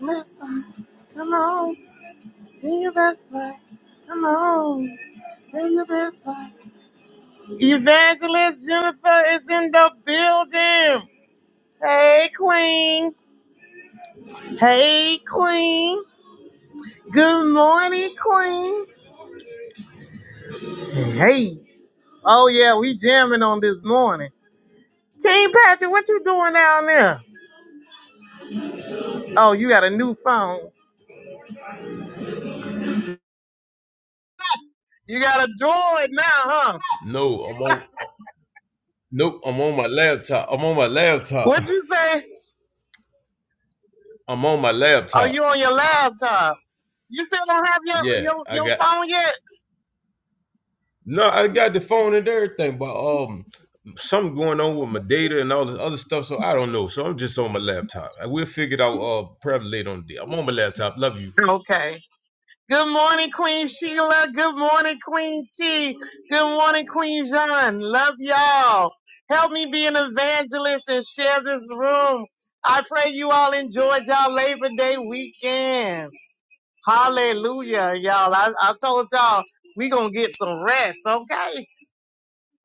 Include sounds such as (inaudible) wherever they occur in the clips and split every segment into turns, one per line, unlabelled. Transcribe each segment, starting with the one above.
Miss, come on, do your best work. Come on, do your best work. Evangelist Jennifer is in the building. Hey, Queen. Hey, Queen. Good morning, Queen. Hey. Oh yeah, we jamming on this morning. Team Patrick, what you doing down there? Oh, you got a new phone. You got a droid now, huh?
No, I'm on. Nope, I'm on my laptop. I'm on my laptop.
What'd you say?
(laughs) I'm on my
Oh,
laptop.
you on your laptop? You still don't have your
Yeah,
your,
I
your
got.
phone yet?
No, I got the phone and everything, but um, something going on with my data and all this other stuff. So I don't know. So I'm just on my laptop. I will figure it out. Uh, probably later on the day. I'm on my laptop. Love you.
Okay. Good morning, Queen Sheila. Good morning, Queen T. Good morning, Queen John. Love y'all. Help me be an evangelist and share this room. I pray you all enjoyed y'all Labor Day weekend. Hallelujah, y'all. I, I told y'all we gonna get some rest, okay?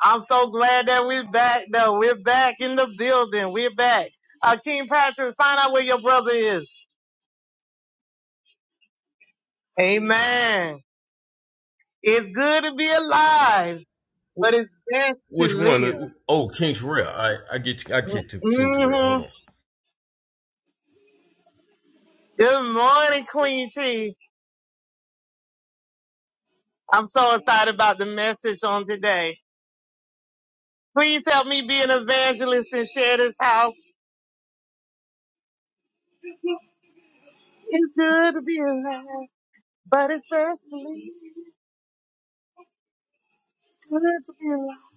I'm so glad that we're back though. We're back in the building. We're back. Uh, King Patrick, find out where your brother is. Amen. It's good to be alive. but
Wh-
it's best to
which one? Uh,
live.
Oh, King Terrell. I I get to, I get to King Terrell.
hmm
Hold on.
Good morning, Queen T. I'm so excited about the message on today. Please help me be an evangelist and share this house. It's good to be alive, but it's best to live. Good to be alive.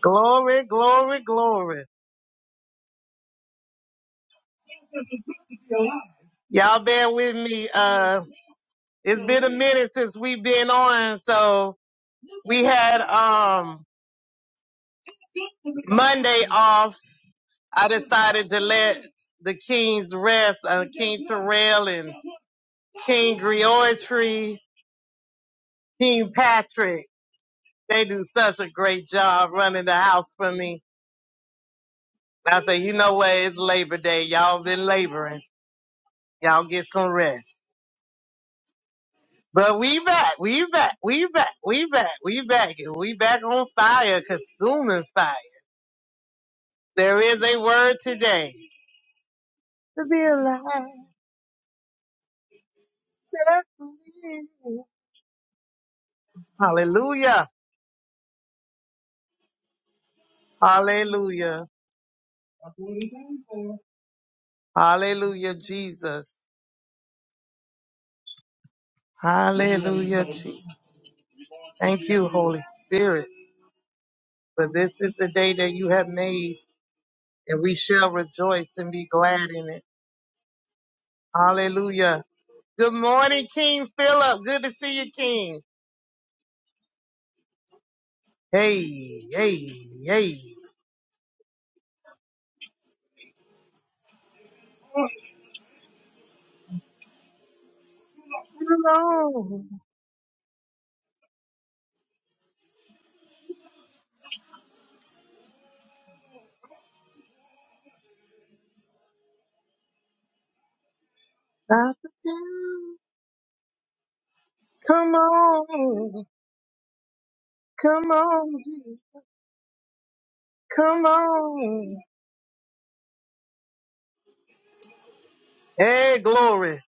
Glory, glory, glory. Y'all bear with me. Uh, it's been a minute since we've been on, so we had um Monday off I decided to let the kings rest, uh, King Terrell and King Griotry, King Patrick. They do such a great job running the house for me. I say, you know what? It's Labor Day. Y'all been laboring. Y'all get some rest. But we back, we back, we back, we back, we back, and we back on fire, consuming fire. There is a word today to be alive. Hallelujah. Hallelujah. Hallelujah, Jesus. Hallelujah, Jesus. Thank you, Holy Spirit. For this is the day that you have made, and we shall rejoice and be glad in it. Hallelujah. Good morning, King Philip. Good to see you, King. Hey, hey, hey. Come on, Dr. Tim. Come on, come on, Jesus. come on. Hey, glory.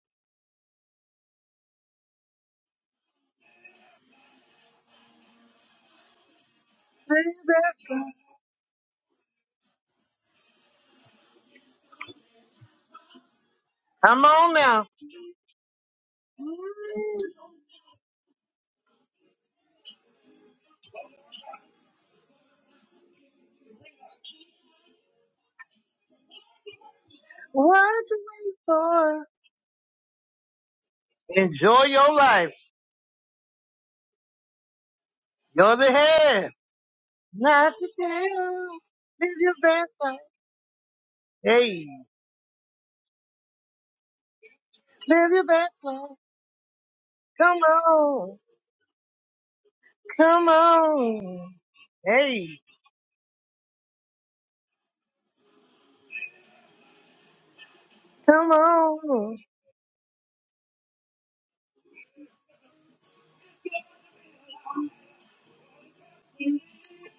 Come on now. What to wait for? Enjoy your life. You're the head, not the tail. Live your best life. Hey, live your best life. Come on, come on. Hey, come on.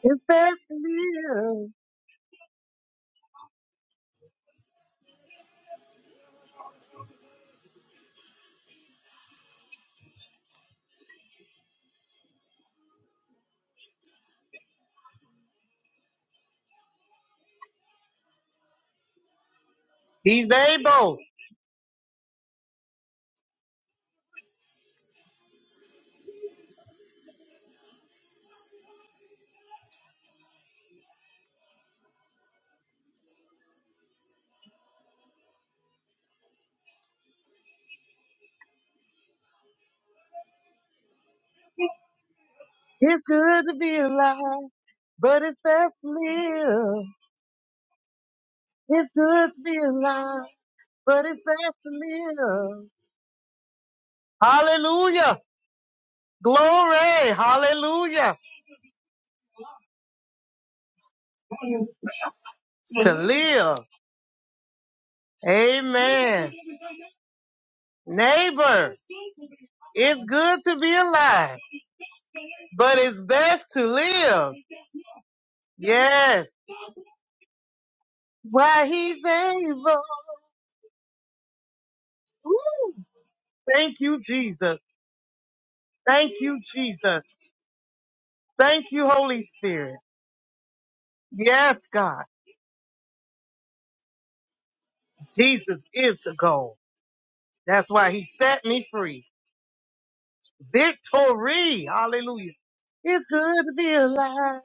It's best to live. He's able. It's good to be alive, but it's best to live. It's good to be alive, but it's best to live. Hallelujah. Glory. Hallelujah. To live. Amen. Neighbor, it's good to be alive, but it's best to live. Yes. Why he's able. Woo. Thank you, Jesus. Thank you, Jesus. Thank you, Holy Spirit. Yes, God. Jesus is the goal. That's why he set me free. Victory. Hallelujah. It's good to be alive.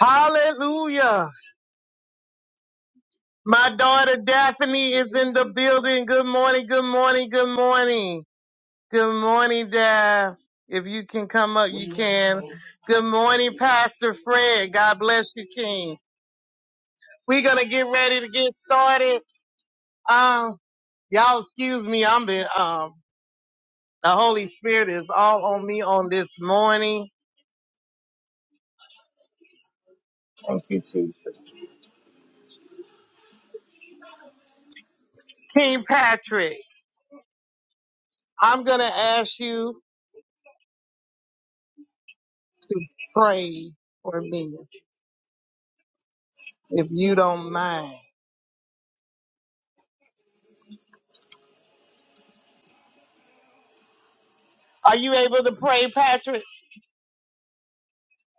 Hallelujah. My daughter Daphne is in the building. Good morning, good morning, good morning. Good morning, Daph. If you can come up, you can. Good morning, Pastor Fred. God bless you, King. We're gonna get ready to get started. Um, y'all excuse me, I'm been um the Holy Spirit is all on me on this morning. King Patrick, I'm gonna ask you to pray for me, if you don't mind. Are you able to pray, Patrick?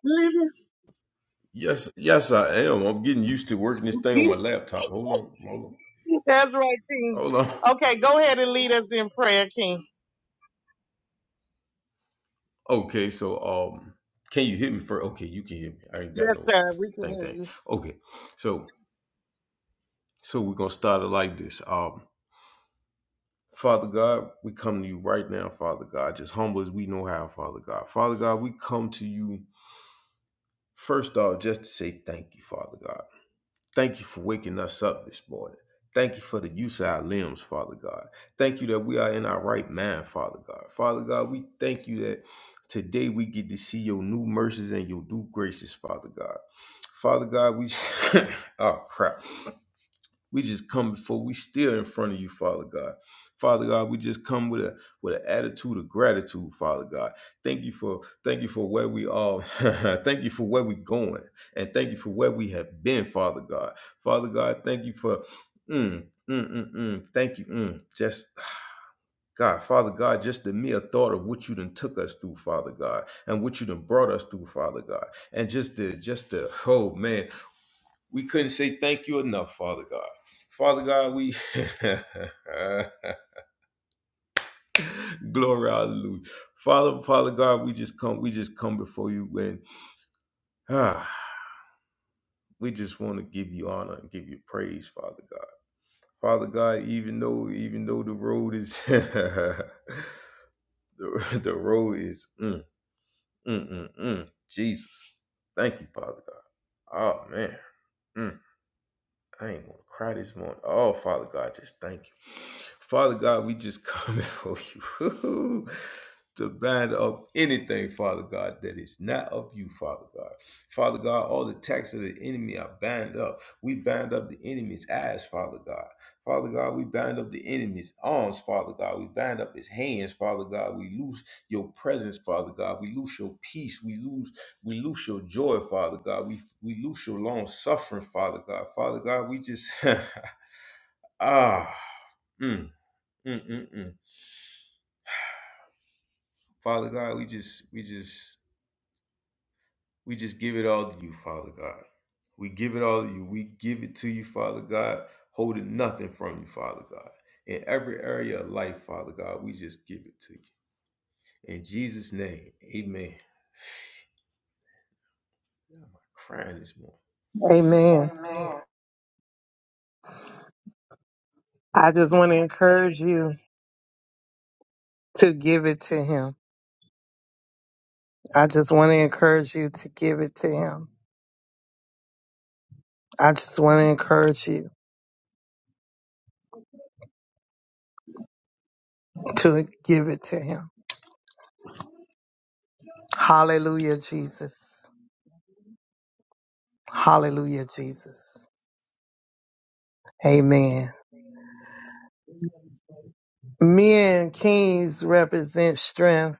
(laughs)
Yes, yes, I am. I'm getting used to working this thing on my laptop. Hold on, hold on,
That's right, King.
hold on.
Okay, go ahead and lead us in prayer, King.
Okay, so um, can you hit me first? Okay, you can hit me. I ain't got
Yes,
no
sir. We can
thing
hear you.
thing. Okay, so so we're gonna start it like this. Um, Father God, we come to you right now, Father God, just humble as we know how, Father God. Father God, we come to you first off just to say thank you, Father God. Thank you for waking us up this morning. Thank you for the use of our limbs, Father God. Thank you that we are in our right mind, Father God. Father God, we thank you that today we get to see your new mercies and your new graces, Father God. Father God, we (laughs) (coughs) oh crap. We just come before we still in front of you, Father God. Father God, we just come with a with an attitude of gratitude, Father God. Thank you for thank you for where we are. (laughs) thank you for where we're going. And thank you for where we have been, Father God. Father God, thank you for mm, mm, mm, mm. Thank you. Mm. Just God, Father God, just the mere thought of what you done took us through, Father God, and what you done brought us through, Father God. And just the just the oh man. We couldn't say thank you enough, Father God. Father God, we (laughs) glory hallelujah. Father, Father God, we just come, we just come before you when ah, we just want to give you honor and give you praise, Father God. Father God, even though even though the road is (laughs) the, the road is mm, mm, mm, mm, Jesus. Thank you, Father God. Oh man. Mm. I ain't gonna cry this morning. Oh, Father God, just thank you. Father God, we just come (laughs) before you to bind up anything, Father God, that is not of you, Father God. Father God, all the attacks of the enemy are bound up. We bind up the enemy's eyes, Father God. Father God, we bind up the enemy's arms, Father God. We bind up his hands, Father God. We lose your presence, Father God. We lose your peace. We lose, we lose your joy, Father God. We we lose your long suffering, Father God. Father God, we just (laughs) ah mm, mm, mm, mm. Father God, we just we just We just give it all to you, Father God. We give it all to you. We give it to you, Father God, holding nothing from you, Father God. In every area of life, Father God, we just give it to you. In Jesus' name, amen. I'm crying this morning.
Amen.
Amen.
I just want to encourage you to give it to him. I just want to encourage you to give it to him. I just want to encourage you to give it to him. Hallelujah, Jesus. Hallelujah, Jesus. Amen. Men, kings represent strength.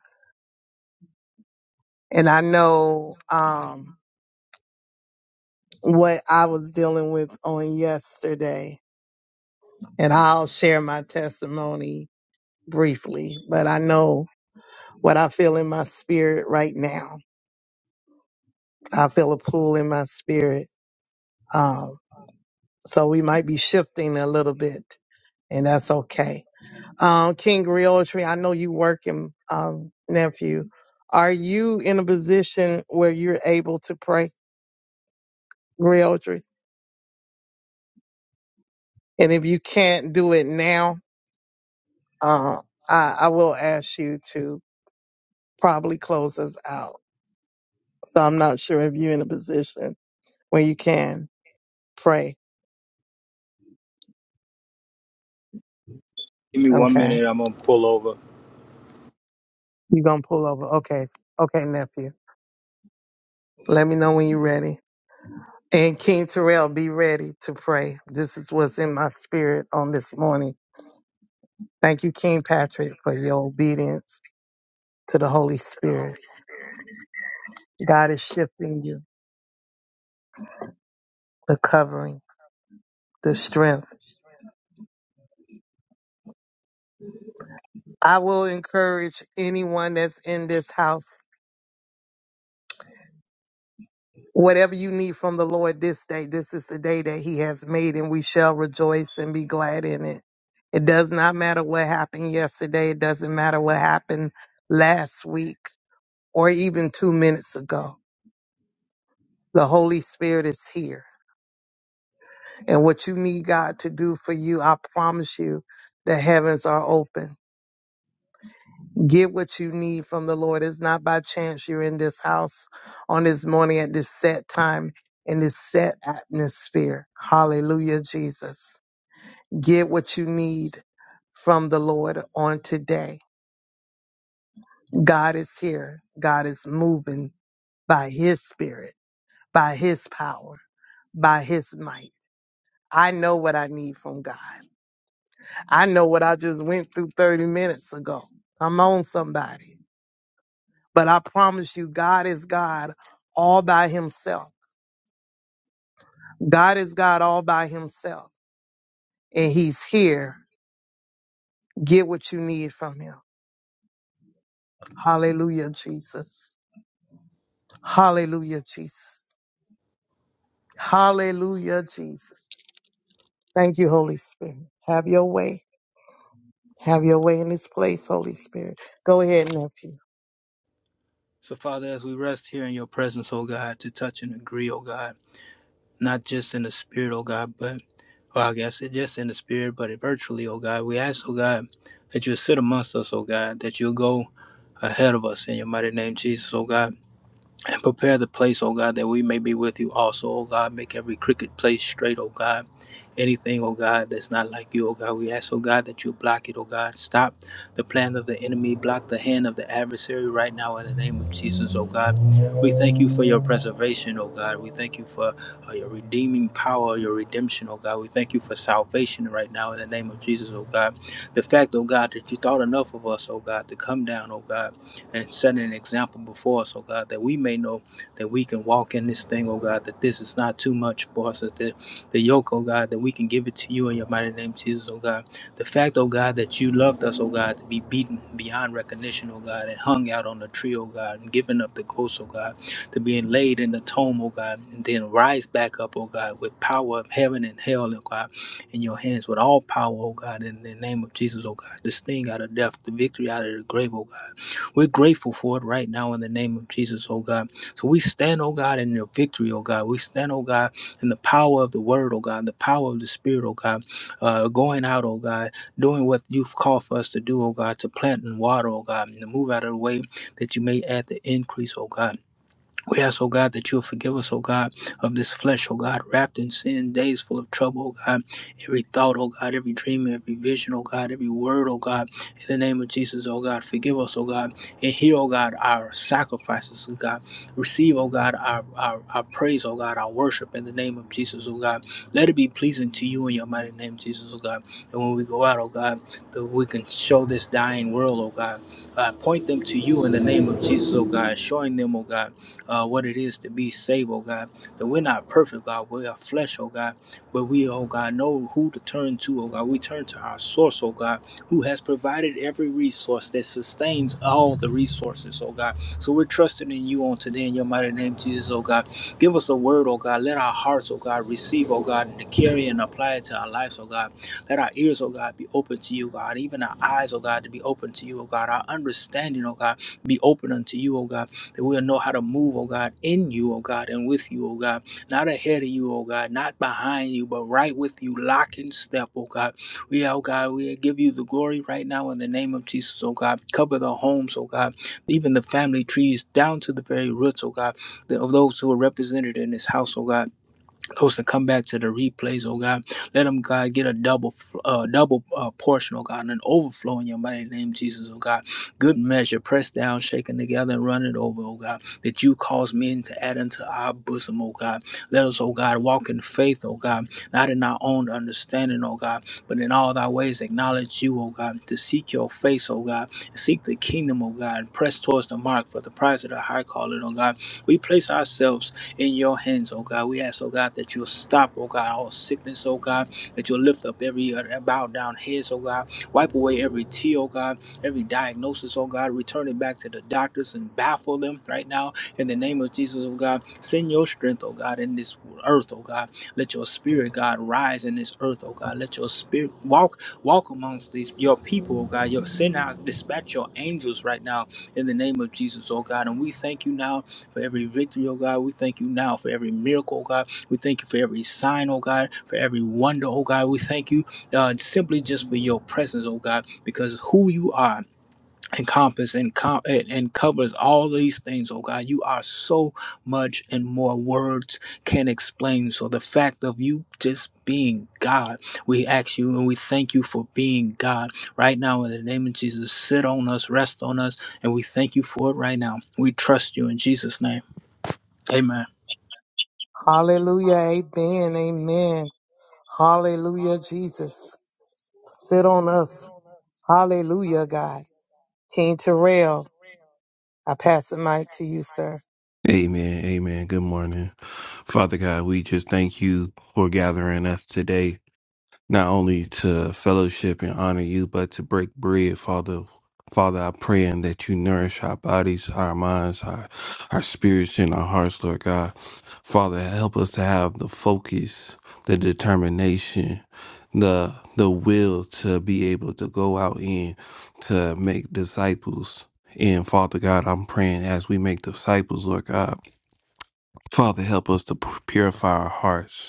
And I know um, what I was dealing with on yesterday. And I'll share my testimony briefly, but I know what I feel in my spirit right now. I feel a pull in my spirit. Um, so we might be shifting a little bit, and that's okay. Um, King Realtree, I know you working, um, nephew. Are you in a position where you're able to pray, Realtree? And if you can't do it now, uh, I, I will ask you to probably close us out. So I'm not sure if you're in a position where you can pray.
Give me one
Okay.
minute, I'm gonna pull over.
You gonna pull over? Okay, okay, nephew. Let me know when you're ready. And King Terrell, be ready to pray. This is what's in my spirit on this morning. Thank you, King Patrick, for your obedience to the Holy Spirit. God is shifting you, the covering, the strength. I will encourage anyone that's in this house. Whatever you need from the Lord this day, this is the day that He has made, and we shall rejoice and be glad in it. It does not matter what happened yesterday, it doesn't matter what happened last week or even two minutes ago. The Holy Spirit is here, and what you need God to do for you, I promise you, the heavens are open. Get what you need from the Lord. It's not by chance you're in this house on this morning at this set time in this set atmosphere. Hallelujah, Jesus. Get what you need from the Lord on today. God is here. God is moving by his spirit, by his power, by his might. I know what I need from God. I know what I just went through 30 minutes ago. I'm on somebody. But I promise you, God is God all by himself. God is God all by himself. And he's here. Get what you need from him. Hallelujah, Jesus. Hallelujah, Jesus. Hallelujah, Jesus. Thank you, Holy Spirit. Have your way. Have your way in this place, Holy Spirit. Go ahead, nephew.
So, Father, as we rest here in your presence, oh God, to touch and agree, oh God, not just in the spirit, oh God, but well, I guess it just in the spirit, but virtually, oh God, we ask, oh God, that you'll sit amongst us, oh God, that you'll go ahead of us in your mighty name, Jesus, oh God. (laughs) and prepare the place, O God, that we may be with you also, O God. Make every crooked place straight, O God. Anything, O God, that's not like you, O God. We ask, O God, that you block it, O God. Stop the plan of the enemy, block the hand of the adversary right now in the name of Jesus, O God. We thank you for your preservation, O God. We thank you for uh, your redeeming power, your redemption, O God. We thank you for salvation right now in the name of Jesus, O God. The fact, O God, that you thought enough of us, O God, to come down, O God and setting an example before us, oh God, that we may know that we can walk in this thing, oh God, that this is not too much for us, that the, the yoke, oh God, that we can give it to you in your mighty name, Jesus, oh God. The fact, oh God, that you loved us, oh God, to be beaten beyond recognition, oh God, and hung out on the tree, oh God, and given up the ghost, oh God, to being laid in the tomb, oh God, and then rise back up, oh God, with power of heaven and hell, oh God, in your hands with all power, oh God, in the name of Jesus, oh God. This thing out of death, the victory out of the grave, oh God. We're grateful for it right now in the name of Jesus, oh God. So we stand, oh God, in your victory, oh God. We stand, oh God, in the power of the word, oh God, the power of the spirit, oh God. Uh, going out, oh God, doing what you've called for us to do, oh God, to plant and water, oh God, and to move out of the way that you may add the increase, oh God. We ask, oh God, that you'll forgive us, oh God, of this flesh, oh God, wrapped in sin, days full of trouble, oh God. Every thought, oh God, every dream, every vision, oh God, every word, oh God. In the name of Jesus, oh God, forgive us, oh God, and hear, oh God, our sacrifices, oh God. Receive, oh God, our, our, our praise, oh God, our worship in the name of Jesus, oh God. Let it be pleasing to you in your mighty name, Jesus, oh God. And when we go out, oh God, that we can show this dying world, oh God. Uh, point them to you in the name of Jesus, oh God, showing them, oh God uh, what it is to be saved, oh God. That we're not perfect, God. We are flesh, oh God. But we, oh God, know who to turn to, oh God. We turn to our source, oh God, who has provided every resource that sustains all the resources, oh God. So we're trusting in you on today in your mighty name, Jesus, oh God. Give us a word, oh God. Let our hearts, oh God, receive, oh God, and to carry and apply it to our lives, oh God. Let our ears, oh God, be open to you, God. Even our eyes, oh God, to be open to you, oh God. Our understanding, oh God, be open unto you, oh God that we'll know how to move, oh God, in you, oh God, and with you, oh God, not ahead of you, oh God, not behind you, but right with you, lock and step, oh God. We, oh God, we give you the glory right now in the name of Jesus, oh God. Cover the homes, oh God, even the family trees down to the very roots, oh God, of those who are represented in this house, oh God those that come back to the replays, oh God. Let them, God, get a double uh, double uh, portion, oh God, and an overflow in your mighty name, Jesus, oh God. Good measure, pressed down, shaken together, and running over, oh God, that you cause men to add unto our bosom, oh God. Let us, oh God, walk in faith, oh God, not in our own understanding, oh God, but in all thy ways acknowledge you, oh God, to seek your face, oh God, seek the kingdom, oh God, and press towards the mark for the prize of the high calling, oh God. We place ourselves in your hands, oh God. We ask, oh God, that you'll stop, oh God, all sickness, oh God, that you'll lift up every uh, bowed down heads, oh God, wipe away every tear, oh God, every diagnosis, oh God, return it back to the doctors and baffle them right now in the name of Jesus, oh God. Send your strength, oh God, in this earth, oh God. Let your spirit, God, rise in this earth, oh God. Let your spirit walk, walk amongst these your people, oh God. Your send out, dispatch your angels right now in the name of Jesus, oh God. And we thank you now for every victory, oh God. We thank you now for every miracle, oh God. We thank you for every sign, oh God, for every wonder, oh God. We thank you uh, simply just for your presence, oh God, because who you are encompasses and, com- and covers all these things, oh God. You are so much and more words can explain. So the fact of you just being God, we ask you and we thank you for being God right now in the name of Jesus. Sit on us, rest on us, and we thank you for it right now. We trust you in Jesus' name. Amen.
Hallelujah. Amen. Amen. Hallelujah, Jesus. Sit on us. Hallelujah, God. King Terrell. I pass the mic to you, sir.
Amen. Amen. Good morning. Father God, we just thank you for gathering us today, not only to fellowship and honor you, but to break bread, Father. Father, I pray and that you nourish our bodies, our minds, our, our spirits, and our hearts, Lord God. Father, help us to have the focus, the determination, the the will to be able to go out and to make disciples. And Father God, I'm praying as we make disciples, Lord God. Father, help us to purify our hearts.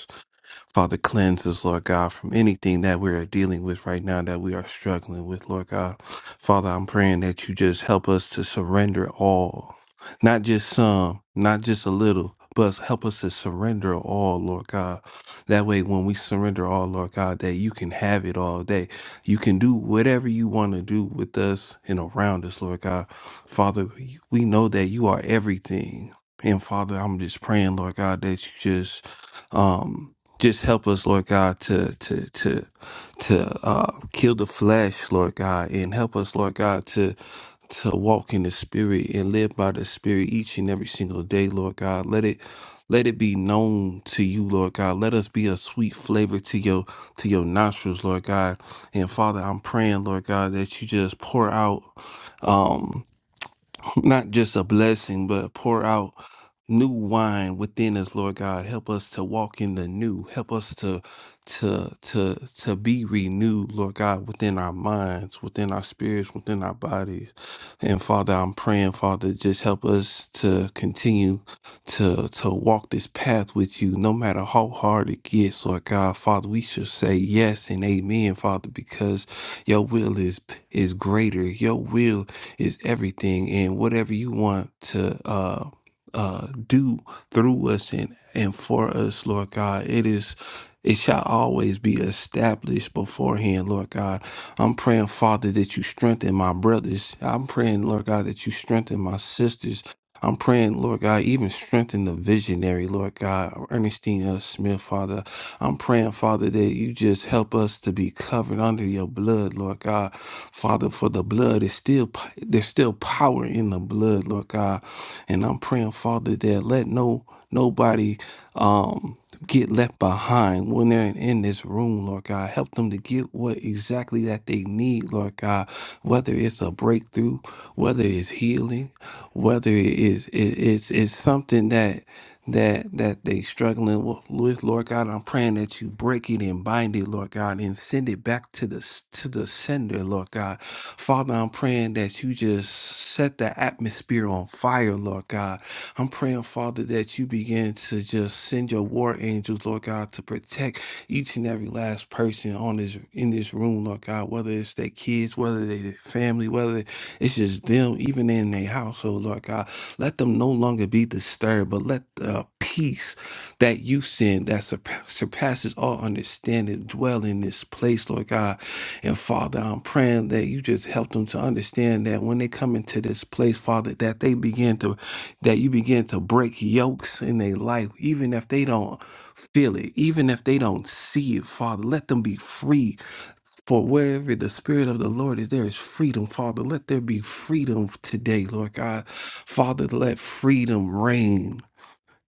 Father, cleanse us, Lord God, from anything that we are dealing with right now that we are struggling with, Lord God. Father, I'm praying that you just help us to surrender all, not just some, not just a little, but help us to surrender all, Lord God. That way, when we surrender all, Lord God, that you can have it all day. You can do whatever you want to do with us and around us, Lord God. Father, we we know that you are everything. And Father, I'm just praying, Lord God, that you just. Um, just help us, Lord God, to to to to uh, kill the flesh, Lord God, and help us, Lord God, to to walk in the Spirit and live by the Spirit each and every single day, Lord God. Let it let it be known to you, Lord God. Let us be a sweet flavor to your to your nostrils, Lord God. And Father, I'm praying, Lord God, that you just pour out um (laughs) (clears throat) not just a blessing, but pour out new wine within us lord god help us to walk in the new help us to to to to be renewed lord god within our minds within our spirits within our bodies and father i'm praying father just help us to continue to to walk this path with you no matter how hard it gets lord god father we should say yes and amen father because your will is is greater your will is everything and whatever you want to uh uh, do through us and, and for us, Lord God. It is it shall always be established beforehand, Lord God. I'm praying, Father, that you strengthen my brothers. I'm praying, Lord God, that you strengthen my sisters. I'm praying, Lord God, even strengthen the visionary, Lord God, Ernestine L. Smith, Father. I'm praying, Father, that you just help us to be covered under your blood, Lord God. Father, for the blood is still there's still power in the blood, Lord God. And I'm praying, Father, that let no nobody um get left behind when they're in, in this room, Lord God. Help them to get what exactly that they need, Lord God. Whether it's a breakthrough, whether it's healing, whether it is it, it's it's something that that that they struggling wi- with lord god i'm praying that you break it and bind it lord god and send it back to the s- to the sender lord god father i'm praying that you just set the atmosphere on fire lord god i'm praying father that you begin to just send your war angels lord god to protect each and every last person on this in this room lord god whether it's their kids whether they family whether it's just them even in their household lord god let them no longer be disturbed, but let the peace that you send that surpa- surpasses all understanding dwell in this place, Lord God. And Father, I'm praying that you just help them to understand that when they come into this place, Father, that they begin to, that you begin to break yokes in their life, even if they don't feel it, even if they don't see it, Father. Let them be free for wherever the Spirit of the Lord is, there is freedom, Father. Let there be freedom today, Lord God. Father, let freedom reign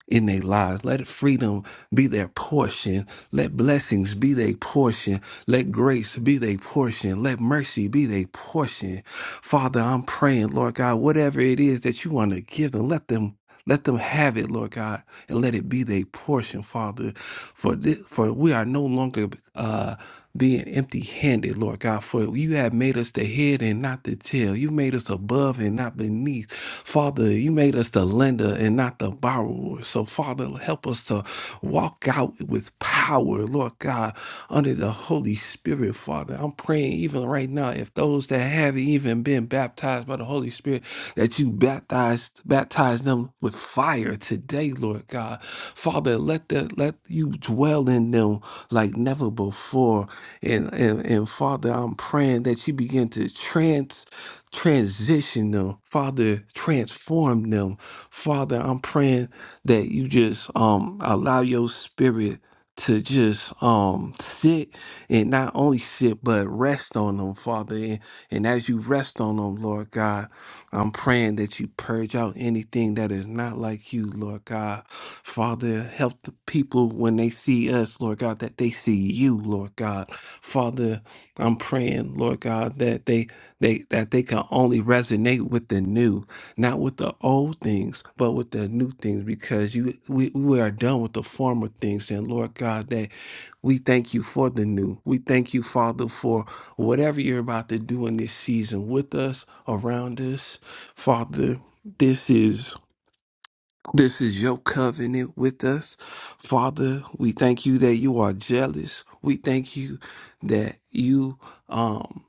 in their lives. Let freedom be their portion. Let blessings be their portion. Let grace be their portion. Let mercy be their portion. Father, I'm praying, Lord God, whatever it is that you want to give them, let them. Let them have it, Lord God, and let it be their portion, Father. For this, for we are no longer uh, being empty handed, Lord God, for you have made us the head and not the tail. You made us above and not beneath. Father, you made us the lender and not the borrower. So, Father, help us to walk out with power, Lord God, under the Holy Spirit, Father. I'm praying even even right now, if those that haven't even been baptized by the Holy Spirit, that you baptized, baptize them with fire today, Lord God. Father, let the let you dwell in them like never before. And and, and Father, I'm praying that you begin to trans transition them. Father, transform them. Father, I'm praying that you just um allow your spirit to just um sit and not only sit but rest on them, Father. And, and as you rest on them, Lord God, I'm praying that you purge out anything that is not like you, Lord God. Father, help the people when they see us, Lord God, that they see you, Lord God. Father, I'm praying, Lord God, that they they that they can only resonate with the new, not with the old things, but with the new things, because you we, we are done with the former things. And Lord God, that we thank you for the new. We thank you, Father, for whatever you're about to do in this season with us, around us. Father, this is this is your covenant with us. Father, we thank you that you are jealous. We thank you that you um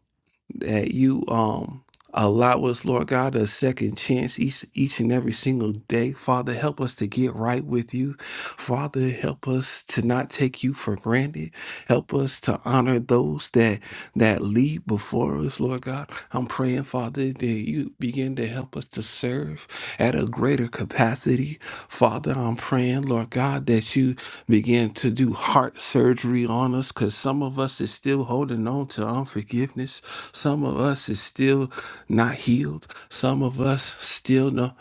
that you um allow us, Lord God, a second chance each each and every single day. Father, help us to get right with you. Father, help us to not take you for granted. Help us to honor those that that lead before us, Lord God. I'm praying, Father, that you begin to help us to serve at a greater capacity. Father, I'm praying, Lord God, that you begin to do heart surgery on us because some of us is still holding on to unforgiveness. Some of us is still not healed. Some of us still no,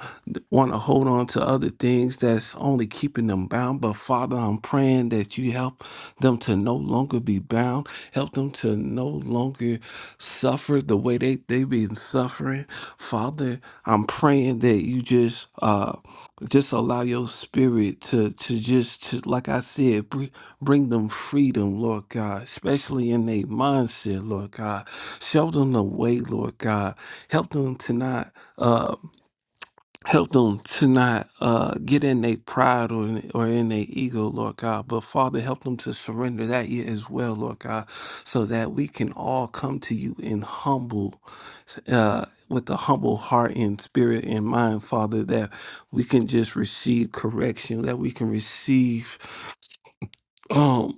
want to hold on to other things that's only keeping them bound. But Father, I'm praying that you help them to no longer be bound. Help them to no longer suffer the way they, they've been suffering. Father, I'm praying that you just uh just allow your spirit to to just to, like I said, br- bring them freedom, Lord God, especially in their mindset, Lord God. Show them the way, Lord God. Help them to not uh help them to not uh get in their pride or in, or in their ego, Lord God. But Father, help them to surrender that yet as well, Lord God, so that we can all come to you in humble uh with a humble heart and spirit and mind, Father, that we can just receive correction, that we can receive um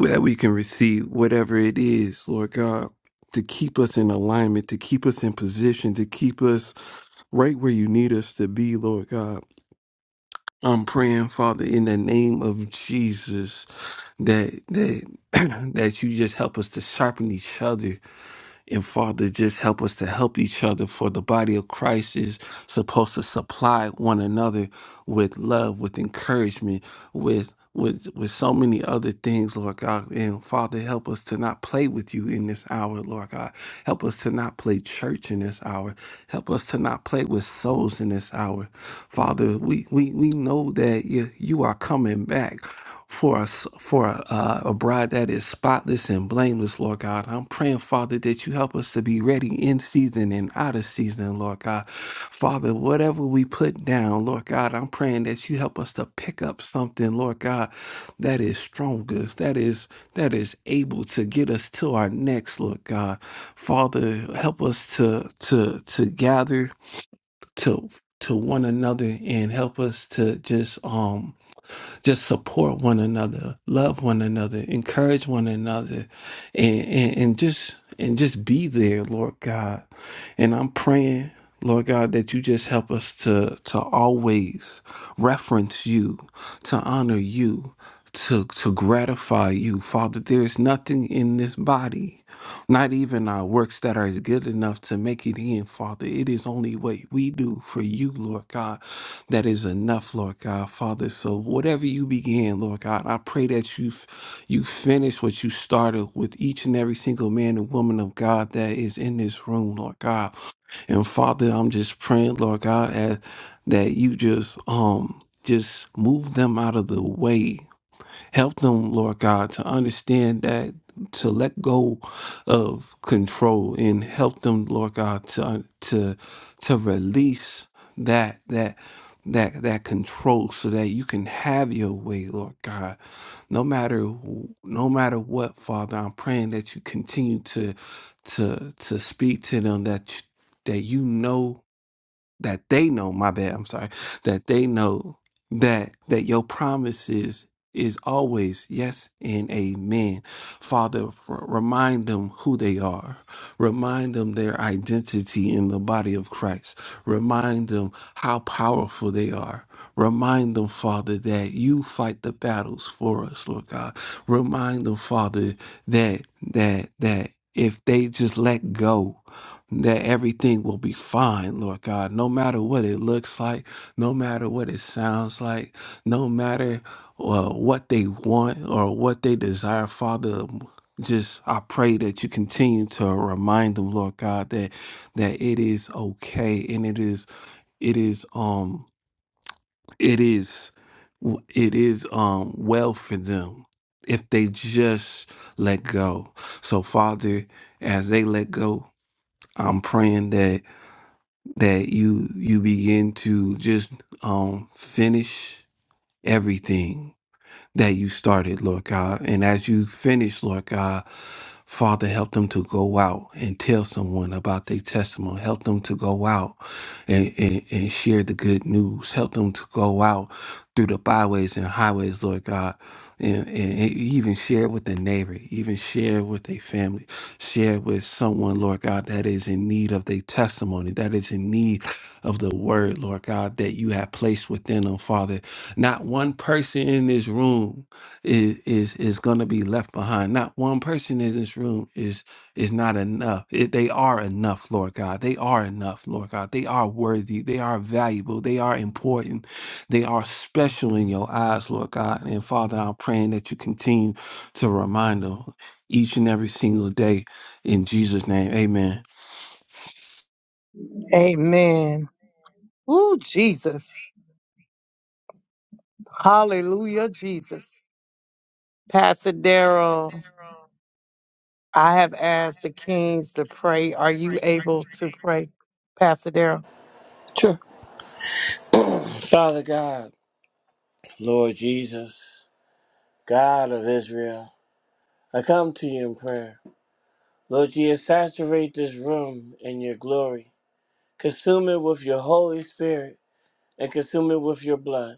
that we can receive whatever it is, Lord God, to keep us in alignment, to keep us in position, to keep us right where you need us to be, Lord God. I'm praying, Father, in the name of Jesus, that that (clears throat) that you just help us to sharpen each other and Father, just help us to help each other, for the body of Christ is supposed to supply one another with love, with encouragement, with with with so many other things, Lord God. And Father, help us to not play with you in this hour, Lord God. Help us to not play church in this hour. Help us to not play with souls in this hour. Father, we we, we know that you, you are coming back for a, s- for a, uh, a bride that is spotless and blameless, Lord God. I'm praying, Father, that you help us to be ready in season and out of season, Lord God. Father, whatever we put down, Lord God, I'm praying that you help us to pick up something, Lord God, that is stronger, that is that is able to get us to our next, Lord God. Father, help us to to to gather to to one another and help us to just um just support one another, love one another, encourage one another, and, and, and just and just be there, Lord God. And I'm praying, Lord God, that you just help us to to always reference you, to honor you, to to gratify you, Father. There is nothing in this body, not even our works that are good enough to make you it in, Father. It is only what we do for you, Lord God, that is enough, Lord God, Father. So whatever you began, Lord God, I pray that you f- you finish what you started with each and every single man and woman of God that is in this room, Lord God. And Father, I'm just praying, Lord God, as, that you just um just move them out of the way Help them, Lord God, to understand that, to let go of control and help them, Lord God, to to to release that that that that control so that you can have your way, Lord God. No matter wh- no matter what, Father, I'm praying that you continue to to to speak to them that you, that you know that they know my bad i'm sorry that they know that that your promises is always yes and amen father r- remind them who they are remind them their identity in the body of christ remind them how powerful they are remind them father that you fight the battles for us lord god remind them father that that that if they just let go that everything will be fine, Lord God, no matter what it looks like, no matter what it sounds like, no matter uh, what they want or what they desire, Father. Just I pray that you continue to remind them, Lord God, that that it is okay and it is it is um it is it is um well for them if they just let go. So Father, as they let go, I'm praying that that you you begin to just um finish everything that you started, Lord God. And as you finish, Lord God, Father, help them to go out and tell someone about their testimony. Help them to go out and, and, and share the good news. Help them to go out through the byways and highways, Lord God, and, and and even share with their neighbor, even share with a family, share with someone, Lord God, that is in need of their testimony, that is in need of the word, Lord God, that you have placed within them, Father not one person in this room is is is going to be left behind. Not one person in this room is is not enough. It- they are enough, Lord God. They are enough, Lord God. They are worthy. They are valuable. They are important. They are special in your eyes, Lord God. And Father, I'm praying that you continue to remind them each and every single day in Jesus' name. Amen.
Amen. Ooh, Jesus. Hallelujah, Jesus. Pastor Daryl, I have asked the kings to pray. Are you able to pray, Pastor Daryl?
Sure. Father God, Lord Jesus, God of Israel, I come to you in prayer. Lord Jesus, saturate this room in your glory. Consume it with your Holy Spirit and consume it with your blood.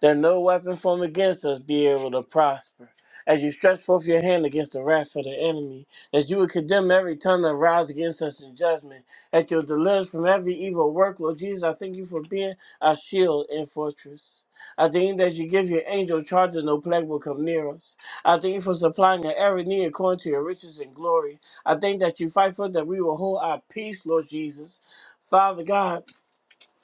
that no weapon formed against us be able to prosper. As you stretch forth your hand against the wrath of the enemy, that you would condemn every tongue that rises against us in judgment, that you'll deliver us from every evil work. Lord Jesus, I thank you for being our shield and fortress. I thank you that you give your angel charge that no plague will come near us. I thank you for supplying our every need according to your riches and glory. I thank that you fight for us, that we will hold our peace, Lord Jesus. Father God,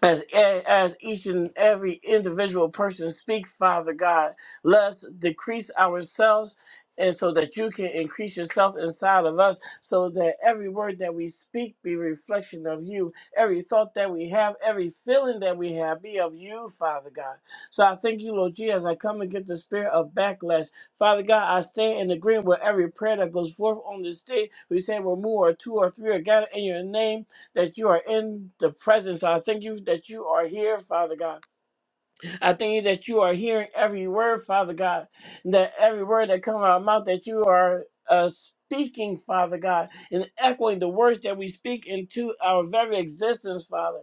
as as each and every individual person speak father god let's decrease ourselves and so that you can increase yourself inside of us so that every word that we speak be reflection of you every thought that we have every feeling that we have be of you father god so i thank you lord jesus i come against the spirit of backlash father god i stand in agreement with every prayer that goes forth on this day we say where more or two or three are gathered in your name that you are in the presence. I thank you that you are here, Father God. I thank you that you are hearing every word, Father God, and that every word that comes out of our mouth, that you are uh, speaking, Father God, and echoing the words that we speak into our very existence, Father.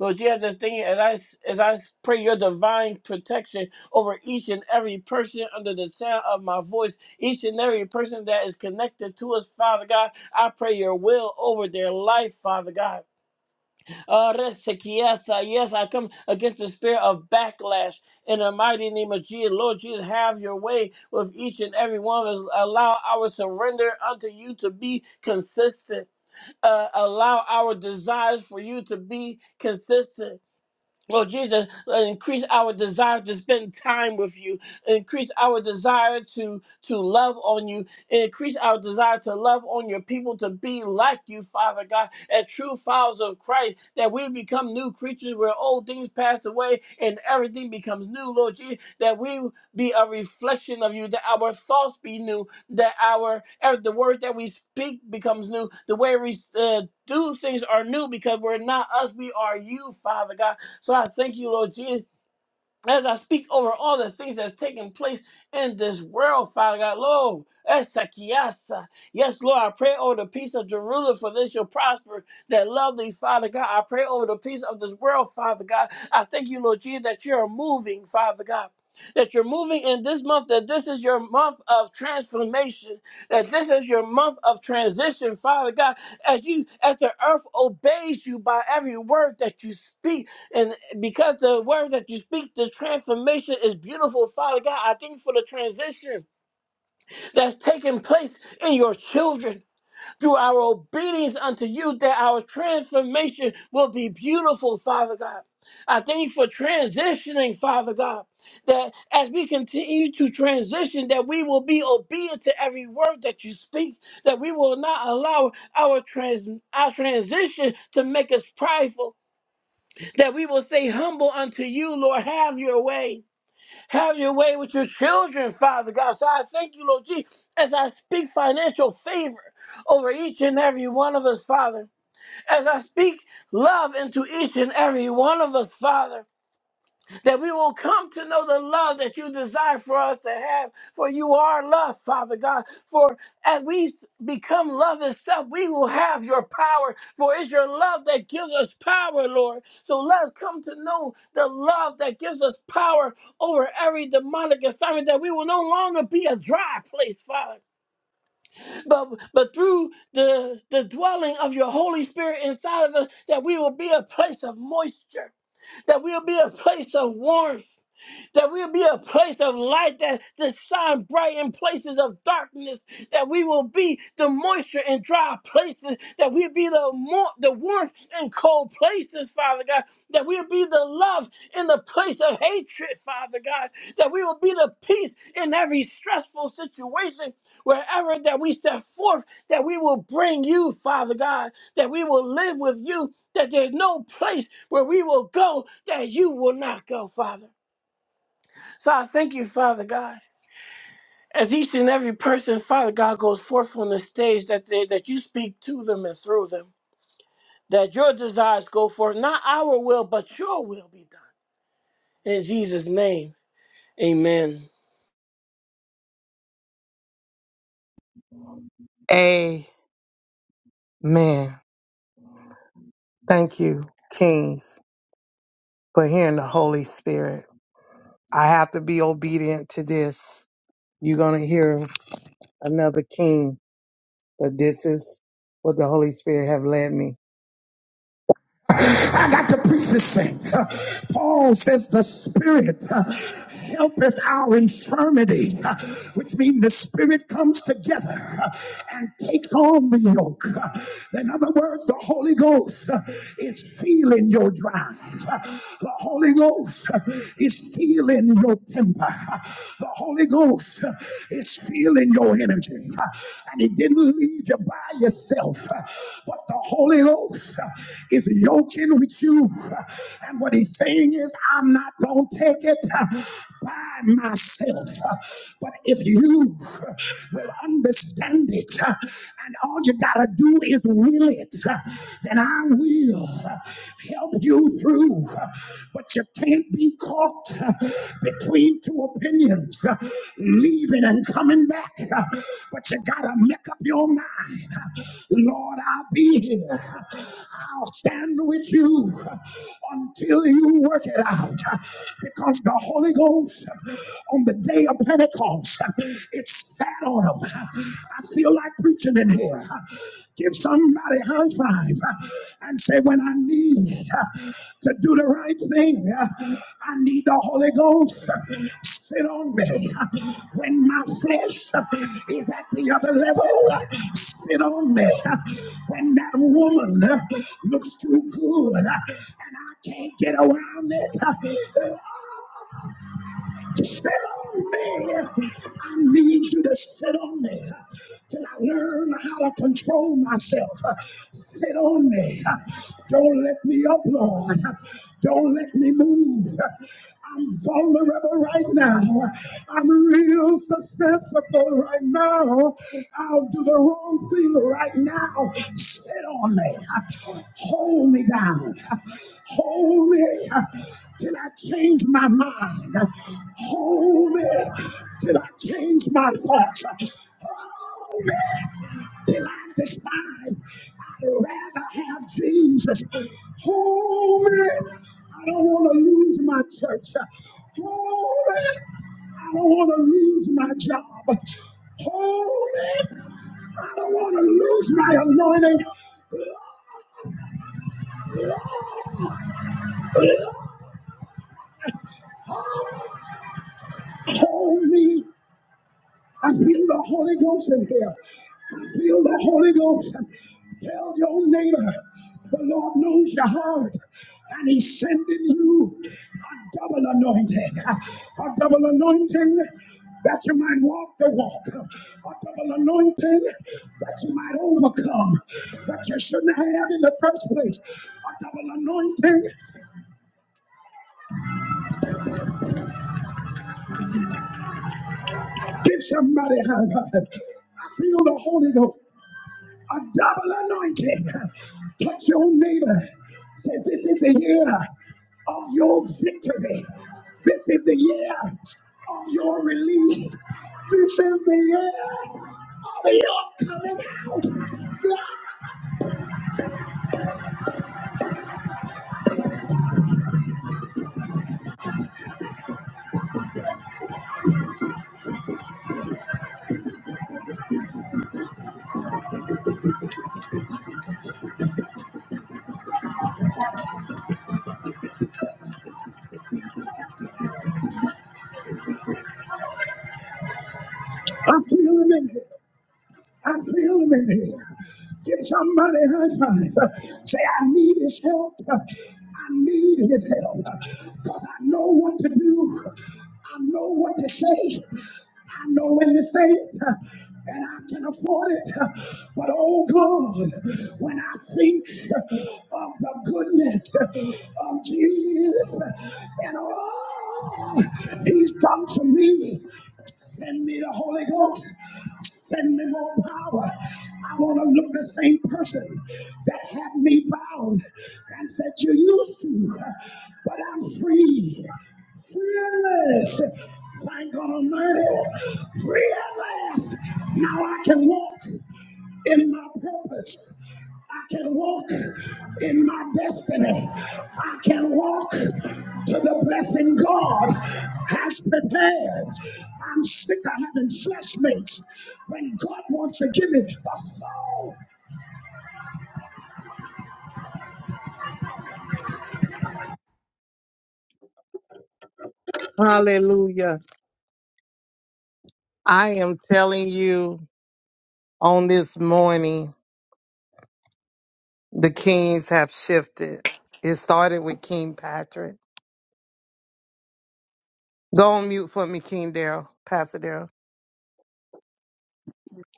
Lord, you have this thing as I as I pray your divine protection over each and every person under the sound of my voice, each and every person that is connected to us, Father God. I pray your will over their life, Father God. Uh, Resekiasa, yes, I come against the spirit of backlash in the mighty name of Jesus. Lord Jesus, have your way with each and every one of us. Allow our surrender unto you to be consistent. Uh, allow our desires for you to be consistent Lord Jesus, uh, increase our desire to spend time with you. Increase our desire to to love on you. Increase our desire to love on your people, to be like you, Father God, as true followers of Christ, that we become new creatures where old things pass away and everything becomes new, Lord Jesus, that we be a reflection of you, that our thoughts be new, that our every- the words that we speak becomes new, the way we uh, do things are new because we're not us, we are you, Father God so I thank you, Lord Jesus, as I speak over all the things that's taking place in this world, Father God, Lord. Esakiasa. Yes, Lord, I pray over the peace of Jerusalem, for this shall prosper. That love thee, Father God. I pray over the peace of this world, Father God. I thank you, Lord Jesus, that you're moving, Father God. That you're moving in this month, that this is your month of transformation, that this is your month of transition, Father God. As you as the earth obeys you by every word that you speak, and because the word that you speak, the transformation is beautiful, Father God. I thank you for the transition that's taking place in your children through our obedience unto you, that our transformation will be beautiful, Father God. I thank you for transitioning, Father God, that as we continue to transition, that we will be obedient to every word that you speak, that we will not allow our trans our transition to make us prideful that we will stay humble unto you, Lord. Have your way. Have your way with your children, Father God. So I thank you, Lord Jesus. as I speak financial favor over each and every one of us, Father. As I speak love into each and every one of us, Father that we will come to know the love that you desire for us to have. For you are love, Father God. For as we s- become love itself, we will have your power. For it's your love that gives us power, Lord. So let us come to know the love that gives us power over every demonic assignment, that we will no longer be a dry place, Father. But but through the, the dwelling of your Holy Spirit inside of us, that we will be a place of moisture that we'll be a place of warmth, that we'll be a place of light that to shine bright in places of darkness, that we will be the moisture in dry places, that we'll be the more the warmth in cold places, Father God, that we'll be the love in the place of hatred, Father God, that we will be the peace in every stressful situation, wherever that we step forth, that we will bring you, Father God, that we will live with you, that there's no place where we will go that you will not go, Father. So I thank you, Father God. As each and every person, Father God, goes forth on the stage, that they, that you speak to them and through them, that your desires go forth, not our will, but your will be done. In Jesus' name, amen.
Amen. Thank you, kings, for hearing the Holy Spirit. I have to be obedient to this. You're going to hear another king, but this is what the Holy Spirit have led me. I got to preach this thing. Uh, Paul says the Spirit uh, helpeth our infirmity, uh, which means the Spirit comes together uh, and takes on the yoke. Uh, in other words, the Holy Ghost uh, is feeling your drive. Uh, The Holy Ghost uh, is feeling your temper. Uh, The Holy Ghost uh, is feeling your energy. Uh, And He didn't leave you by yourself, Uh, but the Holy Ghost uh, is yoking with you. Uh, And what He's saying is, I'm not going to take it uh, by myself. Uh, But if you uh, will understand, understand it, uh, and all you gotta do is will it, uh, and I will uh, help you through. Uh, But you can't be caught uh, between two opinions, uh, leaving and coming back. Uh, But you gotta make up your mind, uh, Lord, I'll be here. I'll stand with you until you work it out, because the Holy Ghost on the day of Pentecost. Pentecost. It sat on them. I feel like preaching in here. Give somebody a high five and say, when I need to do the right thing, I need the Holy Ghost. Sit on me. When my flesh is at the other level, sit on me. When that woman looks too good and I can't get around it, Sit on me. I need you to sit on me till I learn how to control myself. Sit on me. Don't let me up, Lord. Don't let me move. I'm vulnerable right now. I'm real susceptible right now. I'll do the wrong thing right now. Sit on me. Hold me down. Hold me till I change my mind? Hold me till I change my thoughts? Hold me till I decide I'd rather have Jesus? Hold me. I don't want to lose my church. Hold me. I don't want to lose my job. Hold me. I don't want to lose my anointing. Hold me. I feel the Holy Ghost in here. I feel the Holy Ghost. Tell your neighbor, the Lord knows your heart, and He's sending you a double anointing, a double anointing that you might walk the walk, a double anointing that you might overcome, that you shouldn't have in the first place, a double anointing. Give somebody a high five. I feel the Holy Ghost. a double anointing. Touch your neighbor. Say, This is the year of your victory. This is the year of your release. This is the year of your coming out. Yeah. I feel him in here. I feel him in here. Give somebody a high five. Say, I need his help. I need his help. Because I know what to do. I know what to say. I know when to say it. And I can afford it. But oh God, when I think of the goodness of Jesus and all he's done for me, Send me the Holy Ghost. Send me more power. I want to look the same person that had me bound and said, You used to, but I'm free. Free at last. Thank God Almighty. Free at last. Now I can walk in my purpose. I can walk in my destiny. I can walk to the blessing God has prepared. I'm sick of having flashmates when God wants to give me the full Hallelujah. I am telling you on this morning, the kings have shifted. It started with King Patrick. Go on mute for me, King Daryl, Pastor Daryl.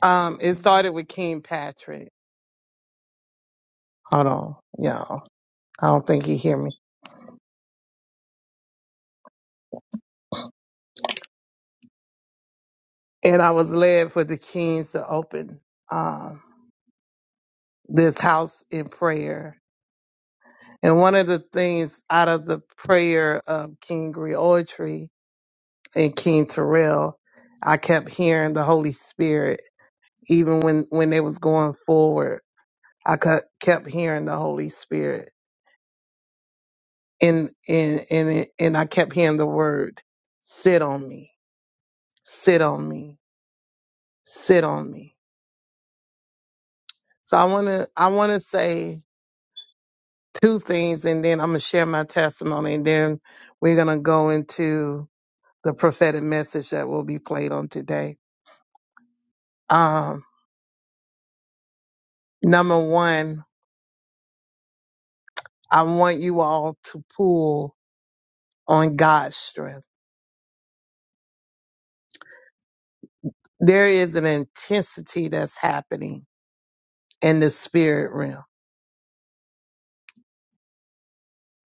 Um, it started with King Patrick. Hold on, y'all. I don't think he hear me. And I was led for the kings to open um, this house in prayer. And one of the things out of the prayer of King Griotry and King Terrell, I kept hearing the Holy Spirit. Even when when they was going forward, I cu- kept hearing the Holy Spirit, and and and it, and I kept hearing the word, "Sit on me, sit on me, sit on me." So I want to I want to say two things, and then I'm gonna share my testimony, and then we're gonna go into the prophetic message that will be played on today. Um, number one, I want you all to pull on God's strength. There is an intensity that's happening in the spirit realm,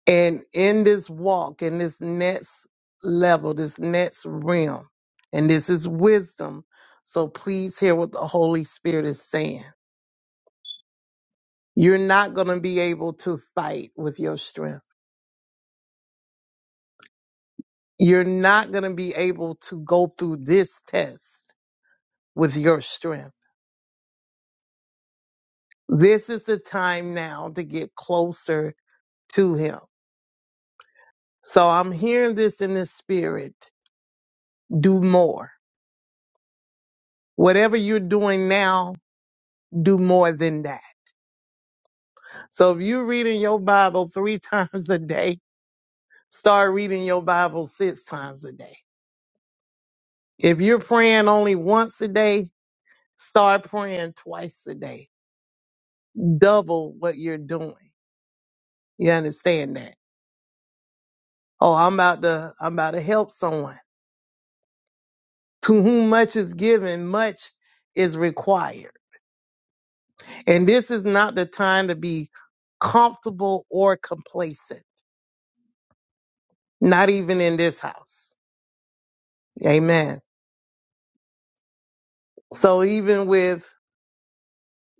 and in this walk, in this next level, this next realm, and this is wisdom. So please hear what the Holy Spirit is saying You're not going to be able to fight with your strength. You're not going to be able to go through this test with your strength. This is the time now to get closer to Him. So I'm hearing this in the spirit. Do more. Whatever you're doing now, do more than that. So if you're reading your Bible three (laughs) times a day, start reading your Bible six times a day. If you're praying only once a day, start praying twice a day double what you're doing. You understand that? Oh, I'm about to, I'm about to help someone. To whom much is given, much is required. And this is not the time to be comfortable or complacent, not even in this house. Amen. So even with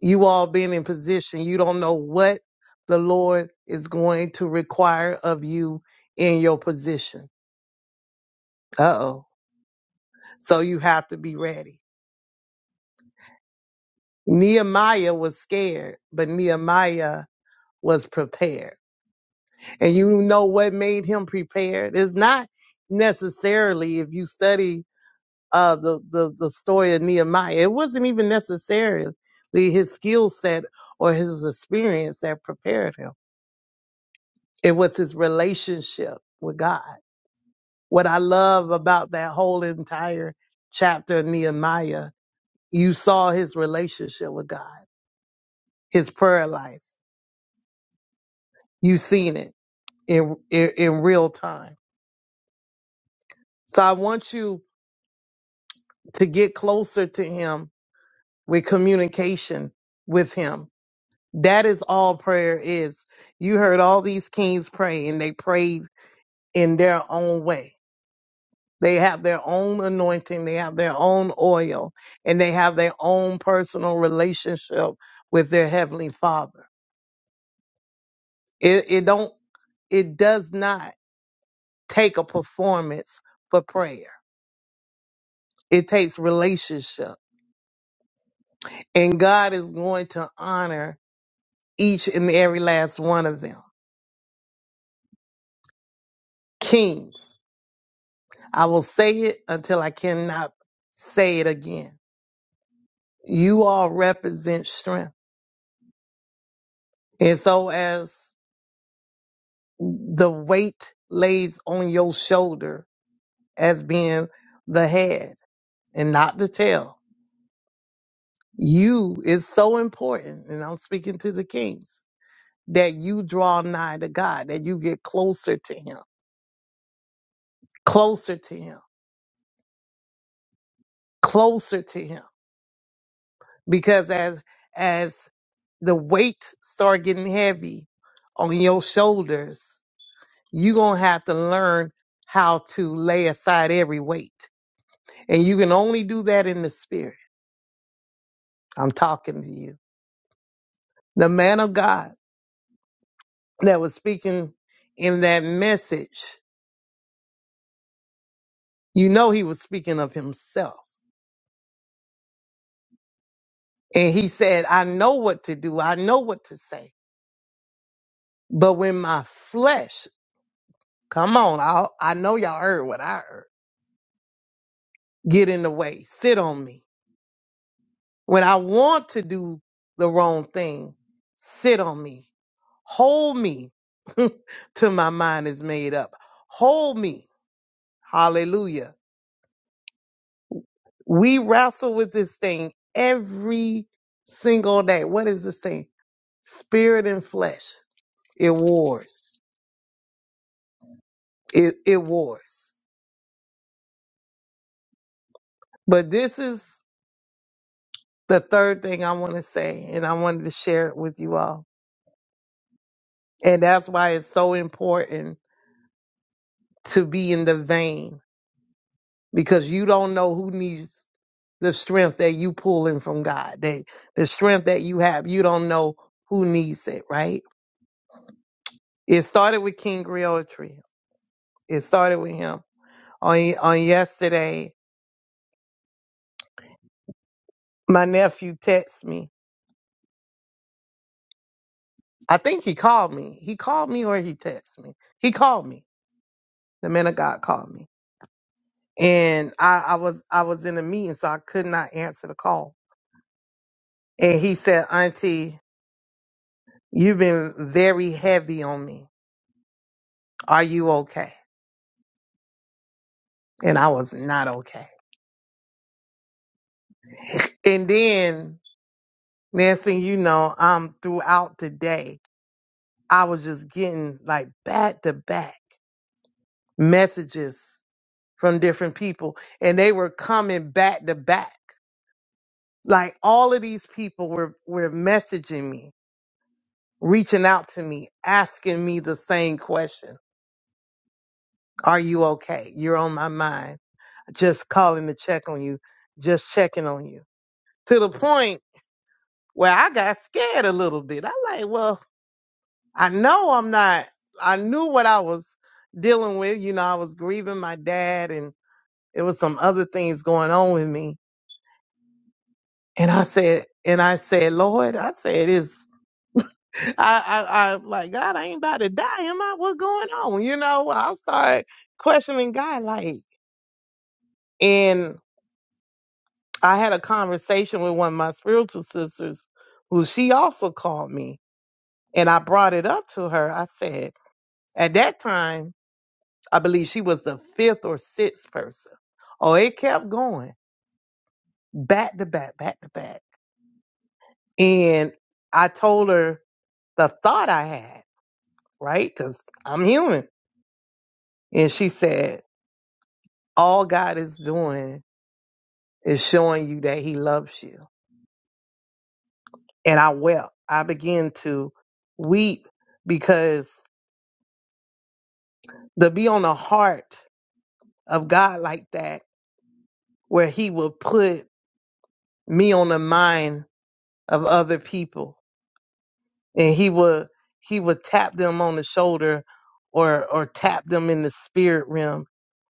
you all being in position, you don't know what the Lord is going to require of you in your position. Uh oh. So you have to be ready. Nehemiah was scared, but Nehemiah was prepared. And you know what made him prepared? It's not necessarily if you study uh the, the, the story of Nehemiah, it wasn't even necessarily his skill set or his experience that prepared him. It was his relationship with God. What I love about that whole entire chapter of Nehemiah, you saw his relationship with God, his prayer life. You seen it in, in in real time. So I want you to get closer to him with communication with him. That is all prayer is. You heard all these kings pray and they prayed in their own way. They have their own anointing, they have their own oil, and they have their own personal relationship with their heavenly father. It it don't it does not take a performance for prayer. It takes relationship. And God is going to honor each and every last one of them. Kings. I will say it until I cannot say it again. You all represent strength. And so as the weight lays on your shoulder as being the head and not the tail, you is so important. And I'm speaking to the kings that you draw nigh to God, that you get closer to him, closer to him, closer to him because as as the weight start getting heavy on your shoulders you're gonna have to learn how to lay aside every weight and you can only do that in the spirit i'm talking to you the man of god that was speaking in that message you know he was speaking of himself and he said i know what to do i know what to say but when my flesh come on i, I know y'all heard what i heard get in the way sit on me When I want to do the wrong thing, sit on me, hold me (laughs) till my mind is made up. Hold me. Hallelujah. We wrestle with this thing every single day. What is this thing? Spirit and flesh. It wars. It, it wars. But this is the third thing I want to say, and I wanted to share it with you all. And that's why it's so important to be in the vein because you don't know who needs the strength that you pulling from God. They, the strength that you have, you don't know who needs it, right? It started with King Griotry. It started with him. On on yesterday, my nephew texted me. I think he called me. He called me or he texted me. He called me. The man of God called me. And I, I was I was in a meeting, so I could not answer the call. And he said, Auntie, you've been very heavy on me. Are you okay? and I was not okay. And then next thing you know, um, throughout the day, I was just getting like back to back messages from different people, and they were coming back to back. Like all of these people were were messaging me, reaching out to me, asking me the same question: Are you okay? You're on my mind. Just calling to check on you, just checking on you. To the point where I got scared a little bit. I am like, well, I know I'm not, I knew what I was dealing with. You know, I was grieving my dad and it was some other things going on with me. And I said, and I said, Lord, I said, it's, I, I, I, like, God, I ain't about to die. Am I? What's going on? You know, I started questioning God, like, and I had a conversation with one of my spiritual sisters who she also called me and I brought it up to her. I said, at that time, I believe she was the fifth or sixth person. Oh, it kept going back to back, back to back. And I told her the thought I had, right? Because I'm human. And she said, All God is doing is showing you that He loves you. And I wept. I began to weep because to be on the heart of God like that, where He will put me on the mind of other people and he would he would tap them on the shoulder or or tap them in the spirit realm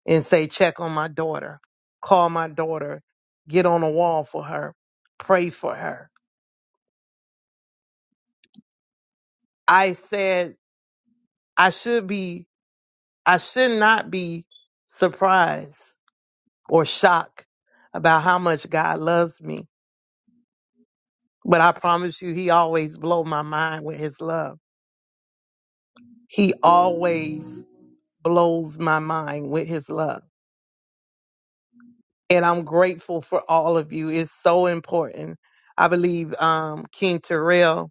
and say check on my daughter call my daughter get on a wall for her pray for her i said i should be i should not be surprised or shocked about how much god loves me but i promise you he always blow my mind with his love he always blows my mind with his love and I'm grateful for all of you. It's so important. I believe um, King Terrell,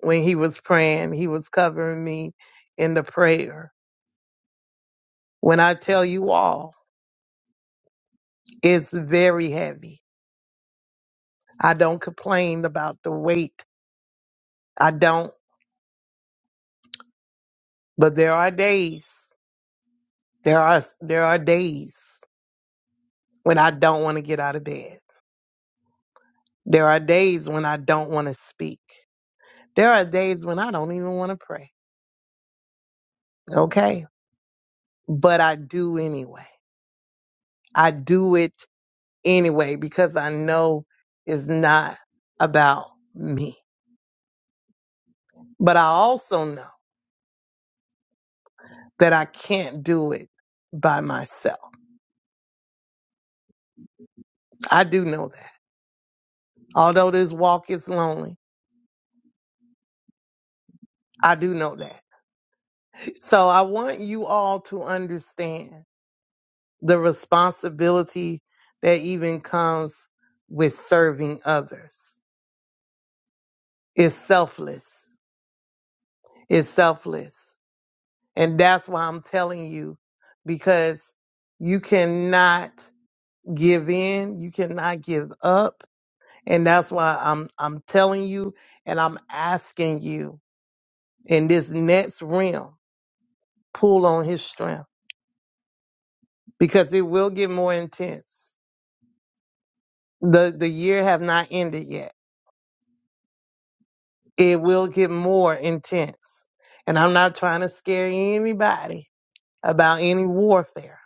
when he was praying, he was covering me in the prayer. When I tell you all, it's very heavy. I don't complain about the weight. I don't, but there are days. There are there are days when I don't want to get out of bed. There are days when I don't want to speak. There are days when I don't even want to pray. Okay, but I do anyway I do it anyway because I know it's not about me. But I also know that I can't do it by myself. I do know that. Although this walk is lonely, I do know that. So I want you all to understand the responsibility that even comes with serving others. It's selfless. It's selfless. And that's why I'm telling you, because you cannot give in, you cannot give up. And that's why I'm I'm telling you and I'm asking you in this next realm, pull on his strength because it will get more intense. The the year have not ended yet. It will get more intense. And I'm not trying to scare anybody about any warfare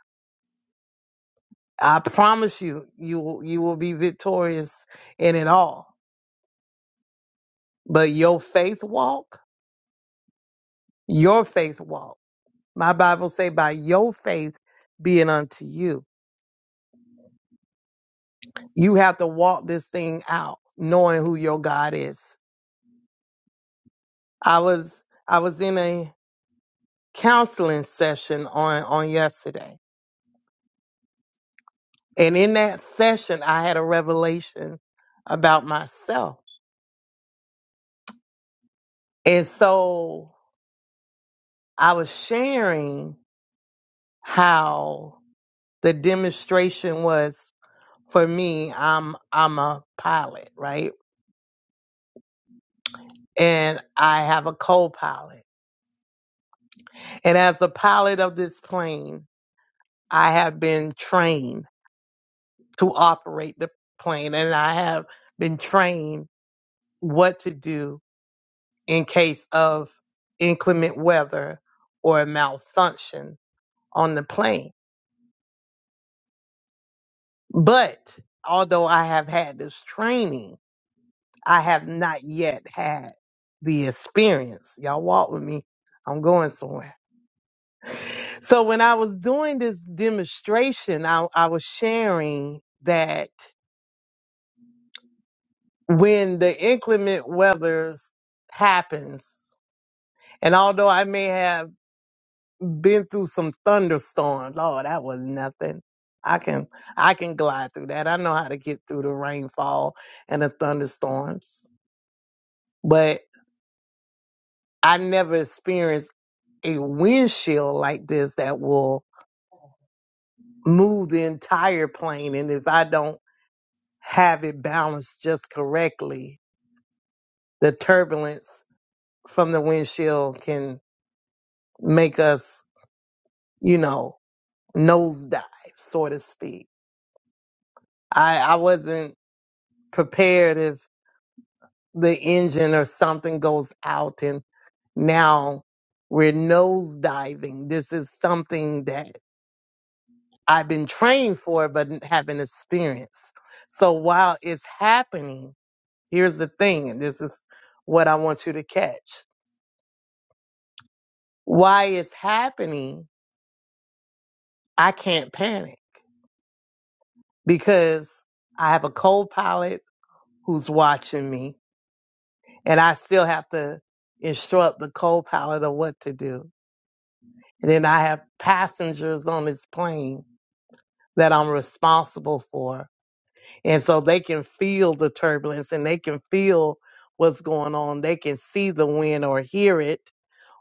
I promise you, you will- you will be victorious in it all. But your faith walk, your faith walk. My Bible say, by your faith being unto you, you have to walk this thing out, knowing who your God is. I was I was in a counseling session on on yesterday, and in that session, I had a revelation about myself, and so I was sharing how. the demonstration was for me i'm i'm a pilot right and i have a co-pilot and as a pilot of this plane i have been trained to operate the plane and i have been trained what to do in case of inclement weather or malfunction on the plane but although i have had this training I have not yet had the experience. Y'all walk with me. I'm going somewhere. So when I was doing this demonstration, I, I was sharing that when the inclement weather happens, and although I may have been through some thunderstorms, oh, that was nothing. I can I can glide through that. I know how to get through the rainfall and the thunderstorms. but. I never experienced a windshield like this that will move the entire plane. And if I don't have it balanced just correctly, the turbulence from the windshield can make us, you know, nosedive, so to speak. I, I wasn't prepared if the engine or something goes out and now we're nosediving. This is something that I've been trained for it, but n- haven't experienced. So while it's happening, here's the thing, and this is what I want you to catch. Why it's happening, I can't panic because I have a co-pilot who's watching me and I still have to instruct the co-pilot of what to do. And then I have passengers on this plane that I'm responsible for. And so they can feel the turbulence and they can feel what's going on. They can see the wind or hear it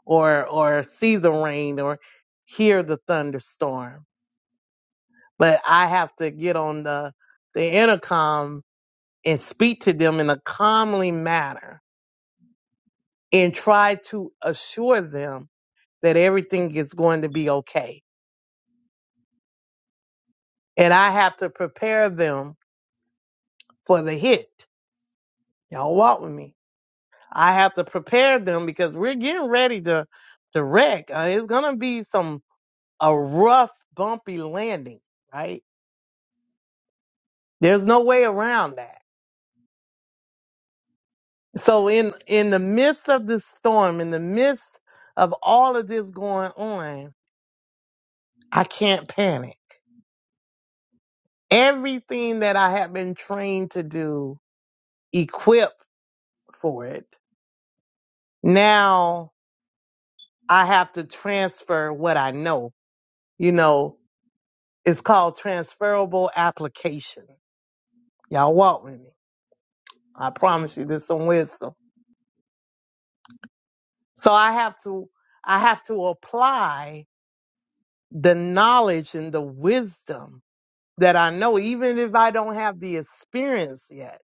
or or see the rain or hear the thunderstorm. But I have to get on the the intercom and speak to them in a calmly manner and try to assure them that everything is going to be okay. And I have to prepare them for the hit. Y'all walk with me I have to prepare them because we're getting ready to to wreck. Uh, it's gonna be some a rough, bumpy landing, right? There's no way around that. So in in the midst of this storm, in the midst of all of this going on, I can't panic. Everything that I have been trained to do, equipped for it, now I have to transfer what I know. You know, it's called transferable application Y'all walk with me. I promise you there's some wisdom. So I have to I have to apply the knowledge and the wisdom that I know, even if I don't have the experience yet.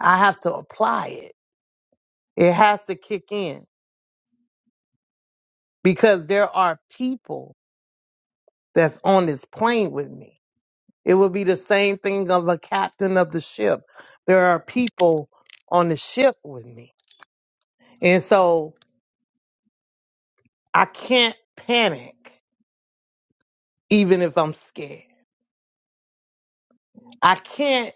I have to apply it. It has to kick in because there are people that's on this plane with me. It would be the same thing of a captain of the ship. There are people on the ship with me. And so I can't panic even if I'm scared. I can't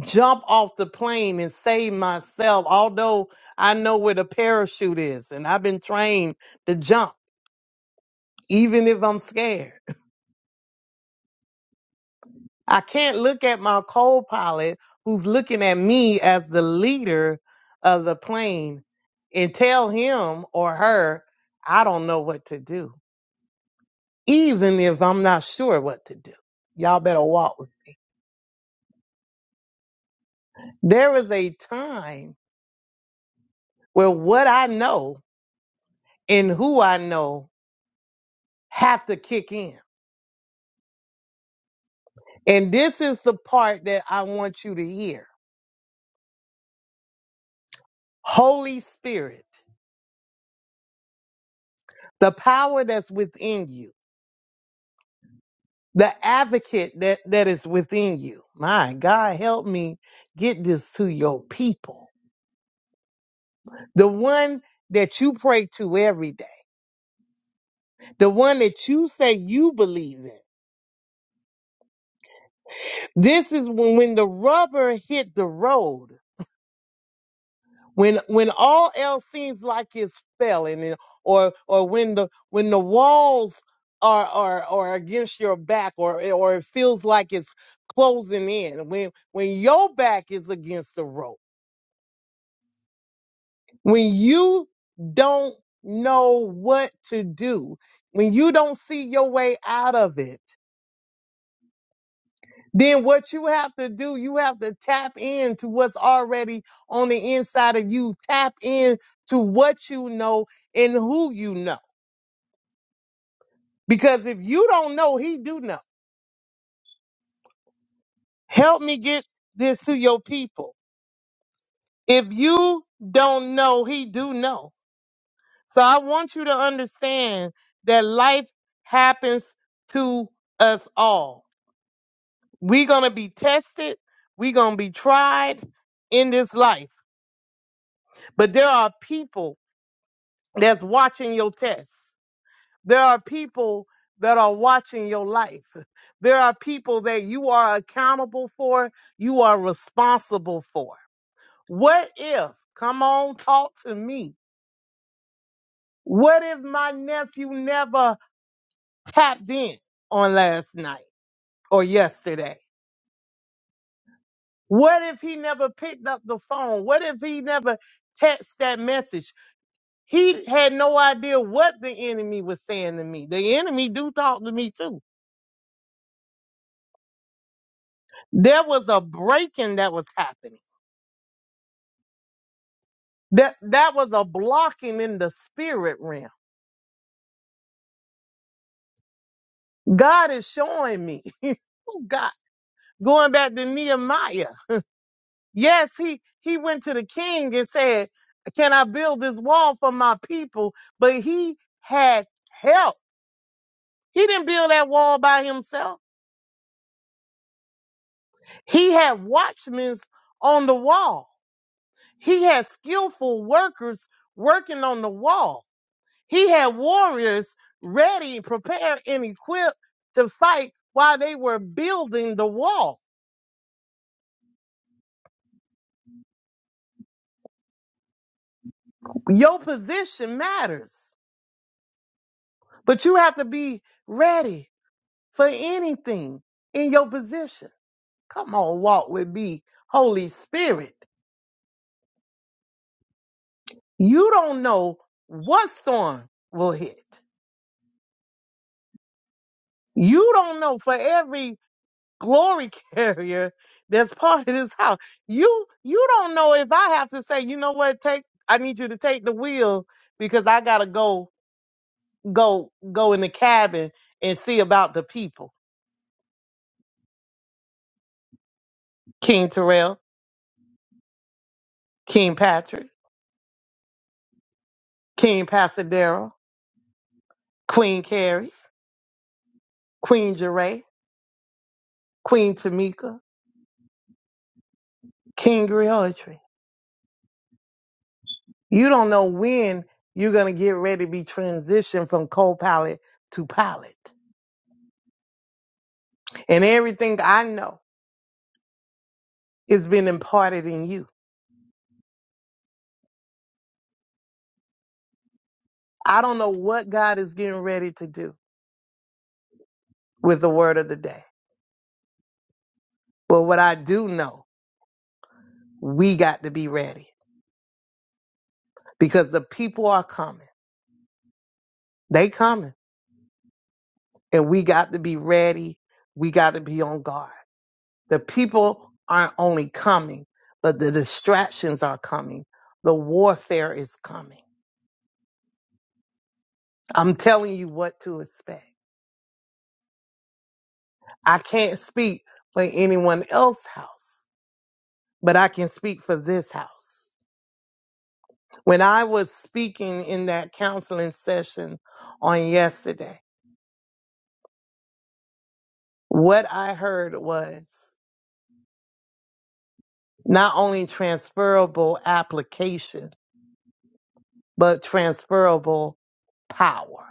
jump off the plane and save myself, although I know where the parachute is and I've been trained to jump, even if I'm scared. I can't look at my co pilot who's looking at me as the leader of the plane and tell him or her, I don't know what to do, even if I'm not sure what to do. Y'all better walk. with me. There is a time where what I know and who I know have to kick in. And this is the part that I want you to hear. Holy Spirit, the power that's within you, the advocate that, that is within you. My God, help me get this to your people. The one that you pray to every day, the one that you say you believe in. This is when, when the rubber hit the road. when when all else seems like it's failing and- or or when the when the walls are are are against your back or or it feels like it's closing in when when your back is against the rope when you don't know what to do when you don't see your way out of it then what you have to do you have to tap into what's already on the inside of you tap in to what you know and who you know Because if you don't know, he do know. Help me get this to your people. If you don't know, he do know. So I want you to understand that life happens to us all. We're going to be tested. We're going to be tried in this life. But there are people that's watching your test. There are people that are watching your life. (laughs) There are people that you are accountable for, you are responsible for. What if, come on, talk to me. What if my nephew never tapped in on last night or yesterday? What if he never picked up the phone? What if he never texted that message? He had no idea what the enemy was saying to me. The enemy do talk to me too. There was a breaking that was happening That that was a blocking in the spirit realm. God is showing me. (laughs) oh God. Going back to Nehemiah. Yes, he he went to the king and said, Can I build this wall for my people? But he had help. He didn't build that wall by himself. He had watchmen on the wall. He had skillful workers working on the wall. He had warriors ready, prepared, and equipped to fight while they were building the wall. Your position matters, but you have to be ready for anything in your position. Come on, walk with me, Holy Spirit. You don't know what storm will hit. You don't know for every glory (laughs) carrier that's part of this house. You you don't know if I have to say, you know what, take I need you to take the wheel because I gotta go go go in the cabin and see about the people. King Terrell, King Patrick, King Pasadero, Queen Carrie, Queen Jeray, Queen Tamika, King Griotry. You don't know when you're gonna get ready to be transitioned from co-pilot to pilot. And everything I know. It's been imparted in you. I don't know what God is getting ready to do with the word of the day. But what I do know, we got to be ready because the people are coming. They coming and we got to be ready. We got to be on guard. The people aren't only coming, but the distractions are coming. The warfare is coming. I'm telling you what to expect. I can't speak for anyone else's house, but I can speak for this house. When I was speaking in that counseling session on yesterday, what I heard was not only transferable application, but transferable power.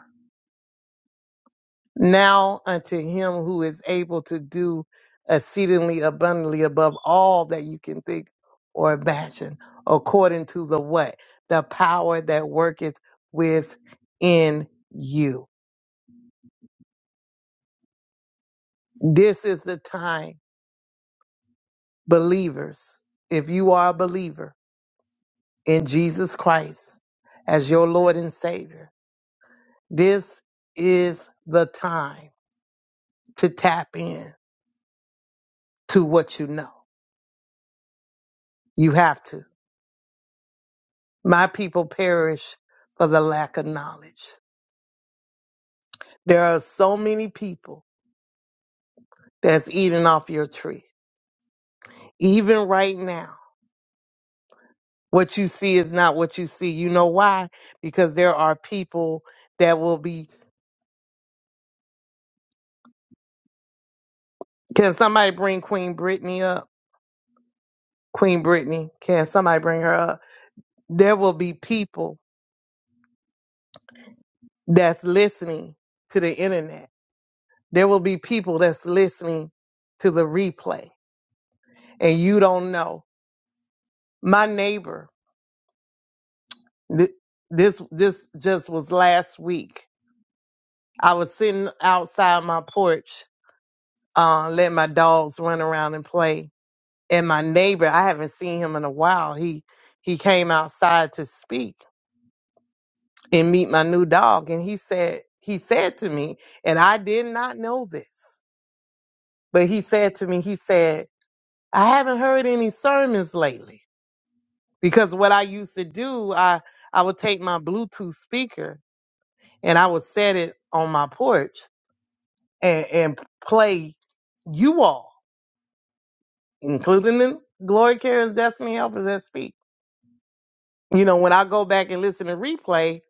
Now unto him who is able to do exceedingly abundantly above all that you can think or imagine, according to the what? The power that worketh within you. This is the time Believers, if you are a believer in Jesus Christ as your Lord and Savior, this is the time to tap in to what you know. You have to. My people perish for the lack of knowledge. There are so many people that's eating off your tree. Even right now, what you see is not what you see. You know why? Because there are people that will be. Can somebody bring Queen Brittany up? Queen Brittany, can somebody bring her up? There will be people that's listening to the internet. There will be people that's listening to the replay and you don't know. My neighbor, th- this, this just was last week. I was sitting outside my porch, uh, letting my dogs run around and play. And my neighbor, I haven't seen him in a while. He, he came outside to speak and meet my new dog. And he said, he said to me, and I did not know this, but he said to me, he said, I haven't heard any sermons lately because what I used to do, I, I would take my Bluetooth speaker and I would set it on my porch and, and play you all, including the Glory Karen's Destiny Helpers that speak. You know, when I go back and listen to replay,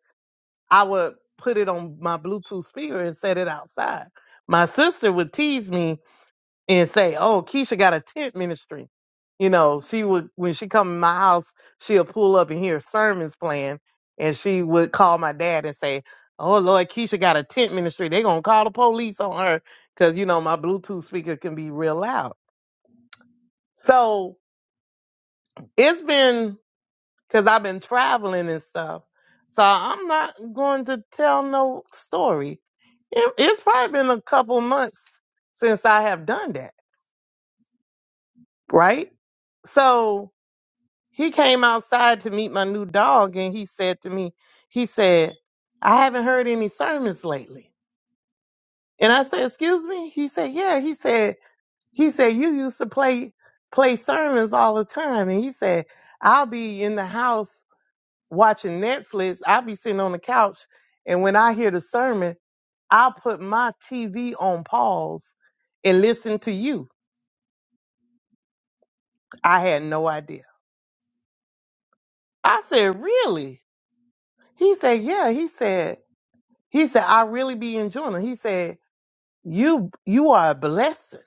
I would put it on my Bluetooth speaker and set it outside. My sister would tease me and say, "Oh, Keisha got a tent ministry." You know, she would when she come in my house, she'll pull up and hear sermons playing, and she would call my dad and say, "Oh Lord, Keisha got a tent ministry. They gonna call the police on her because you know my Bluetooth speaker can be real loud." So it's been because I've been traveling and stuff, so I'm not going to tell no story. It, it's probably been a couple months since I have done that, right? So He came outside to meet my new dog and he said to me, he said, I haven't heard any sermons lately. And I said, excuse me? He said, yeah. He said, he said, you used to play, play sermons all the time. And he said, I'll be in the house watching Netflix. I'll be sitting on the couch. And when I hear the sermon, I'll put my TV on pause and listen to you. I had no idea. I said, really? He said, yeah. He said, He said, I really be enjoying it. He said, You you are a blessing.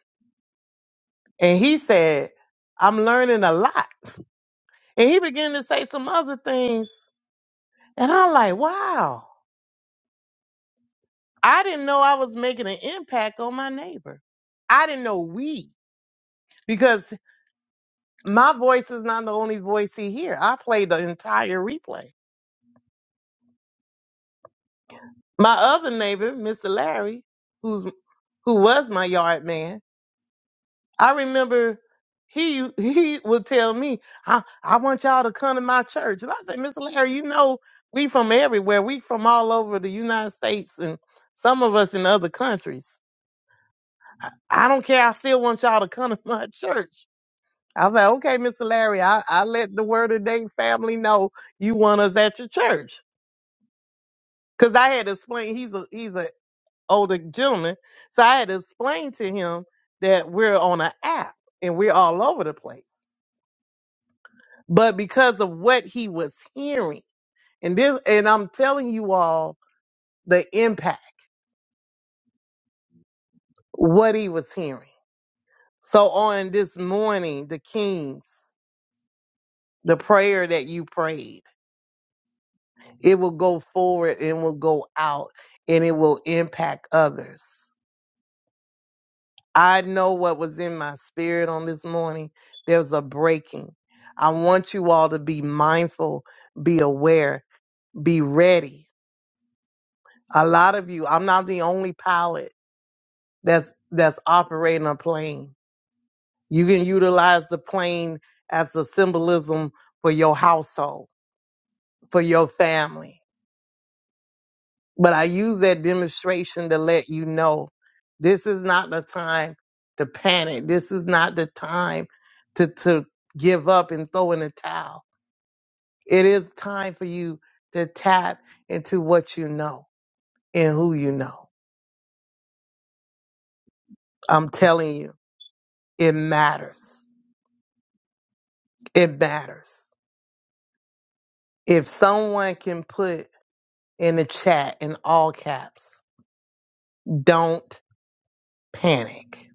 And he said, I'm learning a lot. And he began to say some other things. And I'm like, wow. I didn't know I was making an impact on my neighbor. I didn't know we because my voice is not the only voice he hear. I played the entire replay. My other neighbor, Mr. Larry, who's who was my yard man, I remember he (laughs) he would tell me, I, I want y'all to come to my church. And I said, Mr. Larry, you know, we from everywhere. We from all over the United States and some of us in other countries. I don't care. I still want y'all to come to (laughs) my church. I was like, okay, Mr. Larry, I, I let the Word of Day family know you want us at your church. Cause I had to explain, he's a, he's an older gentleman. So I had to explain to him that we're on an app and we're all over the place. but because of what he was hearing. And this, and I'm telling you all the impact, what he was hearing. So on this morning, the Kings, the prayer that you prayed, it will go forward and will go out and it will impact others. I know what was in my spirit on this morning. There's a breaking. I want you all to be mindful, be aware, be ready. A lot of you, I'm not the only pilot that's that's operating a plane. You can utilize the plane as a symbolism for your household, for your family. But I use that demonstration to let you know this is not the time to panic. This is not the time to to give up and throw in the towel. It is time for you to tap into what you know and who you know. I'm telling you, it matters. It matters. If someone can put in the chat in all caps. Don't panic,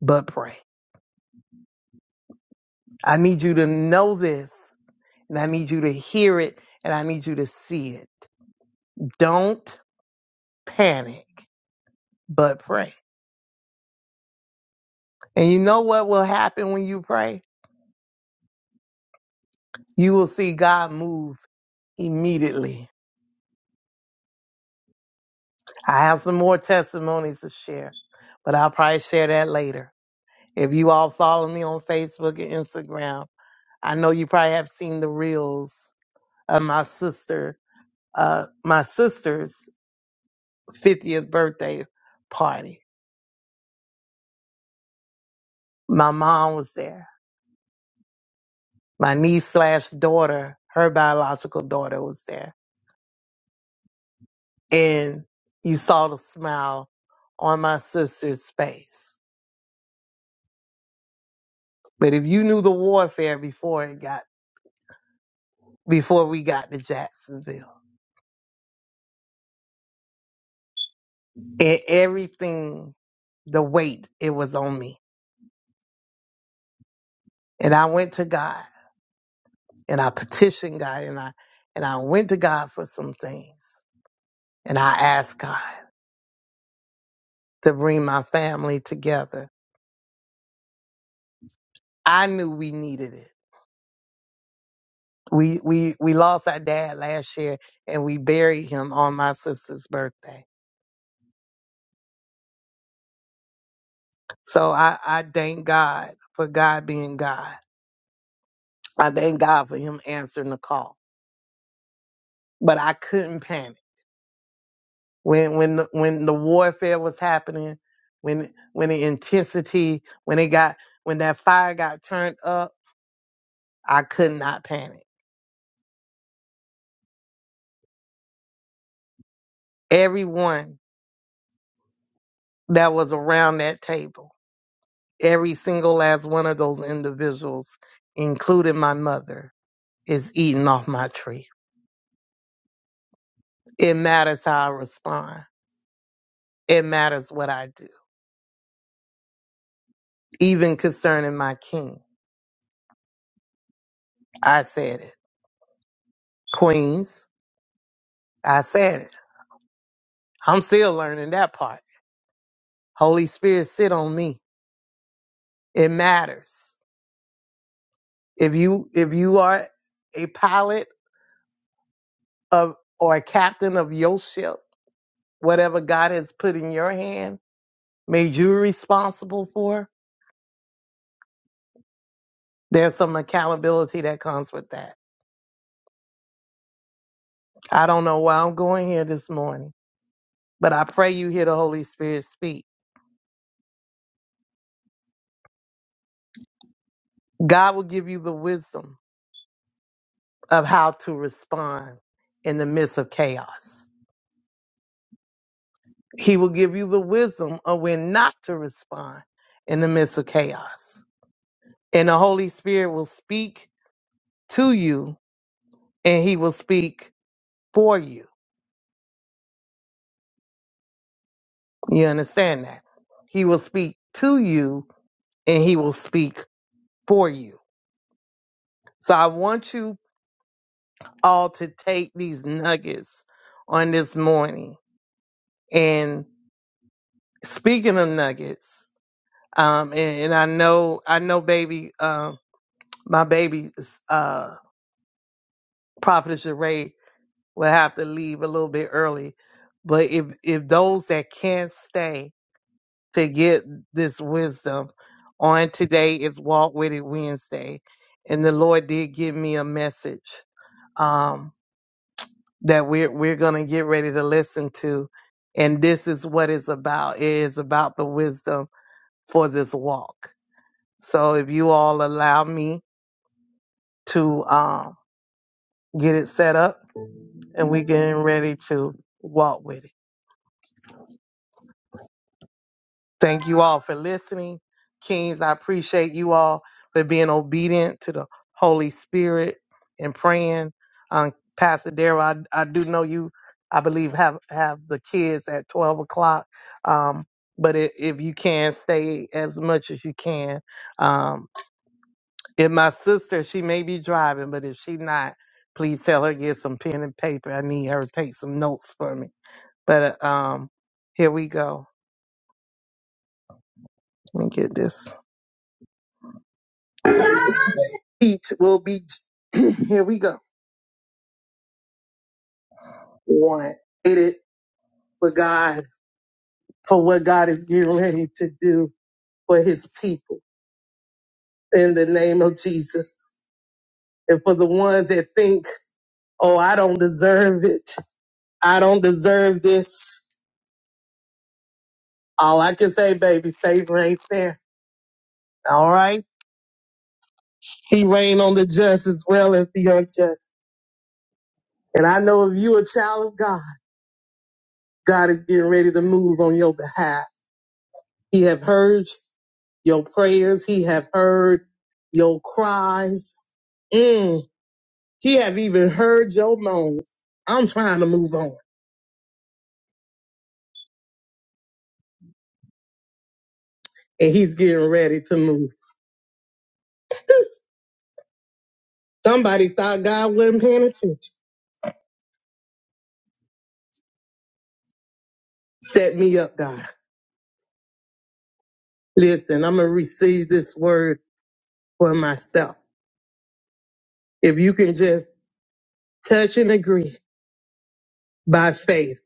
but pray. I need you to know this and I need you to hear it and I need you to see it. Don't panic, but pray. And you know what will happen when you pray? You will see God move immediately. I have some more testimonies to share, but I'll probably share that later. If you all follow me on Facebook and Instagram, I know you probably have seen the reels of my sister uh, my sister's 50th birthday party. My mom was there. My niece slash daughter, her biological daughter was there. And you saw the smile on my sister's face. But if you knew the warfare before it got, before we got to Jacksonville and everything, the weight, it was on me. And I went to God and I petitioned God and I, and I went to God for some things and I asked God. to bring my family together. I knew we needed it. We we we lost our dad last year and we buried him on my sister's birthday. So I, I thank God for God being God. I thank God for him answering the call. But I couldn't panic. When when the, when the warfare was happening, when when the intensity, when it got when that fire got turned up, I could not panic. Everyone that was around that table Every single last one of those individuals, including my mother, is eating off my tree. It matters how I respond. It matters what I do. Even concerning my king, I said it. Queens, I said it. I'm still learning that part. Holy Spirit, sit on me. It matters. If you if you are a pilot of or a captain of your ship, whatever God has put in your hand, made you responsible for. There's some accountability that comes with that. I don't know why I'm going here this morning, but I pray you hear the Holy Spirit speak. God will give you the wisdom of how to respond in the midst of chaos. He will give you the wisdom of when not to respond in the midst of chaos. And the Holy Spirit will speak to you and he will speak for you. You understand that? He will speak to you and he will speak for you. So I want you all to take these nuggets on this morning. And speaking of nuggets, um, and, and I know, I know, baby, um, my baby, uh, Prophet Sheree will have to leave a little bit early. But if if those that can't stay to get this wisdom on today is Walk With It Wednesday, and the Lord did give me a message. Um, that we're we're gonna get ready to listen to. And this is what it's about. It is about the wisdom for this walk. So if you all allow me to um get it set up and we're getting ready to walk with it. Thank you all for listening. Kings, I appreciate you all for being obedient to the Holy Spirit and praying. Um, Pastor Darrell, I, I do know you, I believe, have, have the kids at 12 o'clock. Um, but i if you can, stay as much as you can. Um, if my sister, she may be driving, but if she not, please tell her get some pen and paper. I need her to take some notes for me. But uh, um, here we go. Let me get this. Each will be, (clears throat) here we go, one. It is for God, for what God is getting ready to do for his people in the name of Jesus. And for the ones that think, oh, I don't deserve it. I don't deserve this. All I can say, baby, favor ain't fair. All right. He reigned on the just as well as the unjust. And I know if you a child of God, God is getting ready to move on your behalf. He have heard you. Your prayers he have heard, your cries. Mm, he have even heard your moans. I'm trying to move on and he's getting ready to move. Somebody thought God wasn't paying attention. Set me up, God. Listen, I'm going to receive this word for myself. If you can just touch and agree by faith,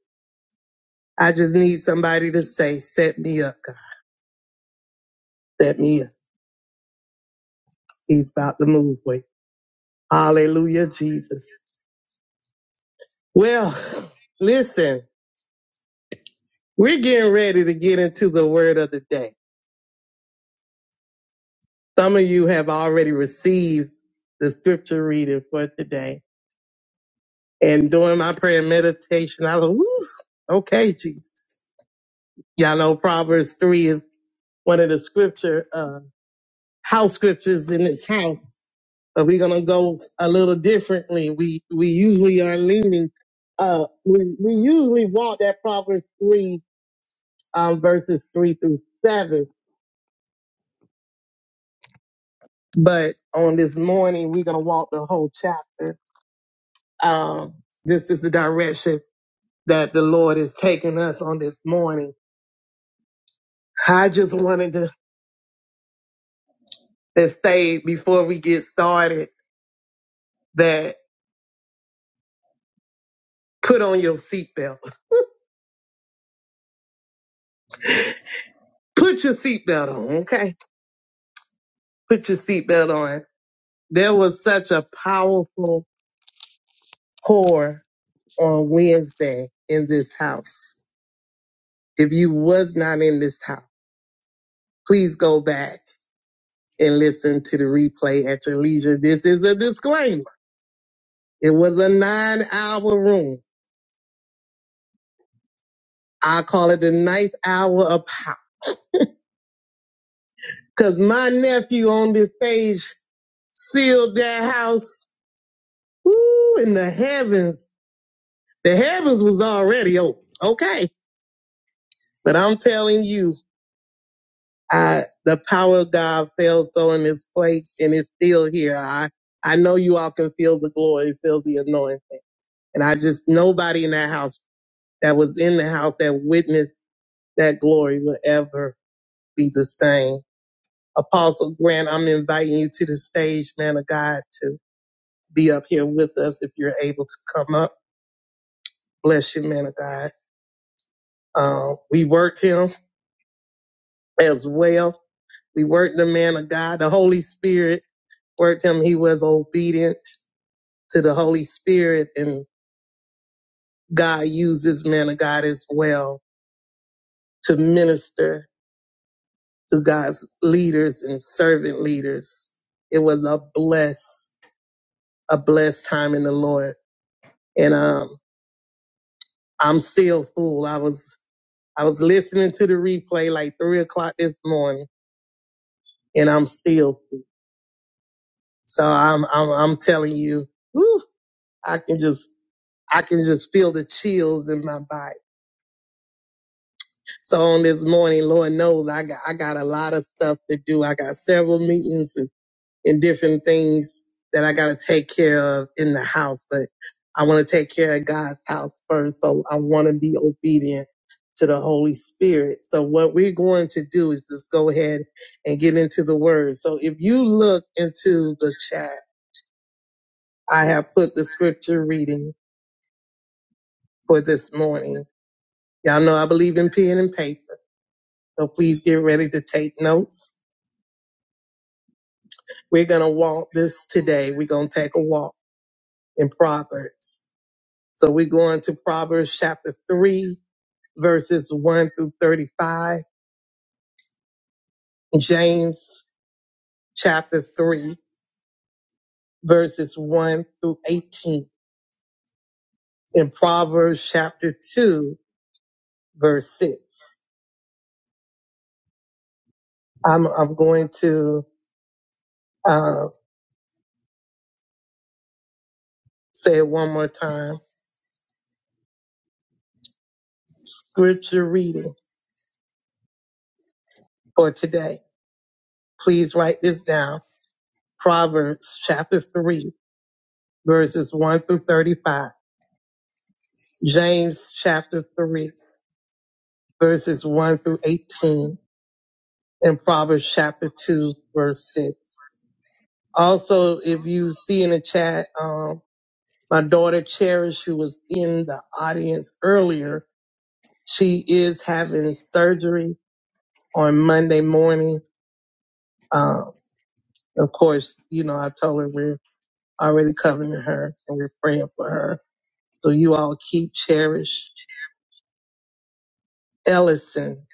I just need somebody to say, set me up, God. Set me up. He's about to move. Wait. Hallelujah, Jesus. Well, (laughs) listen. We're getting ready to get into the word of the day. Some of you have already received the scripture reading for today. And during my prayer and meditation, I was, Woo, okay, Jesus. Y'all know Proverbs 3 is one of the scripture, uh, house scriptures in this house. But we're going to go a little differently. We, we usually are leaning, uh, we, we usually want that Proverbs 3, um, verses 3 through 7 But on this morning, we're going to walk the whole chapter. Um, this is the direction that the Lord is taking us on this morning. I just wanted to, to say before we get started that put on your seatbelt. Put your seatbelt on, okay? Put your seatbelt on. There was such a powerful pour on Wednesday in this house. If you was not in this house, please go back and listen to the replay at your leisure. This is a disclaimer. It was a nine hour room. I call it the ninth hour of power. Cause my nephew on this stage sealed that house. Ooh, in the heavens. The heavens was already open. Okay. But I'm telling you, I, the power of God fell so in this place and it's still here. I, I know you all can feel the glory, feel the anointing. And I just, nobody in that house that was in the house that witnessed that glory will ever be the same. Apostle Grant, I'm inviting you to the stage, man of God, to be up here with us if you're able to come up. Bless you, man of God. Uh, we worked him as well. We worked the man of God. The Holy Spirit worked him. He was obedient to the Holy Spirit and God uses man of God as well to minister to God's leaders and servant leaders. It was a bless. a blessed time in the Lord. And um, I'm still full. I was I was listening to the replay like three o'clock this morning, and I'm still. So I'm I'm I'm telling you, whew, I can just I can just feel the chills in my body. So on this morning, Lord knows I got I got a lot of stuff to do. I got several meetings and. and different things that I got to take care of in the house, but I want to take care of God's house first. So I want to be obedient to the Holy Spirit. So what we're going to do is just go ahead and get into the word. So if you look into the chat, I have put the scripture reading for this morning. Y'all know I believe in pen and paper. So please get ready to take notes. We're going to walk this today. We're going to take a walk in Proverbs. So we go on to Proverbs chapter 3, verses 1 through 35, James chapter 3, verses 1 through 18, and Proverbs chapter 2, verse 6. I'm, I'm going to uh, say it one more time. Scripture reading for today. Please write this down. Proverbs chapter 3, verses 1 through 35. James chapter 3, verses 1 through 18 in Proverbs chapter 2, verse 6. Also, if you see in the chat, um, my daughter Cherish, who was in the audience earlier, she is having surgery on Monday morning. Uh, of course, you know, I told her we're already covering her and we're praying for her. So you all keep Cherish Ellison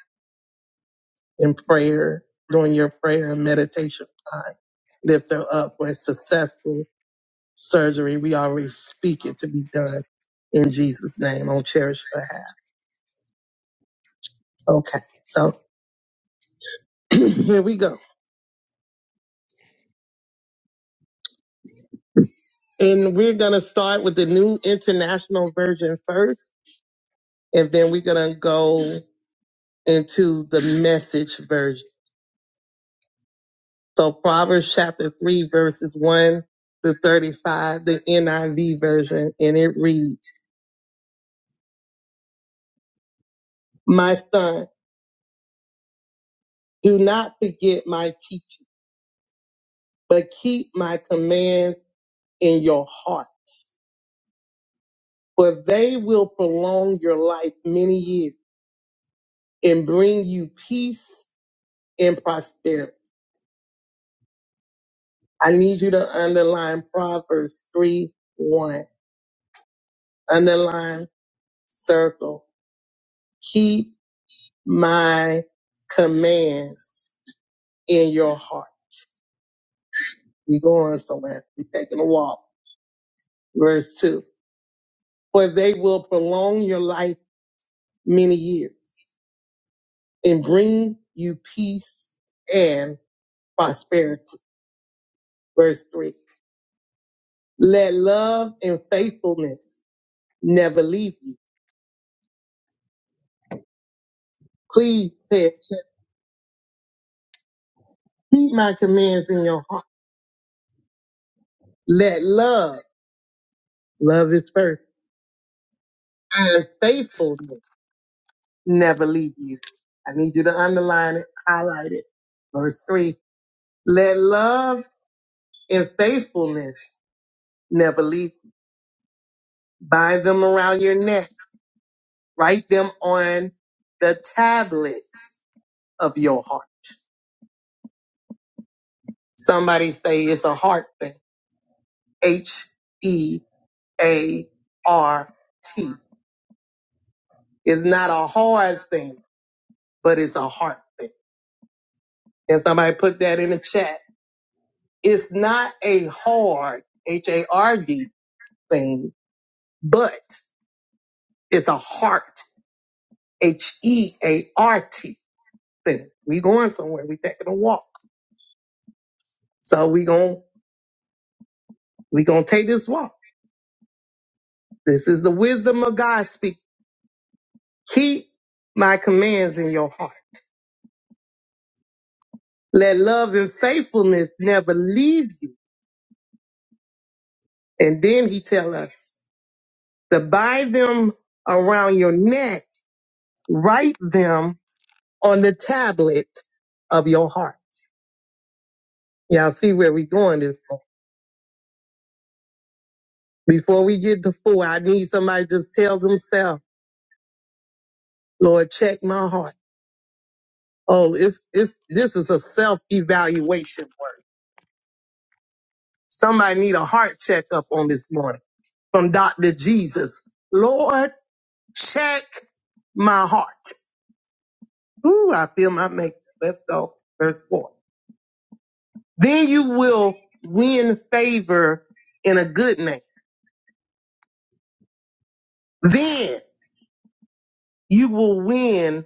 in prayer during your prayer and meditation time. Lift her up for a successful surgery. We already speak it to be done in Jesus' name on Cherish behalf. Okay, so (clears throat) here we go. And we're going to start with the new international version first, and then we're going to go into the message version. So Proverbs chapter 3, verses 1 to 35, the NIV version, and it reads, My son, do not forget my teaching, but keep my commands in your heart for they will prolong your life many years and bring you peace and prosperity. I need you to underline Proverbs 3 1. Underline, circle. Keep my commands in your heart. We're going somewhere. We're taking a walk. Verse 2. For they will prolong your life many years and bring you peace and prosperity. Verse 3 Let love and faithfulness never leave you. Please pay attention. keep my commands in your heart. Let love, love is first, and faithfulness never leave you. I need you to underline it, highlight it. Verse three. Let love and faithfulness never leave you. Bind them around your neck. Write them on the tablets of your heart. Somebody say it's a heart thing. H E A R T. It's not a hard thing, but it's a heart thing. And somebody put that in the chat. It's not a hard, H A R D thing, but it's a heart, H E A R T thing. We going somewhere. We taking a walk. So we gon' we gonna take this walk. This is the wisdom of God speak. Keep my commands in your heart. Let love and faithfulness never leave you. And then he tell us to bind them around your neck, write them on the tablet of your heart. Y'all see where we going this morning. Before we get to four, I need somebody to just tell themselves, Lord, check my heart. Oh, it's, it's, this is a self-evaluation word. Somebody need a heart checkup on this morning from Dr. Jesus. Lord, check my heart. Ooh, I feel my makeup. Let's go. Verse four. Then you will win favor in a good name. Then you will win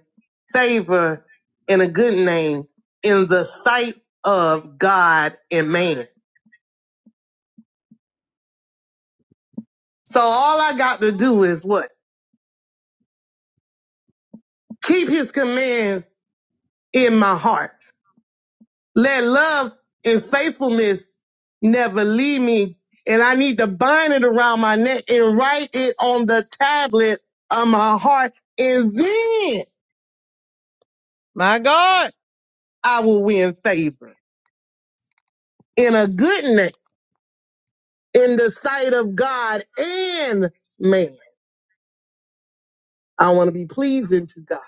favor in a good name in the sight of God and man. So all I got to do is what? Keep his commands in my heart. Let love and faithfulness never leave me. And I need to bind it around my neck and write it on the tablet of my heart. And then, my God. I will win favor in a good name in the sight of God and man. I want to be pleasing to God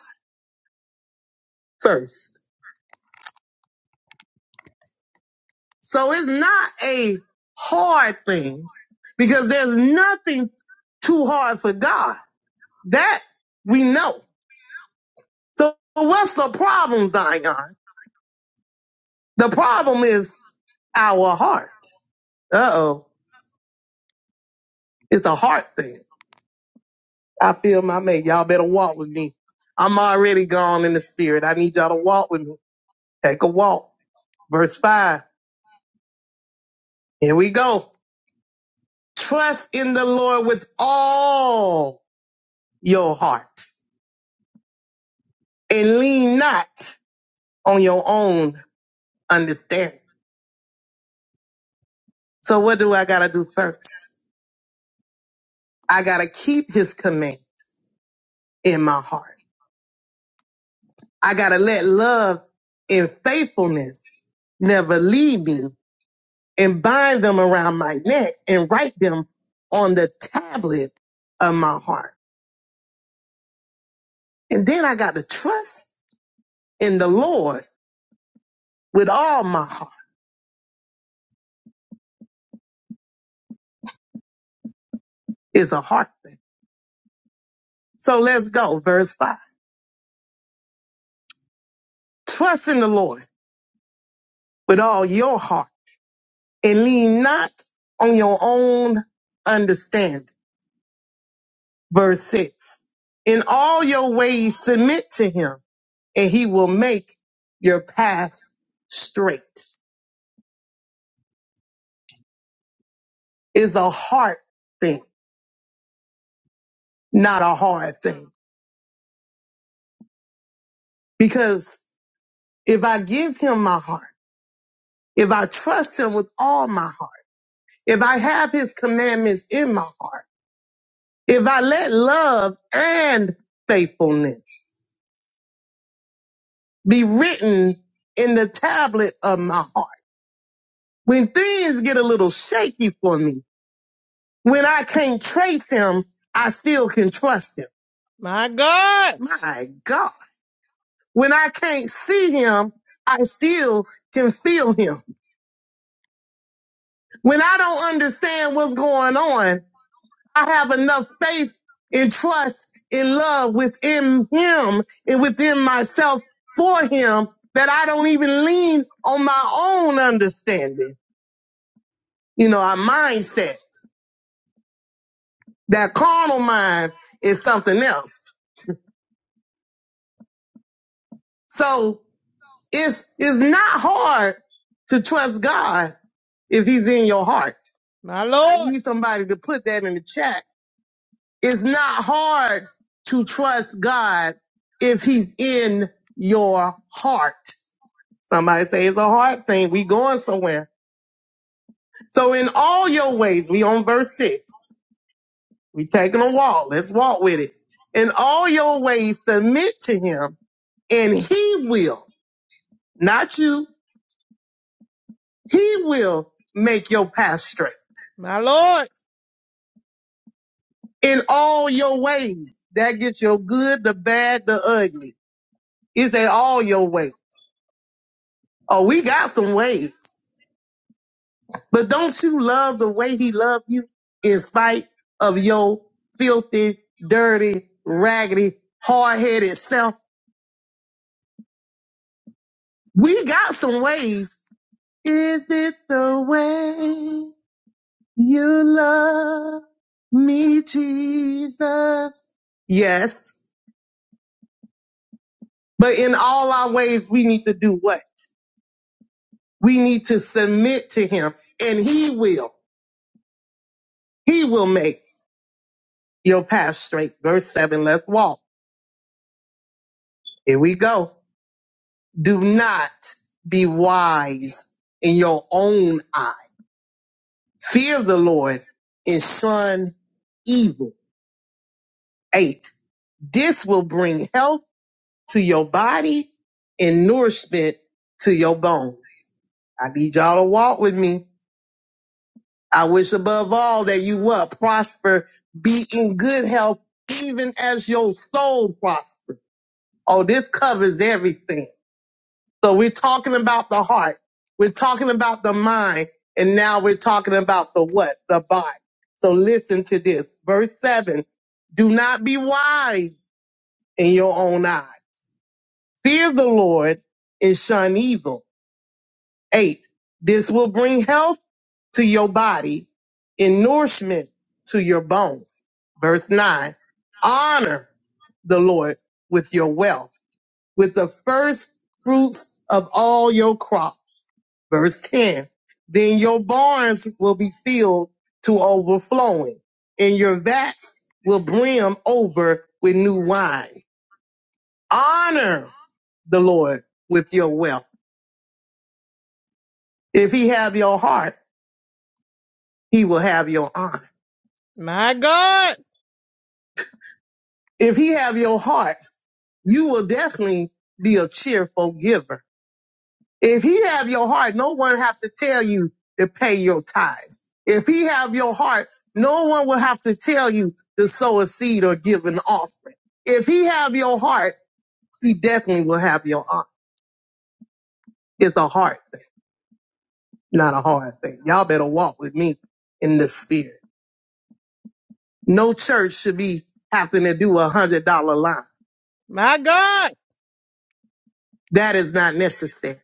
first. So it's not a hard thing because there's nothing too hard for God. That we know. So what's the problem, Zion? The problem is our heart. Uh oh. It's a heart thing. I feel my mate. Y'all better walk with me. I'm already gone in the spirit. I need y'all to walk with me. Take a walk. Verse 5. Here we go. Trust in the Lord with all your heart and lean not on your own understanding. So what do I gotta do first? I gotta keep his command in my heart. I gotta let love and faithfulness never leave me and bind them around my neck and write them on the tablet of my heart. And then I got to trust in the Lord with all my heart is a heart thing. So let's go. Verse five. Trust in the Lord with all your heart and lean not on your own understanding. Verse six. In all your ways, submit to him and he will make your path straight. It's a heart thing, not a hard thing. Because if I give him my heart, if I trust him with all my heart, if I have his commandments in my heart, If I let love and faithfulness be written in the tablet of my heart, when things get a little shaky for me, when I can't trace him, I still can trust him. My God. My God. When I can't see him, I still can feel him. When I don't understand what's going on, I have enough faith and trust and love within him and within myself for him that I don't even lean on my own understanding. You know, our mindset, that carnal mind is something else. So it's, it's not hard to trust God if he's in your heart. My I Lord. need somebody to put that in the chat. It's not hard to trust God if he's in your heart. Somebody say it's a hard thing. We going somewhere. So in all your ways, we on verse six. We taking a walk. Let's walk with it. In all your ways, submit to him and he will, not you, he will make your path straight. My Lord. In all your ways. That gets your good, the bad, the ugly. It's at all your ways. Oh, we got some ways. But don't you love the way he loved you in spite of your filthy, dirty, raggedy, hard headed self? We got some ways. Is it the way you love me, Jesus? Yes. But in all our ways, we need to do what? We need to submit to him and he will, he will make your path straight. Verse seven, let's walk. Here we go. Do not be wise in your own eye. Fear the Lord and shun evil. Eight, this will bring health to your body and nourishment to your bones. I need y'all to walk with me. I wish above all that you what? Prosper, be in good health, even as your soul prospers. Oh, this covers everything. So we're talking about the heart. We're talking about the mind. And now we're talking about the what? The body. So listen to this. Verse seven. Do not be wise in your own eyes. Fear the Lord and shun evil. Eight. This will bring health to your body and nourishment to your bones. Verse nine. Honor the Lord with your wealth with the first fruits of all your crops. Verse 10. Then your barns will be filled to overflowing and your vats will brim over with new wine. Honor the Lord with your wealth. If he have your heart, he will have your honor. My God. If he have your heart, you will definitely be a cheerful giver If he have your heart, no one have to tell you to pay your tithes. If he have your heart, no one will have to tell you to sow a seed or give an offering. If he have your heart, he definitely will have your heart. It's a heart thing, not a hard thing. Y'all better walk with me in the spirit. No church should be having to do a hundred dollar line. My God. That is not necessary.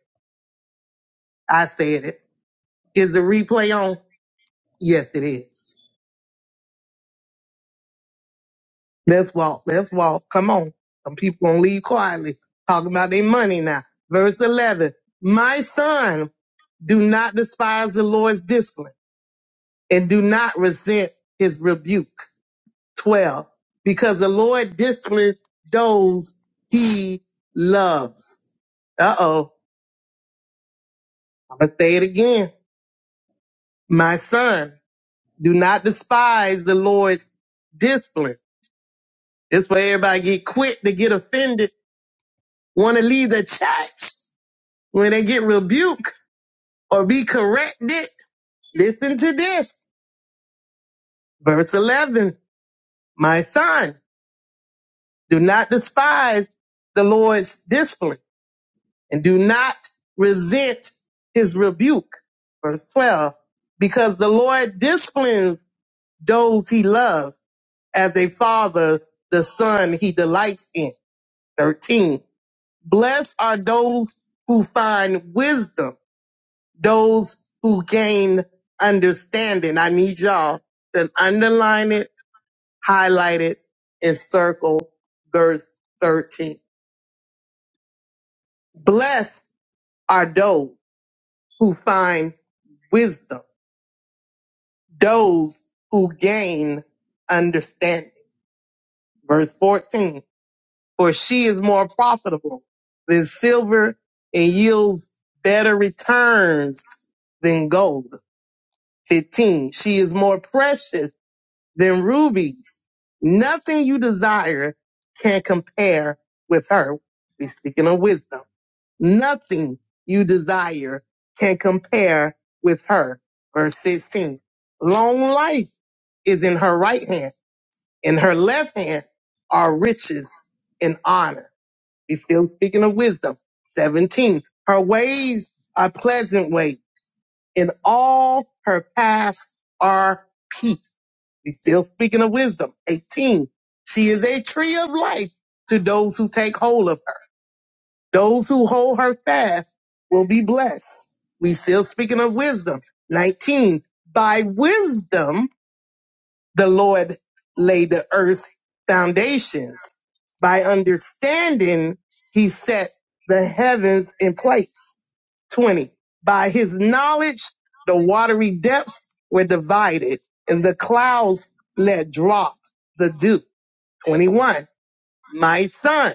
I said it. Is the replay on? Yes, it is. Let's walk. Let's walk. Come on. Some people gonna leave quietly. Talking about their money now. Verse 11. My son, do not despise the Lord's discipline and do not resent his rebuke. 12. Because the Lord disciplines those he loves. Uh oh. I'm gonna say it again. My son, do not despise the Lord's discipline. It's where everybody get quick to get offended, want to leave the church when they get rebuked or be corrected, listen to this. Verse 11. My son, do not despise the Lord's discipline and do not resent his rebuke. Verse 12. Because the Lord disciplines those he loves as a father, the son he delights in. 13. Blessed are those who find wisdom, those who gain understanding. I need y'all to underline it highlighted in circle verse 13. Blessed are those who find wisdom, those who gain understanding. Verse 14, for she is more profitable than silver and yields better returns than gold. 15, she is more precious than rubies. Nothing you desire can compare with her. We're speaking of wisdom. Nothing you desire can compare with her. Verse 16. Long life is in her right hand. In her left hand are riches and honor. He's still speaking of wisdom. 17. Her ways are pleasant ways, In all her paths are peace. He's still speaking of wisdom. 18. She is a tree of life to those who take hold of her those who hold her fast will be blessed. We still speaking of wisdom. 19. By wisdom, the Lord laid the earth's foundations. By understanding, he set the heavens in place. 20. By his knowledge, the watery depths were divided and the clouds let drop the dew. 21. My son.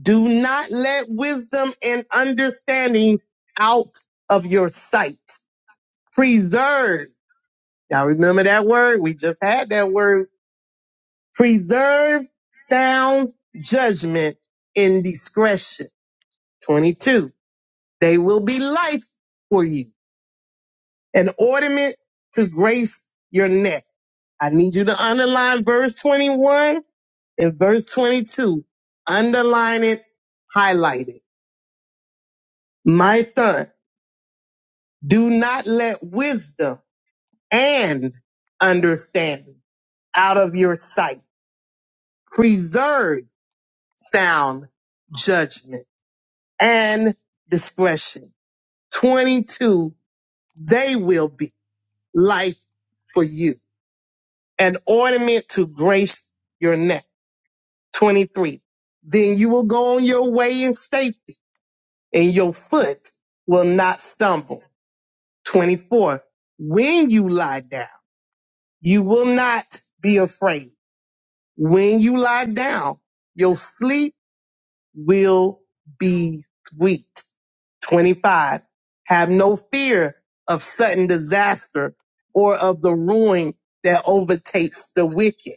Do not let wisdom and understanding out of your sight. Preserve. Y'all remember that word? We just had that word. Preserve sound judgment in discretion. 22. They will be life for you, an ornament to grace your neck. I need you to underline verse 21 and verse 22. Underline it, highlight it. My son. Do not let wisdom and understanding out of your sight. Preserve sound judgment and discretion. 22, they will be life for you, an ornament to grace your neck. 23, then you will go on your way in safety and your foot will not stumble. 24, when you lie down, you will not be afraid. When you lie down, your sleep will be sweet. 25. Have no fear of sudden disaster or of the ruin that overtakes the wicked.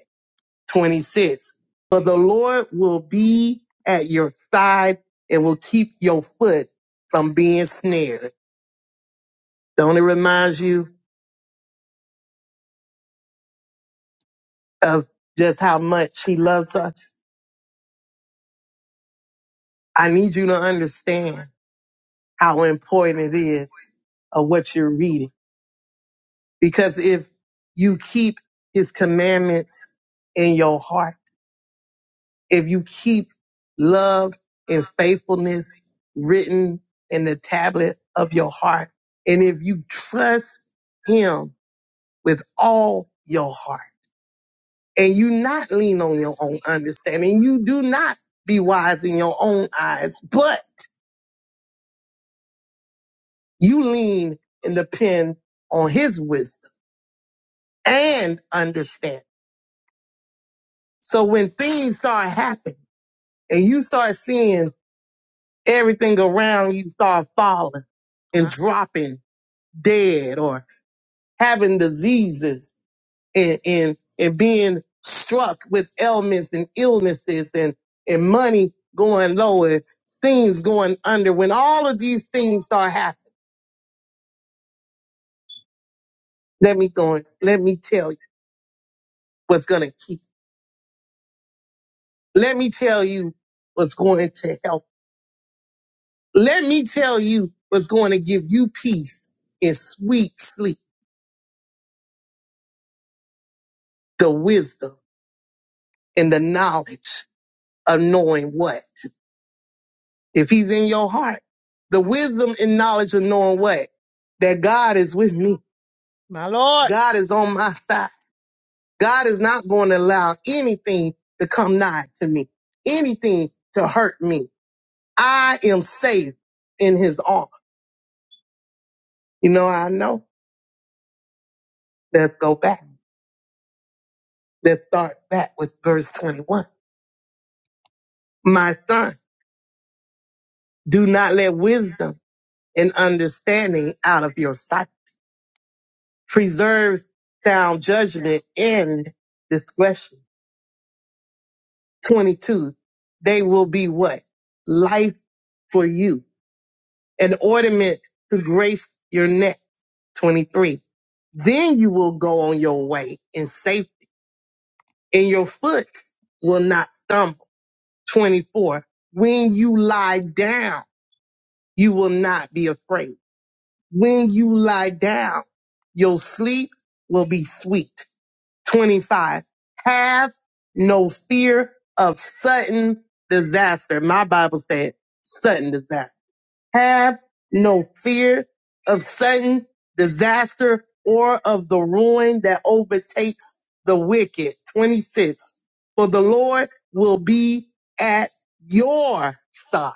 26. For the Lord will be at your side and will keep your foot from being snared. Don't it remind you of just how much he loves us? I need you to understand how important it is of what you're reading. Because if you keep his commandments in your heart, if you keep love and faithfulness written in the tablet of your heart, and if you trust him with all your heart, and you not lean on your own understanding, you do not be wise in your own eyes, but you lean and depend on his wisdom and understanding So when things start happening and you start seeing everything around you start falling and dropping dead or having diseases and, and, and being struck with ailments and illnesses and, and money going low and things going under, when all of these things start happening, let me go and let me tell you what's going to keep. Let me tell you what's going to help. Let me tell you what's going to give you peace in sweet sleep, the wisdom and the knowledge of knowing what? If he's in your heart, the wisdom and knowledge of knowing what? That God is with me. God is on my side. God is not going to allow anything to come nigh to me, anything to hurt me. I am safe in his arm. You know, I know. Let's go back. Let's start back with verse 21. My son. Do not let wisdom and understanding out of your sight. Preserve sound judgment and discretion. 22. They will be what? Life for you, an ornament to grace your neck. 23. Then you will go on your way in safety and your foot will not stumble. 24. When you lie down, you will not be afraid. When you lie down, your sleep will be sweet. 25. Have no fear of sudden disaster. My Bible said sudden disaster. Have no fear of sudden disaster or of the ruin that overtakes the wicked. 26. For the Lord will be at your side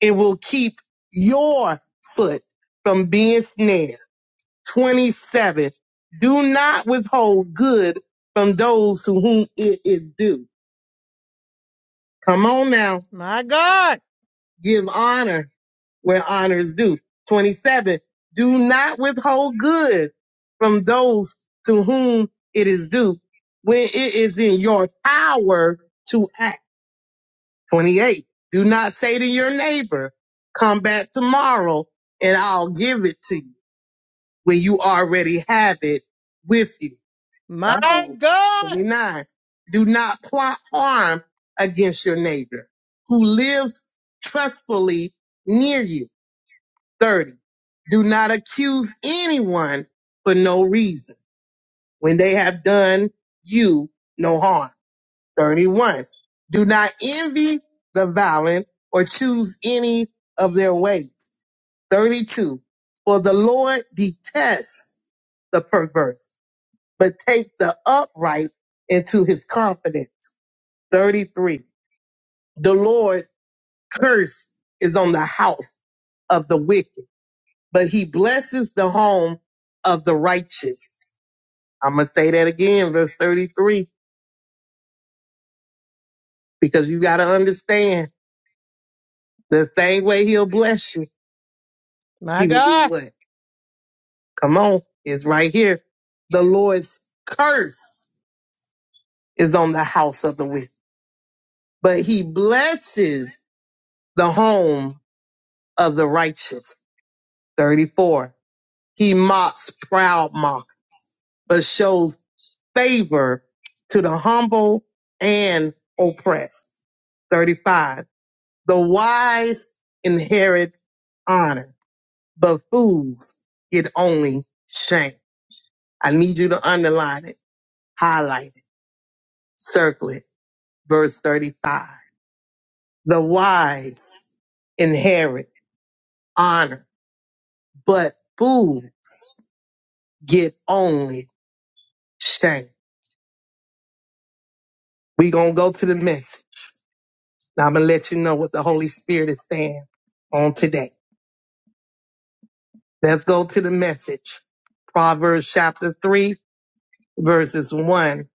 and will keep your foot from being snared. 27. Do not withhold good from those to whom it is due. Come on now. My God. Give honor where honor is due. 27. Do not withhold good from those to whom it is due when it is in your power to act. 28. Do not say to your neighbor, come back tomorrow and I'll give it to you. when you already have it with you. My Come on. God. 29. Do not plot harm against your neighbor who lives trustfully near you. 30. Do not accuse anyone for no reason when they have done you no harm. 31. Do not envy the violent or choose any of their ways. 32. For the Lord detests the perverse but take the upright into his confidence. 33. The Lord's curse is on the house of the wicked, but he blesses the home of the righteous. I'm going to say that again, verse 33, because you got to understand the same way he'll bless you. My He will do God. what? Come on. It's right here. The Lord's curse is on the house of the wicked, but he blesses the home of the righteous. 34. He mocks proud mock, but shows favor to the humble and oppressed. 35. The wise inherit honor, but fools get only shame. I need you to underline it, highlight it, circle it. Verse 35. The wise inherit honor, but fools get only shame. We gonna go to the message. Now I'm going to let you know what the Holy Spirit is saying on today. Let's go to the message. Proverbs chapter 3, verses 1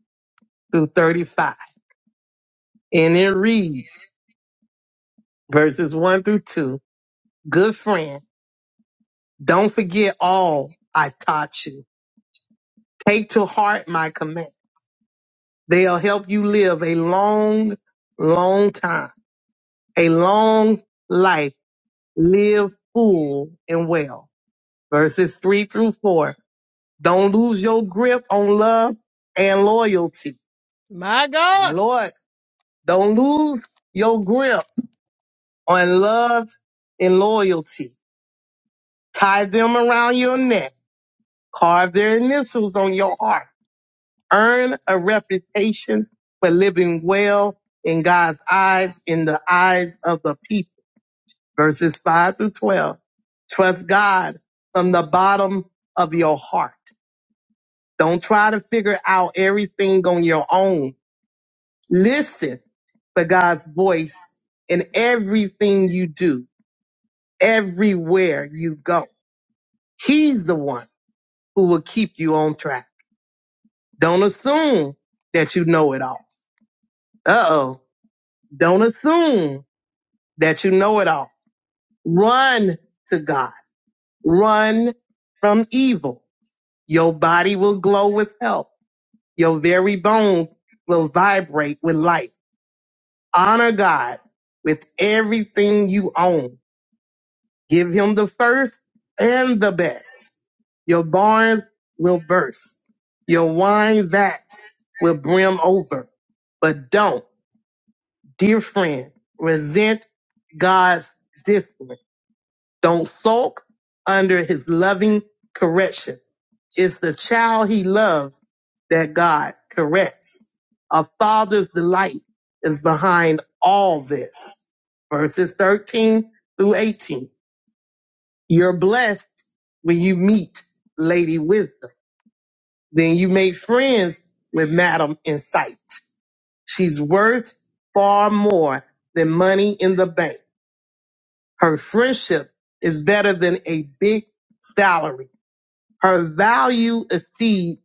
through 35. And it reads, verses 1 through 2. Good friend, don't forget all I taught you. Take to heart my command. They'll help you live a long, long time, a long life. Live full and well. Verses 3 through 4. Don't lose your grip on love and loyalty. My God. Lord, don't lose your grip on love and loyalty. Tie them around your neck. Carve their initials on your heart. Earn a reputation for living well in God's eyes, in the eyes of the people. Verses 5 through 12. Trust God from the bottom of your heart. Don't try to figure out everything on your own Listen for God's voice in everything you do, everywhere you go. He's the one who will keep you on track. Don't assume that you know it all. Uh oh. Don't assume that you know it all. Run to God. Run from evil. Your body will glow with health. Your very bone will vibrate with life. Honor God with everything you own Give him the first and the best. Your barns will burst. Your wine vats will brim over. But don't, dear friend, resent God's discipline. Don't sulk under his loving correction. It's the child he loves that God corrects. A father's delight is behind all this. Verses 13 through 18. You're blessed when you meet Lady Wisdom. Then you make friends with Madam Insight. She's worth far more than money in the bank. Her friendship is better than a big salary. Her value exceeds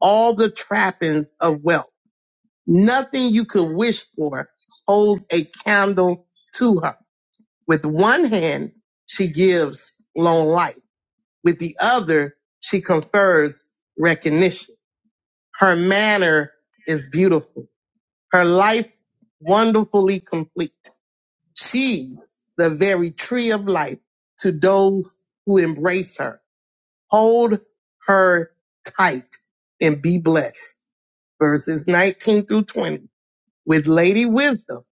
all the trappings of wealth. Nothing you could wish for holds a candle to her. With one hand, she gives long life With the other, she confers recognition. Her manner is beautiful. Her life wonderfully complete. She's the very tree of life to those who embrace her. Hold her tight and be blessed. Verses 19 through 20. With Lady Wisdom,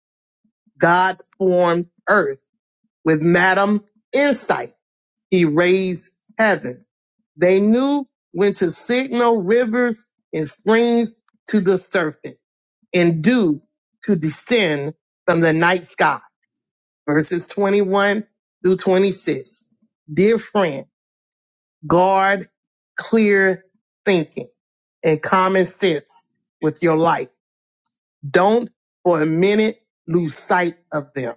God formed earth. With Madam Insight, he raised heaven They knew when to signal rivers and springs to the serpent and dew to descend from the night sky. Verses 21 through 26. Dear friend, guard clear thinking and common sense with your life. Don't for a minute lose sight of them.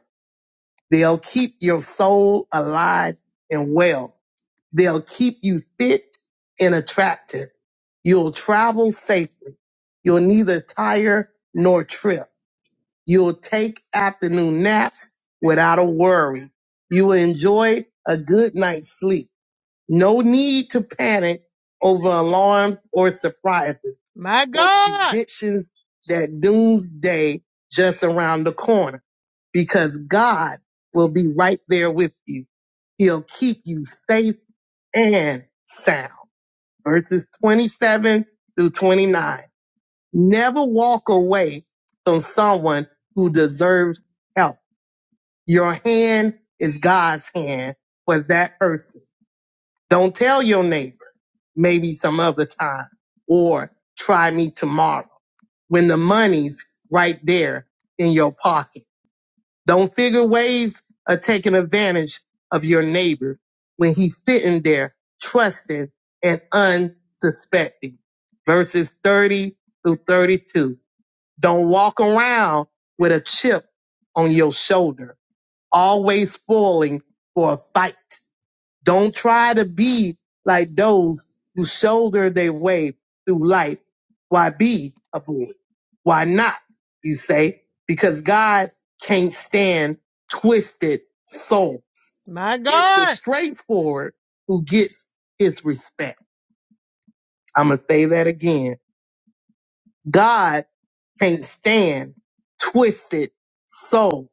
They'll keep your soul alive and well They'll keep you fit and attractive. You'll travel safely. You'll neither tire nor trip. You'll take afternoon naps without a worry. You will enjoy a good night's sleep. No need to panic over alarms or surprises My or God. predictions that doomsday just around the corner because God will be right there with you. He'll keep you safe and sound. Verses 27 through 29. Never walk away from someone who deserves help. Your hand is God's hand for that person. Don't tell your neighbor, maybe some other time, or try me tomorrow when the money's right there in your pocket Don't figure ways of taking advantage of your neighbor when he's sitting there trusting and unsuspecting. Verses 30 through 32. Don't walk around with a chip on your shoulder, always spoiling for a fight don't try to be like those who shoulder their way through life. Why be a bully? Why not? You say, because God can't stand twisted souls. My God! It's the straightforward who gets his respect. I'm going to say that again. God can't stand twisted souls.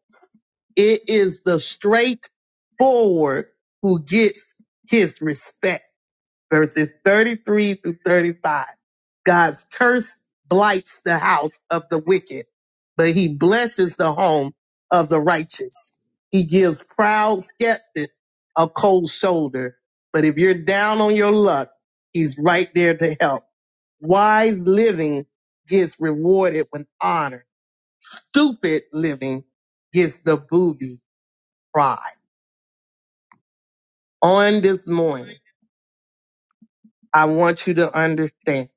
It is the straightforward who gets his respect verses 33 through 35. God's curse blights the house of the wicked, but he blesses the home of the righteous. He gives proud skeptics a cold shoulder, but if you're down on your luck, he's right there to help. Wise living gets rewarded with honor. Stupid living gets the booby prize. On this morning, I want you to understand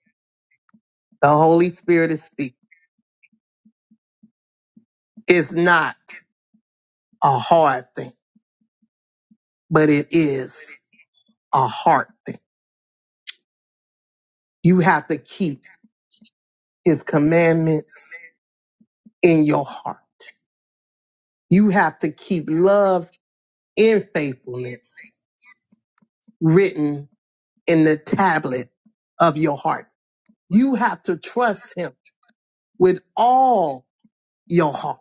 the Holy Spirit is speaking. It's not a hard thing, but it is a hard thing. You have to keep his commandments in your heart. You have to keep love and faithfulness written in the tablet of your heart. You have to trust him with all your heart.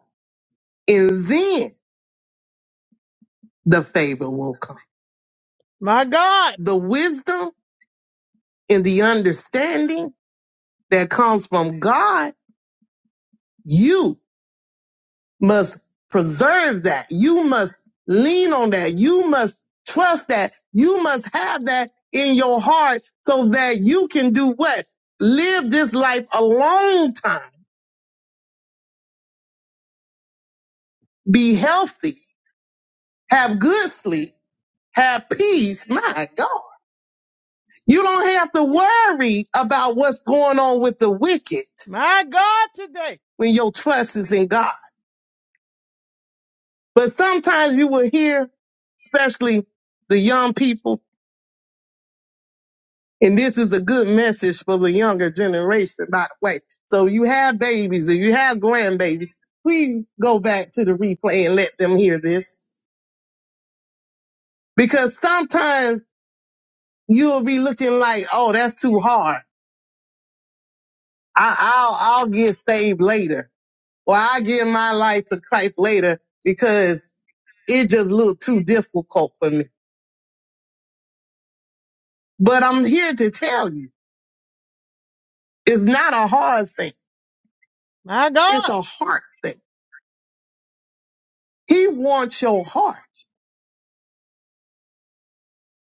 And then the favor will come. But The wisdom and the understanding that comes from God, you must preserve that. You must lean on that. You must trust that. You must have that in your heart so that you can do what? Live this life a long time. Be healthy. Have good sleep. Have peace. My God. You don't have to worry about what's going on with the wicked. My God, today. When your trust is in God. But sometimes you will hear, especially the young people, And this is a good message for the younger generation, by the way. So you have babies and you have grandbabies. Please go back to the replay and let them hear this because sometimes you'll be looking like, Oh, that's too hard. I, I'll, I'll get saved later or I give my life to Christ later because it just looked too difficult for me. But I'm here to tell you, it's not a hard thing. My God, It's a heart thing. He wants your heart.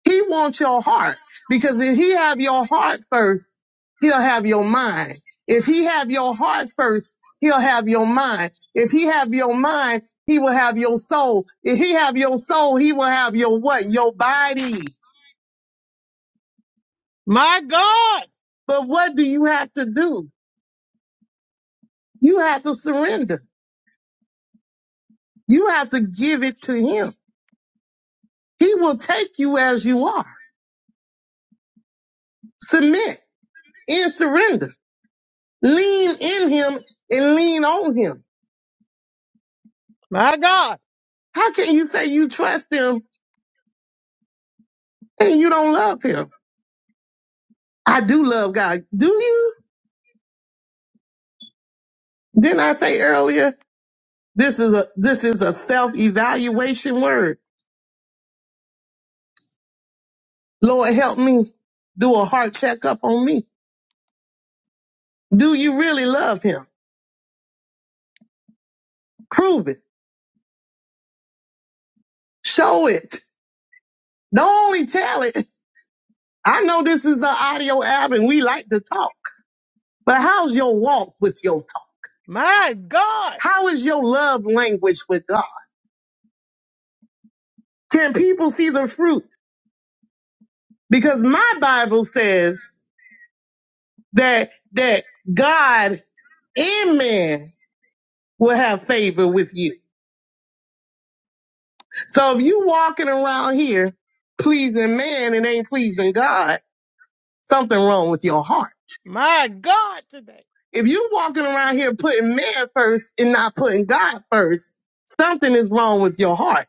He wants your heart because if he have your heart first, he'll have your mind. If he have your heart first, he'll have your mind. If he have your mind, he will have your soul. If he have your soul, he will have your what? Your body. My God. But what do you have to do? You have to surrender. You have to give it to him. He will take you as you are. Submit and surrender. Lean in him and lean on him. My God. How can you say you trust him and you don't love him? I do love God. Do you? Didn't I say earlier? This is a this is a self evaluation word. Lord help me do a heart checkup on me. Do you really love him? Prove it. Show it. Don't only tell it. I know this is an audio app and we like to talk, but how's your walk with your talk? My God. How is your love language with God? Can people see the fruit? Because my Bible says that that God and man will have favor with you. So if you walking around here pleasing man and ain't pleasing God, something wrong with your heart. My God. If you walking around here putting man first and not putting God first, something is wrong with your heart.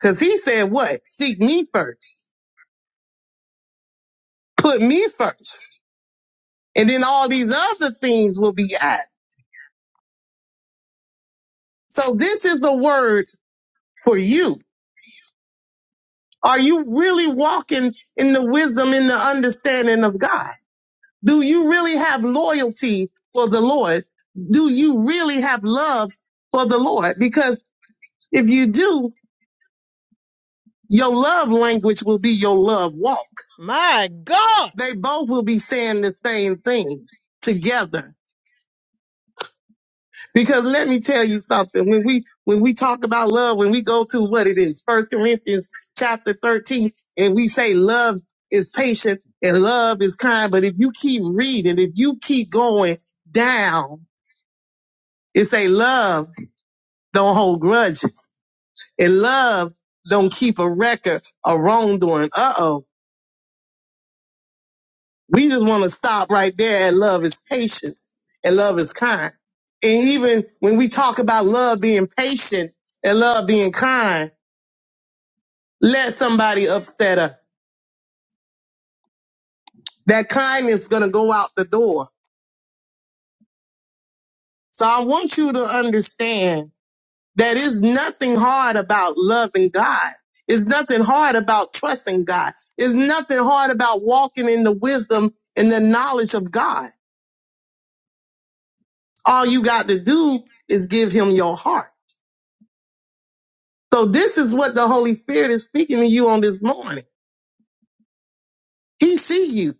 Cause he said what? Seek me first. Put me first. And then all these other things will be added. So this is a word for you Are you really walking in the wisdom and the understanding of God? Do you really have loyalty for the Lord? Do you really have love for the Lord? Because if you do, your love language will be your love walk. My God. They both will be saying the same thing together. Because let me tell you something. When we when we talk about love, when we go to what it is, First Corinthians chapter thirteen, and we say love is patient and love is kind. But if you keep reading, if you keep going down, it say love don't hold grudges and love don't keep a record of wrongdoing. Uh oh. We just want to stop right there at love is patience and love is kind. And even when we talk about love being patient and love being kind, let somebody upset her. That kindness gonna go out the door. So I want you to understand that it's nothing hard about loving God. It's nothing hard about trusting God. It's nothing hard about walking in the wisdom and the knowledge of God. All you got to do is give him your heart. So this is what the Holy Spirit is speaking to you on this morning. He see you.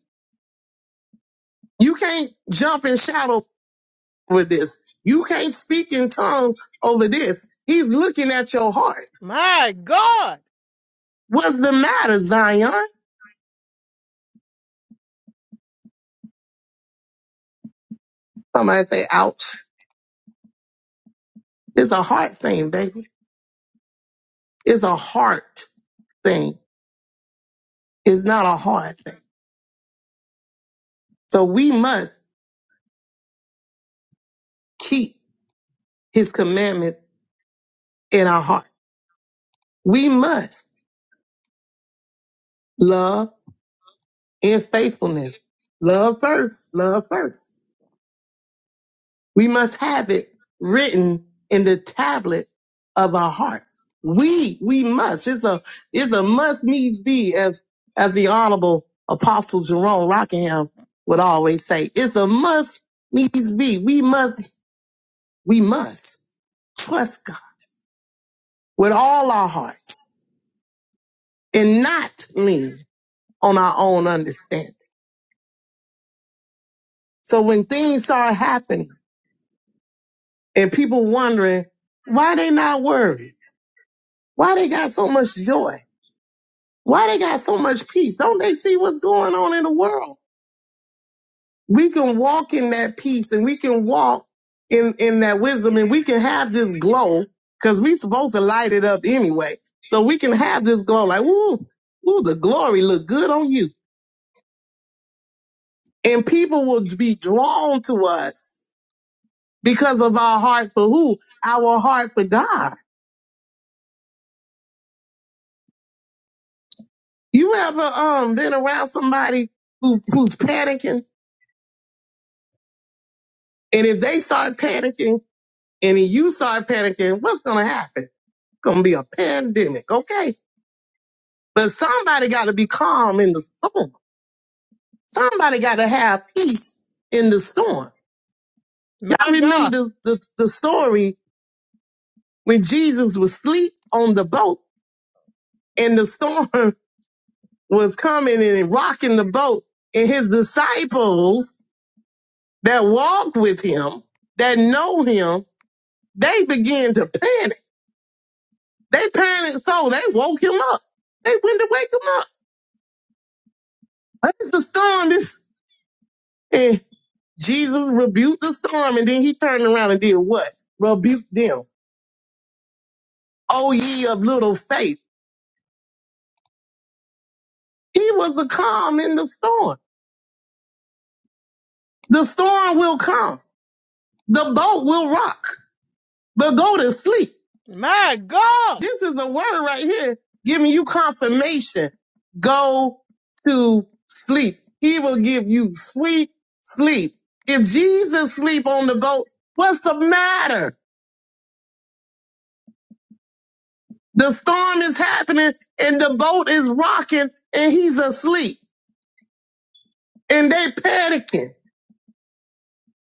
You can't jump and shout. or with this. You can't speak in tongues over this. He's looking at your heart. My God. What's the matter, Zion? Somebody say, ouch. It's a heart thing, baby. It's a heart thing. It's not a heart thing. So we must keep his commandments in our heart. We must love in faithfulness. Love first. Love first. We must have it written in the tablet of our heart. We, we must. It's a, it's a must needs be as, as the honorable apostle Jerome Rockingham would always say. It's a must needs be. We must, we must trust God with all our hearts and not lean on our own understanding. So when things start happening and people wondering why they not worried, why they got so much joy, Why they got so much peace? Don't they see what's going on in the world? We can walk in that peace and we can walk in, in that wisdom and we can have this glow because we supposed to light it up anyway. So we can have this glow like, ooh, ooh, the glory look good on you. And people will be drawn to us because of our heart for who? Our heart for God. You ever um been around somebody who who's panicking and if they start panicking And if you start panicking, what's going to happen? It's going to be a pandemic, okay? But somebody got to be calm in the storm. Somebody got to have peace in the storm. My Y'all God. remember the, the, the story when Jesus was asleep on the boat and the storm (laughs) was coming and it rocking the boat and his disciples that walk with him, that know him, they began to panic. They panicked so they woke him up. They went to wake him up. Like, It's the storm. This and Jesus rebuked the storm, and then he turned around and did what? Rebuked them. Oh ye of little faith. He was the calm in the storm. The storm will come. The boat will rock. The goat is asleep. My God. This is a word right here giving you confirmation. Go to sleep. He will give you sweet sleep. If Jesus sleep on the boat, what's the matter? The storm is happening and the boat is rocking and he's asleep and they panicking.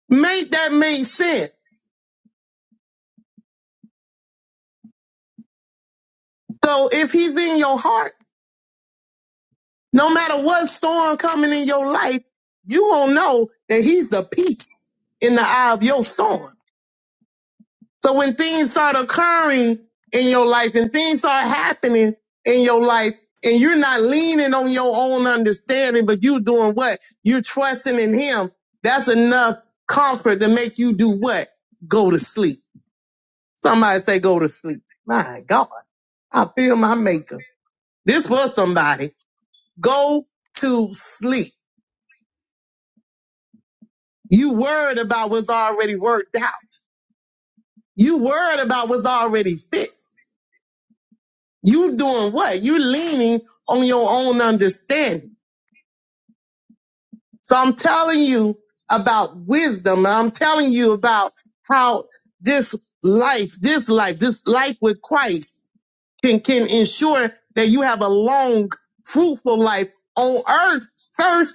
Make that make sense. So if he's in your heart, no matter what storm coming in your life, you will know that he's the peace in the eye of your storm. So when things start occurring in your life and things start happening in your life and you're not leaning on your own understanding, but you're doing what? You're trusting in him. That's enough comfort to make you do what? Go to sleep. Somebody say go to sleep. My God, I feel my maker. This was somebody. Go to sleep. You worried about what's already worked out. You worried about what's already fixed. You doing what? You leaning on your own understanding. So I'm telling you about wisdom. I'm telling you about how this life, this life, this life with Christ can, can ensure that you have a long, fruitful life on earth. First,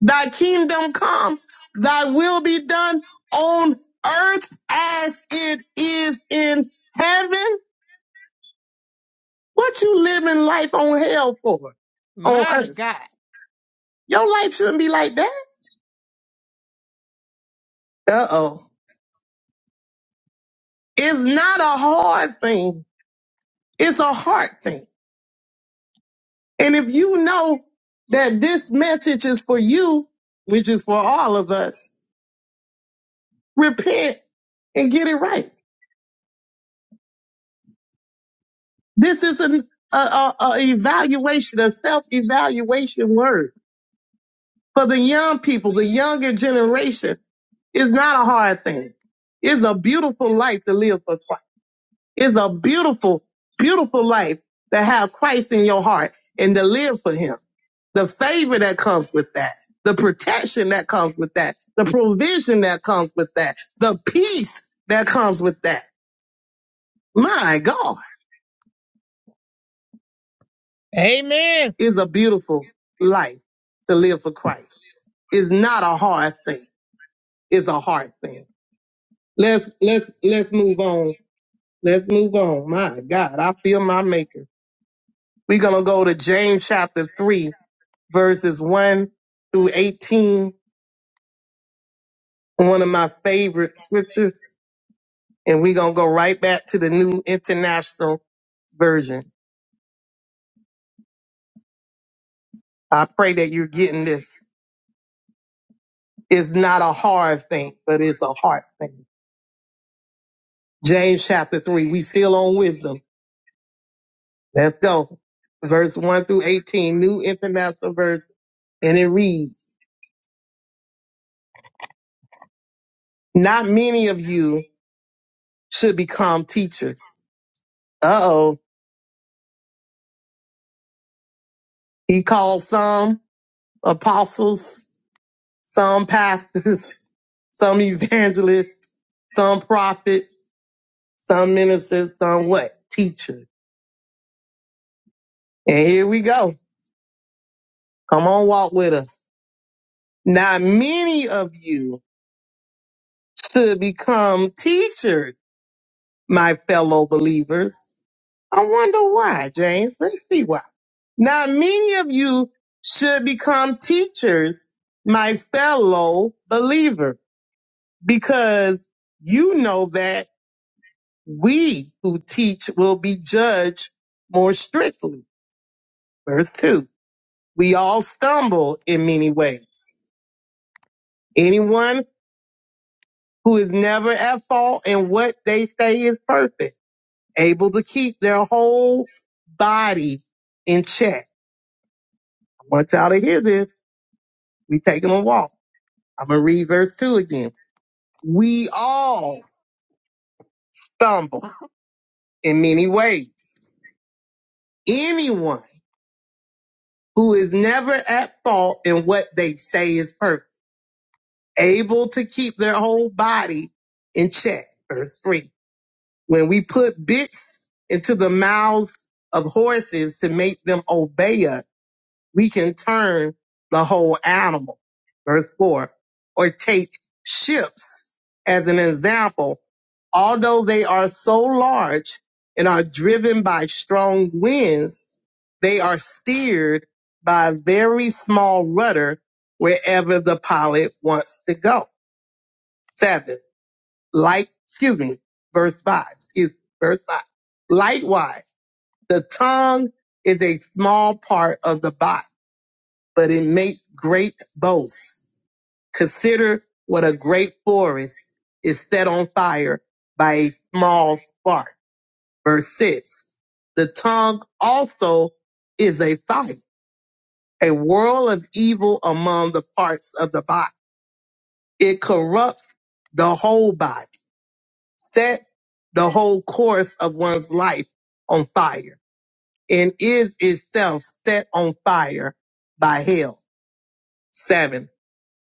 thy kingdom come, thy will be done on earth as it is in heaven. What you living life on hell for? My On earth. God. Your life shouldn't be like that. Uh oh. It's not a hard thing. It's a heart thing. And if you know that this message is for you, which is for all of us, repent and get it right. This is an a, a, a evaluation, a self evaluation word for the young people, the younger generation. It's not a hard thing. It's a beautiful life to live for Christ. It's a beautiful, beautiful life to have Christ in your heart and to live for him. The favor that comes with that, the protection that comes with that, the provision that comes with that, the peace that comes with that. My God Amen. is a beautiful life to live for Christ. It's not a hard thing. It's a hard thing. Let's let's let's move on. Let's move on. My God, I feel my maker. We're gonna go to James chapter three verses 1 through eighteen, one of my favorite scriptures. And we're going to go right back to the New International Version. I pray that you're getting this. It's not a hard thing, but it's a heart thing. James chapter 3, we still on wisdom. Let's go. Verse 1 through 18, New International Version. And it reads, Not many of you should become teachers. Uh oh. He called some apostles, some pastors, (laughs) some evangelists, some prophets, some ministers, some what? Teachers. And here we go. Come on, walk with us. Not many of you should become teachers, my fellow believers. I wonder why, James. Let's see why. Not many of you should become teachers, my fellow believer, because you know that We who teach will be judged more strictly. Verse 2. We all stumble in many ways. Anyone who is never at fault in what they say is perfect, able to keep their whole body in check. I want y'all to hear this. We taking a walk. I'm going to read verse 2 again. We all stumble in many ways. Anyone who is never at fault in what they say is perfect able to keep their whole body in check. Verse three. When we put bits into the mouths of horses to make them obey us, we can turn the whole animal. Verse four. Or take ships as an example. Although they are so large and are driven by strong winds, they are steered by a very small rudder wherever the pilot wants to go seven. Like, excuse me, verse five. Excuse me, verse five. Likewise, the tongue is a small part of the body, but it makes great boasts. Consider what a great forest is set on fire by a small spark. Verse six. The tongue also is a fire, a world of evil among the parts of the body. It corrupts the whole body set the whole course of one's life on fire and is itself set on fire by hell. Seven,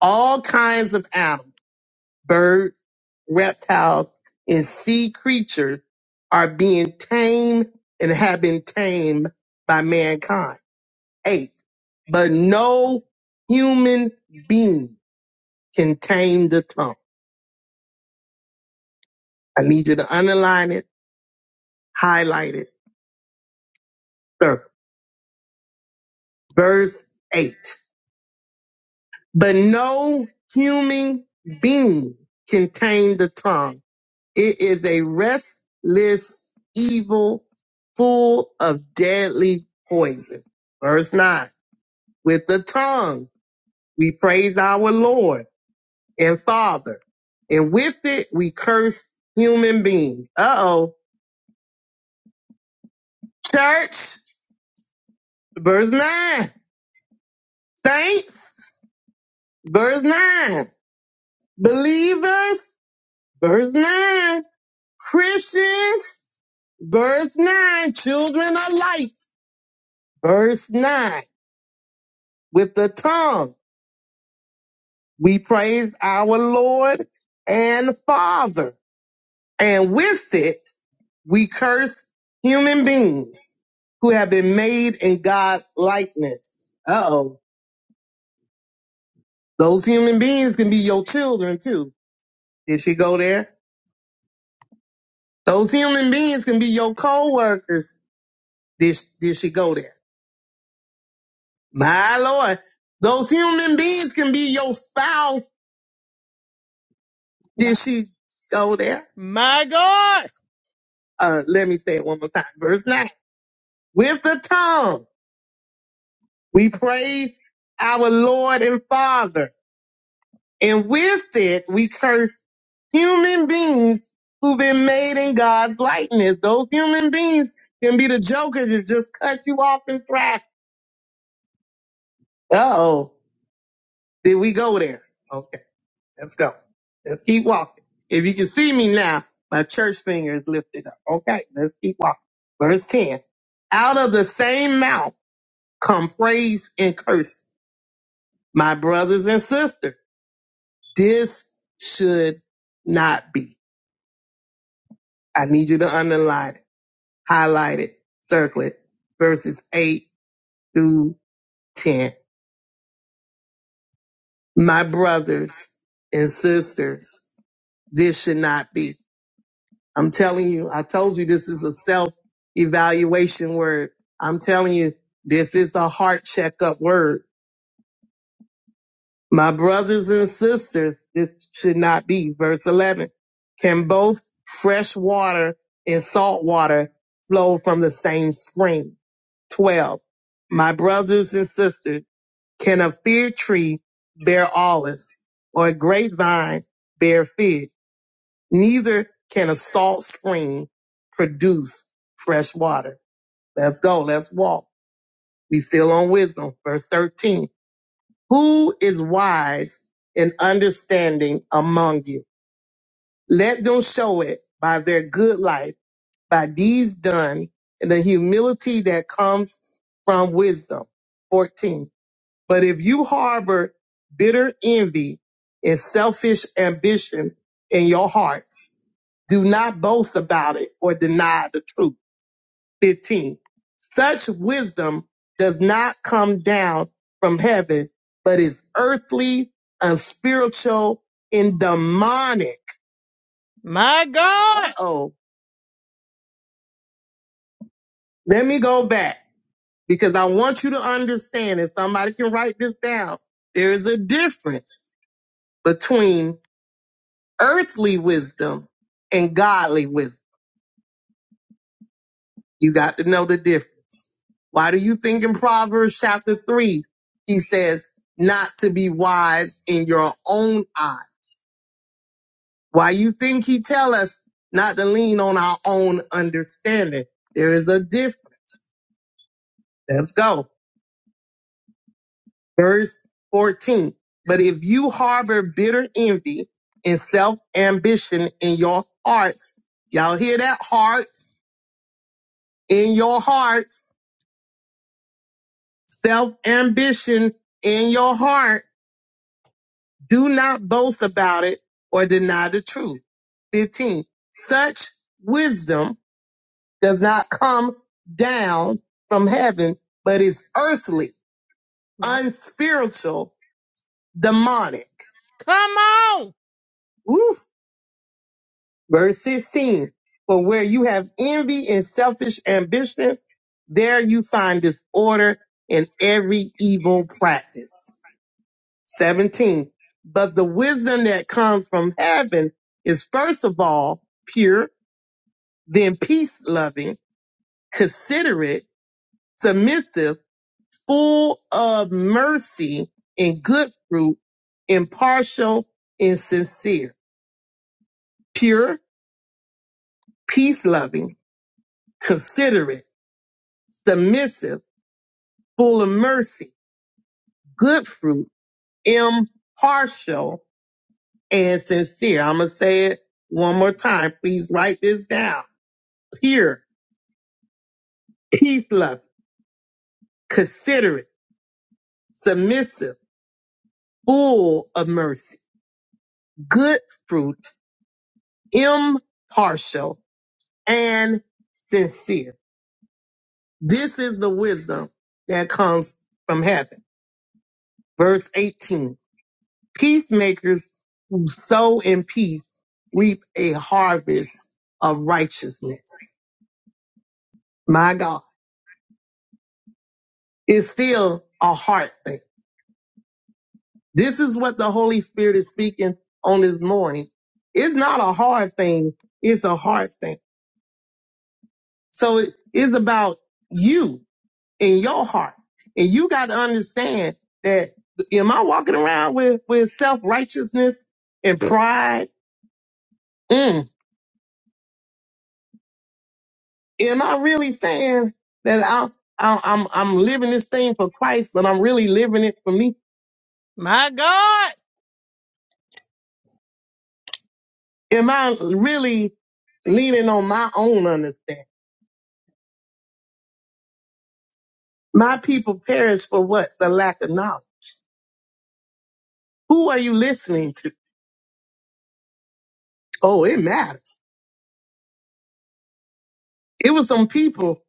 all kinds of animals, birds, reptiles, and sea creatures are being tamed and have been tamed by mankind. Eight, but no human being can tame the tongue. I need you to underline it, highlight it, sir. Verse 8. But no human being can tame the tongue. It is a restless evil full of deadly poison. Verse 9. With the tongue we praise our Lord and Father, and with it we curse human beings. Uh oh. Church, verse 9. Saints, verse 9. Believers, verse 9. Christians, Verse 9, children are light. Verse 9, with the tongue we praise our Lord and Father. And with it we curse human beings who have been made in God's likeness. Uh oh. Those human beings can be your children too. Did she go there? Those human beings can be your co-workers. Did, did she go there? My Lord. Those human beings can be your spouse Did she go there? My God. Uh, let me say it one more time. Verse 9. With the tongue, we praise our Lord and Father. And with it, we curse human beings who've been made in God's likeness. Those human beings can be the jokers that just cut you off and traffic. Uh oh. Did we go there? Okay. Let's go. Let's keep walking. If you can see me now, my church finger is lifted up. Okay, let's keep walking. Verse 10. Out of the same mouth come praise and curse. My brothers and sisters, this should not be. I need you to underline it, highlight it, circle it. Verses 8 through 10. My brothers and sisters, this should not be. I'm telling you, I told you this is a self evaluation word. I'm telling you, this is a heart checkup word. My brothers and sisters, this should not be. Verse 11. Can both fresh water and salt water flow from the same spring? 12. My brothers and sisters, can a fig tree bear olives or a grapevine bear figs? Neither can a salt spring produce fresh water. Let's go. Let's walk. We still on wisdom. Verse 13. Who is wise and understanding among you? Let them show it by their good life, by deeds done, and the humility that comes from wisdom. 14. But if you harbor bitter envy and selfish ambition in your hearts, Do not boast about it or deny the truth. 15. Such wisdom does not come down from heaven, but is earthly, unspiritual, and demonic. My God. Uh-oh. Let me go back because I want you to understand if somebody can write this down. There is a difference between earthly wisdom and godly wisdom. You got to know the difference. Why do you think in Proverbs chapter three, he says not to be wise in your own eye? Why you think he tell us not to lean on our own understanding? There is a difference. Let's go. Verse 14. But if you harbor bitter envy and self ambition in your hearts, y'all hear that hearts in your hearts, self ambition in your heart Do not boast about it or deny the truth. 15. Such wisdom does not come down from heaven, but is earthly, unspiritual, demonic. Come on. Woo. Verse 16. For where you have envy and selfish ambition, there you find disorder in every evil practice. 17. But the wisdom that comes from heaven is first of all pure, then peace loving, considerate, submissive, full of mercy and good fruit, impartial and sincere, pure, peace loving, considerate, submissive, full of mercy, good fruit, impartial and sincere. I'm going to say it one more time. Please write this down. Pure, He's loving, considerate, submissive, full of mercy, good fruit, impartial, and sincere. This is the wisdom that comes from heaven. Verse 18. Peacemakers who sow in peace reap a harvest of righteousness. My God. It's still a heart thing This is what the Holy Spirit is speaking on this morning. It's not a hard thing. It's a hard thing. So it is about you and your heart. And you got to understand that am I walking around with, with self righteousness and pride? Mm. Am I really saying that I'm, I'm, I'm I'm living this thing for Christ, but I'm really living it for me? My God. Am I really leaning on my own understanding? My people perish for what? The lack of knowledge. Who are you listening to? Oh, it matters. It was some people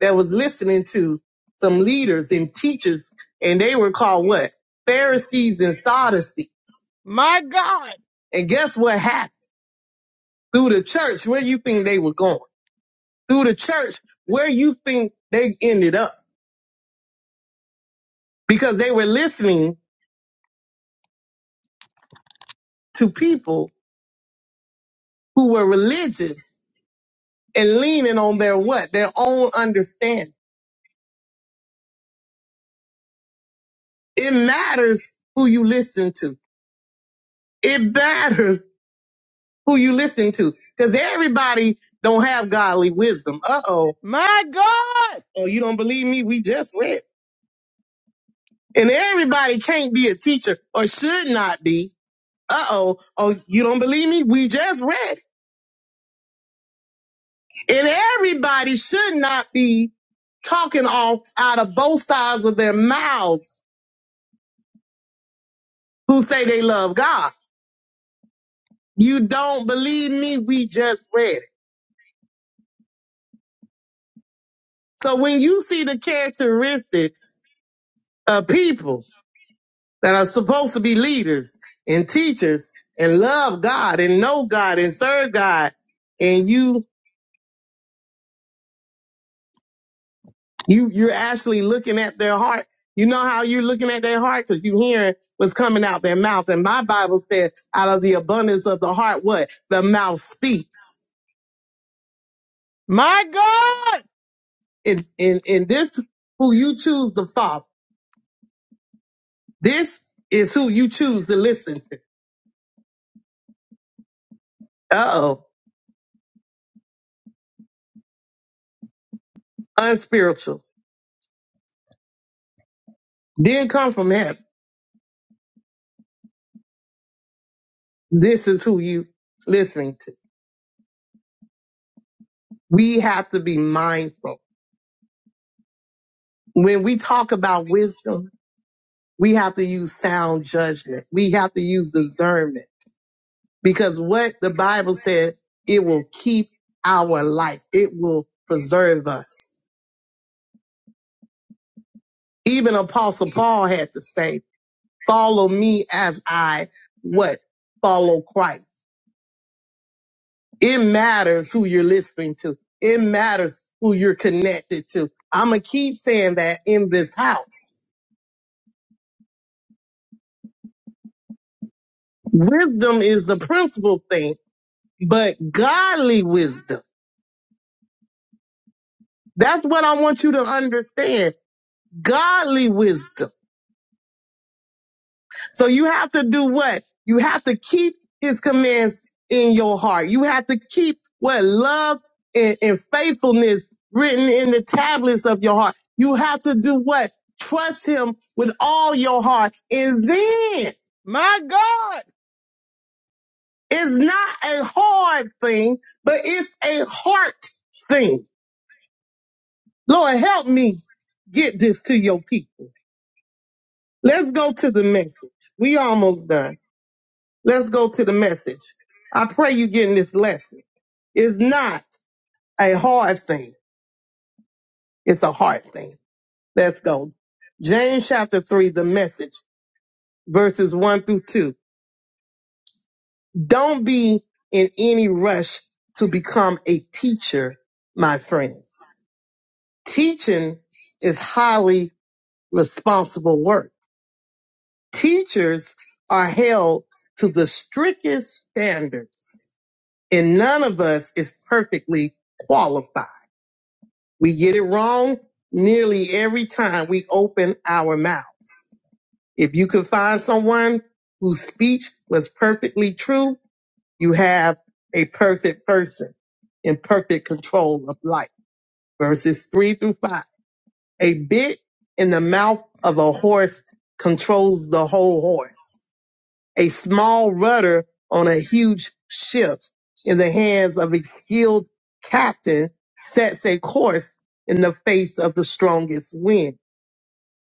that was listening to some leaders and teachers, and they were called what? Pharisees and Sadducees. My God. And guess what happened? Through the church, where you think they were going? Through the church, where you think they ended up? Because they were listening to people who were religious and leaning on their what? Their own understanding It matters who you listen to. It matters who you listen to because everybody don't have godly wisdom. Uh oh. My God. Oh, you don't believe me? We just went. And everybody can't be a teacher or should not be. Uh oh. Oh, you don't believe me? We just read. And everybody should not be talking off out of both sides of their mouths who say they love God. You don't believe me? We just read. So when you see the characteristics of people that are supposed to be leaders and teachers and love God and know God and serve God, and you you you're actually looking at their heart. You know how you're looking at their heart because you hearing what's coming out their mouth. And my Bible says, out of the abundance of the heart, what the mouth speaks. My God, and and and this who you choose to follow. This is who you choose to listen to. Uh oh. unspiritual, didn't come from heaven. This is who you listening to. We have to be mindful. When we talk about wisdom, we have to use sound judgment. We have to use discernment because what the Bible said, it will keep our life. It will preserve us. Even Apostle Paul had to say, follow me as I what? Follow Christ. It matters who you're listening to. It matters who you're connected to. I'm going to keep saying that in this house. Wisdom is the principal thing, but godly wisdom. That's what I want you to understand. Godly wisdom. So you have to do what? You have to keep his commands in your heart. You have to keep what love and, and faithfulness written in the tablets of your heart. You have to do what? Trust him with all your heart. And then, my God, it's not a hard thing, but it's a heart thing. Lord, help me get this to your people. Let's go to the message. We almost done. Let's go to the message. I pray you getting this lesson. It's not a hard thing. It's a hard thing. Let's go. James chapter three, the message verses one through two. Don't be in any rush to become a teacher, my friends. Teaching is highly responsible work. Teachers are held to the strictest standards and none of us is perfectly qualified We get it wrong nearly every time we open our mouths. If you can find someone whose speech was perfectly true, you have a perfect person in perfect control of life. Verses three through five. A bit in the mouth of a horse controls the whole horse a small rudder on a huge ship in the hands of a skilled captain sets a course in the face of the strongest wind.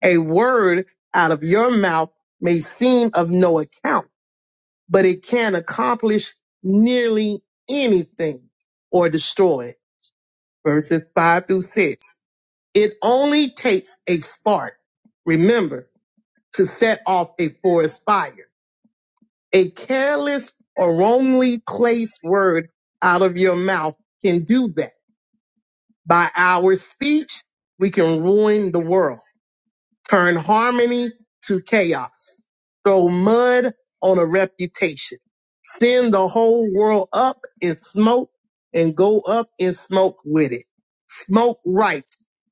A word out of your mouth may seem of no account, but it can accomplish nearly anything or destroy it. Verses five through six. It only takes a spark, remember, to set off a forest fire a careless or wrongly placed word out of your mouth can do that. By our speech, we can ruin the world, turn harmony to chaos, throw mud on a reputation, send the whole world up in smoke and go up in smoke with it. Smoke right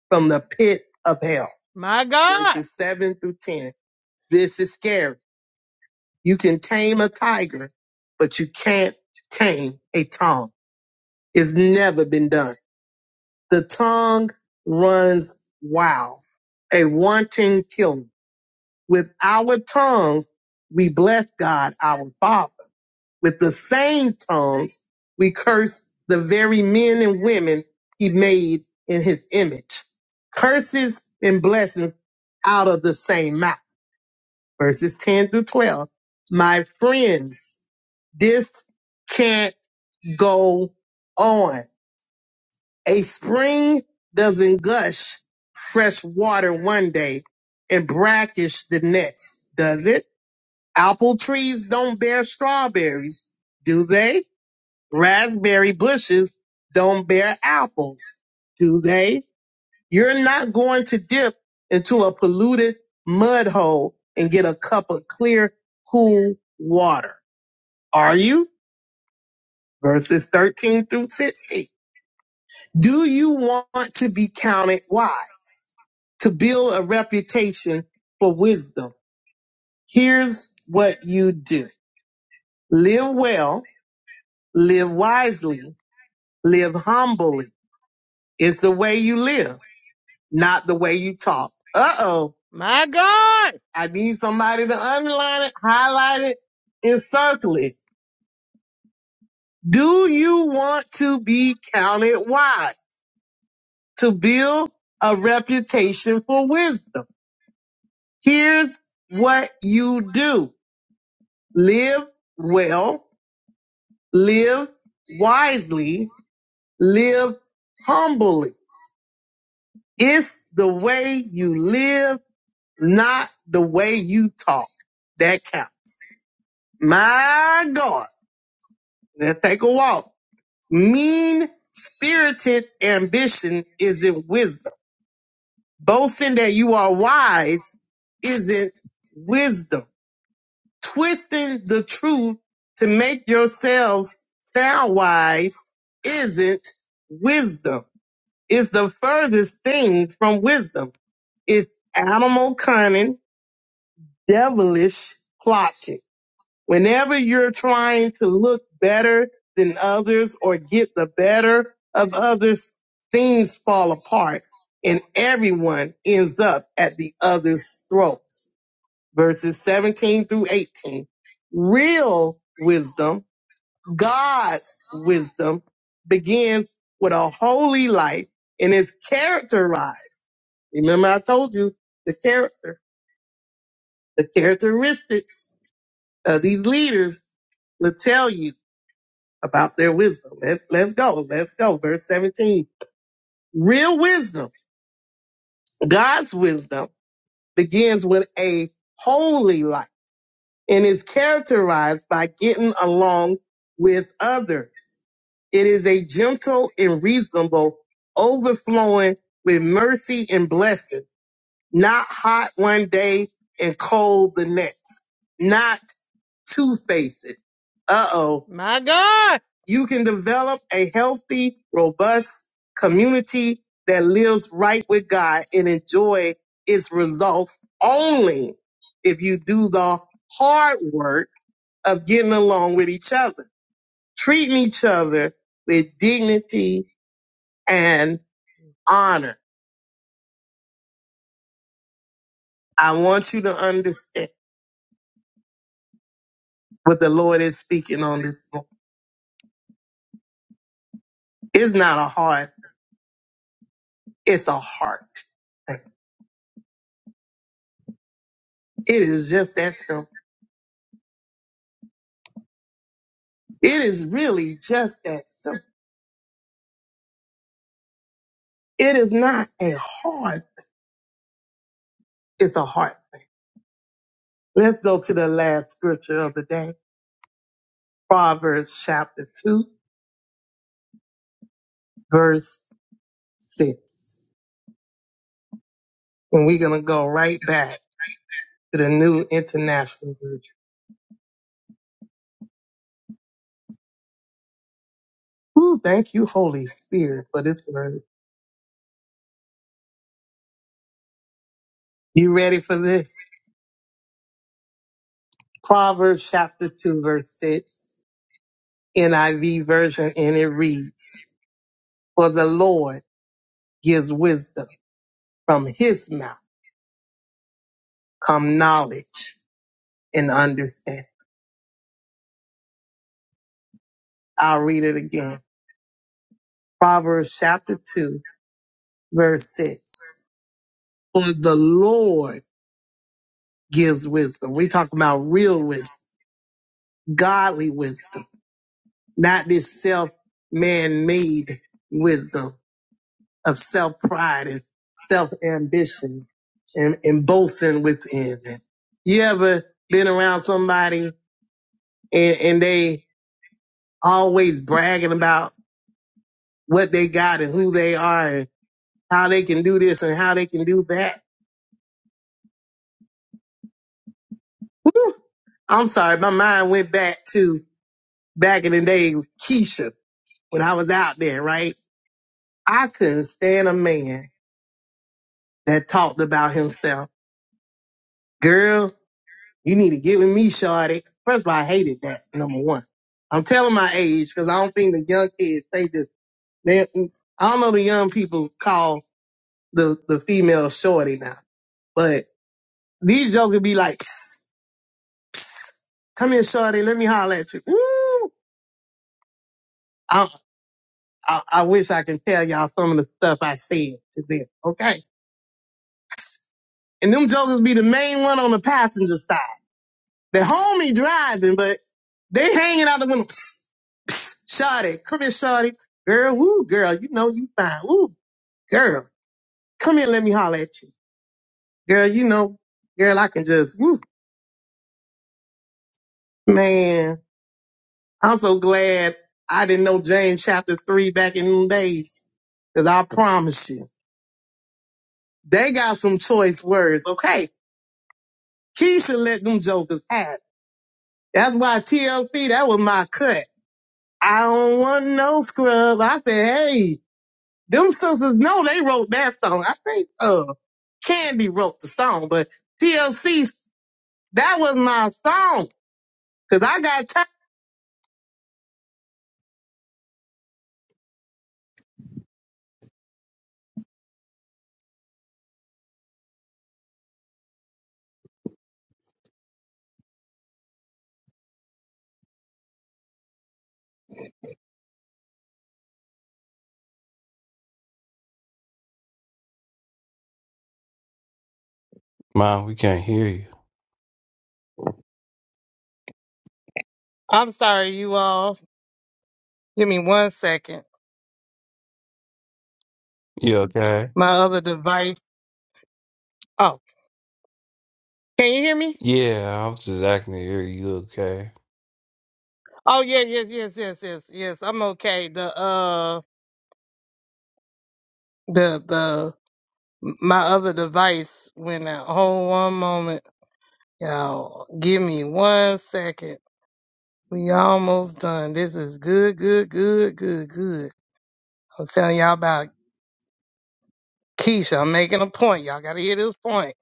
from the pit of hell. My God. Verses seven through 10. This is scary. You can tame a tiger, but you can't tame a tongue. It's never been done. The tongue runs wild, a wanton killer. With our tongues, we bless God, our Father. With the same tongues, we curse the very men and women he made in his image. Curses and blessings out of the same mouth. Verses 10 through 12. My friends, This can't go on. A spring doesn't gush fresh water one day and brackish the next, does it? Apple trees don't bear strawberries, do they? Raspberry bushes don't bear apples, do they? You're not going to dip into a polluted mud hole and get a cup of clear, cool water, are you? Verses 13 through 16. Do you want to be counted? Why? To build a reputation for wisdom. Here's what you do. Live well, live wisely, live humbly. It's the way you live, not the way you talk. Uh-oh. My God. I need somebody to underline it, highlight it, and circle it. Do you want to be counted? Why? To build a reputation for wisdom. Here's what you do. Live well, live wisely, live humbly. It's the way you live, not the way you talk. That counts. My God. Let's take a walk. Mean spirited ambition isn't wisdom. Boasting that you are wise isn't wisdom. Twisting the truth to make yourselves sound wise isn't wisdom. It's the furthest thing from wisdom. It's animal cunning, devilish plotting. Whenever you're trying to look better than others or get the better of others, things fall apart and everyone ends up at the other's throat verses 17 through 18. Real wisdom, God's wisdom, begins with a holy life and is characterized. Remember I told you the character, the characteristics of these leaders will tell you about their wisdom. Let's, let's go. Let's go. Verse 17. Real wisdom, God's wisdom begins with a holy life and is characterized by getting along with others It is a gentle and reasonable, overflowing with mercy and blessing, not hot one day and cold the next, not two faced. Uh oh. My God. You can develop a healthy, robust community that lives right with God and enjoy its results only if you do the hard work of getting along with each other treating each other with dignity and honor. I want you to understand what the Lord is speaking on this. morning. It's not a heart, it's a heart. It is just that simple. It is really just that simple. It is not a heart, it's a heart. Let's go to the last scripture of the day Proverbs chapter 2, verse 6. And we're going to go right back to the New International Version. Ooh, thank you, Holy Spirit, for this word. You ready for this? Proverbs chapter 2, verse 6, NIV version, and it reads, For the Lord gives wisdom. From his mouth come knowledge and understanding. I'll read it again. Proverbs chapter 2, verse 6. For the Lord gives wisdom. we talking about real wisdom, godly wisdom, not this self man made wisdom of self pride and self ambition and, and boasting within. You ever been around somebody and, and they always bragging about what they got and who they are and how they can do this and how they can do that? Whew. I'm sorry, my mind went back to back in the day, with Keisha, when I was out there, right? I couldn't stand a man that talked about himself. Girl, You need to get with me, Shorty. First of all, I hated that, number one. I'm telling my age because I don't think the young kids say this. They, I don't know the young people call the, the female Shorty now, but these jokers be like, come here, Shorty, let me holler at you. Ooh, I, I, I wish I can tell y'all some of the stuff I said to them, okay? And them jokers be the main one on the passenger side. The homie driving, but they hanging out the window. Psst, Shawty, come here, Shawty. Girl, woo, girl, you know you fine. Woo, girl, come here, let me holler at you. Girl, you know, girl, I can just, woo, man. I'm so glad I didn't know James chapter three back in them days. Cause I promise you, they got some choice words, okay? Keisha let them jokers have it. That's why TLC, that was my cut. I don't want no scrub. I said, hey, Them sisters know they wrote that song. I think uh Candy wrote the song, but TLC that was my song. Cause I got time.
Mom, we can't hear you.
I'm sorry, you all. Give me one second.
You okay?
My other device. Oh, can you hear me?
Yeah, I was just acting to hear you okay.
Oh yeah, yes, yes, yes, yes, yes. I'm okay. The uh the the my other device went out. Hold one moment. Y'all give me one second. We almost done. This is good, good, good, good, good. I am telling y'all about Keisha. I'm making a point. Y'all got to hear this point.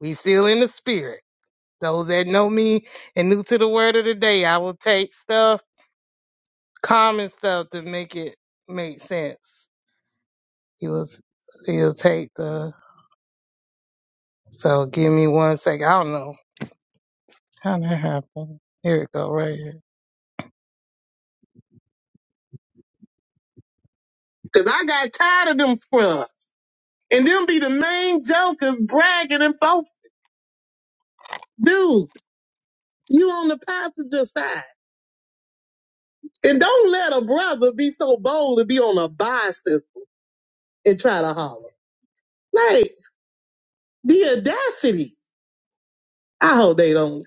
We still in the spirit. Those that know me and new to the word of the day, I will take stuff, common stuff, to make it make sense. He was, he'll take the. So give me one second. I don't know how that happened. Here it go, right here. Cause I got tired of them scrubs, and them be the main jokers bragging and folks, dude, you on the passenger side. And don't let a brother be so bold to be on a bicycle and try to holler. Like the audacity. I hope they don't.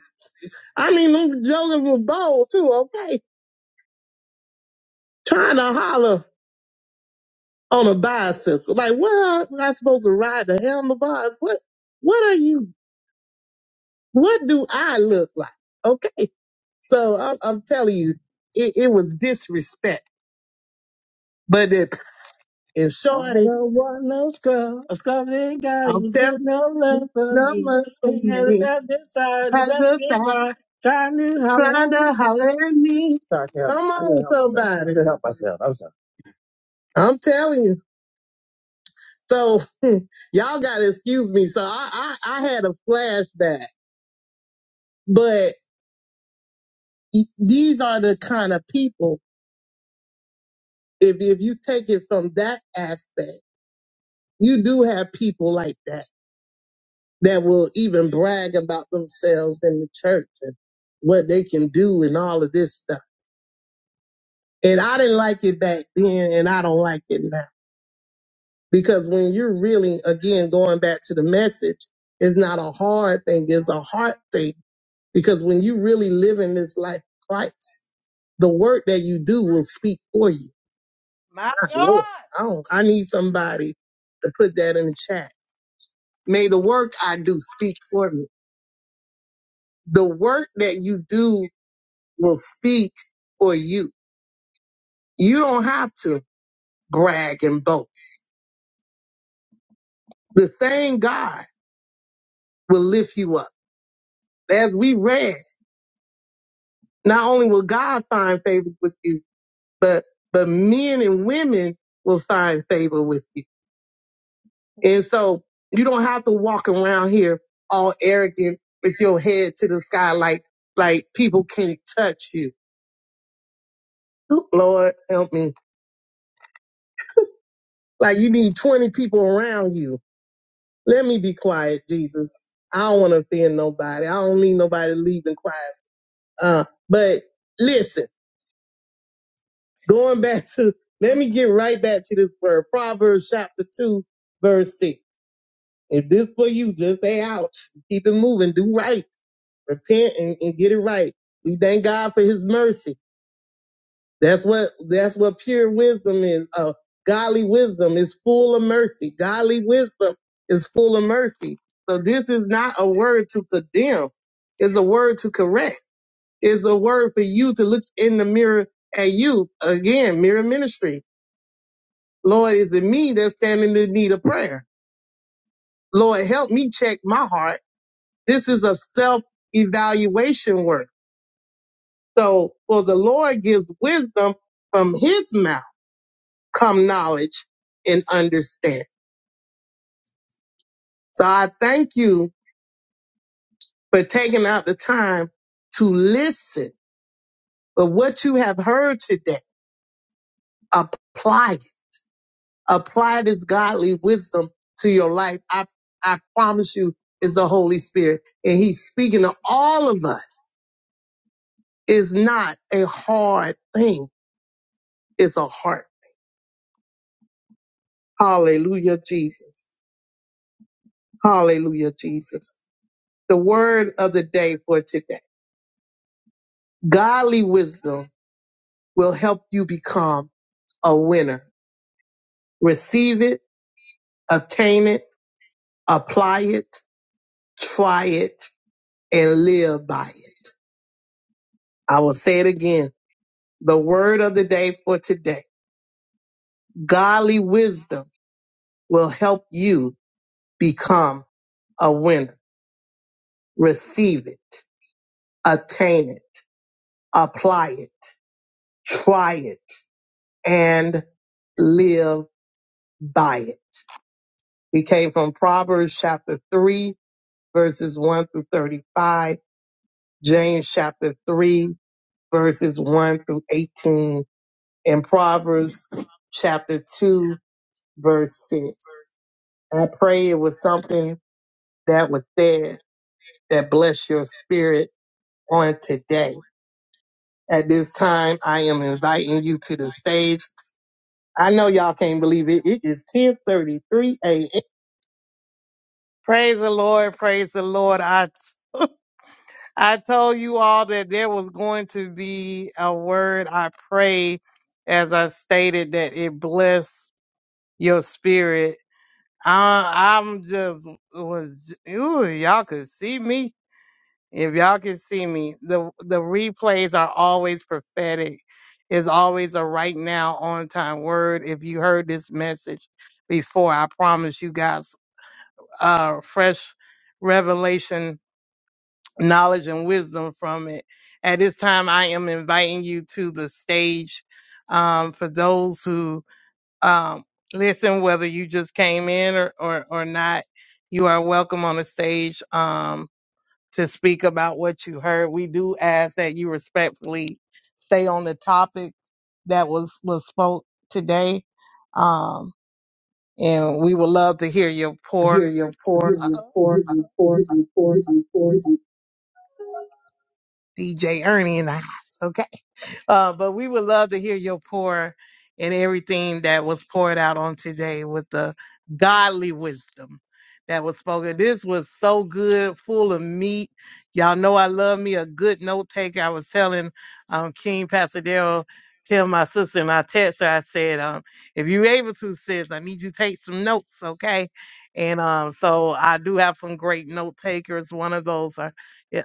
I mean, them jokers were bold too. Okay, trying to holler on a bicycle. Like, what? Am I supposed to ride the handlebars? What? What are you? What do I look like? Okay, so I'm, I'm telling you, it, it was disrespect. But that shorty, I'm telling good enough no trying to, Yeah. come on, somebody. I'm telling you. So (laughs) y'all gotta excuse me. So I, I, I had a flashback, but y- these are the kind of people, if, if you take it from that aspect, you do have people like that that will even brag about themselves in the church and what they can do and all of this stuff. And I didn't like it back then and I don't like it now. Because when you're really, again, going back to the message, it's not a hard thing, it's a heart thing. Because when you really live in this life of Christ, the work that you do will speak for you. My That's Lord. I don't, I need somebody to put that in the chat. May the work I do speak for me. The work that you do will speak for you. You don't have to brag and boast. The same God will lift you up. As we read, Not only will God find favor with you, but, but men and women will find favor with you. And so you don't have to walk around here all arrogant with your head to the sky like, like people can't touch you. (laughs) Lord help me. Like you need 20 people around you. Let me be quiet, Jesus. I don't want to offend nobody. I don't need nobody leaving quiet. Uh, but listen. Going back to, let me get right back to this word. Proverbs chapter 2, verse 6. If this for you, just stay out. Keep it moving. Do right. Repent and, and get it right. We thank God for his mercy. That's what, that's what pure wisdom is. Uh, godly wisdom is full of mercy. Godly wisdom is full of mercy. So this is not a word to condemn. It's a word to correct. It's a word for you to look in the mirror at you. Again, mirror ministry Lord, is it me that's standing in need of prayer? Lord, help me check my heart. This is a self evaluation work. So, for the Lord gives wisdom from his mouth, come knowledge and understanding. So, I thank you for taking out the time to listen. But what you have heard today, apply it. Apply this godly wisdom to your life. I, I promise you, it's the Holy Spirit, and He's speaking to all of us is not a hard thing. It's a heart. Hallelujah, Jesus. Hallelujah, Jesus. The word of the day for today. Godly wisdom will help you become a winner. Receive it, obtain it, apply it, try it, and live by it. I will say it again. The word of the day for today. Godly wisdom will help you become a winner. Receive it, attain it apply it, try it, and live by it. We came from Proverbs chapter 3, verses 1 through 35, James chapter 3, verses 1 through 18, and Proverbs chapter 2, verse 6. I pray it was something that was said that blessed your spirit on today. At this time, I am inviting you to the stage I know y'all can't believe it. It is 10:33 a.m. Praise the Lord, praise the Lord. I I told you all that there was going to be a word. I pray as I stated that it bless your spirit. I I'm just was ooh, y'all could see me. If y'all could see me, the the replays are always prophetic. It's always a right now on time word. If you heard this message before. I promise you guys. uh, fresh revelation, knowledge, and wisdom from it. At this time, I am inviting you to the stage um, for those who um, listen, whether you just came in or, or, or not. You are welcome on the stage um, to speak about what you heard. We do ask that you respectfully stay on the topic that was, was spoke today. Um, and we would love to hear your pour Hear your poor, uh, your poor. DJ Ernie in the house. Okay. Uh, but we would love to hear your pour and everything that was poured out on today with the godly wisdom that was spoken. This was so good, full of meat. Y'all know I love me a good note taker. I was telling um, King Pasadero, tell my sister, and I text her, I said, um, if you're able to, sis, I need you to take some notes, okay? And um, so I do have some great note takers. One of those are,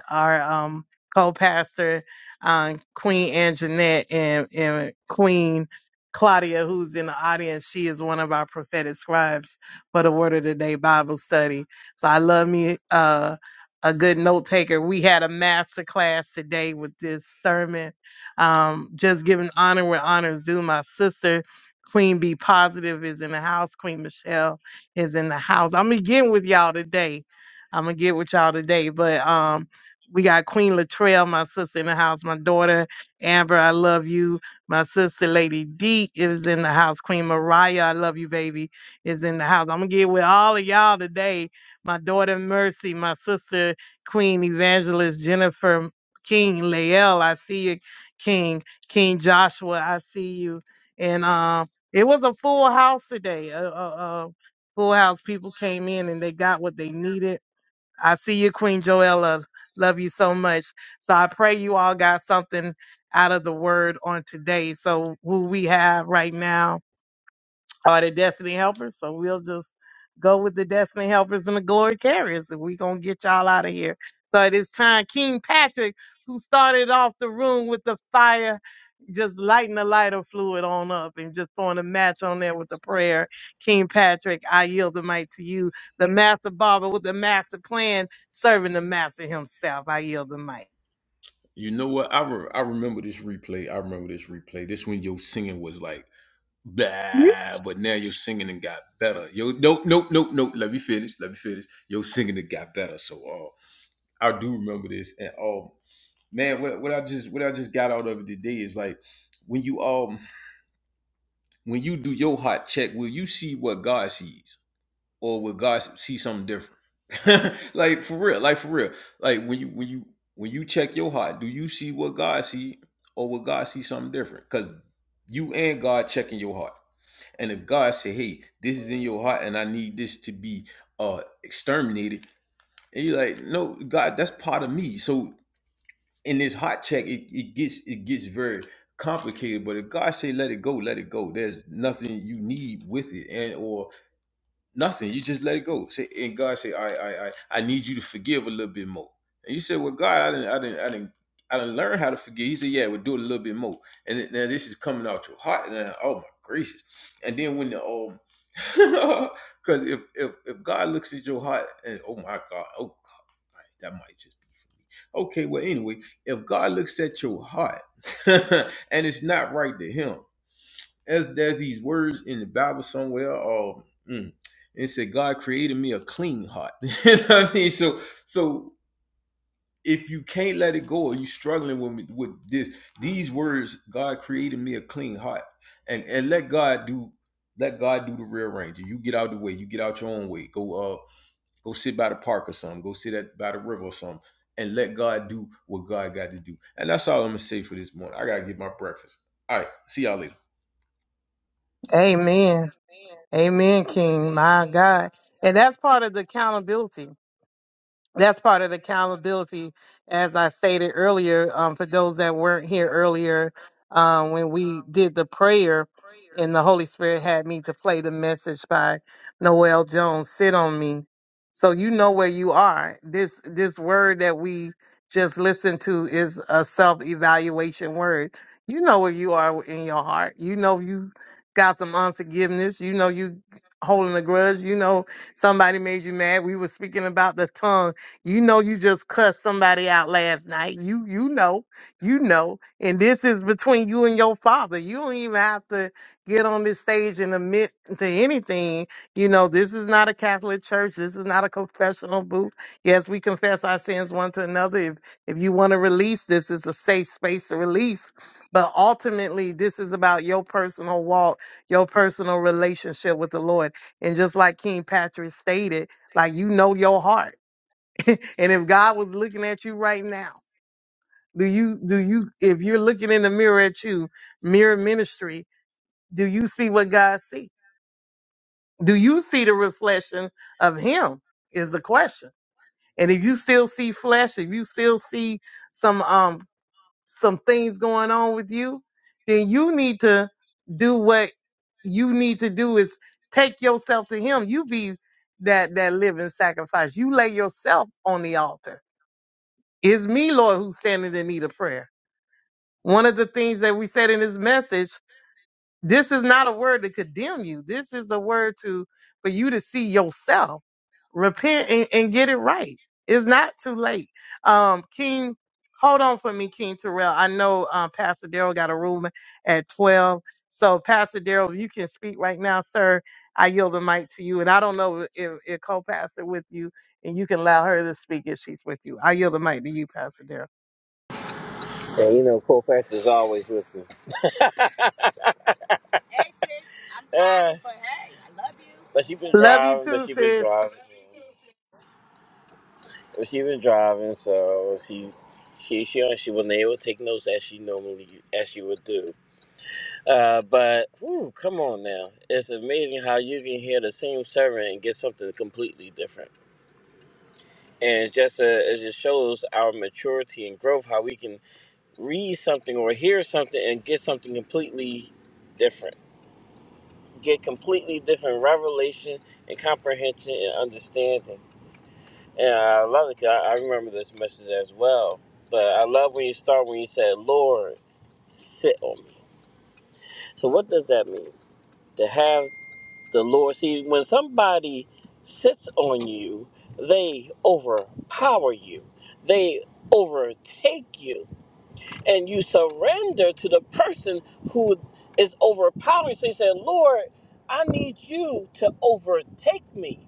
are um, co-pastor uh, Queen Anjanette and, and Queen Claudia, who's in the audience. She is one of our prophetic scribes for the Word of the Day Bible study. So I love me uh, a good note taker. We had a master class today with this sermon. Um, just giving honor where honor is due. My sister, Queen Be Positive, is in the house. Queen Michelle is in the house. I'm gonna get with y'all today. I'm gonna get with y'all today, but um. We got Queen Latrell, my sister in the house, my daughter Amber, I love you. My sister Lady D is in the house. Queen Mariah, I love you, baby, is in the house. I'm gonna get with all of y'all today. My daughter Mercy, my sister Queen Evangelist Jennifer King, Lael, I see you, King, King Joshua, I see you. And um, it was a full house today. A, a, a full house. People came in and they got what they needed I see you, Queen Joella. Love you so much. So I pray you all got something out of the word on today. So who we have right now are the destiny helpers. So we'll just go with the destiny helpers and the glory carriers. And we gonna get y'all out of here. So it is time. King Patrick, who started off the room with the fire just lighting the lighter fluid on up and just throwing a match on there with a prayer. King Patrick, I yield the mic to you. The master barber with the master plan, serving the master himself. I yield the mic.
You know what? I, re- I remember this replay. I remember this replay. This when your singing was like, blah, but now your singing and got better. Yo, nope, nope, nope, nope. Let me finish. Let me finish. Your singing it got better. So, uh, I do remember this, and all man what, what i just what i just got out of it today is like when you um when you do your heart check will you see what god sees or will god see something different (laughs) like for real like for real like when you when you when you check your heart do you see what god see or will god see something different because you and god checking your heart and if god say hey this is in your heart and i need this to be uh exterminated and you're like no god that's part of me so in this hot check, it, it gets it gets very complicated. But if God say let it go, let it go. There's nothing you need with it, and or nothing. You just let it go. Say and God say, I I I I need you to forgive a little bit more. And you say, well, God, I didn't I didn't I didn't. I didn't learn how to forgive. He said, "Yeah, we'll do it a little bit more." And then, now this is coming out your heart. Now, oh my gracious! And then when the um, (laughs) because if, if if God looks at your heart and oh my God, oh that might just Okay, well, anyway, if God looks at your heart (laughs) and it's not right to Him, as there's these words in the Bible somewhere, or mm, it said, God created me a clean heart. (laughs) you know what I mean? So, so if you can't let it go, or you struggling with me, with this, these words, God created me a clean heart, and and let God do. Let God do the rearranging. You get out of the way. You get out your own way. Go. uh, Go sit by the park or something. Go sit at by the river or something, and let God do what God got to do. And that's all I'm gonna say for this morning. I gotta get my breakfast. All right, see y'all later.
Amen. Amen, King. My God. And that's part of the accountability. that's part of the accountability, as I stated earlier, um, for those that weren't here earlier, um, when we did the prayer and the Holy Spirit had me to play the message by Noel Jones, sit on me. So you know where you are. This, this word that we just listened to is a self-evaluation word. You know where you are in your heart. You know, you got some unforgiveness. You know, you holding a grudge. You know, somebody made you mad. We were speaking about the tongue you know you just cussed somebody out last night. You you know, you know. And this is between you and your father. You don't even have to get on this stage and admit to anything. You know, this is not a Catholic church. This is not a confessional booth. Yes, we confess our sins one to another. If if you want to release, this is a safe space to release. But ultimately, this is about your personal walk, your personal relationship with the Lord. And just like King Patrick stated, like you know your heart. (laughs) and if God was looking at you right now, do you do you if you're looking in the mirror at you, mirror ministry, do you see what God see? Do you see the reflection of him is the question. And if you still see flesh, if you still see some um some things going on with you, then you need to do what you need to do is take yourself to him. You be that that living sacrifice. You lay yourself on the altar It's me, Lord, who's standing in need of prayer. One of the things that we said in this message, this is not a word to condemn you. This is a word to for you to see yourself, repent and, and get it right. It's not too late. Um, King, hold on for me, King Terrell. I know uh, Pastor Daryl got a room at twelve. So Pastor Daryl, you can speak right now, sir. I yield the mic to you, and I don't know if, if co-pastor with you, and you can allow her to speak if she's with you. I yield the mic to you, Pastor Daryl.
And you know, co-pastor's always with me. (laughs) But she been
Love you
driving, but
too,
she been
sis.
driving, but she been driving, so she She, she she wasn't able to take notes as she normally as she would do. Uh, but whew, come on now, it's amazing how you can hear the same sermon and get something completely different. And just uh, it just shows our maturity and growth how we can read something or hear something and get something completely different, get completely different revelation and comprehension and understanding. And I love it 'cause I, I remember this message as well. But I love when you start when you said, "Lord, sit on me." So what does that mean? To have the Lord see when somebody sits on you, they overpower you. They overtake you and you surrender to the person who is overpowering. So you say, Lord, I need you to overtake me.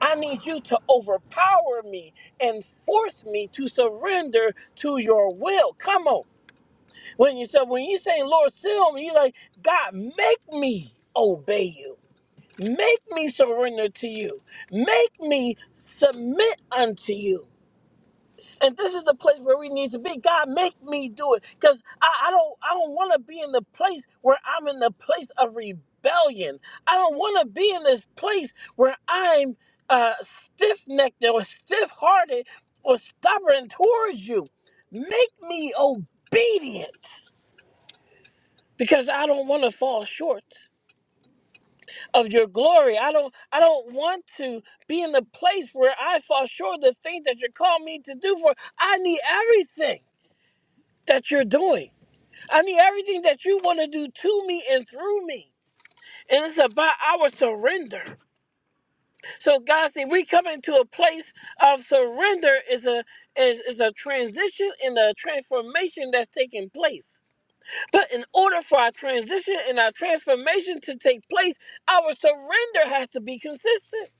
I need you to overpower me and force me to surrender to your will. Come on. When you said when you saying Lord seal me, you like God make me obey you. Make me surrender to you. Make me submit unto you. And this is the place where we need to be. God, make me do it. Because I, I don't I don't want to be in the place where I'm in the place of rebellion. I don't want to be in this place where I'm uh, stiff necked or stiff hearted or stubborn towards you. Make me obedient because I don't want to fall short of your glory. I don't I don't want to be in the place where I fall short of the things that you're calling me to do for. I need everything that you're doing. I need everything that you want to do to me and through me. And it's about our surrender. So God see, we come into a place of surrender is a is, is a transition and a transformation that's taking place. But in order for our transition and our transformation to take place, our surrender has to be consistent.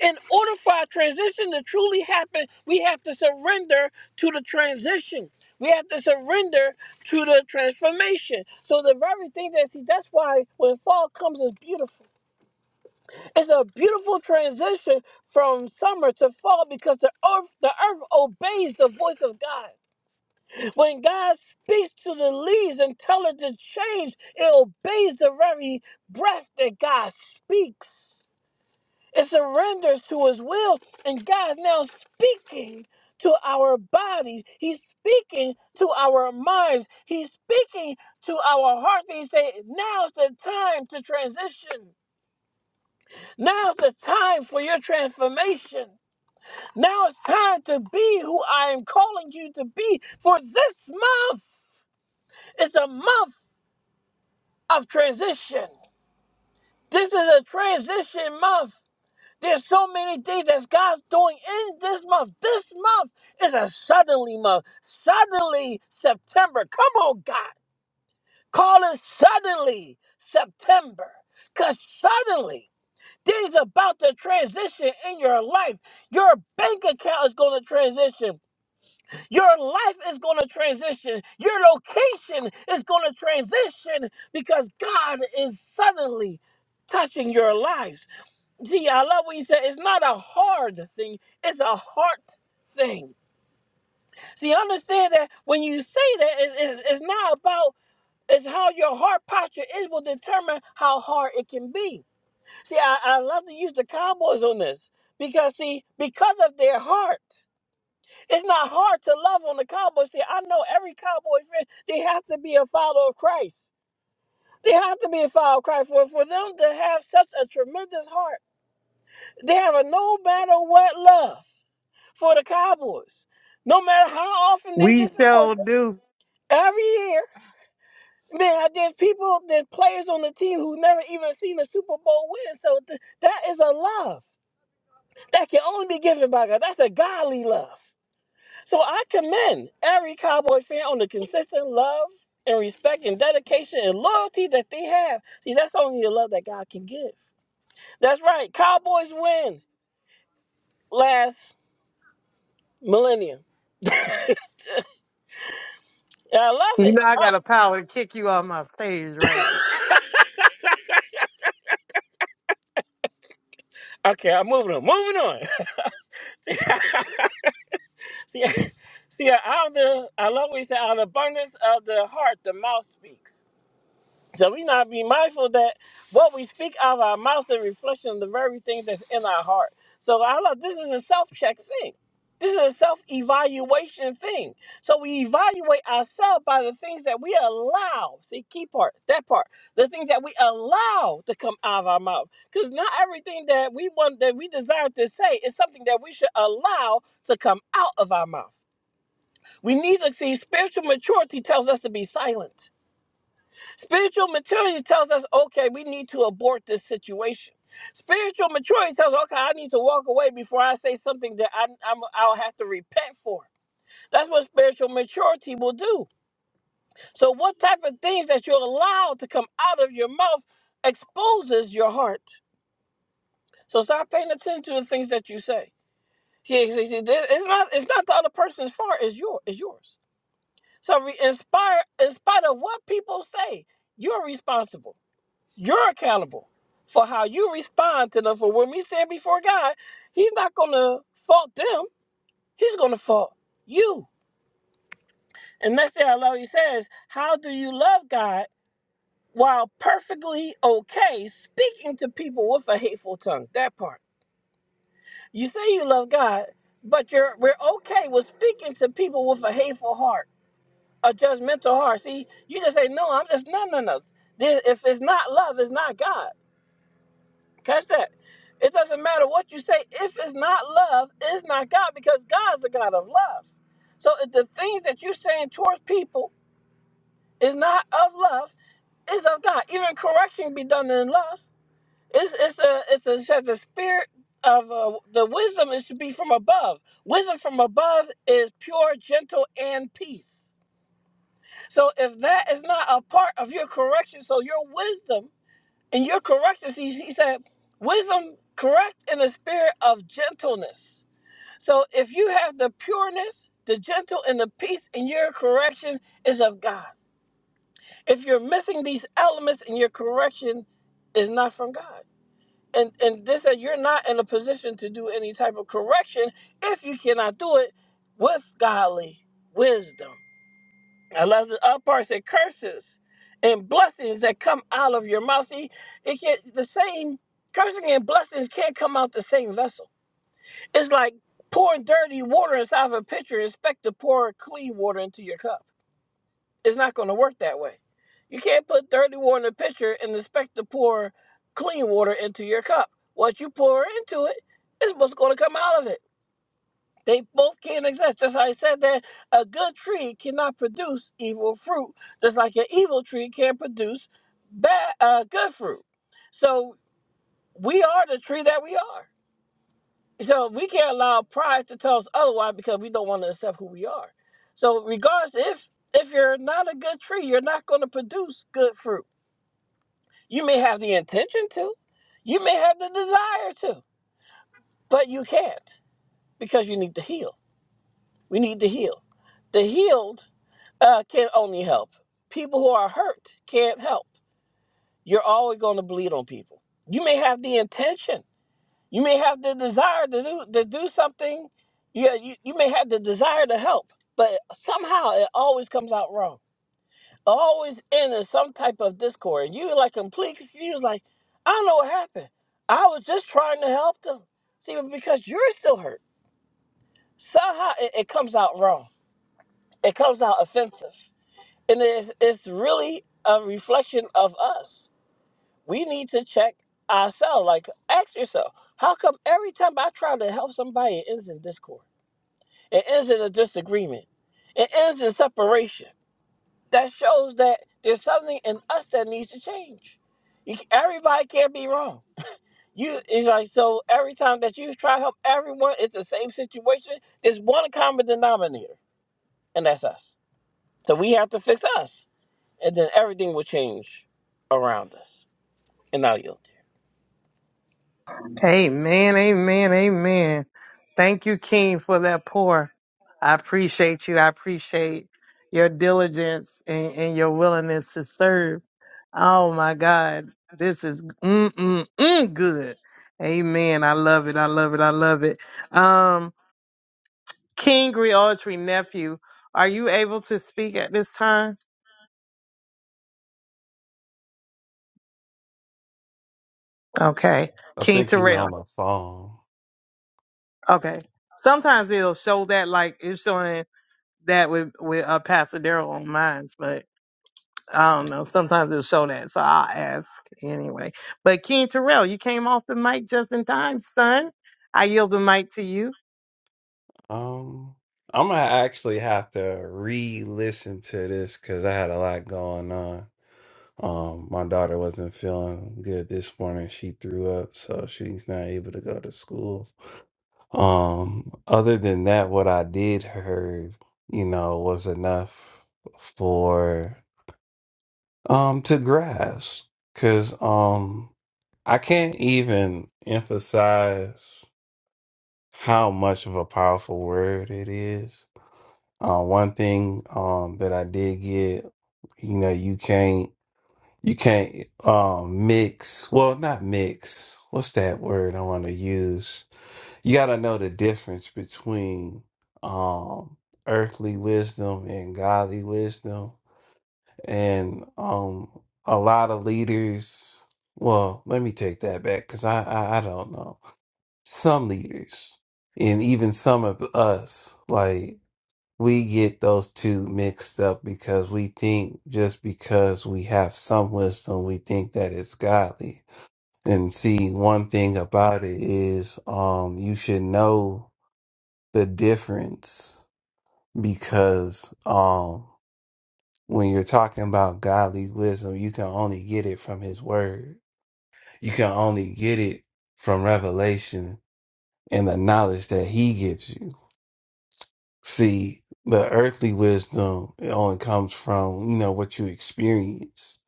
In order for our transition to truly happen, we have to surrender to the transition. We have to surrender to the transformation. So the very thing that see, that's why when fall comes, it's beautiful. It's a beautiful transition from summer to fall because the earth, the earth obeys the voice of God. When God speaks to the leaves and tells it to change, it obeys the very breath that God speaks. It surrenders to his will, and God is now speaking to our bodies. He's speaking to our minds. He's speaking to our hearts. He say, now's the time to transition. Now's the time for your transformation. Now it's time to be who I am calling you to be for this month. It's a month. of transition. This is a transition month. There's so many things that God's doing in this month. This month is a suddenly month. Suddenly September. Come on, God. Call it suddenly September. Because suddenly things about to transition in your life. Your bank account is going to transition. Your life is going to transition. Your location is going to transition because God is suddenly touching your lives. See, I love what you said. It's not a hard thing, it's a heart thing. See, understand that when you say that, it- it's it's not about it's how your heart posture is will determine how hard it can be. See, I, I love to use the cowboys on this because see, because of their heart. It's not hard to love on the Cowboys fan. I know every Cowboy fan, they have to be a follower of Christ. They have to be a follower of Christ. For, for them to have such a tremendous heart, they have a no matter what love for the Cowboys. No matter how often they
We
disappoint
shall
them,
do.
every year, man, there's people, there's players on the team who've never even seen a Super Bowl win. So th- that is a love that can only be given by God. That's a godly love. So I commend every Cowboy fan on the consistent love and respect and dedication and loyalty that they have. See, that's only the love that God can give. That's right. Cowboys win last millennium. And I love
You
it.
know I got
Oh,
a power to kick you off my stage, right?
okay, I'm moving on. Moving on. (laughs) see, (laughs) see, out of the, I love what you said, out of the abundance of the heart, the mouth speaks. So we not be mindful that what we speak out of our mouths is a reflection of the very things that's in our heart. So I love this is a self-check thing. This is a self-evaluation thing. So we evaluate ourselves by the things that we allow. See, key part, that part. The things that we allow to come out of our mouth. Because not everything that we want that we desire to say is something that we should allow to come out of our mouth. We need to see spiritual maturity tells us to be silent. Spiritual maturity tells us, okay, we need to abort this situation. Spiritual maturity tells, us, okay, I need to walk away before I say something that I, I'm, I'll have to repent for. That's what spiritual maturity will do. So, what type of things that you allow to come out of your mouth exposes your heart. So, start paying attention to the things that you say. See, see, see, this- it's not it's not the other person's fault. It's your it's yours. So, re- inspire in spite of what people say, you're responsible. You're accountable for how you respond to them. For when we stand before God, He's not going to fault them, He's going to fault you. And next thing I love, He says, How do you love God while perfectly okay speaking to people with a hateful tongue? That part. You say you love God, but you're we're okay with speaking to people with a hateful heart, a judgmental heart. See, you just say, No, I'm just, no, no, no. There- If it's not love, it's not God. Catch that. It doesn't matter what you say. If it's not love, it's not God because God's the God of love. So if the things that you're saying towards people is not of love, it's of God. Even correction be done in love. It's it's a it's a it says the spirit of uh, the wisdom is to be from above. Wisdom from above is pure, gentle, and peace. So if that is not a part of your correction, so your wisdom and your are He he said, wisdom correct in the spirit of gentleness. So if you have the pureness, the gentle, and the peace, and your correction is of God. If you're missing these elements and your correction is not from God. And and this that you're not in a position to do any type of correction if you cannot do it with godly wisdom. I love the other part that curses and blessings that come out of your mouth. See, it can't the same cursing and blessings can't come out the same vessel. It's like pouring dirty water inside of a pitcher and expect to pour clean water into your cup. It's not gonna work that way. You can't put dirty water in a pitcher and expect to pour clean water into your cup. What you pour into it is what's gonna come out of it. They both can't exist. Just like I said that a good tree cannot produce evil fruit, just like an evil tree can't produce bad uh, good fruit. So we are the tree that we are. So we can't allow pride to tell us otherwise because we don't want to accept who we are. So regardless, if if you're not a good tree, you're not going to produce good fruit. You may have the intention to, you may have the desire to, but you can't because you need to heal. We need to heal the healed uh, can only help. People who are hurt can't help. You're always going to bleed on people. You may have the intention, you may have the desire to do to do something. Yeah, you, you may have the desire to help, but somehow it always comes out wrong. Always end in some type of discord. And you like completely confused, like, I don't know what happened. I was just trying to help them. See, but because you're still hurt. Somehow it, it comes out wrong. It comes out offensive. and it's, it's really a reflection of us. We need to check ourselves. Like, ask yourself, how come every time I try to help somebody, it ends in discord? It ends in a disagreement. It ends in separation. That shows that there's something in us that needs to change. You, everybody can't be wrong. You, it's like so. Every time that you try to help everyone, it's the same situation. There's one common denominator, and that's us. So we have to fix us. and then everything will change around us. And I'll yield there.
Amen, amen, amen. Thank you, King, for that pour. I appreciate you. I appreciate your diligence and, and your willingness to serve. Oh my God, this is mm, mm, mm, good. Amen. I love it. I love it. I love it. Um, King Griotry nephew, are you able to speak at this time? Okay,
I
King
think he
Terrell.
on the phone.
Okay. Sometimes it'll show that like it's showing that with with uh, Pasadero on mine, but I don't know. Sometimes it'll show that, so I'll ask anyway. But King Terrell, you came off the mic just in time, son. I yield the mic to you.
Um, I'm gonna actually have to re-listen to this because I had a lot going on. Um, my daughter wasn't feeling good this morning. She threw up, so she's not able to go to school. Um, other than that, what I did heard, you know, was enough for um to grasp. Cause um I can't even emphasize. how much of a powerful word it is. Uh, one thing um, that I did get, you know, you can't you can't um, mix. Well, not mix. What's that word I want to use? You got to know the difference between um, earthly wisdom and godly wisdom, and um, a lot of leaders. Well, let me take that back because I, I I don't know some leaders and even some of us like we get those two mixed up because we think just because we have some wisdom we think that it's godly and see one thing about it is um you should know the difference because um when you're talking about godly wisdom you can only get it from his word you can only get it from revelation and the knowledge that he gives you See, the earthly wisdom it only comes from, you know, what you experience,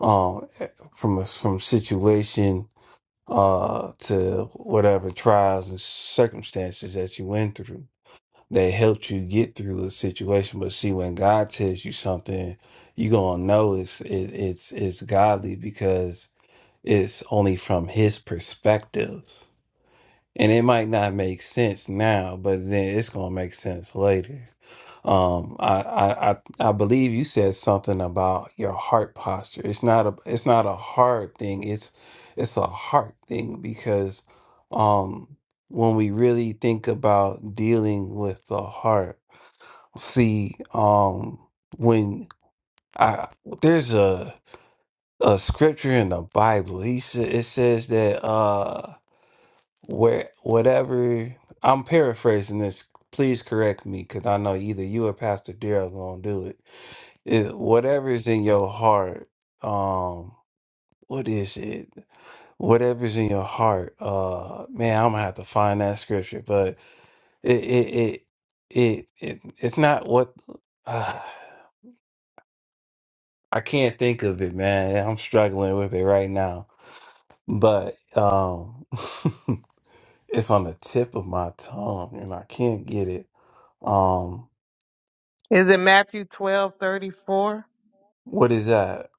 um, from a from situation uh to whatever trials and circumstances that you went through that helped you get through a situation. But see, when God tells you something, you gonna know it's it, it's it's godly because it's only from His perspective and it might not make sense now, but then it's gonna make sense later. Um, I, I I I believe you said something about your heart posture. It's not a it's not a hard thing. It's it's a heart thing because um when we really think about dealing with the heart, see um when I there's a a scripture in the Bible. He said it says that. Uh, where whatever I'm paraphrasing this, please correct me because I know either you or Pastor Daryl gonna do it. It- Whatever is in your heart, um, what is it? Whatever's in your heart, uh, man, I'm gonna have to find that scripture, but it it it it, it it's not what (sighs) uh, I can't think of it, man. I'm struggling with it right now, but um. (laughs) It's on the tip of my tongue and I can't get it. Um,
Is it Matthew twelve thirty four?
what is that?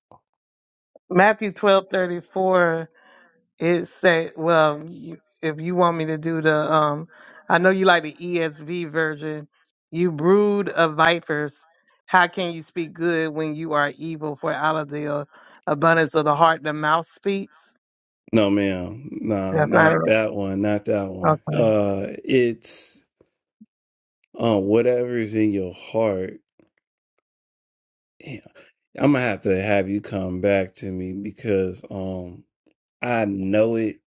Matthew twelve thirty four It say, well, you, if you want me to do the, um, I know you like the ESV version. You brood of vipers, how can you speak good when you are evil? For out of the abundance of the heart, the mouth speaks.
No, ma'am. Nah,
That's not
not
it.
that one. Not that one.
Okay.
Uh, it's uh, whatever is in your heart. Damn. I'm gonna have to have you come back to me because um, I know it,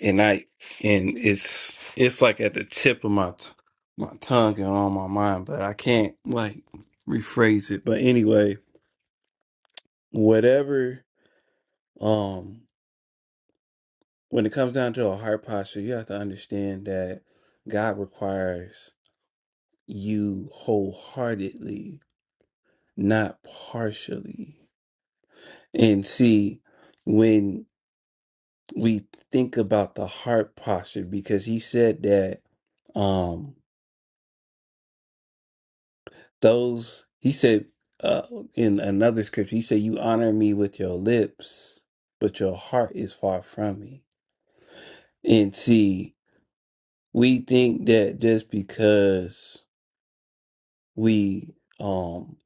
and I and it's it's like at the tip of my t my tongue and on my mind, but I can't like rephrase it. But anyway, whatever. Um. when it comes down to a heart posture, you have to understand that God requires you wholeheartedly, not partially. And see, when we think about the heart posture, because he said that um those he said uh in another scripture, he said, You honor me with your lips, but your heart is far from me. And see, we think that just because We um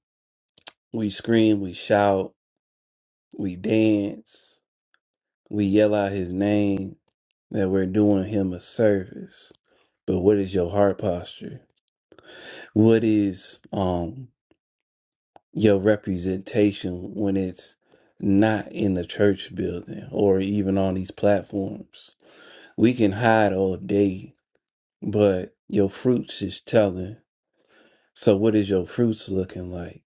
we scream, we shout, we dance, we yell out his name that we're doing him a service. But what is your heart posture? What is um your representation when it's not in the church building or even on these platforms? We can hide all day, but your fruits is telling. So what is your fruits looking like?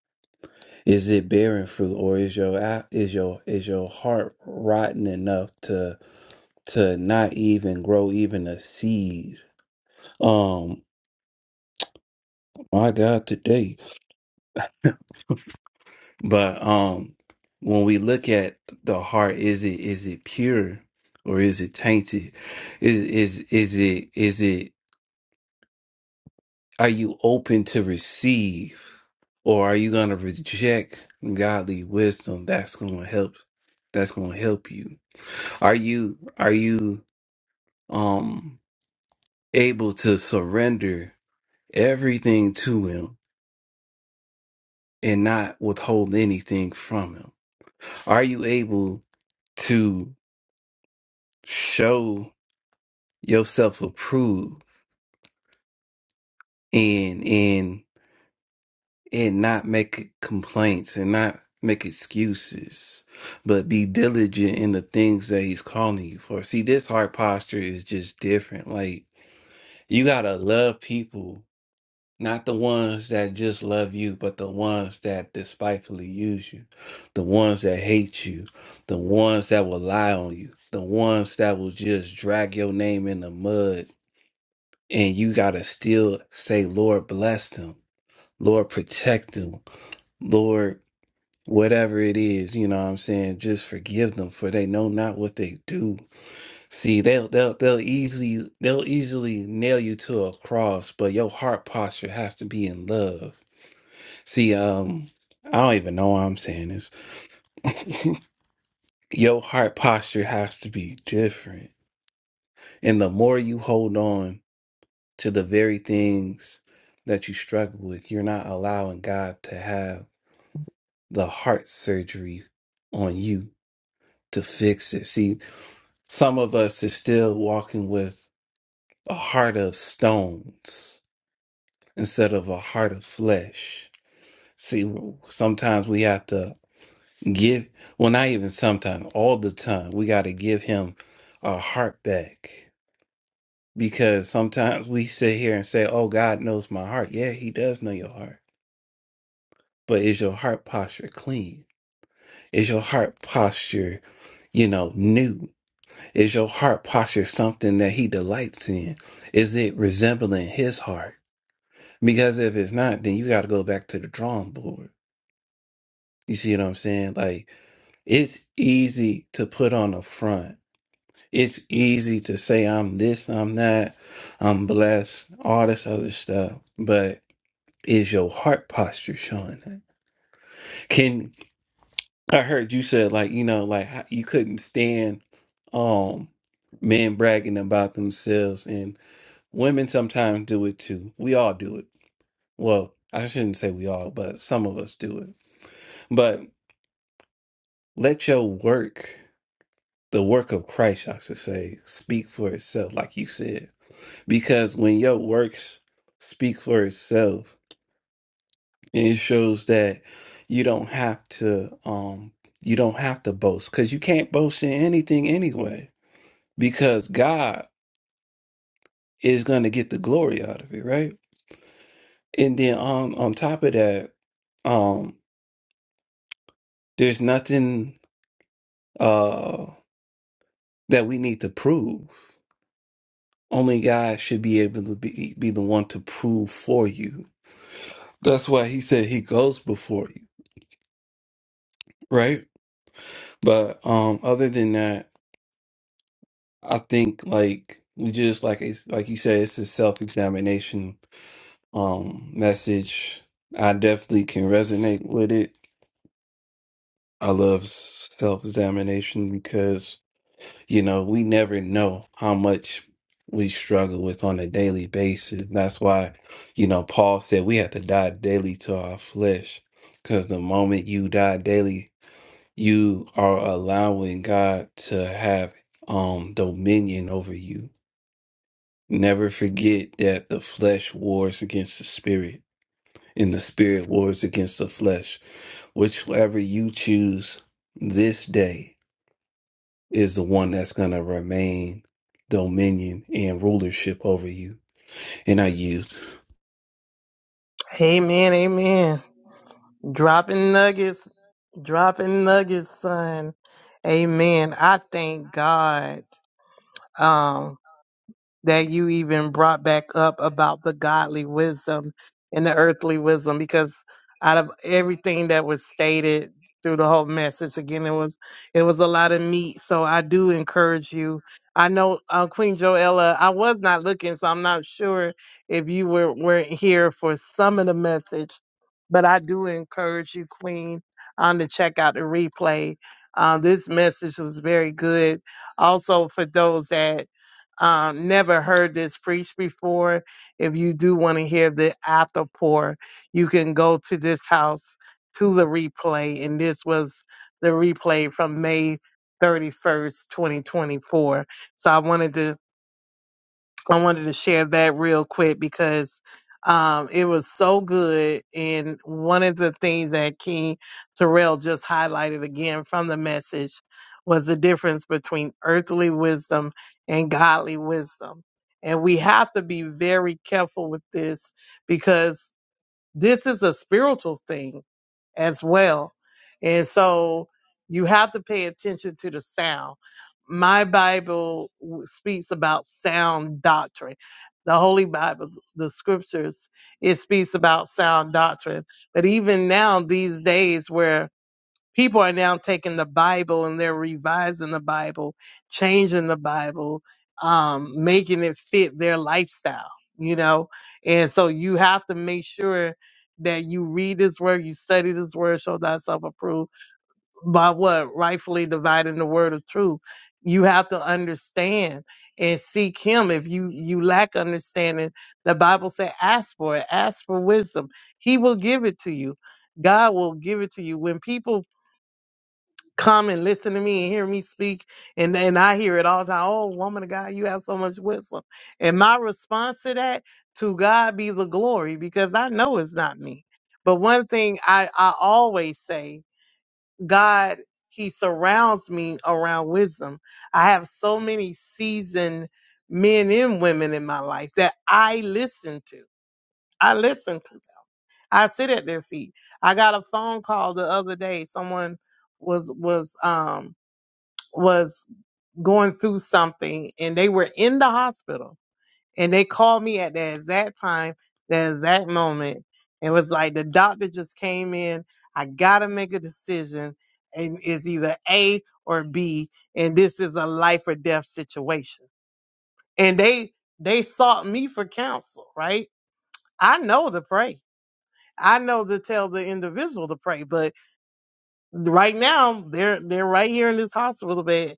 Is it bearing fruit, or is your a- is your is your heart rotten enough to to not even grow even a seed? Um, my God, today. (laughs) But um, when we look at the heart, is it is it pure or is it tainted? Is is is it is it? Are you open to receive or are you going to reject godly wisdom that's going to help that's going to help you? Are you are you um able to surrender everything to him and not withhold anything from him? Are you able to show yourself approved and and not make complaints and not make excuses, but be diligent in the things that he's calling you for. See, this heart posture is just different. Like, you got to love people, not the ones that just love you, but the ones that despitefully use you, the ones that hate you, the ones that will lie on you, the ones that will just drag your name in the mud. And you got to still say, Lord, bless them. Lord, protect them. Lord, whatever it is, you know what I'm saying? Just forgive them for they know not what they do. See, they'll they'll they'll easily they'll easily nail you to a cross, but your heart posture has to be in love. See, um I don't even know why I'm saying this. (laughs) your heart posture has to be different. And the more you hold on to the very things that you struggle with, you're not allowing God to have the heart surgery on you to fix it. See, Some of us is still walking with a heart of stones instead of a heart of flesh. See, sometimes we have to give, well, not even sometimes, all the time, we got to give him our heart back. Because sometimes we sit here and say, oh, God knows my heart. Yeah, he does know your heart. But is your heart posture clean? Is your heart posture, you know, new? Is your heart posture something that he delights in? Is it resembling his heart? Because if it's not, then you got to go back to the drawing board. You see what I'm saying? Like, it's easy to put on a front. It's easy to say, I'm this, I'm that, I'm blessed, all this other stuff. But is your heart posture showing that? Can I heard you said, like, you know, like how- you couldn't stand um men bragging about themselves and. Women sometimes do it too. We all do it. Well, I shouldn't say we all, but some of us do it. But let your work, the work of Christ, I should say, speak for itself, like you said. Because when your works speak for itself, it shows that you don't have to um you don't have to boast because you can't boast in anything anyway. Because God is gonna get the glory out of it, right? And then on on top of that, um, There's nothing uh, that we need to prove. Only God should be able to be, be the one to prove for you. That's why he said he goes before you, right? But um, other than that, I think like we just like it's like you said, it's a self examination um message. I definitely can resonate with it. I love self examination because. You know, we never know how much we struggle with on a daily basis. That's why, you know, Paul said we have to die daily to our flesh. Because the moment you die daily, you are allowing God to have um dominion over you. Never forget that the flesh wars against the spirit, and the spirit wars against the flesh. Whichever you choose this day is the one that's going to remain dominion and rulership over you. And I yield.
Amen. Amen. Dropping nuggets. Dropping nuggets, son. Amen. I thank God. Um, that you even brought back up about the godly wisdom and the earthly wisdom because out of everything that was stated through the whole message again it was it was a lot of meat so i do encourage you i know uh, queen joella i was not looking so i'm not sure if you were weren't here for some of the message but i do encourage you queen on to check out the replay uh, this message was very good also for those that um, never heard this preached before, if you do want to hear the after pour, you can go to this house to the replay. And this was the replay from May 31st, 2024. So I wanted to I wanted to share that real quick because um, it was so good. And one of the things that King Terrell just highlighted again from the message was the difference between earthly wisdom and godly wisdom. And we have to be very careful with this because this is a spiritual thing as well. And so you have to pay attention to the sound. My Bible w- speaks about sound doctrine. The Holy Bible, the scriptures, it speaks about sound doctrine. But even now, these days where people are now taking the Bible and they're revising the Bible, changing the Bible, um, making it fit their lifestyle, you know? And so you have to make sure that you read this word, you study this word, show thyself approved by what? Rightfully dividing the word of truth. You have to understand and seek him. If you, you lack understanding, the Bible said, ask for it, ask for wisdom. He will give it to you. God will give it to you. When people come and listen to me and hear me speak. And and I hear it all the time. Oh, woman of God, you have so much wisdom. And my response to that, to God be the glory, because I know it's not me. But one thing I, I always say, God, He surrounds me around wisdom. I have so many seasoned men and women in my life that I listen to. I listen to. I sit at their feet. I got a phone call the other day. Someone was was um was going through something and they were in the hospital and they called me at the exact time, the exact moment. It was like the doctor just came in. I gotta make a decision and it's either A or B and this is a life or death situation. And they they sought me for counsel, right? I know to pray. I know to tell the individual to pray, but right now they're they're right here in this hospital bed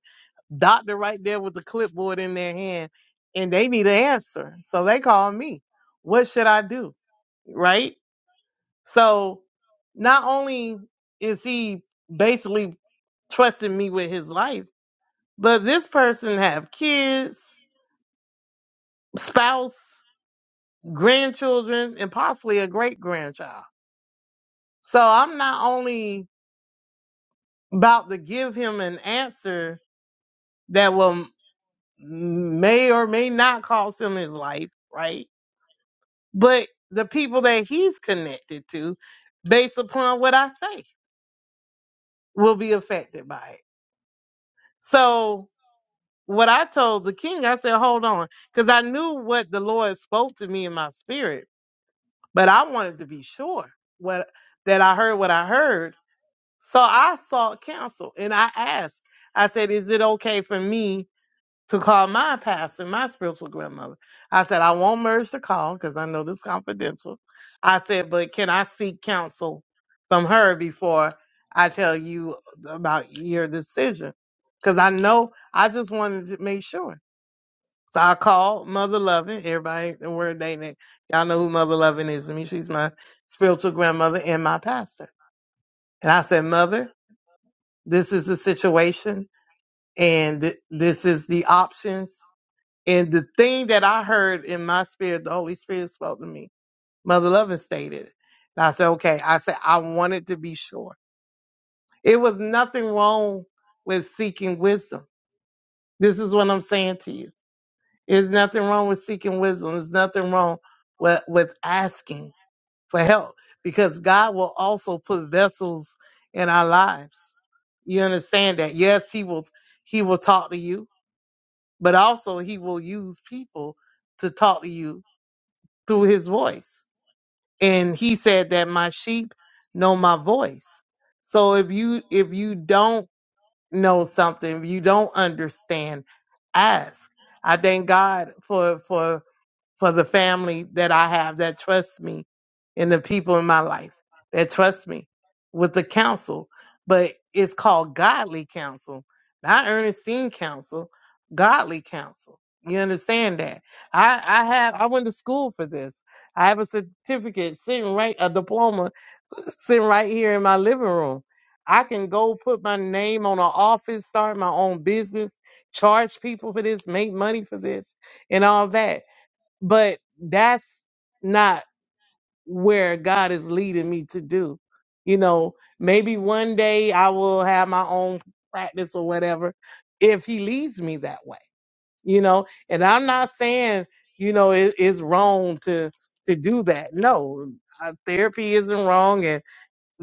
doctor right there with the clipboard in their hand and they need an answer. So they call me. What should I do? Right? So not only is he basically trusting me with his life, but this person have kids, spouse, grandchildren, and possibly a great grandchild. So I'm not only about to give him an answer that will may or may not cost him his life, right? but the people that he's connected to, based upon what I say, will be affected by it. So, what I told the king, I said, hold on, because I knew what the Lord spoke to me in my spirit, but I wanted to be sure what that I heard what I heard. So I sought counsel and I asked, I said, is it okay for me? to call my pastor, my spiritual grandmother. I said, I won't merge the call because I know this is confidential. I said, but can I seek counsel from her before I tell you about your decision? Because I know I just wanted to make sure. So I called Mother Loving, everybody, and we're dating. Y'all know who Mother Loving is to me. She's my spiritual grandmother and my pastor. And I said, Mother, this is the situation and th- this is the options and the thing that I heard in my spirit, the Holy Spirit spoke to me. Mother Loving stated it. And I said, okay. I said, I wanted to be sure. It was nothing wrong with seeking wisdom. This is what I'm saying to you. There's nothing wrong with seeking wisdom. There's nothing wrong with, with asking for help because God will also put vessels in our lives. You understand that? Yes, he will, he will talk to you, but also he will use people to talk to you through his voice. And he said that my sheep know my voice. So if you if you don't know something, if you don't understand, ask. I thank God for for for the family that I have that trusts me and the people in my life that trust me with the counsel. But it's called godly counsel, not Ernestine counsel, godly counsel. You understand that? I, I have I went to school for this. I have a certificate sitting right a diploma sitting right here in my living room. I can go put my name on an office, start my own business, charge people for this, make money for this, and all that but that's not where God is leading me to do. You know, maybe one day I will have my own practice or whatever if he leads me that way, you know, and I'm not saying, you know, it, it's wrong to, to do that. No, uh, therapy isn't wrong and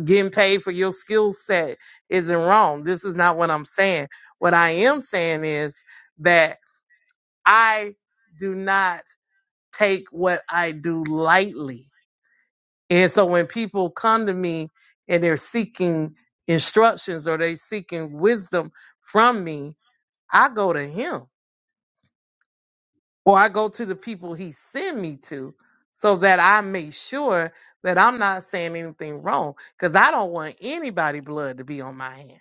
getting paid for your skill set isn't wrong. This is not what I'm saying. What I am saying is that I do not take what I do lightly. And so when people come to me and they're seeking instructions or they seeking wisdom from me, I go to him or I go to the people he send me to so that I make sure that I'm not saying anything wrong because I don't want anybody blood to be on my hands.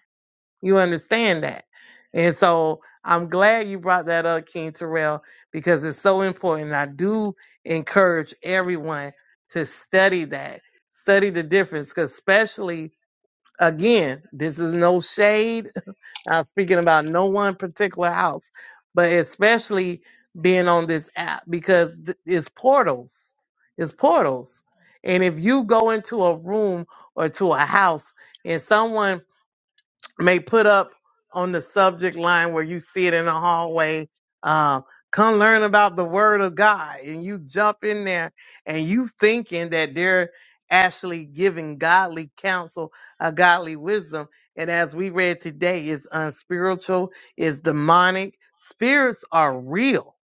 You understand that? And so I'm glad you brought that up, King Terrell, because it's so important. I do encourage everyone to study that, study the difference, because especially, again, this is no shade. (laughs) I'm speaking about no one particular house, but especially being on this app because th- it's portals. It's portals. And if you go into a room or to a house, and someone may put up on the subject line where you see it in the hallway. Um, come learn about the word of God. And you jump in there and you thinking that they're actually giving godly counsel, a godly wisdom. And as we read today, it's unspiritual, it's demonic. Spirits are real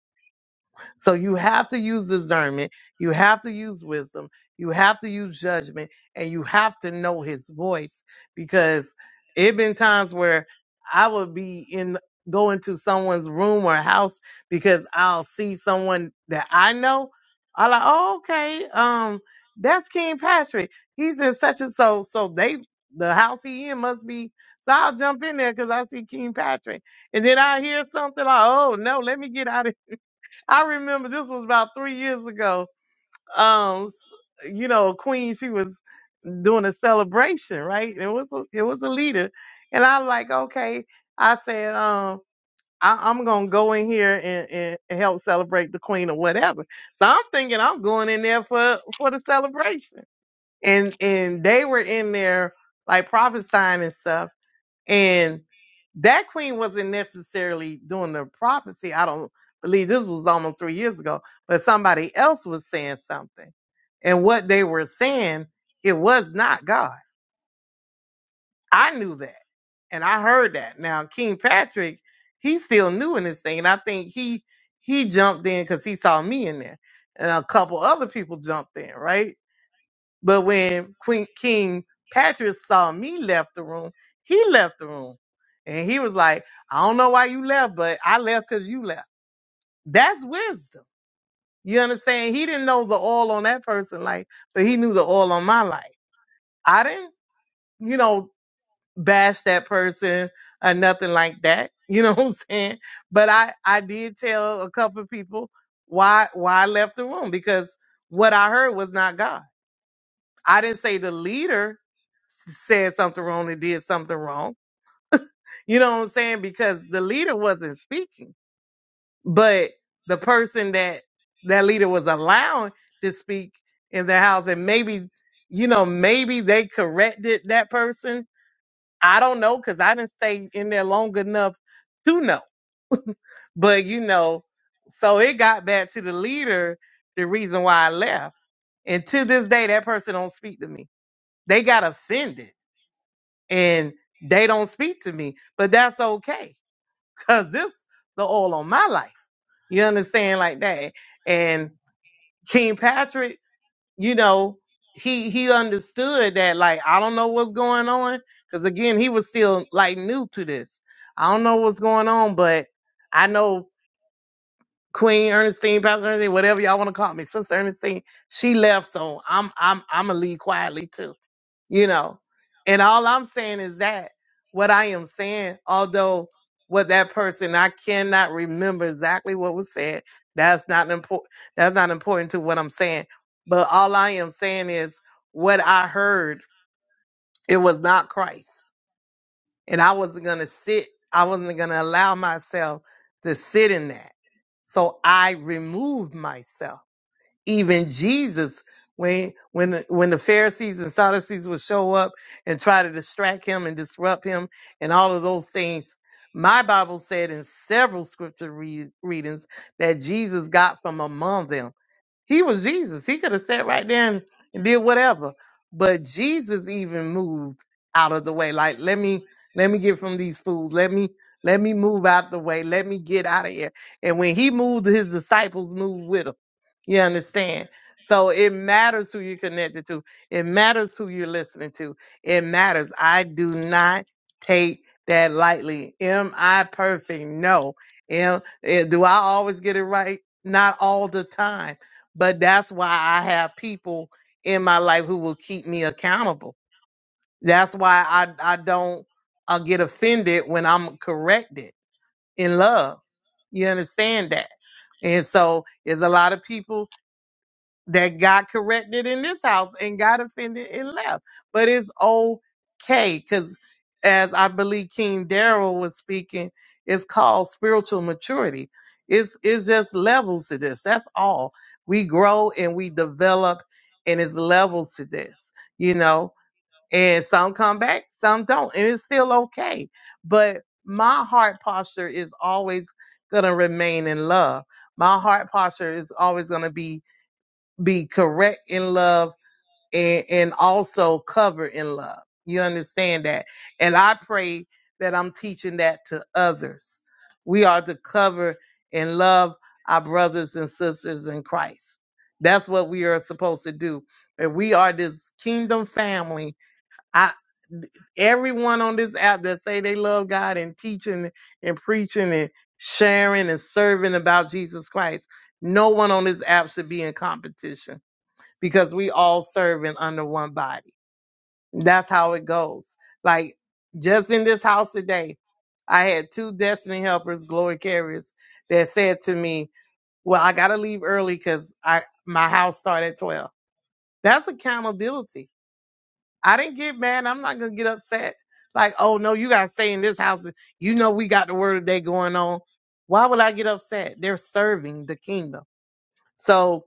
so you have to use discernment, you have to use wisdom, you have to use judgment, and you have to know his voice because it been times where I would be in go into someone's room or house because I'll see someone that I know. I like, oh, okay, um, that's King Patrick. He's in such and so. So they the house he in must be so I'll jump in there because I see King Patrick. And then I hear something like, oh no, let me get out of I remember this was about three years ago. Um, s- you know, Queen, she was doing a celebration, right? It was it was a leader, and I like okay. I said, um, I, I'm gonna go in here and, and and help celebrate the Queen or whatever. So I'm thinking I'm going in there for for the celebration, and and they were in there like prophesying and stuff. And that queen wasn't necessarily doing the prophecy. I don't believe this was almost three years ago, but somebody else was saying something. And what they were saying, it was not God. I knew that. And I heard that. Now, King Patrick, he's still new in this thing. And I think he he jumped in because he saw me in there. And a couple other people jumped in, right? But when Queen King Patrick saw me left the room, he left the room. And he was like, I don't know why you left, but I left because you left. That's wisdom. You understand? He didn't know the oil on that person's life, but he knew the oil on my life. I didn't, you know, bash that person or nothing like that. You know (laughs) what I'm saying? But I, I did tell a couple of people why why I left the room because what I heard was not God. I didn't say the leader said something wrong and did something wrong. You know what I'm saying? Because the leader wasn't speaking, but the person that that leader was allowing to speak in the house, and maybe, you know, maybe they corrected that person. I don't know because I didn't stay in there long enough to know. But you know, so it got back to the leader. The reason why I left, and to this day, that person don't speak to me. They got offended, and they don't speak to me. But that's okay Cause this the oil on my life. You understand like that? And King Patrick, you know, he he understood that like I don't know what's going on. Cause again, he was still like new to this. I don't know what's going on, but I know Queen Ernestine, Pastor Ernestine, whatever y'all want to call me, Sister Ernestine, she left, so I'm I'm I'm gonna leave quietly too you know. And all I'm saying is that what I am saying, although what that person I cannot remember exactly what was said. That's not important. That's not important to what I'm saying. But all I am saying is what I heard. It was not Christ, and I wasn't gonna sit. I wasn't gonna allow myself to sit in that. So I removed myself even Jesus, when when the, when the Pharisees and Sadducees would show up and try to distract him and disrupt him and all of those things, my Bible said in several scripture read, readings that Jesus got from among them. He was Jesus. He could have sat right there and, and did whatever. But Jesus even moved out of the way. Like, let me let me get from these fools. Let me let me move out the way. Let me get out of here. And when he moved, his disciples moved with him. You understand? So it matters who you're connected to. It matters who you're listening to. It matters. I do not take that lightly. Am I perfect? No. Am, eh, do I always get it right? Not all the time but that's why I have people in my life who will keep me accountable. That's why I, I don't uh, get offended when I'm corrected in love. You understand that? And so there's a lot of people that got corrected in this house and got offended and left. But it's okay because, as I believe King Daryl was speaking, it's called spiritual maturity. It's it's just levels to this. That's all. We grow and we develop, and it's levels to this. You know, and some come back, some don't, and it's still okay. But my heart posture is always gonna remain in love. My heart posture is always gonna be be correct in love and, and also cover in love. You understand that? And I pray that I'm teaching that to others. We are to cover and love our brothers and sisters in Christ. That's what we are supposed to do. And we are this kingdom family. I everyone on this app that say they love God and teaching and preaching and sharing and serving about Jesus Christ, no one on this app should be in competition because we all serving under one body. That's how it goes. Like just in this house today, I had two destiny helpers, glory carriers, that said to me, "Well, I gotta leave early because I my house start at 12." That's accountability. I didn't get mad. I'm not gonna get upset. Like, oh no, you gotta stay in this house. You know we got the word of the day going on. Why would I get upset? They're serving the kingdom. So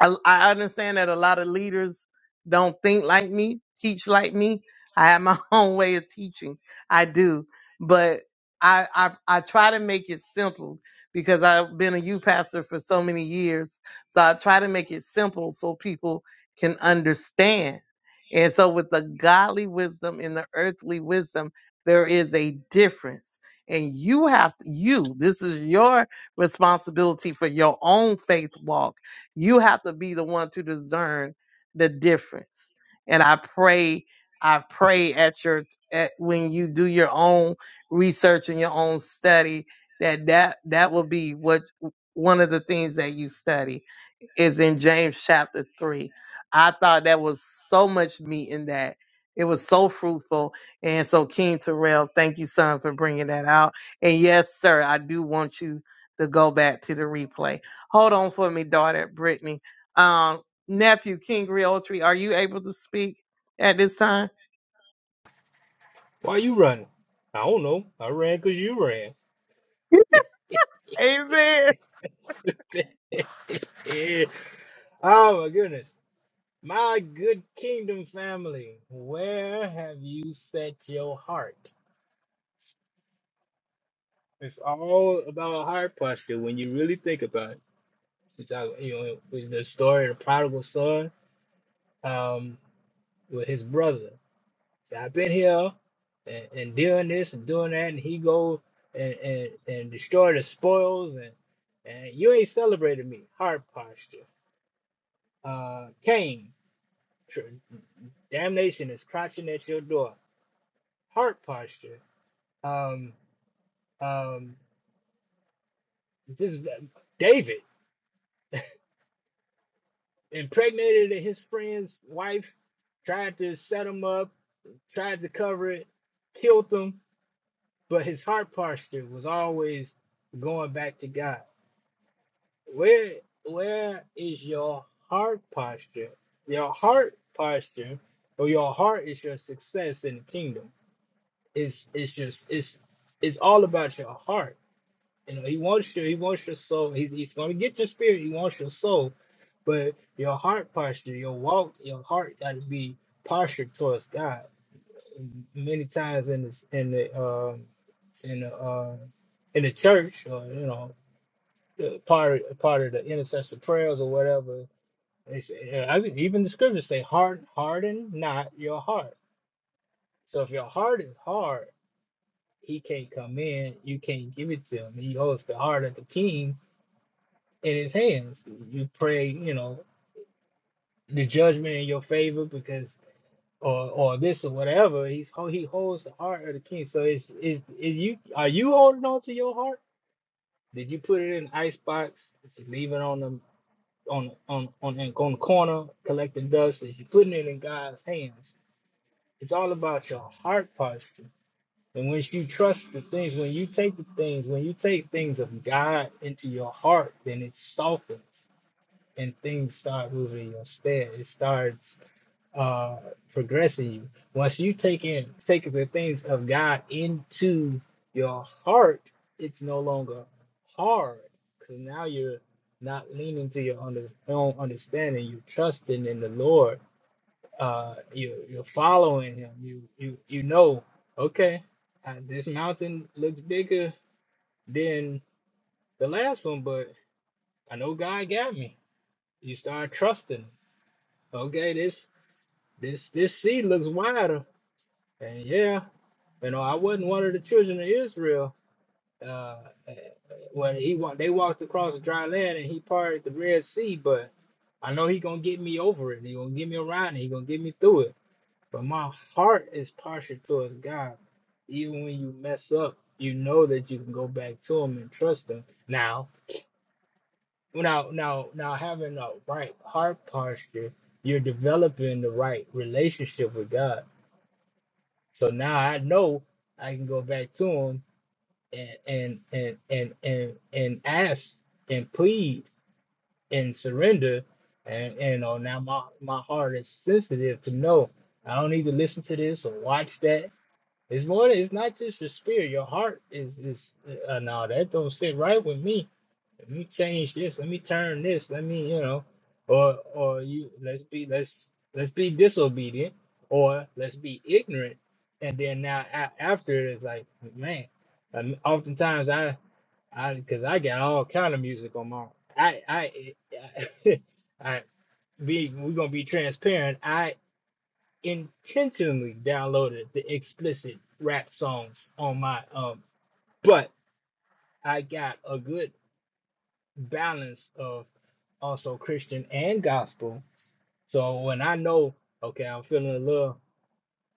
I, I understand that a lot of leaders don't think like me, teach like me. I have my (laughs) own way of teaching. I do, but I I, I try to make it simple because I've been a youth pastor for so many years. So I try to make it simple so people can understand. And so, with the godly wisdom and the earthly wisdom, there is a difference. And you have you. This is your responsibility for your own faith walk you have to be the one to discern the difference. And I pray, I pray at your at when you do your own research and your own study that that that will be what one of the things that you study is in James chapter 3. I thought that was so much meat in that. It was so fruitful. And so, King Terrell, thank you, son, for bringing that out. And yes, sir, I do want you to go back to the replay. Hold on for me, daughter Brittany. Um, nephew, King Realtree, are you able to speak at this time?
Why you running? I don't know. I ran because you ran.
Amen.
(laughs) oh my goodness. My good kingdom family, where have you set your heart? It's all about heart posture when you really think about it. It's all, you know, with the story, the prodigal son, um, with his brother. I've been here and, and doing this and doing that, and he go and and, and destroy the spoils, and and you ain't celebrated me. Heart posture. Uh, Cain, tr- damnation is crouching at your door. Heart posture. Um, um, this David impregnated his friend's wife, tried to set him up, tried to cover it, killed him, but his heart posture was always going back to God Where where is your heart posture? Your heart posture or your heart is your success in the kingdom. It's it's just it's it's all about your heart. You know, he wants your he wants your soul. He's he's gonna get your spirit, he wants your soul, but your heart posture, your walk, your heart gotta be postured towards God. Many times in this in the um in the uh in the church or you know uh, part part of the intercessor prayers or whatever it's, uh, I mean, even the scriptures say, "Hard, harden not your heart." So if your heart is hard, he can't come in. You can't give it to him. He holds the heart of the king in his hands. You pray, you know, the judgment in your favor because, or or this or whatever. He's ho- he holds the heart of the king. So is is is you are you holding on to your heart? Did you put it in an ice box? Did you leave it on the on on on on the corner collecting dust? Is you putting it in God's hands? It's all about your heart posture. And once you trust the things, when you take the things, when you take things of God into your heart, then it softens and things start moving in your stead. It starts uh, progressing you. Once you take in take the things of God into your heart, it's no longer hard because now you're not leaning to your under, own understanding. You're trusting in the Lord uh you you're following him you you you know okay uh, this mountain looks bigger than the last one but i know god got me you start trusting okay this this this sea looks wider and yeah you know i wasn't one of the children of israel uh eh, when he wa- they walked across the dry land and he parted the red sea but i know he gonna get me over it he gonna get me around it he gonna get me through it But my heart is partial towards God. Even when you mess up, you know that you can go back to Him and trust Him. Now, now, now, now, having a right heart posture, you're developing the right relationship with God. So now I know I can go back to Him and and and and and, and ask and plead and surrender. And, and you know now my, my heart is sensitive to know I don't need to listen to this or watch that It's more. It's not just your spirit. Your heart is is. Uh, no, that don't sit right with me. Let me change this. Let me turn this. Let me, you know, or or you. Let's be. Let's let's be disobedient, or let's be ignorant. And then now a- after it is like, man. um, oftentimes I I because I got all kind of music on my I I (laughs) I, be we're gonna be transparent. I intentionally downloaded the explicit rap songs on my um but I got a good balance of also Christian and gospel. So when I know okay, I'm feeling a little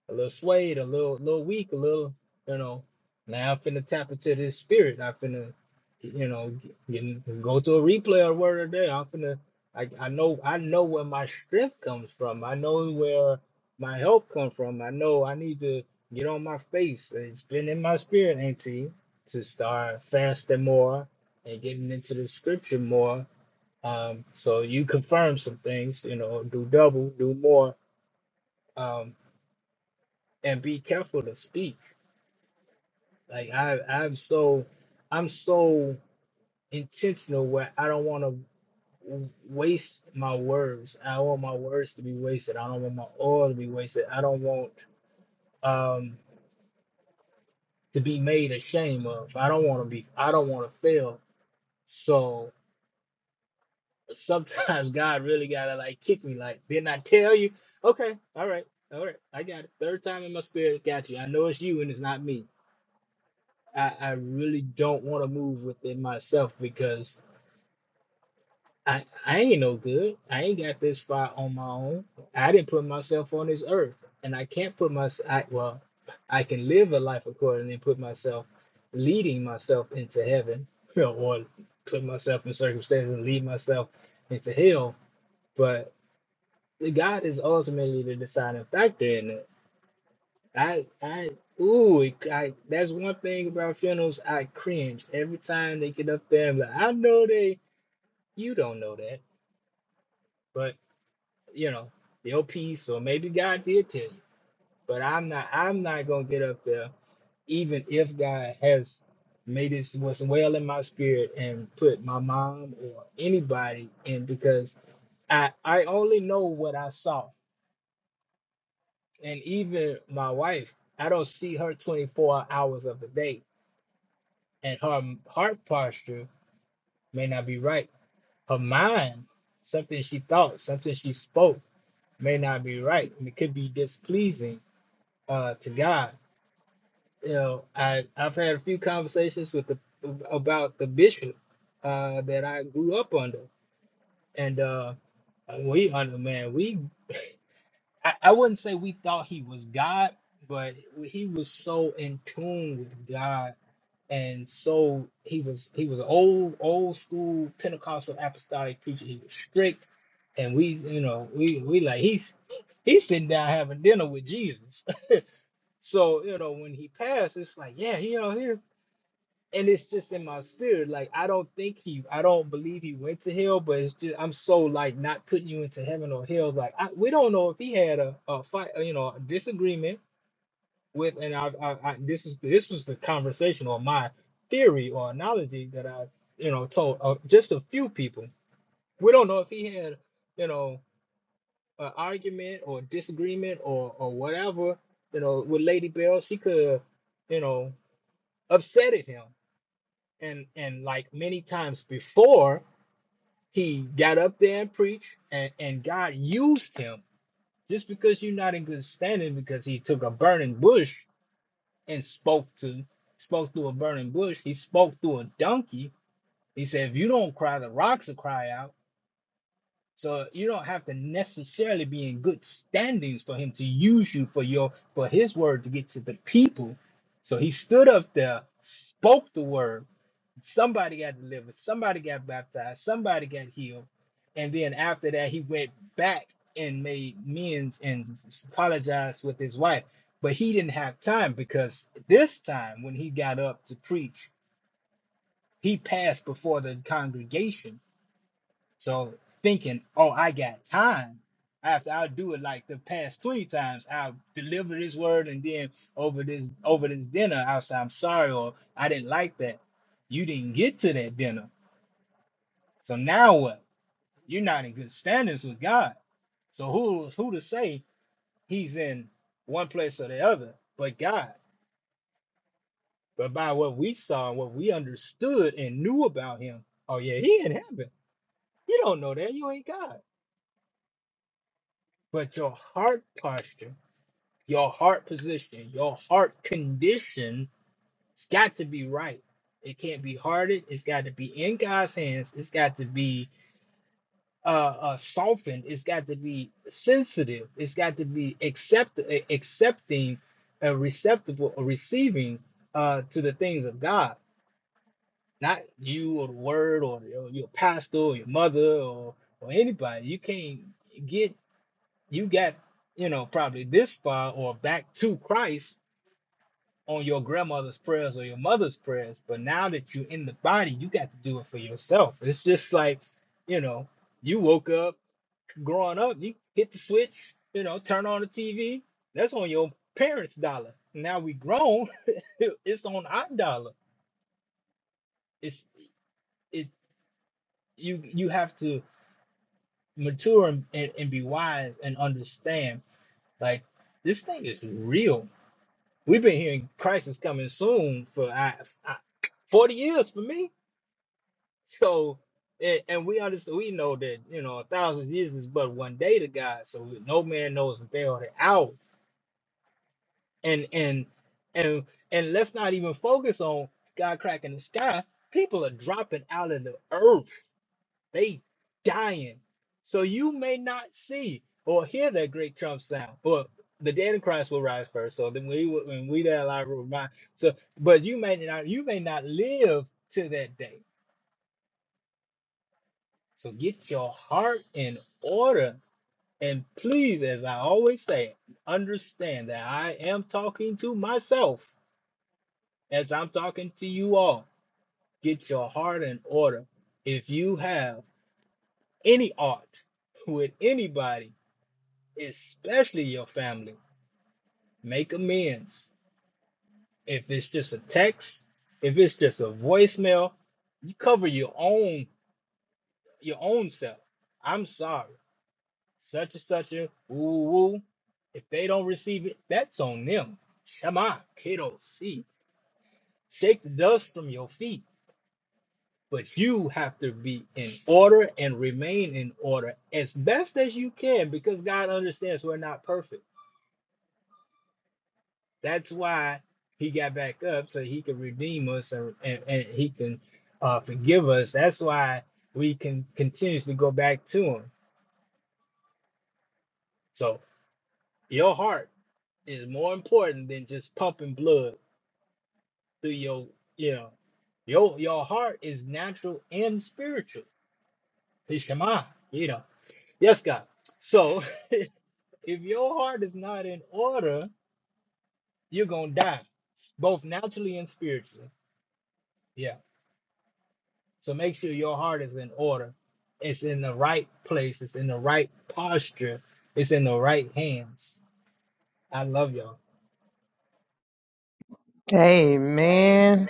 a little swayed, a little little weak, a little, you know. Now I'm finna tap into this spirit. I'm finna, you know, get, get- go to a replay or word of the day. I'm finna, I, I know I know where my strength comes from. I know where my help comes from. I know I need to get on my face. It's been in my spirit, Auntie, to start fasting more and getting into the scripture more. Um, so you confirm some things, you know, do double, do more, um, and be careful to speak. Like I, I'm so, I'm so intentional where I don't want to waste my words. I don't want my words to be wasted. I don't want my oil to be wasted. I don't want um to be made ashamed of. I don't want to be. I don't want to fail. So sometimes (laughs) God really gotta like kick me. Like didn't I tell you? Okay, all right, all right. I got it. Third time in my spirit, got you. I know it's you and it's not me. I, I really don't want to move within myself because I, I ain't no good. I ain't got this far on my own. I didn't put myself on this earth, and I can't put myself. I, well, I can live a life accordingly and put myself, leading myself into heaven, (laughs) or put myself in circumstances and lead myself into hell. But God is ultimately the deciding factor in it. I, I, ooh, it, I, that's one thing about funerals. I cringe every time they get up there and be like, I know they, you don't know that, you know, the OP. or maybe God did tell you, but I'm not. I'm not gonna get up there, even if God has made it was well in my spirit and put my mom or anybody in because I I only know what I saw, and even my wife. I don't see her 24 hours of the day, and her m- heart posture may not be right. Her mind, something she thought, something she spoke, may not be right, and it could be displeasing uh, to God. you know, I I've had a few conversations with the about the bishop uh, that I grew up under, and uh, we under man, we I, I wouldn't say we thought he was God, but he was so in tune with God, and so he was he was old old school Pentecostal apostolic preacher. He was strict, and we you know we we like he's he's sitting down having dinner with Jesus. (laughs) So you know when he passed, it's like yeah you know here and it's just in my spirit. Like I don't think he, I don't believe he went to hell, but it's just I'm so like not putting you into heaven or hell. Like I, we don't know if he had a, a fight, you know, a disagreement with. And I, I, I this is this was the conversation or my theory or analogy that I, you know, told uh, just a few people. We don't know if he had, you know, an argument or disagreement or or whatever, you know, with Lady Bell. She could, you know, upset at him and and like many times before he got up there and preached and and god used him just because you're not in good standing because he took a burning bush and spoke to spoke through a burning bush he spoke through a donkey he said if you don't cry the rocks will cry out so you don't have to necessarily be in good standings for him to use you for your for his word to get to the people so he stood up there spoke the word Somebody got delivered. Somebody got baptized. Somebody got healed. And then after that, he went back and made amends and apologized with his wife. But he didn't have time because this time when he got up to preach, he passed before the congregation. So thinking, oh, I got time. After I'll do it like the past 20 times, I'll deliver this word and then over this over this dinner, I'll say I'm sorry or I didn't like that. You didn't get to that dinner so now what? You're not in good standings with God. So who who to say he's in one place or the other but God? But by what we saw, what we understood and knew about him, oh yeah, he in heaven. You don't know that, you ain't God. But your heart posture, your heart position, your heart condition it has got to be right. It can't be hearted, it's got to be in God's hands, it's got to be uh, uh, softened. It's got to be sensitive. It's got to be accept a- accepting, uh, receptible or receiving uh, to the things of God. Not you or the word or your, your pastor or your mother or or anybody. You can't get you got you know probably this far or back to Christ on your grandmother's prayers or your mother's prayers. But now that you're in the body, you got to do it for yourself. It's just like you know you woke up growing up, you hit the switch, you know, turn on the TV. That's on your parents' dollar. Now we grown, (laughs) it's on our dollar. It's it you you have to mature and, and, and be wise and understand like this thing is real. We've been hearing crisis coming soon for I, I, 40 years for me. So and, and we understand we know that you know a thousand years is but one day to God. So no man knows the day or the hour and and and and let's not even focus on God cracking the sky. People are dropping out of the earth. They dying. So you may not see or hear that great trump sound. Well, the dead in Christ will rise first. So then we will- when we that alive will rise. So but you may not you may not live to that day. So get your heart in order. And please, as I always say, understand that I am talking to myself as I'm talking to you all, get your heart in order. If you have any art with anybody, especially your family, make amends. If it's just a text, if it's just a voicemail, you cover your own your own self. I'm sorry. Such and such a woo woo. If they don't receive it, that's on them. Shema, kiddo, see. Shake the dust from your feet But you have to be in order and remain in order as best as you can because God understands we're not perfect. That's why He got back up so He could redeem us and, and, and He can uh, forgive us. That's why we can continuously go back to Him. So your heart is more important than just pumping blood through your, you know, your, your heart is natural and spiritual. Please come on, you know. Yes, God. So. (laughs) If your heart is not in order, you're going to die, both naturally and spiritually. Yeah. So make sure your heart is in order. It's in the right place. It's in the right posture. It's in the right hands. I love y'all.
Amen.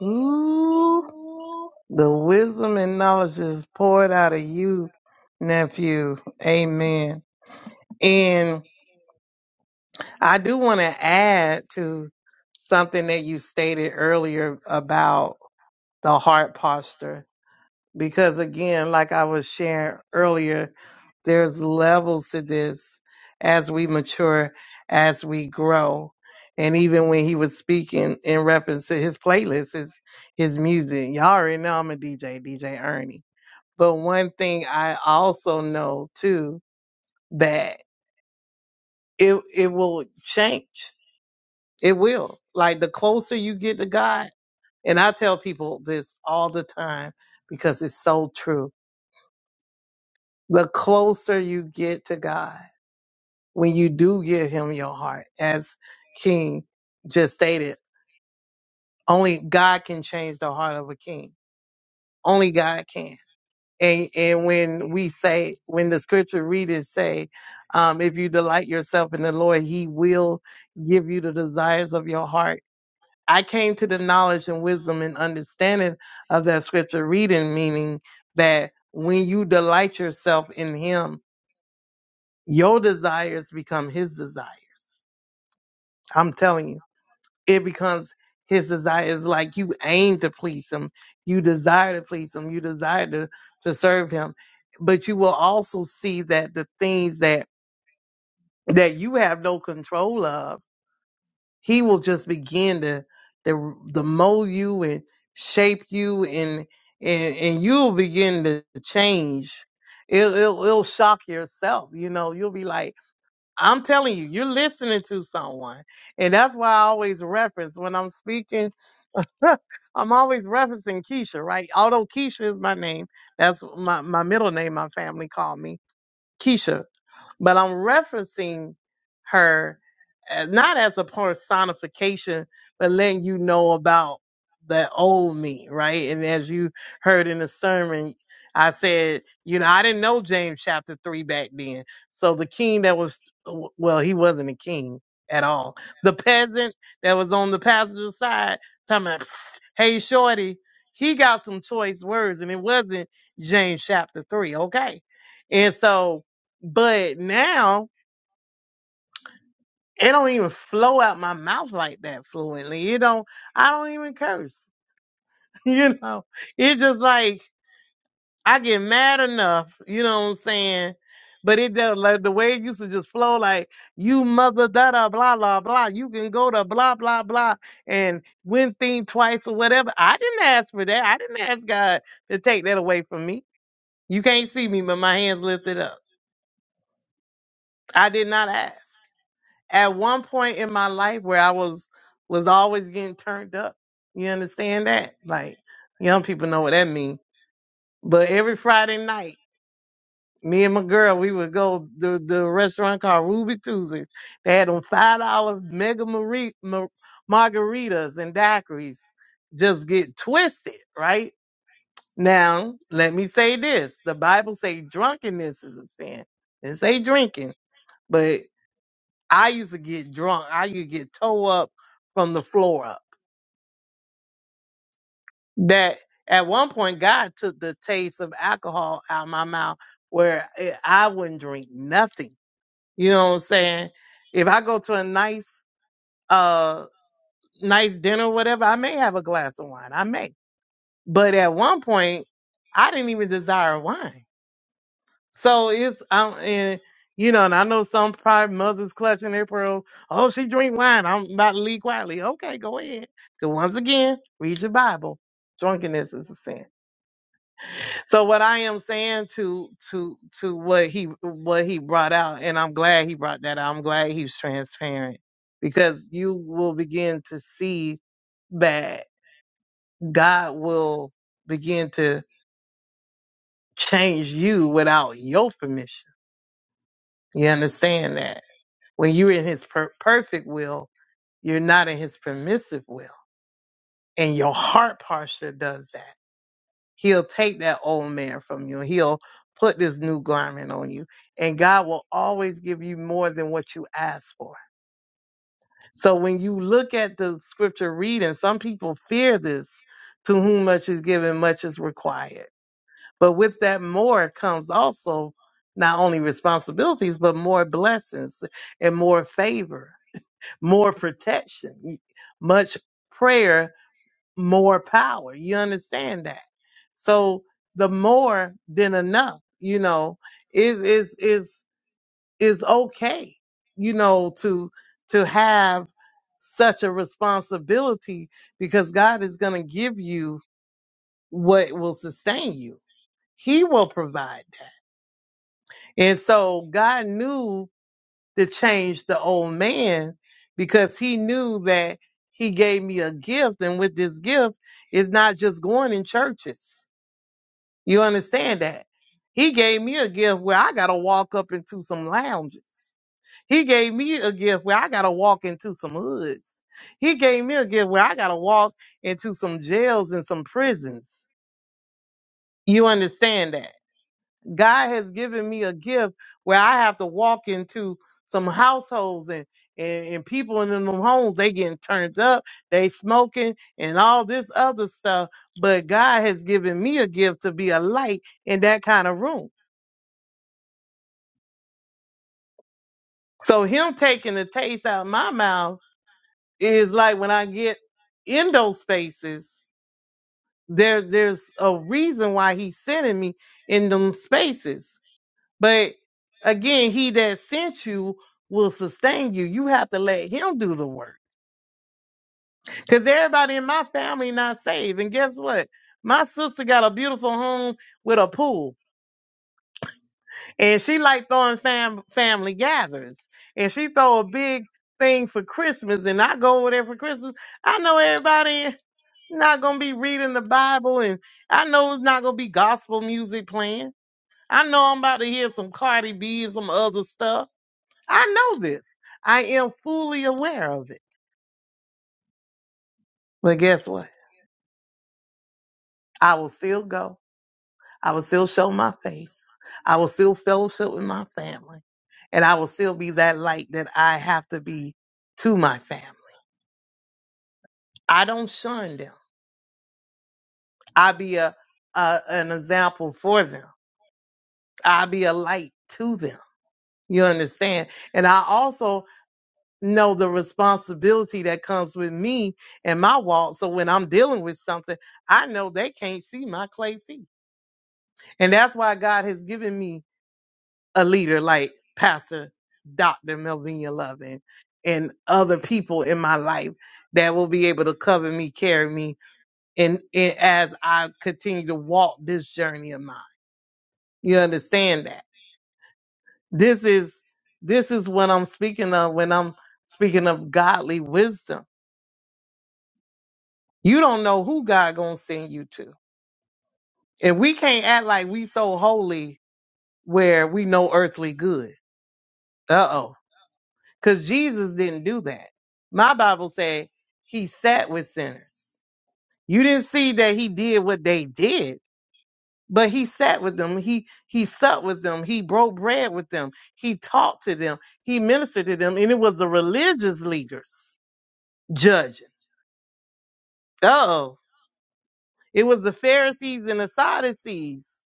Ooh, the wisdom and knowledge is poured out of you, nephew. Amen. And I do want to add to something that you stated earlier about the heart posture, because again, like I was sharing earlier, there's levels to this as we mature, as we grow. And even when he was speaking in reference to his playlist, his, his music, y'all already know I'm a DJ, DJ Ernie. But one thing I also know too, that it, it will change It will. Like the closer you get to God, and I tell people this all the time because it's so true. The closer you get to God, when you do give him your heart, as King just stated, only God can change the heart of a king. Only God can. And and when we say, when the scripture readers say, um, if you delight yourself in the Lord, he will give you the desires of your heart I came to the knowledge and wisdom and understanding of that scripture reading, meaning that when you delight yourself in Him, your desires become His desires. I'm telling you, it becomes His desires. Like you aim to please Him, you desire to please Him, you desire to, to serve Him. But you will also see that the things that that you have no control of He will just begin to to, to mold you and shape you, and and and you'll begin to change. It'll, it'll it'll shock yourself. You know, you'll be like, I'm telling you, you're listening to someone, and that's why I always reference when I'm speaking. (laughs) I'm always referencing Keisha, right? Although Keisha is my name, that's my my middle name. My family called me Keisha, but I'm referencing her uh, not as a personification, but letting you know about the old me, right? And as you heard in the sermon, I said, you know, I didn't know James chapter three back then. So the king that was, well, he wasn't a king at all. The peasant that was on the passenger side, talking about, "Psst, hey, shorty, he got some choice words and it wasn't James chapter three. Okay. And so but now it don't even flow out my mouth like that fluently. It don't I don't even curse. (laughs) You know. It's just like I get mad enough, you know what I'm saying? But it does like the way it used to just flow like you mother da da blah blah blah. You can go to blah blah blah and win thing twice or whatever. I didn't ask for that. I didn't ask God to take that away from me. You can't see me, but my hands lifted up. I did not ask. at one point in my life where I was was always getting turned up. You understand that? Like young people know what that means. But every Friday night, me and my girl, we would go to the restaurant called Ruby Tuesdays. They had them five dollar mega mari- ma- margaritas and daiquiris. Just get twisted, right? Now, let me say this. The Bible say drunkenness is a sin. It say drinking. but. I used to get drunk. I used to get toe up from the floor up. That at one point, God took the taste of alcohol out of my mouth where it- I wouldn't drink nothing. You know what I'm saying? If I go to a nice, uh, nice dinner or whatever, I may have a glass of wine. I may. But at one point, I didn't even desire wine. So it's I'm and you know, and I know some private mothers clutching their pearls. Oh, she drink wine. I'm about to leave quietly. Okay, go ahead. So once again, read your Bible. Drunkenness is a sin. So what I am saying to to to what he what he brought out, and I'm glad he brought that out. I'm glad he was transparent because you will begin to see that God will begin to change you without your permission. You understand that? When you're in his per- perfect will, you're not in his permissive will. And your heart posture does that. He'll take that old man from you. He'll put this new garment on you. And God will always give you more than what you ask for. So when you look at the scripture reading, some people fear this to whom much is given, much is required. But with that more comes also not only responsibilities, but more blessings and more favor. more protection, much prayer, more power. You understand that? So the more than enough, you know, is, is, is, is okay, you know, to, to have such a responsibility because God is going to give you what will sustain you. He will provide. And so God knew to change the old man because he knew that he gave me a gift and with this gift it's not just going in churches you understand that he gave me a gift where i gotta walk up into some lounges he gave me a gift where i gotta walk into some hoods he gave me a gift where i gotta walk into some jails and some prisons you understand that God has given me a gift where I have to walk into some households and and, and people in them homes they getting turned up, they smoking and all this other stuff. But God has given me a gift to be a light in that kind of room. So him taking the taste out of my mouth is like when I get in those spaces, there there's a reason why he's sending me in them spaces But again, he that sent you will sustain you. You have to let him do the work. Because everybody in my family not saved. And guess what? My sister got a beautiful home with a pool. And she like throwing fam- family gatherings. And she throw a big thing for Christmas. And I go over there for Christmas. I know everybody not gonna be reading the Bible and I know it's not gonna be gospel music playing. I know I'm about to hear some Cardi B and some other stuff. I know this. I am fully aware of it. But guess what? I will still go. I will still show my face. I will still fellowship with my family. And I will still be that light that I have to be to my family. I don't shun them. I be a, a an example for them. I be a light to them. You understand? And I also know the responsibility that comes with me and my walk. So when I'm dealing with something, I know they can't see my clay feet. And that's why God has given me a leader like Pastor Dr. Melvina Lovin and other people in my life that will be able to cover me, carry me, and, and as I continue to walk this journey of mine. You understand that? This is this is what I'm speaking of when I'm speaking of godly wisdom. You don't know who God gonna send you to. And we can't act like we so holy where we know earthly good. Uh oh because Jesus didn't do that. My Bible said he sat with sinners. You didn't see he- what he did, but he sat with them. He he supped with them. He read with them. He talked to them. He ministered to them, and it was the religious leaders judging. Uh oh, it was the Pharisees and the Sadducees.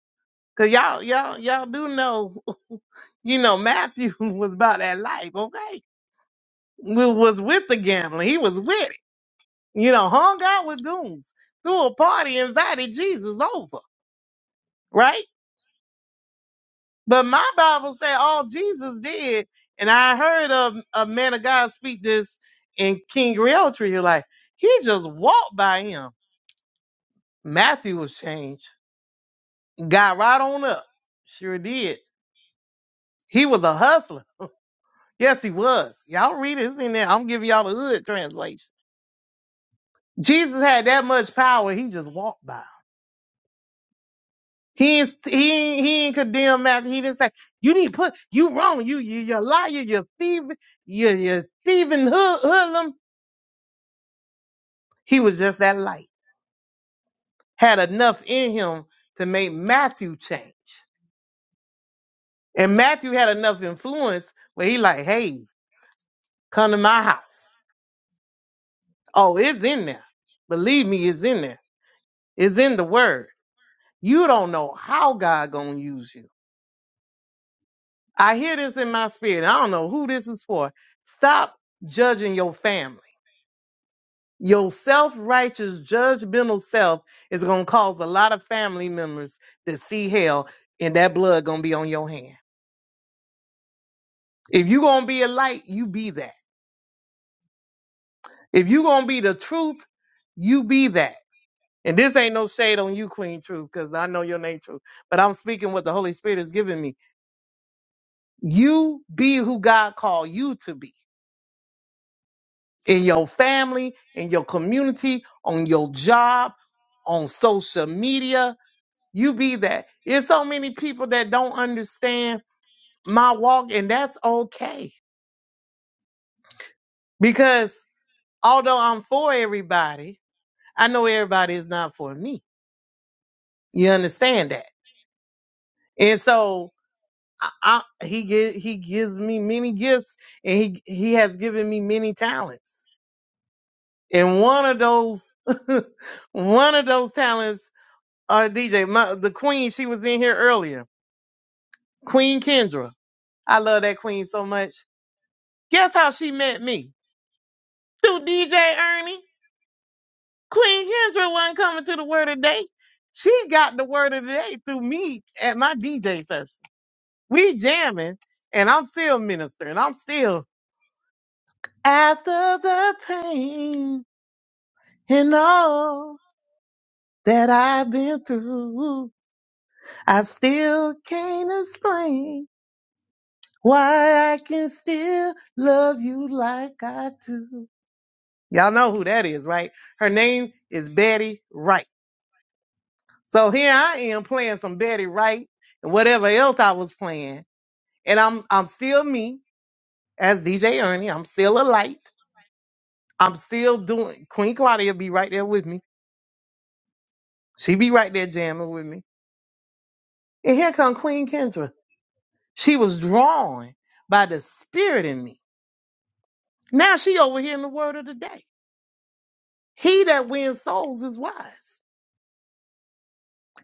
Cause y'all y'all y'all do know, (laughs) you know Matthew (laughs) was about that life, okay? We was with the gambling. He was with. you know, hung out with goons, threw a party, invited Jesus over, right? But my Bible said all Jesus did, and I heard a, a man of God speak this in King Realtree, you're like, he just walked by him. Matthew was changed, got right on up. Sure did. He was a hustler. Yes, he was. Y'all read it, it's in there. I'm giving y'all the hood translation. Jesus had that much power, he just walked by. He ain't, he he ain't condemn Malcolm. He didn't say you need to put you wrong. You you you liar. You thief. You you thieving hood, hoodlum. He was just that light. Had enough in him to make Matthew change, and Matthew had enough influence where he like, hey, come to my house. Oh, it's in there. Believe me, it's in there. It's in the word. You don't know how God gonna use you. I hear this in my spirit. I don't know who this is for. Stop judging your family Your self righteous, judgmental self is going to cause a lot of family members to see hell, and that blood going to be on your hand. If you going to be a light, you be that. If you going to be the truth, you be that. And this ain't no shade on you, Queen Truth, because I know your name, Truth, but I'm speaking what the Holy Spirit has given me. You be who God called you to be in your family, in your community, on your job, on social media You be that. There's so many people that don't understand my walk, and that's okay. Because although I'm for everybody, I know everybody is not for me. You understand that? And so I, I, he gi- he gives me many gifts, and he he has given me many talents. And one of those (laughs) one of those talents are DJ. My, the Queen, she was in here earlier. Queen Kendra. I love Queen so much. Guess how she met me? Through DJ Ernie. Queen Kendra wasn't coming to the word of the day. She got the word of the day through me at my DJ session. We jamming, and I'm sinister, and I'm still after the pain and all that I've been through. I still can't explain why I can still love you like I do. Y'all know who that is, right? Her name is Betty Wright. So here I am playing some Betty Wright and whatever else I was playing. And I'm I'm still me as DJ Ernie. I'm still a light. I'm still doing Queen Claudia be right there with me. She be right there jamming with me. And here come Queen Kendra. She was drawn by the spirit in me. Now she over here in the word of the day. He that wins souls is wise.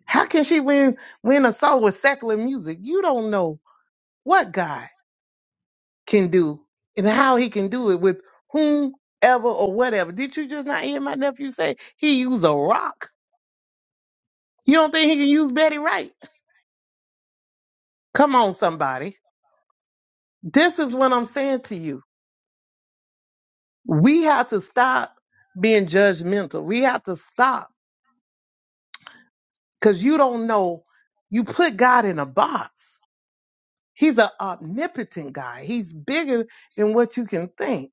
How can she win win a soul with secular music? You don't know what God. can do and how he can do it with whomever or whatever. Did you just not hear my nephew say he used a rock? You don't think he can use Betty Wright? Come on, somebody. This is what I'm saying to you. We have to stop being judgmental. We have to stop because you don't know. You put God in a box. He's an omnipotent guy. He's bigger than what you can think.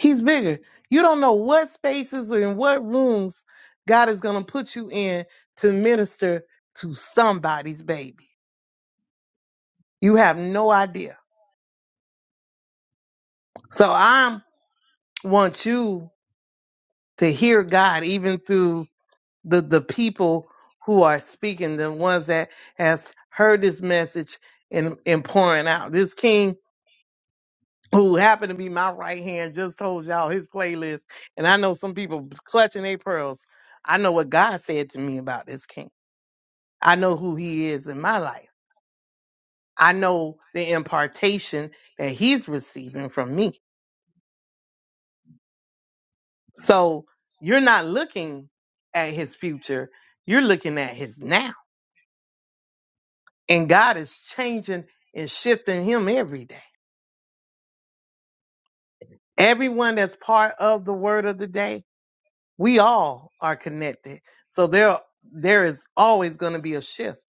He's bigger. You don't know what spaces or in what rooms God is going to put you in to minister to somebody's baby. You have no idea. So I want you to hear God even through the, the people who are speaking, the ones that has heard this message and, and pouring out. This king who happened to be my right hand just told y'all his playlist. And I know some people clutching their pearls. I know what God said to me about this king. I know who he is in my life. I know the impartation that he's receiving from me. So you're not looking at his future, you're looking at his now. And God is changing and shifting him every day. Everyone that's part of the word of the day, we all are connected. So there there is always going to be a shift.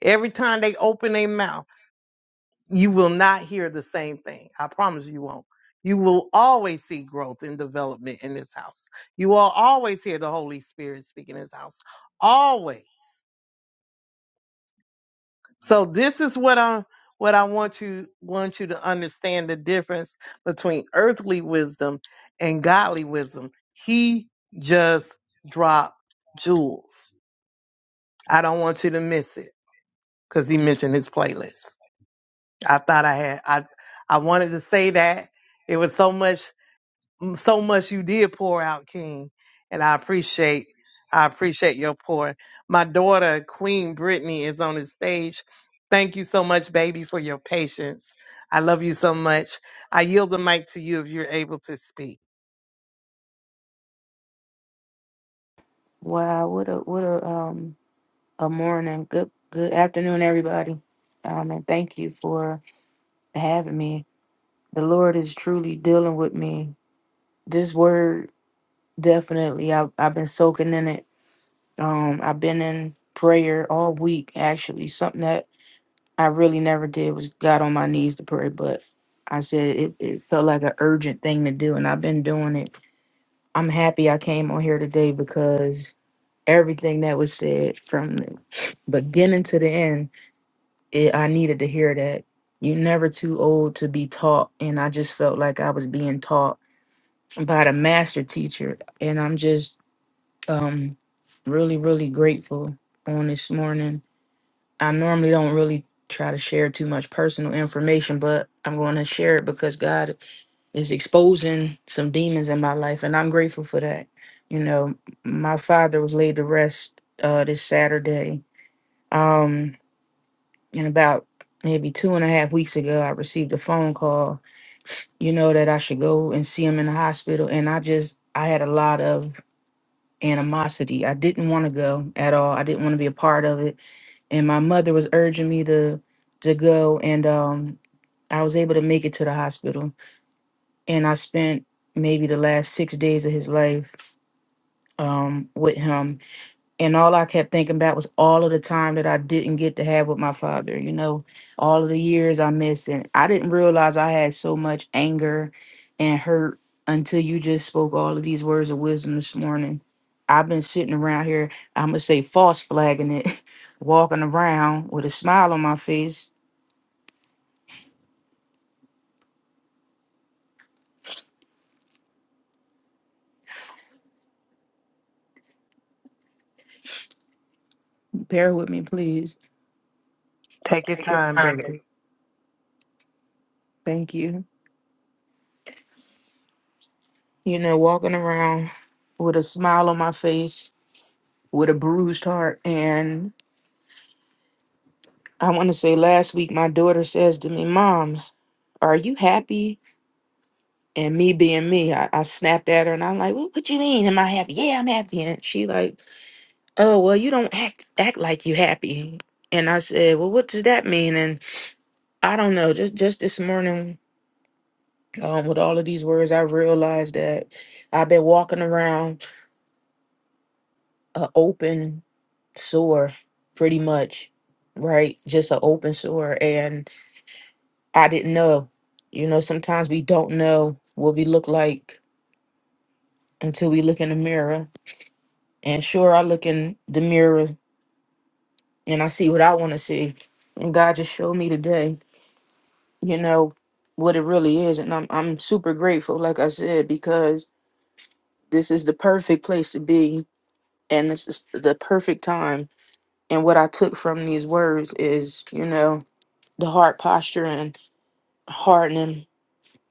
Every time they open their mouth, you will not hear the same thing. I promise you won't. You will always see growth and development in this house. You will always hear the Holy Spirit speak in this house. Always. So this is what I what I want you want you to understand the difference between earthly wisdom and godly wisdom. He just dropped jewels. I don't want you to miss it because he mentioned his playlist. I thought I had I I wanted to say that it was so much so much you did pour out, King, and I appreciate I appreciate your pour. My daughter, Queen Brittany, is on the stage. Thank you so much, baby, for your patience. I love you so much. I yield the mic to you if you're able to speak.
Wow, what a what a um a morning. Good good afternoon, everybody. Um, and thank you for having me. The Lord is truly dealing with me. This word definitely I've I've been soaking in it. Um, I've been in prayer all week actually. Something that I really never did was got on my knees to pray, but I said it, it felt like an urgent thing to do and I've been doing it. I'm happy I came on here today because everything that was said from the beginning to the end it, i needed to hear that you're never too old to be taught and i just felt like i was being taught by the master teacher and i'm just um really really grateful on this morning i normally don't really try to share too much personal information but i'm going to share it because god is exposing some demons in my life and i'm grateful for that you know my father was laid to rest uh this saturday um, and about maybe two and a half weeks ago, I received a phone call, you know, that I should go and see him in the hospital. And I just, I had a lot of animosity. I didn't want to go at all. I didn't want to be a part of it. And my mother was urging me to to go, and um, I was able to make it to the hospital. And I spent maybe the last six days of his life um, with him and all I kept thinking about was all of the time that I didn't get to have with my father, you know, all of the years I missed. And I didn't realize I had so much anger and hurt until you just spoke all of these words of wisdom this morning. I've been sitting around here, I'm going to say false flagging it, (laughs) walking around with a smile on my face. Bear with me, please.
Take your time, baby.
Thank you. You know, walking around with a smile on my face, with a bruised heart. And I want to say last week, my daughter says to me, Mom, are you happy? And me being me, I, I snapped at her and I'm like, what, what you mean? Am I happy? Yeah, I'm happy. And she like, oh, well, you don't act, act like you happy. And I said, well, what does that mean? And I don't know. Just, just this morning, um, with all of these words, I realized that I've been walking around an open sore pretty much, right? Just an open sore. and. I didn't know. You know, sometimes we don't know what we look like until we look in the mirror. And sure, I look in the mirror and I see what I want to see. And God just showed me today, you know, what it really is. And I'm, I'm super grateful, like I said, because this is the perfect place to be. And this is the perfect time. And what I took from these words is, you know, the heart posture and hardening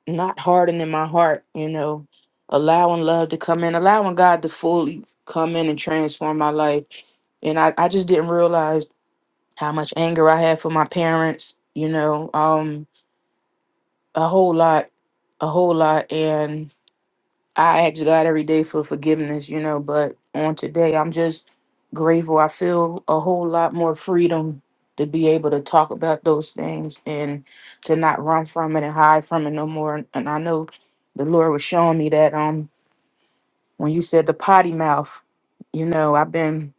not hardening my heart, you know, allowing love to come in, allowing God to fully come in and transform my life. And I, I just didn't realize how much anger I had for my parents, you know, um, a whole lot, a whole lot. I ask God every day for forgiveness, you know, but on today, I'm just grateful. I feel a whole lot more freedom to be able to talk about those things and to not run from it and hide from it no more. And I know the Lord was showing me that um when you said the potty mouth, you know, I've been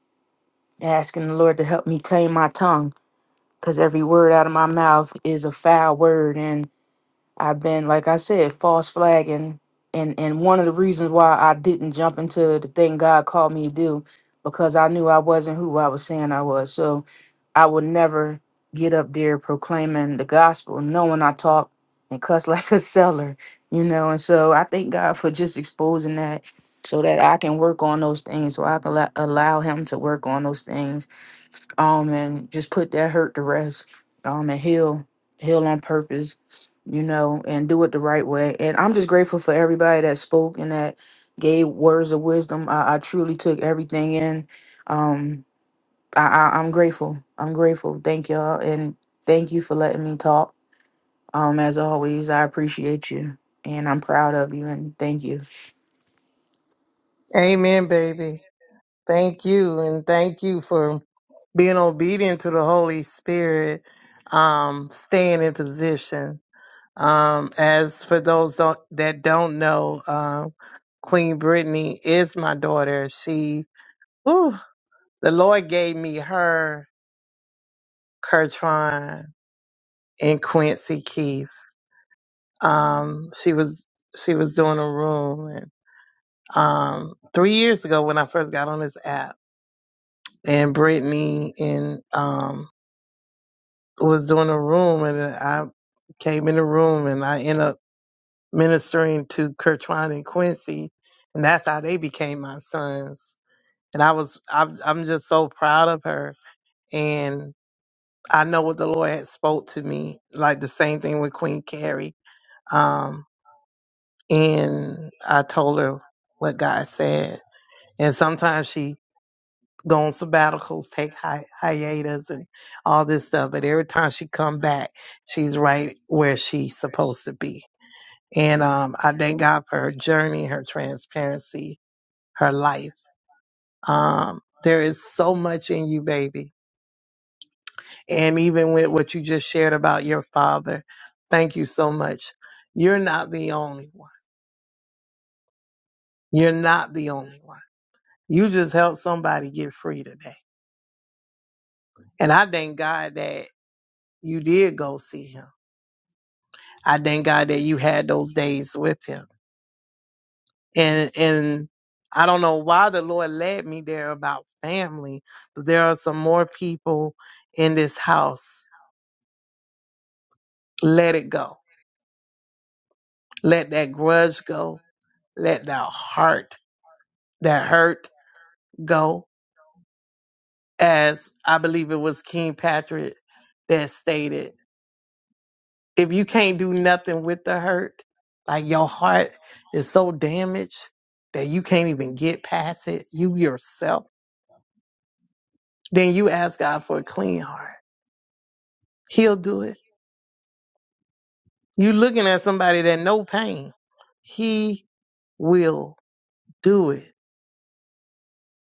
asking the Lord to help me tame my tongue because every word out of my mouth is a foul word I've been, like I said, false flagging, and and one of the reasons why I didn't jump into the thing God called me to do, because I knew I wasn't who I was saying I was. So I would never get up there proclaiming the gospel, knowing I talk and cuss (laughs) like a seller, you know. And so I thank God for just exposing that, so that I can work on those things, so I can la- allow Him to work on those things um, and just put that hurt to rest, um, and heal, heal on purpose, you know, and do it the right way. And I'm just grateful for everybody that spoke and that gave words of wisdom. I, I truly took everything in. Um, I, I, I'm grateful. I'm grateful. Thank y'all, and thank you for letting me talk. Um, as always, I appreciate you, and I'm proud of you, and thank you.
Amen, baby. Thank you, and thank you for being obedient to the Holy Spirit. Um, staying in position. Um, as for those don't, that don't know, um, Queen Brittany is my daughter. She, ooh, the Lord gave me her, Kertron and Quincy Keith. Um, she was, she was doing a room and, um, three years ago when I first got on this app and Brittany and, um, was doing a room and I came in the room and I ended up ministering to Kirtwan and Quincy, and that's how they became my sons. And I was, I'm, I'm just so proud of her. And I know what the Lord had spoke to me, like the same thing with Queen Carrie. Um, and I told her what God said. And sometimes she go on sabbaticals, take hi- hiatus, and all this stuff. But every time she come back, she's right where she's supposed to be. And um, I thank God for her journey, her transparency, her life. Um, there is so much in you, baby. And even with what you just shared about your father, thank you so much. You're not the only one. You're not the only one. You just helped somebody get free today. And I thank God that you did go see him. I thank God that you had those days with him. And, and I don't know why the Lord led me there about family, but there are some more people in this house. Let it go Let that grudge go. Let that heart, that hurt go. As I believe it was King Patrick that stated, if you can't do nothing with the hurt, like your heart is so damaged that you can't even get past it, you yourself, then you ask God for a clean heart. He'll do it. You looking at somebody that no pain. He will do it.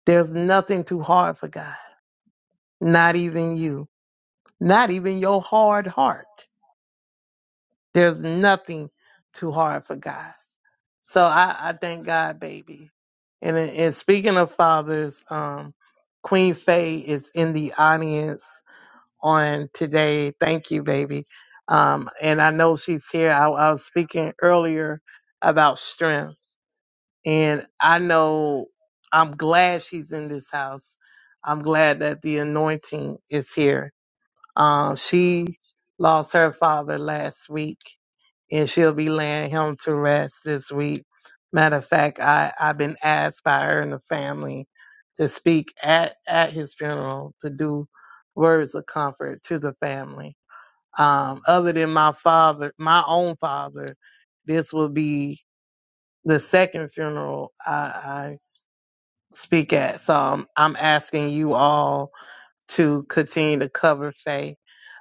There's nothing too hard for God, not even you. not even your hard heart. There's nothing too hard for God. So I, I thank God, baby. And, and speaking of fathers, um, Queen Faye is in the audience on today. Thank you, baby. Um, and I know she's here. I, I was speaking earlier about strength, and I know I'm glad she's in this house. I'm glad that the anointing is here Um, she lost her father last week, and she'll be laying him to rest this week. Matter of fact, I I've been asked by her and the family to speak at at his funeral to do words of comfort to the family. Um, other than my father, my own father, this will be the second funeral I, I speak at. So I'm, I'm asking you all to continue to cover Faye.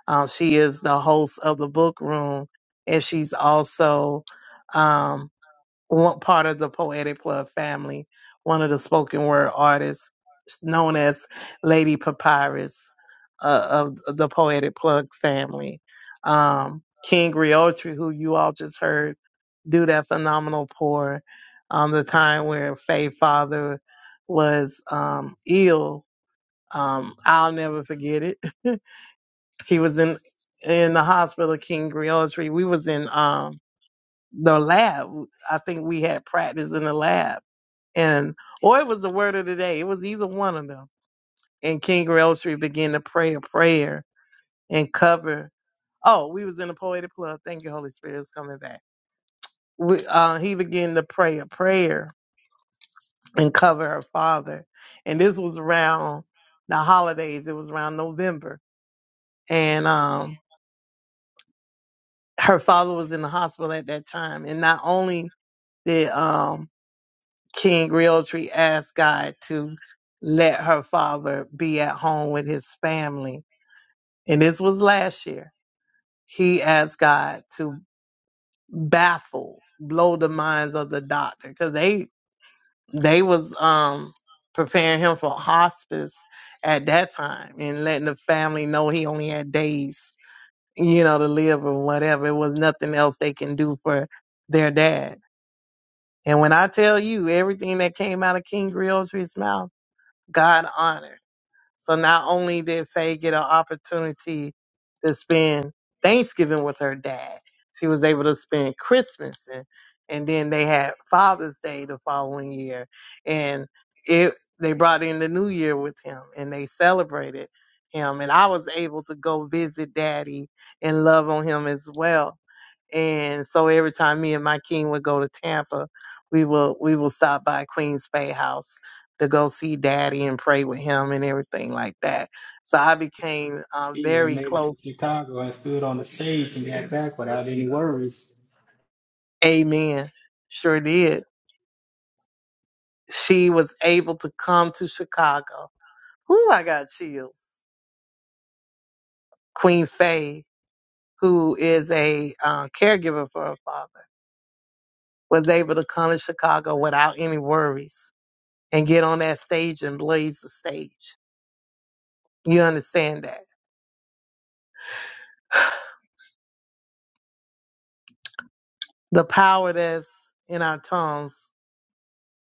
Um, she is the host of the book room, and she's also um, one part of the Poetic Club family, one of the spoken word artists known as Lady Papyrus uh, of the Poetic Plug family. Um, King Griotri, who you all just heard do that phenomenal pour on the time where Faye father was um, ill um, I'll never forget it. (laughs) he was in in the hospital, King Griotry. We was in um the lab. I think we had practice in the lab, and or it was the word of the day. It was either one of them. And King Griotry began to pray a prayer and cover. Oh, we was in the poetic club. Thank you, Holy Spirit, is coming back. We, uh, he began to pray a prayer and cover her father, and this was around the holidays. It was around November, and um, her father was in the hospital at that time, and not only did um, King Realtree ask God to let her father be at home with his family, and this was last year, he asked God to baffle, blow the minds of the doctor because they they was um preparing him for hospice at that time and letting the family know he only had days you know to live or whatever it was nothing else they can do for their dad And when I tell you everything that came out of King Griotry's mouth, God honored. So not only did Faye get an opportunity to spend Thanksgiving with her dad, she was able to spend Christmas and, and then they had Father's Day the following year. And it they brought in the new year with him and they celebrated him. And I was able to go visit daddy and love on him as well. And so every time me and my king would go to Tampa, we will we will stop by Queen's Bay House to go see Daddy and pray with him and everything like that. So I became uh,
She even
very
made it to
close.
Chicago and stood on the stage and got back without any worries.
Amen. Sure did. She was able to come to Chicago. Whoo, I got chills. Queen Faye, who is a uh, caregiver for her father, was able to come to Chicago without any worries and get on that stage and blaze the stage. You understand that? the power that's in our tongues,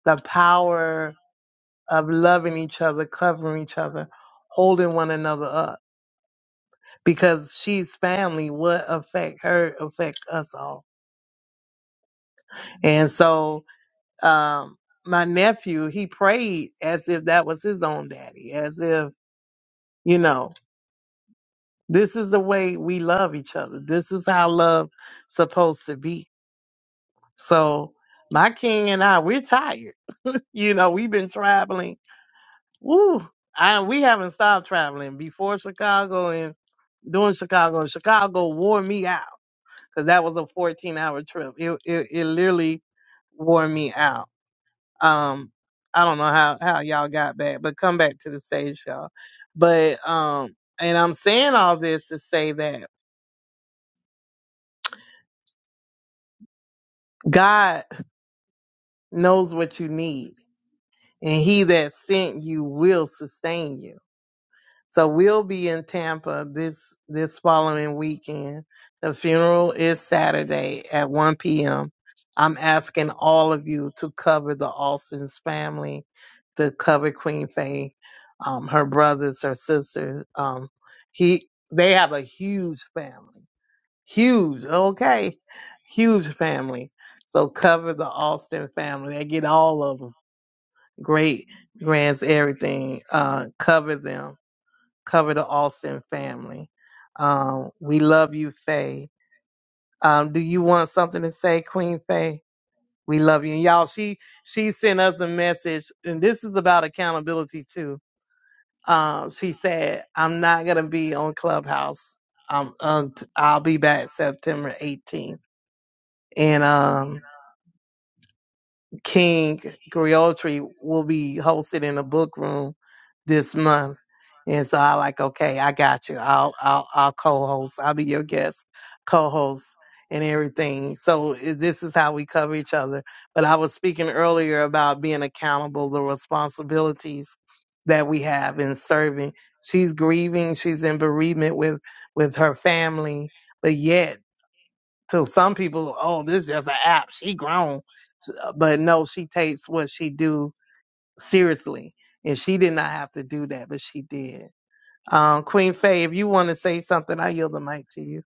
the power of loving each other, covering each other, holding one another up. Because she's family, what affect her affect us all. And so um my nephew, he prayed as if that was his own daddy, as if, you know, this is the way we love each other. This is how love supposed to be. So my king and I, we're tired. (laughs) You know, we've been traveling Woo! I we haven't stopped traveling before Chicago and during Chicago. Chicago wore me out because that was a 14 hour trip. It, it it literally wore me out. Um, I don't know how how y'all got back, but come back to the stage, y'all. But um, and I'm saying all this to say that God knows what you need, and He that sent you will sustain you So we'll be in Tampa this this following weekend. The funeral is Saturday at 1 p.m. I'm asking all of you to cover the Austin's family, to cover Queen Faye, um, her brothers, her sisters. Um, he they have a huge family, huge, okay, huge family. So cover the Austin family. They get all of them, great grands, everything. Uh, cover them cover the Austin family. Um, we love you, Faye. Um, do you want something to say, Queen Faye? We love you. And y'all, she she sent us a message, and this is about accountability too. Um, she said, I'm not gonna be on Clubhouse. Um, um, t- I'll be back September 18th. And um, King Griotri will be hosted in a book room this month. And so I like, okay, I got you. I'll I'll I'll co-host. I'll be your guest co-host and everything. So i- this is how we cover each other. But I was speaking earlier about being accountable, the responsibilities that we have in serving. She's grieving, she's in bereavement with with her family, but yet so some people, oh, this is just an app. She grown, but no, she takes what she do seriously, and she did not have to do that, but she did. Um, Queen Faye, if you want to say something, I yield the mic to you.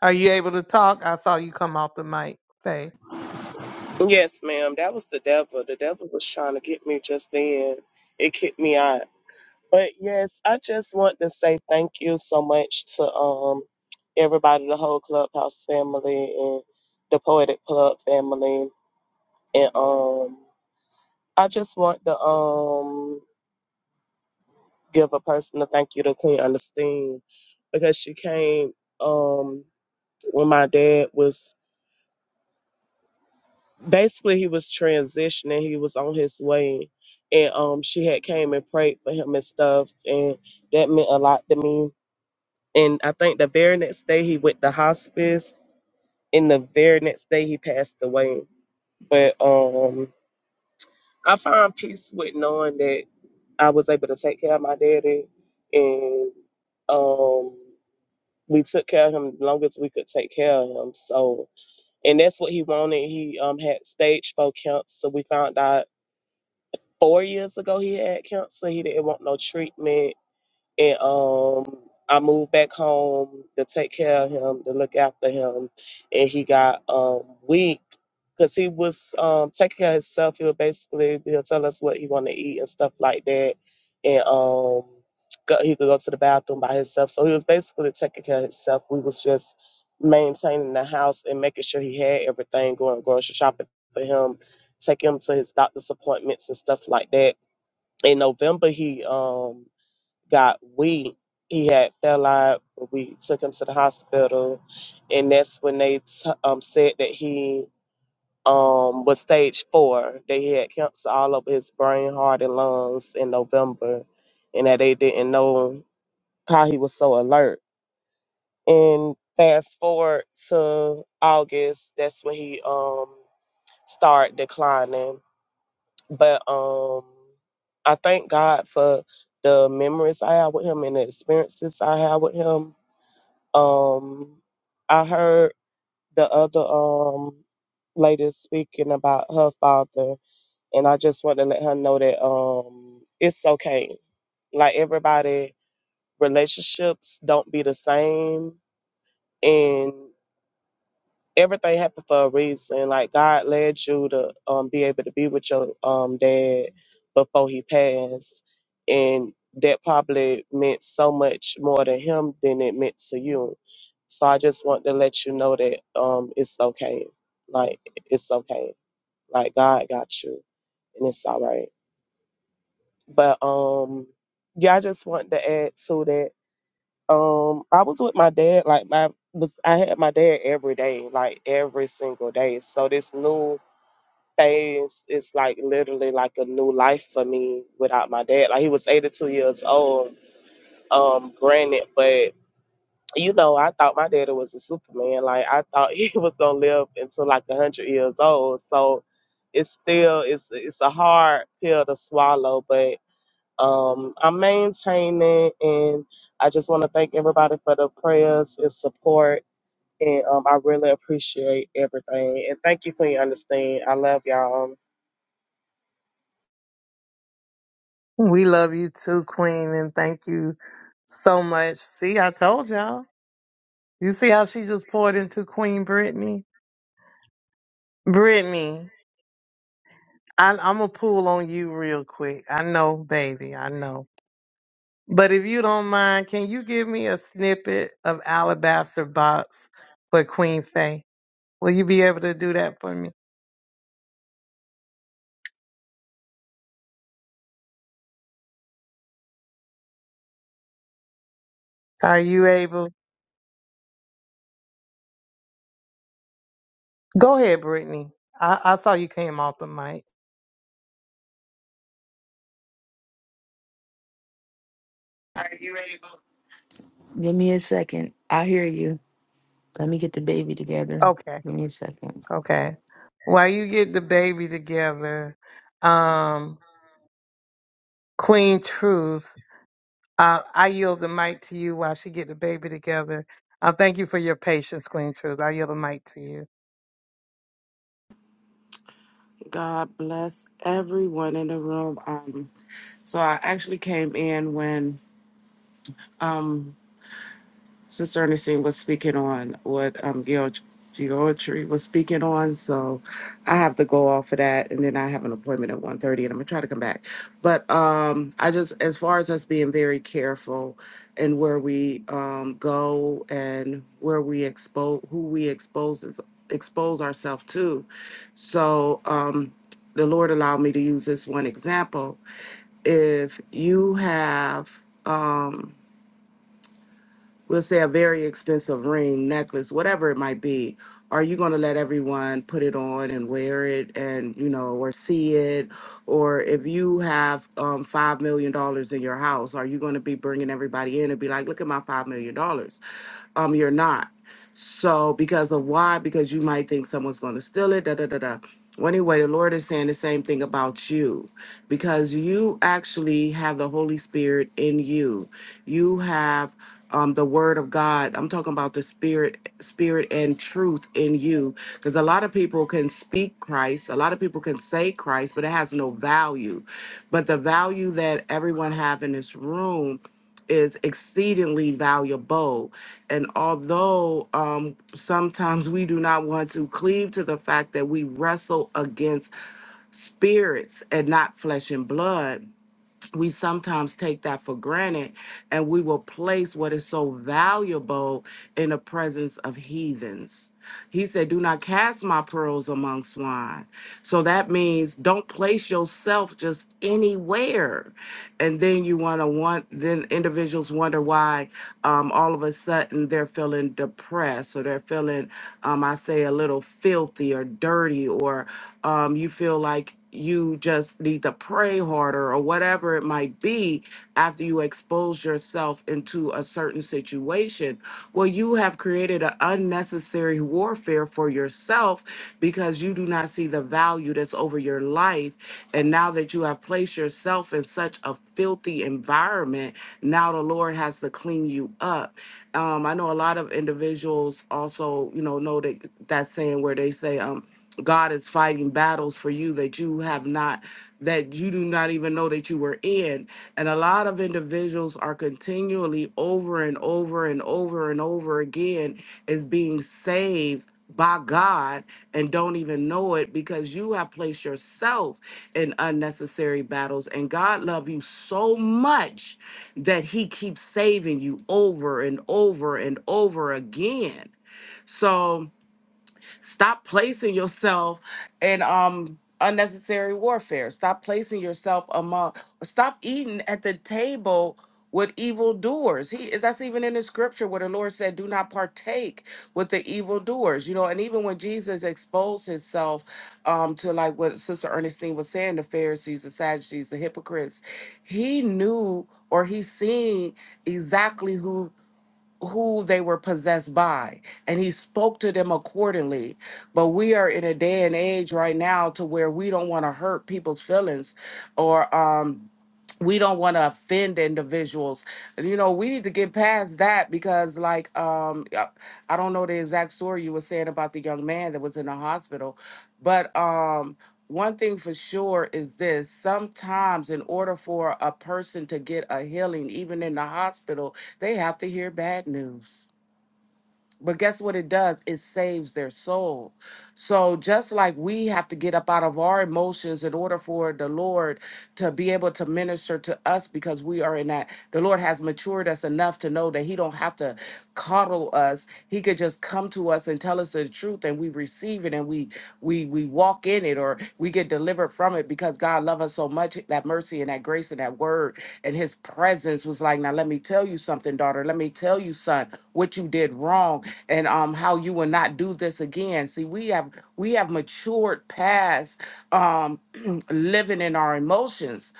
Are you able to talk? I saw you come off the mic, Faye.
Yes, ma'am. That was the devil. The devil was trying to get me just then. It kicked me out. But yes, I just want to say thank you so much to um everybody, the whole clubhouse family and the poetic club family. And um I just want to um give a personal thank you to Queen Understand because she came um when my dad was basically he was transitioning he was on his way and um she had came and prayed for him and stuff and that meant a lot to me and i think the very next day he went to hospice and the very next day he passed away but um i found peace with knowing that i was able to take care of my daddy and um we took care of him as long as we could take care of him so and that's what he wanted he um had stage four cancer we found out four years ago he had cancer. He didn't want no treatment and um I moved back home to take care of him, to look after him, and he got um weak because he was um taking care of himself. He would basically he'll tell us what he want to eat and stuff like that, and um go, he could go to the bathroom by himself. So he was basically taking care of himself. We was just maintaining the house and making sure he had everything going grocery shopping for him, take him to his doctor's appointments and stuff like that. In November, he um got weak, he had fell out. but We took him to the hospital, and that's when they t- um, said that he um, was stage four. That he had cancer all over his brain, heart, and lungs in November, and that they didn't know how he was so alert. And fast forward to August, that's when he um, started declining but um I thank God for the memories I have with him and the experiences I have with him. Um I heard the other um lady speaking about her father and I just want to let her know that um it's okay. Like everybody relationships don't be the same and everything happened for a reason. Like God led you to um, be able to be with your um, dad before he passed, and that probably meant so much more to him than it meant to you. So I just want to let you know that um, it's okay. Like it's okay. Like God got you, and it's all right. But um, yeah, I just want to add to that. Um, I was with my dad. Like my was I had my dad every day, like every single day. So this new phase is like literally like a new life for me without my dad. Like he was 82 years old. Um, granted, but you know, I thought my daddy was a superman. Like I thought (laughs) he was gonna live until like a hundred years old. So it's still it's it's a hard pill to swallow, but um, I'm maintaining, and I just want to thank everybody for the prayers and support. And um, I really appreciate everything. And thank you for your understanding. I love y'all.
We love you too, Queen, and thank you so much. See, I told y'all. You see how she just poured into Queen Brittany? Brittany, I, I'm going to pull on you real quick. I know, baby. I know. But if you don't mind, can you give me a snippet of Alabaster Box for Queen Faye? Will you be able to do that for me? Are you able? Go ahead, Brittany. I, I saw you came off the mic.
Are you ready? to Give me a second. I hear you. Let me get the baby together.
Okay,
Give me a second.
okay. While you get the baby together, um, Queen Truth, uh, I yield the mic to you while she get the baby together. Uh, thank you for your patience, Queen Truth. I yield the mic to you.
God bless everyone in the room. Um, so I actually came in when um Sister Ernestine was speaking on what um Geo- Georgie was speaking on, so I have to go off of that, and then I have an appointment at one thirty, and I'm gonna try to come back. But um, I just, as far as us being very careful and where we um go and where we expose, who we expose is- expose ourselves to, so um, the Lord allowed me to use this one example. If you have um we'll say a very expensive ring, necklace, whatever it might be, are you going to let everyone put it on and wear it and, you know, or see it? Or if you have um, $5 million dollars in your house, are you going to be bringing everybody in and be like, look at my $5 million? dollars? Um, you're not. So because of why? Because you might think someone's going to steal it. Da da da da. Well, anyway, the Lord is saying the same thing about you because you actually have the Holy Spirit in you. You have um, the Word of God. I'm talking about the Spirit, Spirit and truth in you. Because a lot of people can speak Christ, a lot of people can say Christ, but it has no value. But the value that everyone have in this room is exceedingly valuable. And although um, sometimes we do not want to cleave to the fact that we wrestle against spirits and not flesh and blood, we sometimes take that for granted and we will place what is so valuable in the presence of heathens. He said, Do not cast my pearls among swine. So that means don't place yourself just anywhere. And then you want to want, then individuals wonder why um, all of a sudden they're feeling depressed or they're feeling, um, I say, a little filthy or dirty, or um, you feel like you just need to pray harder or whatever it might be after you expose yourself into a certain situation situation where you have created an unnecessary warfare for yourself because you do not see the value that's over your life. And now that you have placed yourself in such a filthy environment, now the Lord has to clean you up. Um, I know a lot of individuals also, you know, know that that saying where they say, um, God is fighting battles for you that you have not, that you do not even know that you were in. And a lot of individuals are continually over and over and over and over again is being saved by God and don't even know it because you have placed yourself in unnecessary battles and God love you so much that he keeps saving you over and over and over again. So Stop placing yourself in um unnecessary warfare. Stop placing yourself among stop eating at the table with evildoers. He that's even in the scripture where the Lord said, Do not partake with the evildoers. You know, and even when Jesus exposed himself um to like what Sister Ernestine was saying, the Pharisees, the Sadducees, the hypocrites, he knew or he seen exactly who who they were possessed by and he spoke to them accordingly but we are in a day and age right now to where we don't want to hurt people's feelings or um we don't want to offend individuals you know we need to get past that because like um uh, i don't know the exact story you were saying about the young man that was in the hospital but um one thing for sure is this sometimes in order for a person to get a healing even in the hospital they have to hear bad news but guess what it does? It saves their soul. So just like we have to get up out of our emotions in order for the Lord to be able to minister to us because we are in that the Lord has matured us enough to know that he don't have to coddle us. He could just come to us and tell us the truth and we receive it and we we we walk in it or we get delivered from it because God loved us so much. That mercy and that grace and that word and His presence was like, now let me tell you something, daughter. Let me tell you, son, what you did wrong and um how you will not do this again. See, we have we have matured past um (clears throat) living in our emotions,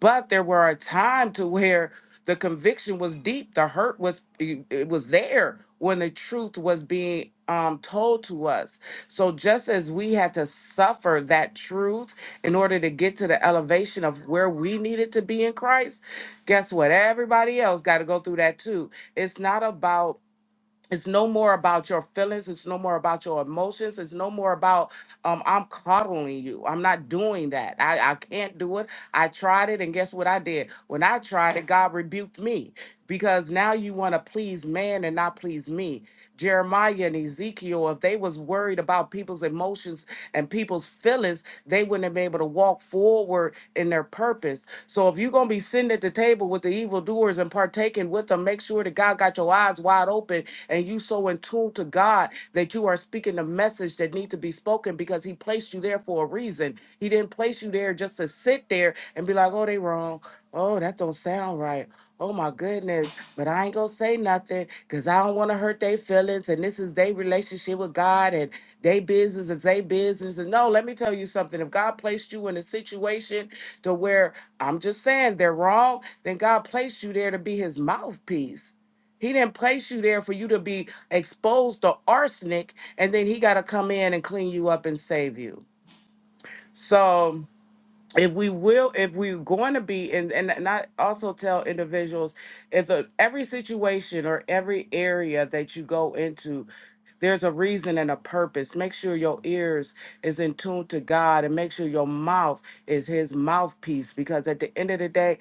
but there were a time to where the conviction was deep, the hurt was it it was there when the truth was being um, told to us. So just as we had to suffer that truth in order to get to the elevation of where we needed to be in Christ, guess what? Everybody else got to go through that too. It's not about it's no more about your feelings. It's no more about your emotions. It's no more about um, I'm coddling you. I'm not doing that. I, I can't do it. I tried it, and guess what I did? When I tried it, God rebuked me because now you want to please man and not please me. Jeremiah and Ezekiel, if they was worried about people's emotions and people's feelings, they wouldn't have been able to walk forward in their purpose. So if you're gonna be sitting at the table with the evildoers and partaking with them, make sure that God got your eyes wide open and you so in tune to God that you are speaking the message that need to be spoken because He placed you there for a reason. He didn't place you there just to sit there and be like, "Oh, they wrong. Oh, that don't sound right. Oh my goodness. But I ain't gonna say nothing because I don't want to hurt their feelings. And this is their relationship with God and their business is their business. And no, let me tell you something. If God placed you in a situation to where I'm just saying they're wrong, then God placed you there to be his mouthpiece. He didn't place you there for you to be exposed to arsenic and then he gotta come in and clean you up and save you. So if we will if we're going to be and and and I also tell individuals if the, every situation or every area that you go into there's a reason and a purpose make sure your ears is in tune to god and make sure your mouth is his mouthpiece because at the end of the day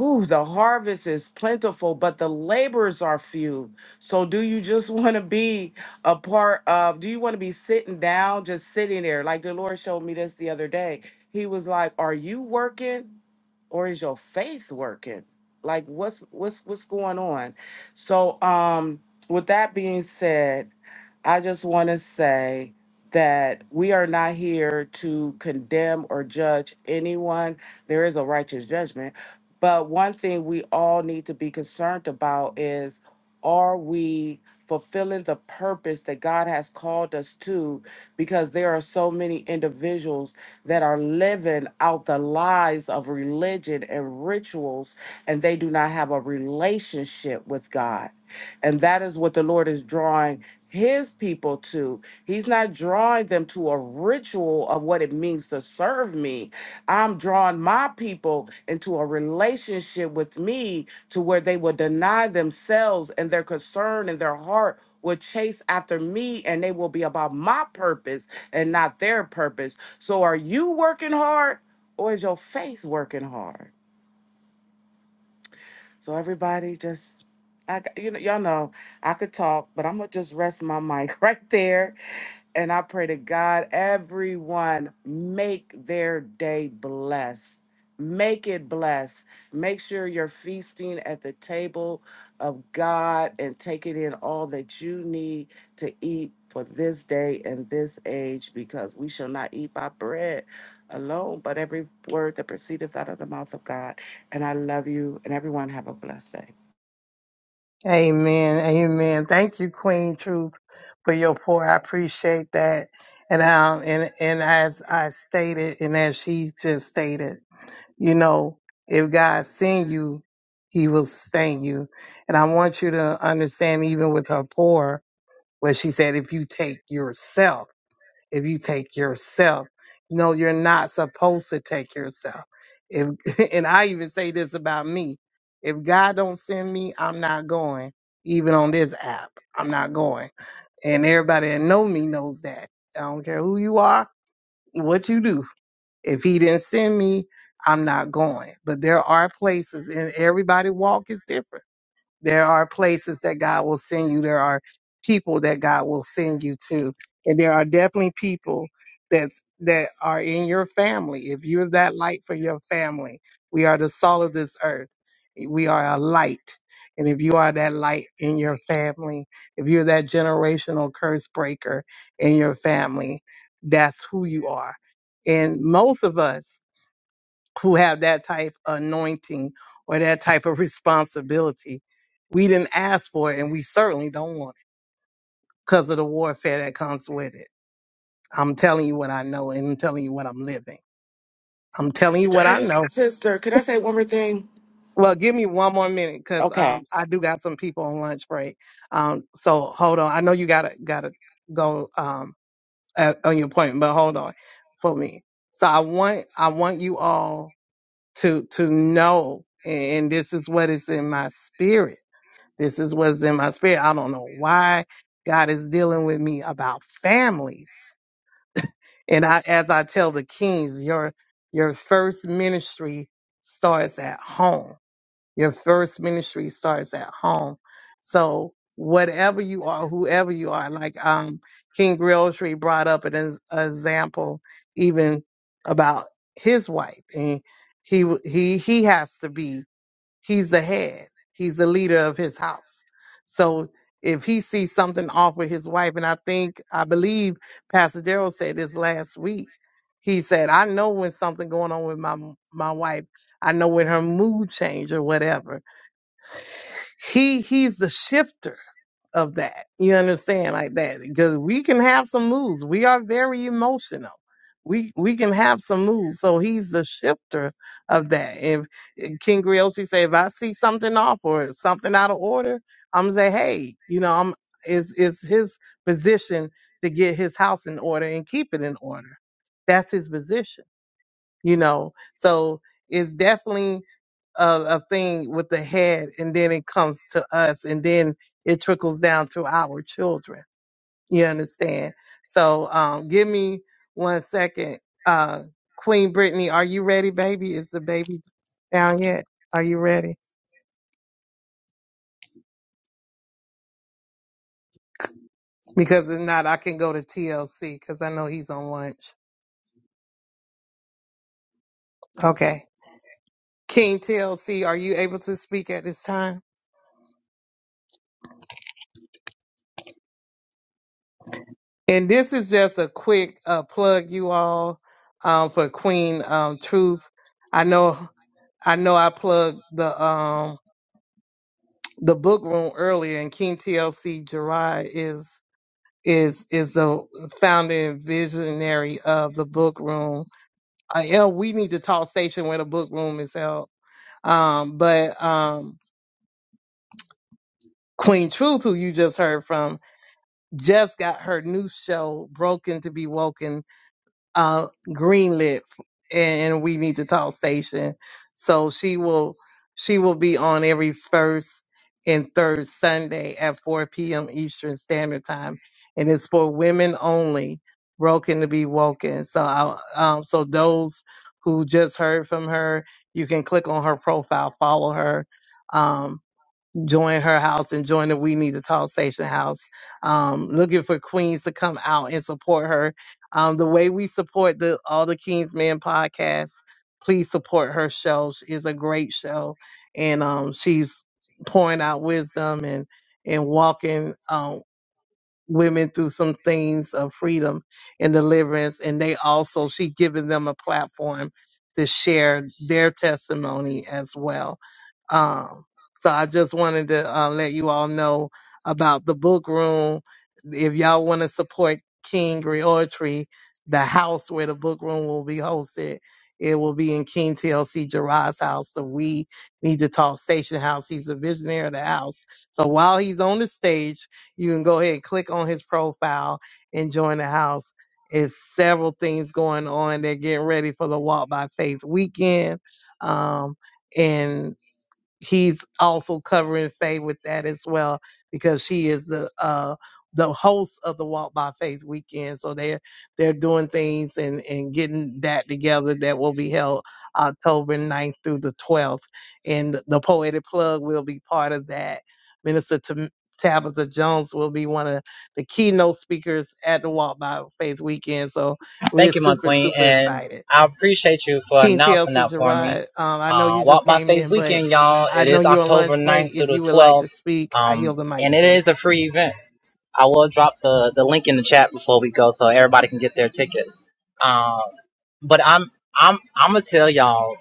Ooh, the harvest is plentiful, but the laborers are few. So, do you just (laughs) want to be a part of? Do you want to be sitting down, just sitting there? Like the Lord showed me this the other day. He was like, Are you working? or is your faith working like what's what's what's going on so um with that being said i just want to say that we are not here to condemn or judge anyone there is a righteous judgment but one thing we all need to be concerned about is are we fulfilling the purpose that god has called us to because there are so many individuals that are living out the lies of religion and rituals, and they do not have a relationship with God. And that is what the Lord is drawing his people to. He's not drawing them to a ritual of what it means to serve me. I'm drawing my people into a relationship with me to where they will deny themselves and their concern and their heart will chase after me and they will be about my purpose and not their purpose. So are you working hard or is your faith working hard? So everybody just I g- you know y'all know I could talk, but I'm gonna just rest my mic (laughs) right there and I pray to God, everyone make their day blessed. Make it blessed. Make sure you're feasting at the table of God and taking in all that you need to eat for this day and this age, because we shall not eat by bread alone, but every word that proceedeth out of the mouth of God. And I love you, and everyone have a blessed day.
Amen. Amen. Thank you, Queen Truth, for your pour. I appreciate that. And um and and as I stated and as she just stated, you know, if God send you, he will sustain you. And I want you to understand even with her pour, where she said, if you take yourself if you take yourself. No, you're not supposed to take yourself. If (laughs) and I even say this about me. If God don't send me, I'm not going. Even on this app, I'm not going. And everybody that know me knows that. I don't care who you are, what you do. If he didn't send me, I'm not going. But there are places and everybody walk is different there are places that God will send you. There are people that God will send you to. And there are definitely people that's, that are in your family. If you're that light for your family, we are the salt of this earth. We are a light. And if you are that light in your family, if you're that generational curse breaker in your family, that's who you are. And most of us who have that type of anointing or that type of responsibility. We didn't ask for it and we certainly don't want it because of the warfare that comes with it. I'm telling you what I know and I'm telling you what I'm living. I'm telling you what I know.
Sister, can I say one more thing?
Well, give me one more minute because
Okay.
um, I do got some people on lunch break. Um, so hold on. I know you gotta gotta go um, uh on your appointment, but hold on for me. So I want I want you all to to know, and this is what is in my spirit This is what's in my spirit. I don't know why God is dealing with me about families. And I, as I tell the kings, your, your first ministry starts at home. Your first ministry starts at home. So whatever you are, whoever you are, like, um, King Realtree brought up an ex- example even about his wife and he, w- he, he has to be He's the head. He's the leader of his house. So if he sees something off with his wife, and I think I believe Pastor Daryl said this last week. He said, "I know when something going on with my my wife. I know when her mood change or whatever." He he's the shifter of that. You understand like that because we can have some moods. We are very emotional. We we can have some moods. So he's the shifter of that. If King Griotri say if I see something off or something out of order, I'm gonna say hey, you know I'm is is his position to get his house in order and keep it in order. That's his position. You know, so it's definitely a, a thing with the head and then it comes to us and then it trickles down to our children. You understand? So um, give me one second. Uh, Queen Brittany, are you ready, baby? Is the baby down yet? Are you ready? Because if not, I can go to TLC because I know he's on lunch. Okay. King TLC, are you able to speak at this time? And this is just a quick uh, plug, you all, um, for Queen um, Truth. I know I know I plugged the um the book room earlier, and King TLC Gerard is is is the founder and visionary of the book room. Uh, yeah, we need to talk station where the book room is held. Um, but um, Queen Truth, who you just heard from, just got her new show "Broken to Be Woken" uh, greenlit and we need to talk station. So she will she will be on every first and third Sunday at 4 p.m. Eastern Standard Time, and it's for women only. Broken to be woken. So I, um, so those who just heard from her, you can click on her profile, follow her. Um, join her house and join the We Need to Talk Station house. Um, looking for queens to come out and support her. Um, the way we support the all the Kings Men podcast, please support her show. She is a great show, and um, she's pouring out wisdom and and walking. um, women through some things of freedom and deliverance and they also she given them a platform to share their testimony as well um so i just wanted to uh, let you all know about the book room if y'all want to support king reortry the house where the book room will be hosted it will be in King TLC Gerard's house. So we need to talk station house. He's a visionary of the house. So while he's on the stage, you can go ahead, and click on his profile, and join the house. It's several things going on. They're getting ready for the Walk by Faith weekend. Um, and he's also covering Faye with that as well because she is the uh the host of the Walk by Faith weekend. So they're they're doing things and and getting that together that will be held October ninth through the 12th. And the Poetic Plug will be part of that. Minister Tam- Tabitha Jones will be one of the keynote speakers at the Walk by Faith weekend. So we're
Thank you, my
super,
queen,
super
and
excited.
I appreciate you for
King
announcing
TLC
that for me.
Gerard, um, I know
Uh,
you
Walk
just
by
came
Faith
in, but
Weekend, y'all.
I
It
know
is
you're on
October
lunch break.
ninth through
If
the
you would like
12th,
to speak, I
um,
yield the mic
and
to
it
you.
is a free event. I will drop the, the link in the chat before we go, so everybody can get their tickets. Um, but I'm I'm I'm gonna tell y'all,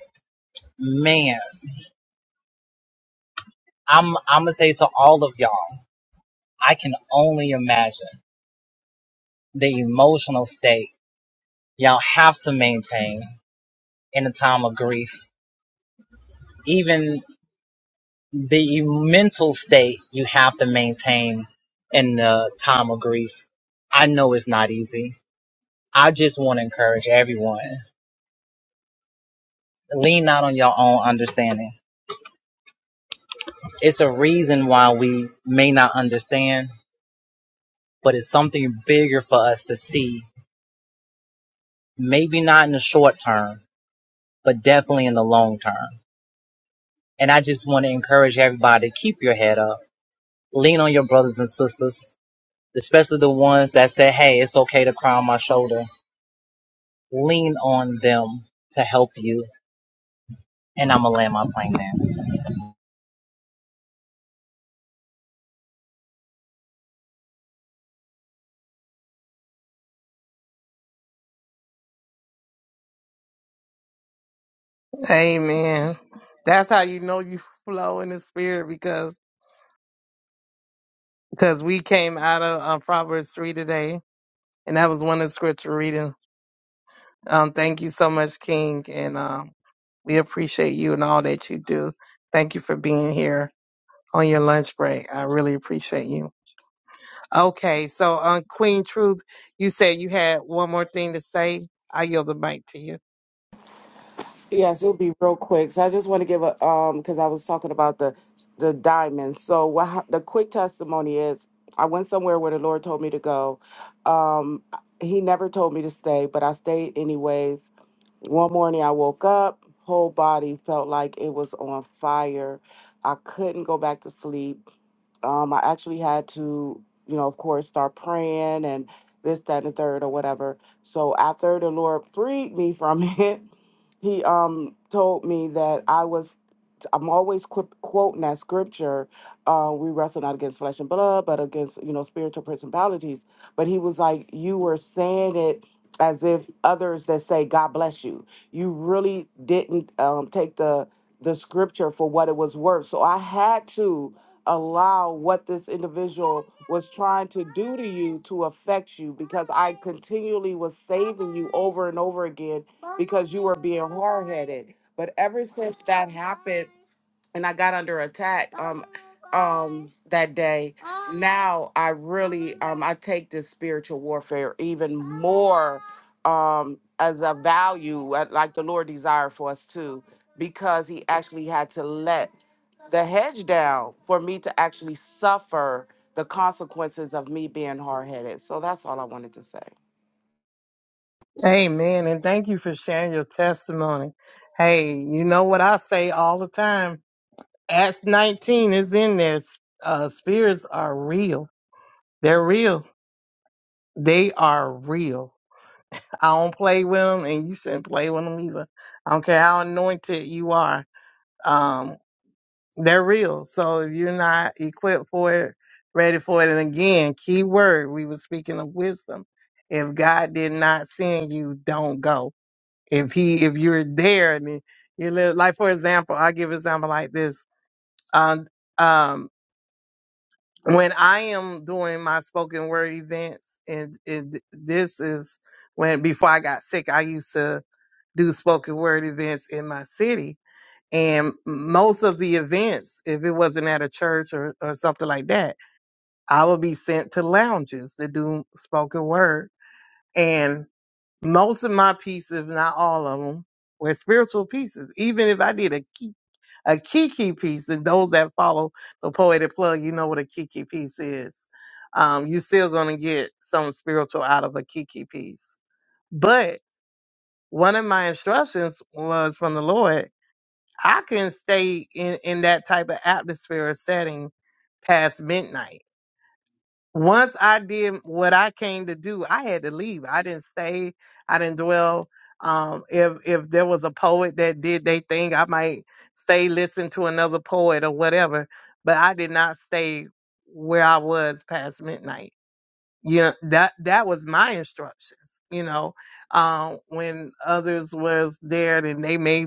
man, I'm I'm gonna say to all of y'all, I can only imagine the emotional state y'all have to maintain in a time of grief. Even the mental state you have to maintain in the time of grief. I know it's not easy. I just want to encourage everyone. Lean not on your own understanding. It's a reason why we may not understand, but it's something bigger for us to see. Maybe not in the short term, but definitely in the long term. And I just want to encourage everybody to keep your head up. Lean on your brothers and sisters, especially the ones that said, Hey, it's okay to cry on my shoulder lean on them to help you. And I'm gonna land my plane there.
Amen. That's how you know you (laughs) flow in the spirit because because we came out of uh, Proverbs three today, and that was one of the scripture reading. Um, thank you so much, King, and um, we appreciate you and all that you do. Thank you for being here. on your lunch break. I really appreciate you. Okay, so on Queen Truth, you said you had one more thing to say. I yield the mic to you.
Yes, it'll be real quick. So I just want to give a um because I was talking about the the diamonds. So what hap- the quick testimony is, I went somewhere where the Lord told me to go. Um, He never told me to stay, but I stayed anyways. One morning I woke up, whole body felt like it was on fire. I couldn't go back to sleep um, I actually had to, you know, of course, start praying and this, that, and the third or whatever. So after the Lord freed me from (laughs) it, He um told me that I was I'm always qu- quoting that scripture. Uh, we wrestle not against flesh and blood, but against you know spiritual principalities. But he was like, you were saying it as if others that say God bless you, you really didn't um, take the the scripture for what it was worth. So I had to allow what this individual was trying to do to you to affect you because I continually was saving you over and over again because you were being hard headed. But ever since that happened, and I got under attack um um that day. Now I really um I take this spiritual warfare even more um as a value uh, like the Lord desired for us too because he actually had to let the hedge down for me to actually suffer the consequences of me being hard-headed. So that's all I wanted to say.
Amen, and thank you for sharing your testimony. Hey, you know what I say all the time? Acts 19 is in there. Uh, spirits are real. They're real. They are real. I don't play with them, and you shouldn't play with them either. I don't care how anointed you are. Um, They're real. So if you're not equipped for it, ready for it, and again, key word, we were speaking of wisdom. If God did not send you, don't go. If he, if you're there and you live, like for example, I give example like this. Um, um, when I am doing my spoken word events, and, and this is when before I got sick, I used to do spoken word events in my city and most of the events, if it wasn't at a church or, or something like that, I would be sent to lounges to do spoken word. And most of my pieces, if not all of them, were spiritual pieces. Even if I did a key, a kiki piece, and those that follow the poetic plug, you know what a kiki piece is. Um, you're still gonna get some spiritual out of a kiki piece. But one of my instructions was from the Lord I couldn't stay in, in that type of atmosphere or setting past midnight. Once I did what I came to do, I had to leave. I didn't stay. I didn't dwell. Um, if if there was a poet that did they thing, I might stay listen to another poet or whatever. But I did not stay where I was past midnight. Yeah, that that was my instructions. You know, um, when others was there and they may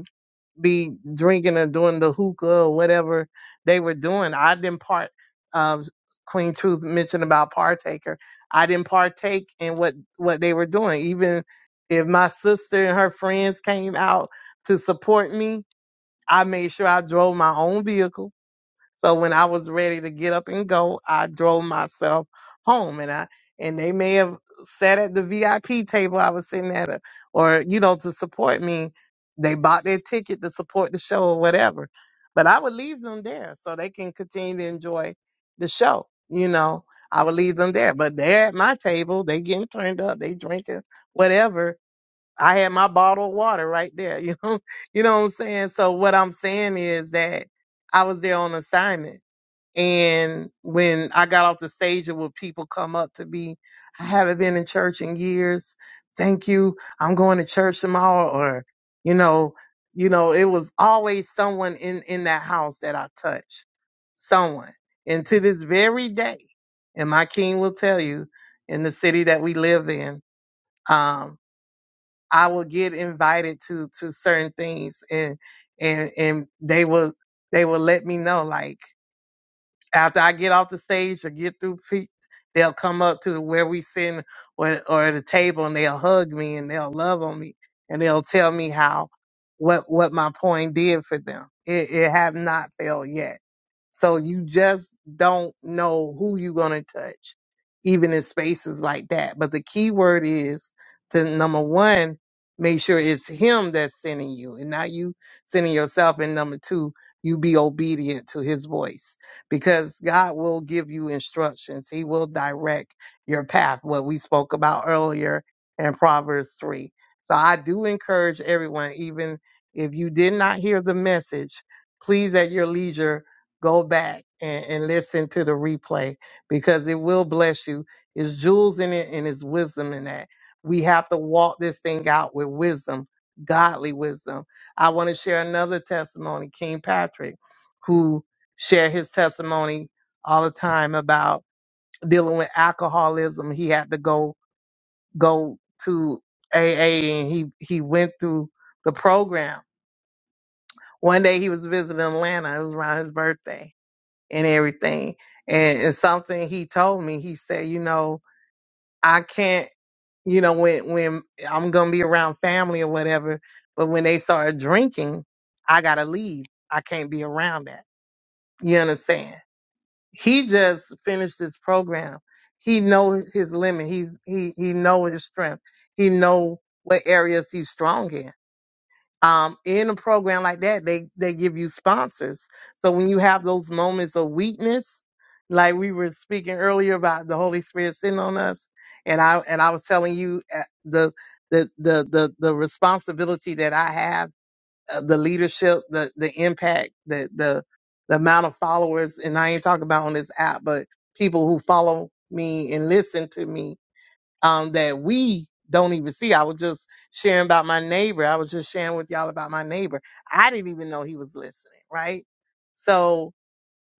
be drinking or doing the hookah or whatever they were doing. I didn't part. Um, Queen Truth mentioned about partaker. I didn't partake in what what they were doing. Even if my sister and her friends came out to support me, I made sure I drove my own vehicle so when I was ready to get up and go, I drove myself home and I and they may have sat at the VIP table I was sitting at or, or you know to support me. They bought their ticket to support the show or whatever. But I would leave them there so they can continue to enjoy the show, you know. I would leave them there, but they're at my table, they getting turned up, they drinking whatever. I had my bottle of water right there, (laughs) you know. You know what I'm saying? So what I'm saying is that I was there on assignment and when I got off the stage and when people come up to me, I haven't been in church in years. Thank you. I'm going to church tomorrow or, you know, you know, it was always someone in, in that house that I touched. Someone. And to this very day, and my king will tell you in the city that we live in, um, I will get invited to, to certain things and, and, and they will, they will let me know like, after I get off the stage or get through, pre- they'll come up to where we sitting or, or the table and they'll hug me and they'll love on me and they'll tell me how what what my poem did for them. It, it have not failed yet so you just don't know who you're going to touch, even in spaces like that. But the key word is to number one, make sure it's him that's sending you and not you sending yourself. And number two, you be obedient to his voice because God will give you instructions. He will direct your path, what we spoke about earlier in Proverbs 3. So I do encourage everyone, even if you did not hear the message, please at your leisure go back and, and listen to the replay because it will bless you. It's jewels in it and it's wisdom in that. We have to walk this thing out with wisdom, godly wisdom. I want to share another testimony, King Patrick, who shared his testimony all the time about dealing with alcoholism. He had to go go to AA and he he went through the program. One day he was visiting Atlanta. It was around his birthday and everything. And, and something he told me, he said, you know, I can't, you know, when when I'm gonna be around family or whatever, but when they start drinking, I gotta leave. I can't be around that. You understand? He just finished this program. He know his limit. He's he he know his strength. He know what areas he's strong in um, in a program like that, they they give you sponsors. So when you have those moments of weakness, like we were speaking earlier about the Holy Spirit sitting on us, and I and I was telling you uh, the the the the, the responsibility that I have, uh, the leadership, the the impact, the the the amount of followers, and I ain't talking about on this app, but people who follow me and listen to me um, that we don't even see. I was just sharing about my neighbor. I was just sharing with y'all about my neighbor. I didn't even know he was listening, right? So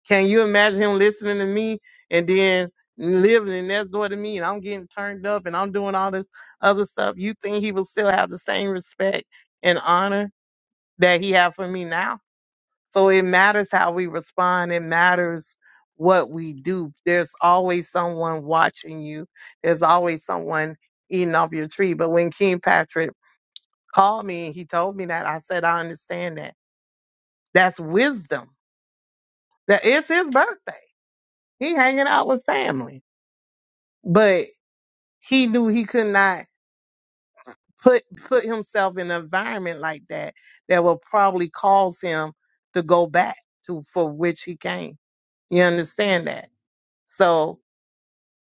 can you imagine him listening to me and then living next door to me and I'm getting turned up and I'm doing all this other stuff? You think he will still have the same respect and honor that he had for me now? So it matters how we respond. It matters what we do. There's always someone watching you. There's always someone eating off your tree. But when King Patrick called me and he told me that, I said, I understand that. That's wisdom. That it's his birthday. He hanging out with family. But he knew he could not put put himself in an environment like that that will probably cause him to go back to for which he came. You understand that? So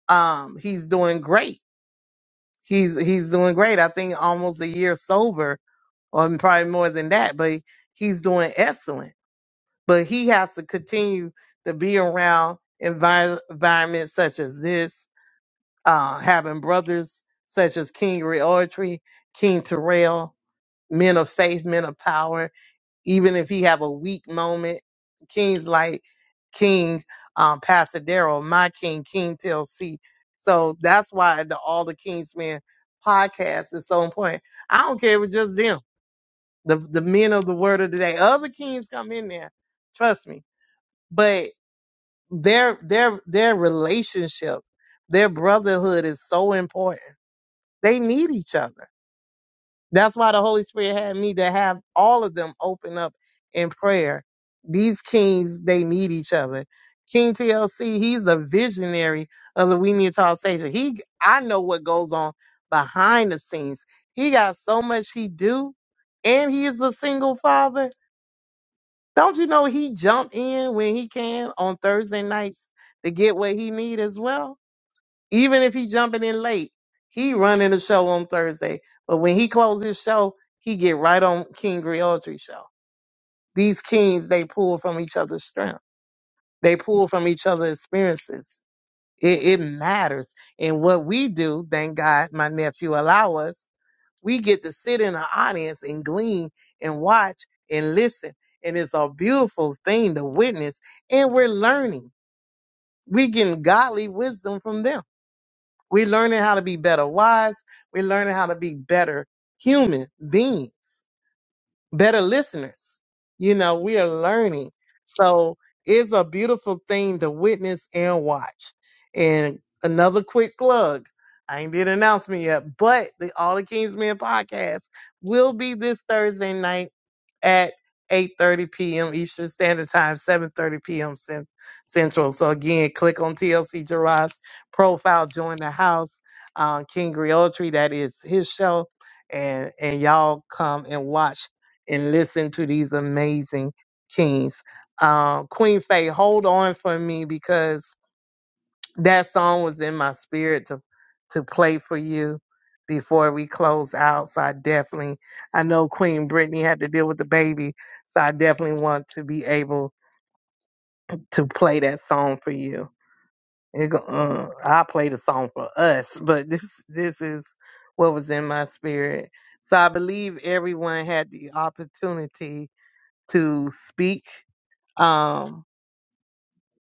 um he's doing great he's he's doing great i think almost a year sober or probably more than that but he's doing excellent but he has to continue to be around envi- environments such as this uh having brothers such as king reortry king terrell men of faith men of power even if he have a weak moment king's like King, um, Pastor Daryl, my King, King TLC. So that's why the All the Kings Men podcast is so important. I don't care if it's just them, the, the men of the word of the day. Other kings come in there, trust me. But their their their relationship, their brotherhood is so important. They need each other. That's why the Holy Spirit had me to have all of them open up in prayer. These kings, they need each other. King TLC, he's a visionary of the We Need to Talk station. He, I know what goes on behind the scenes. He got so much he do, and he is a single father. Don't you know he jump in when he can on Thursday nights to get what he need as well? Even if he jumping in late, he running the show on Thursday. But when he closes his show, he get right on King Griotri show. These kings, they pull from each other's strength. They pull from each other's experiences. It, it matters. And what we do, thank God my nephew allow us, we get to sit in the audience and glean and watch and listen. And it's a beautiful thing to witness. And we're learning. we getting godly wisdom from them We're learning how to be better wives. We're learning how to be better human beings, better listeners. You know, we are learning. So it's a beautiful thing to witness and watch. And another quick plug. I ain't did an announcement yet, but the All the Kings Men podcast will be this Thursday night at 8.30 p.m. Eastern Standard Time, 7.30 p.m. Cen- Central. So again, click on TLC Gerard's profile, join the house, um, King Griotry, that is his show, and, and y'all come and watch and listen to these amazing kings. Um, Queen Faye, hold on for me because that song was in my spirit to to play for you before we close out. So I definitely I know Queen Brittany had to deal with the baby. So I definitely want to be able to play that song for you. It, go- uh, I play the song for us, but (laughs) this this is what was in my spirit. So I believe everyone had the opportunity to speak. Um,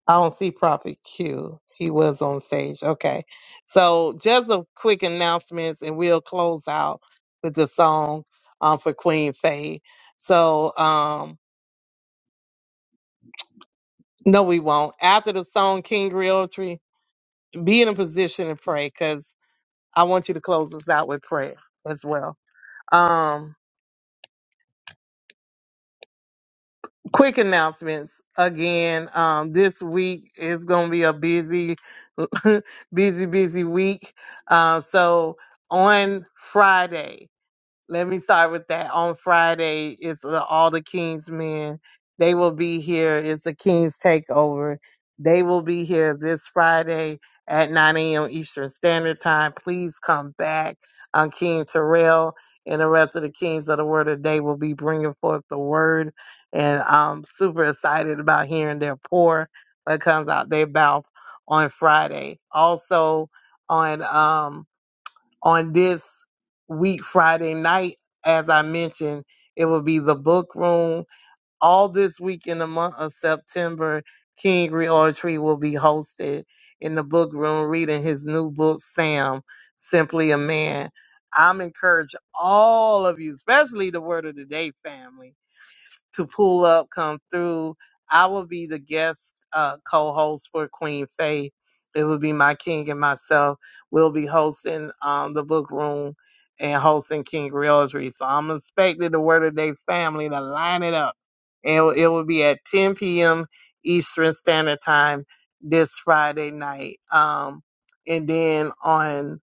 I don't see Prophet Q. He was on stage. Okay. So just a quick announcements and we'll close out with the song um, for Queen Faye. So um no we won't. After the song King Realtree, be in a position to pray because I want you to close us out with prayer as well. Um quick announcements again um, this week is going to be a busy (laughs) busy busy week um, so on friday let me start with that. On Friday, it's the, all the King's men. They will be here. It's the King's Takeover. They will be here this Friday at 9 a.m. Eastern Standard Time. Please come back. Um, King Terrell and the rest of the Kings of the Word of the Day will be bringing forth the Word. And I'm super excited about hearing their pour that comes out their mouth on Friday. Also, on. Um, on this week, Friday night, as I mentioned, it will be the book room. All this week in the month of September, King Reortree will be hosted in the book room reading his new book, Sam, Simply a Man. I'm encouraging all of you, especially the Word of the Day family to pull up, come through. I will be the guest uh, co-host for Queen Faith. It will be my king and myself. We'll be hosting um, the book room and hosting King Realtree. So I'm expecting the Word of Day family to line it up. And it will it will be at 10 p.m. Eastern Standard Time this Friday night. Um, and then on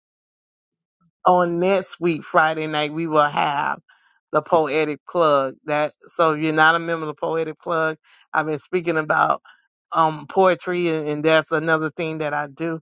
on next week Friday night we will have the poetic plug. That so if you're not a member of the poetic plug, I've been speaking about um poetry and, and that's another thing that I do.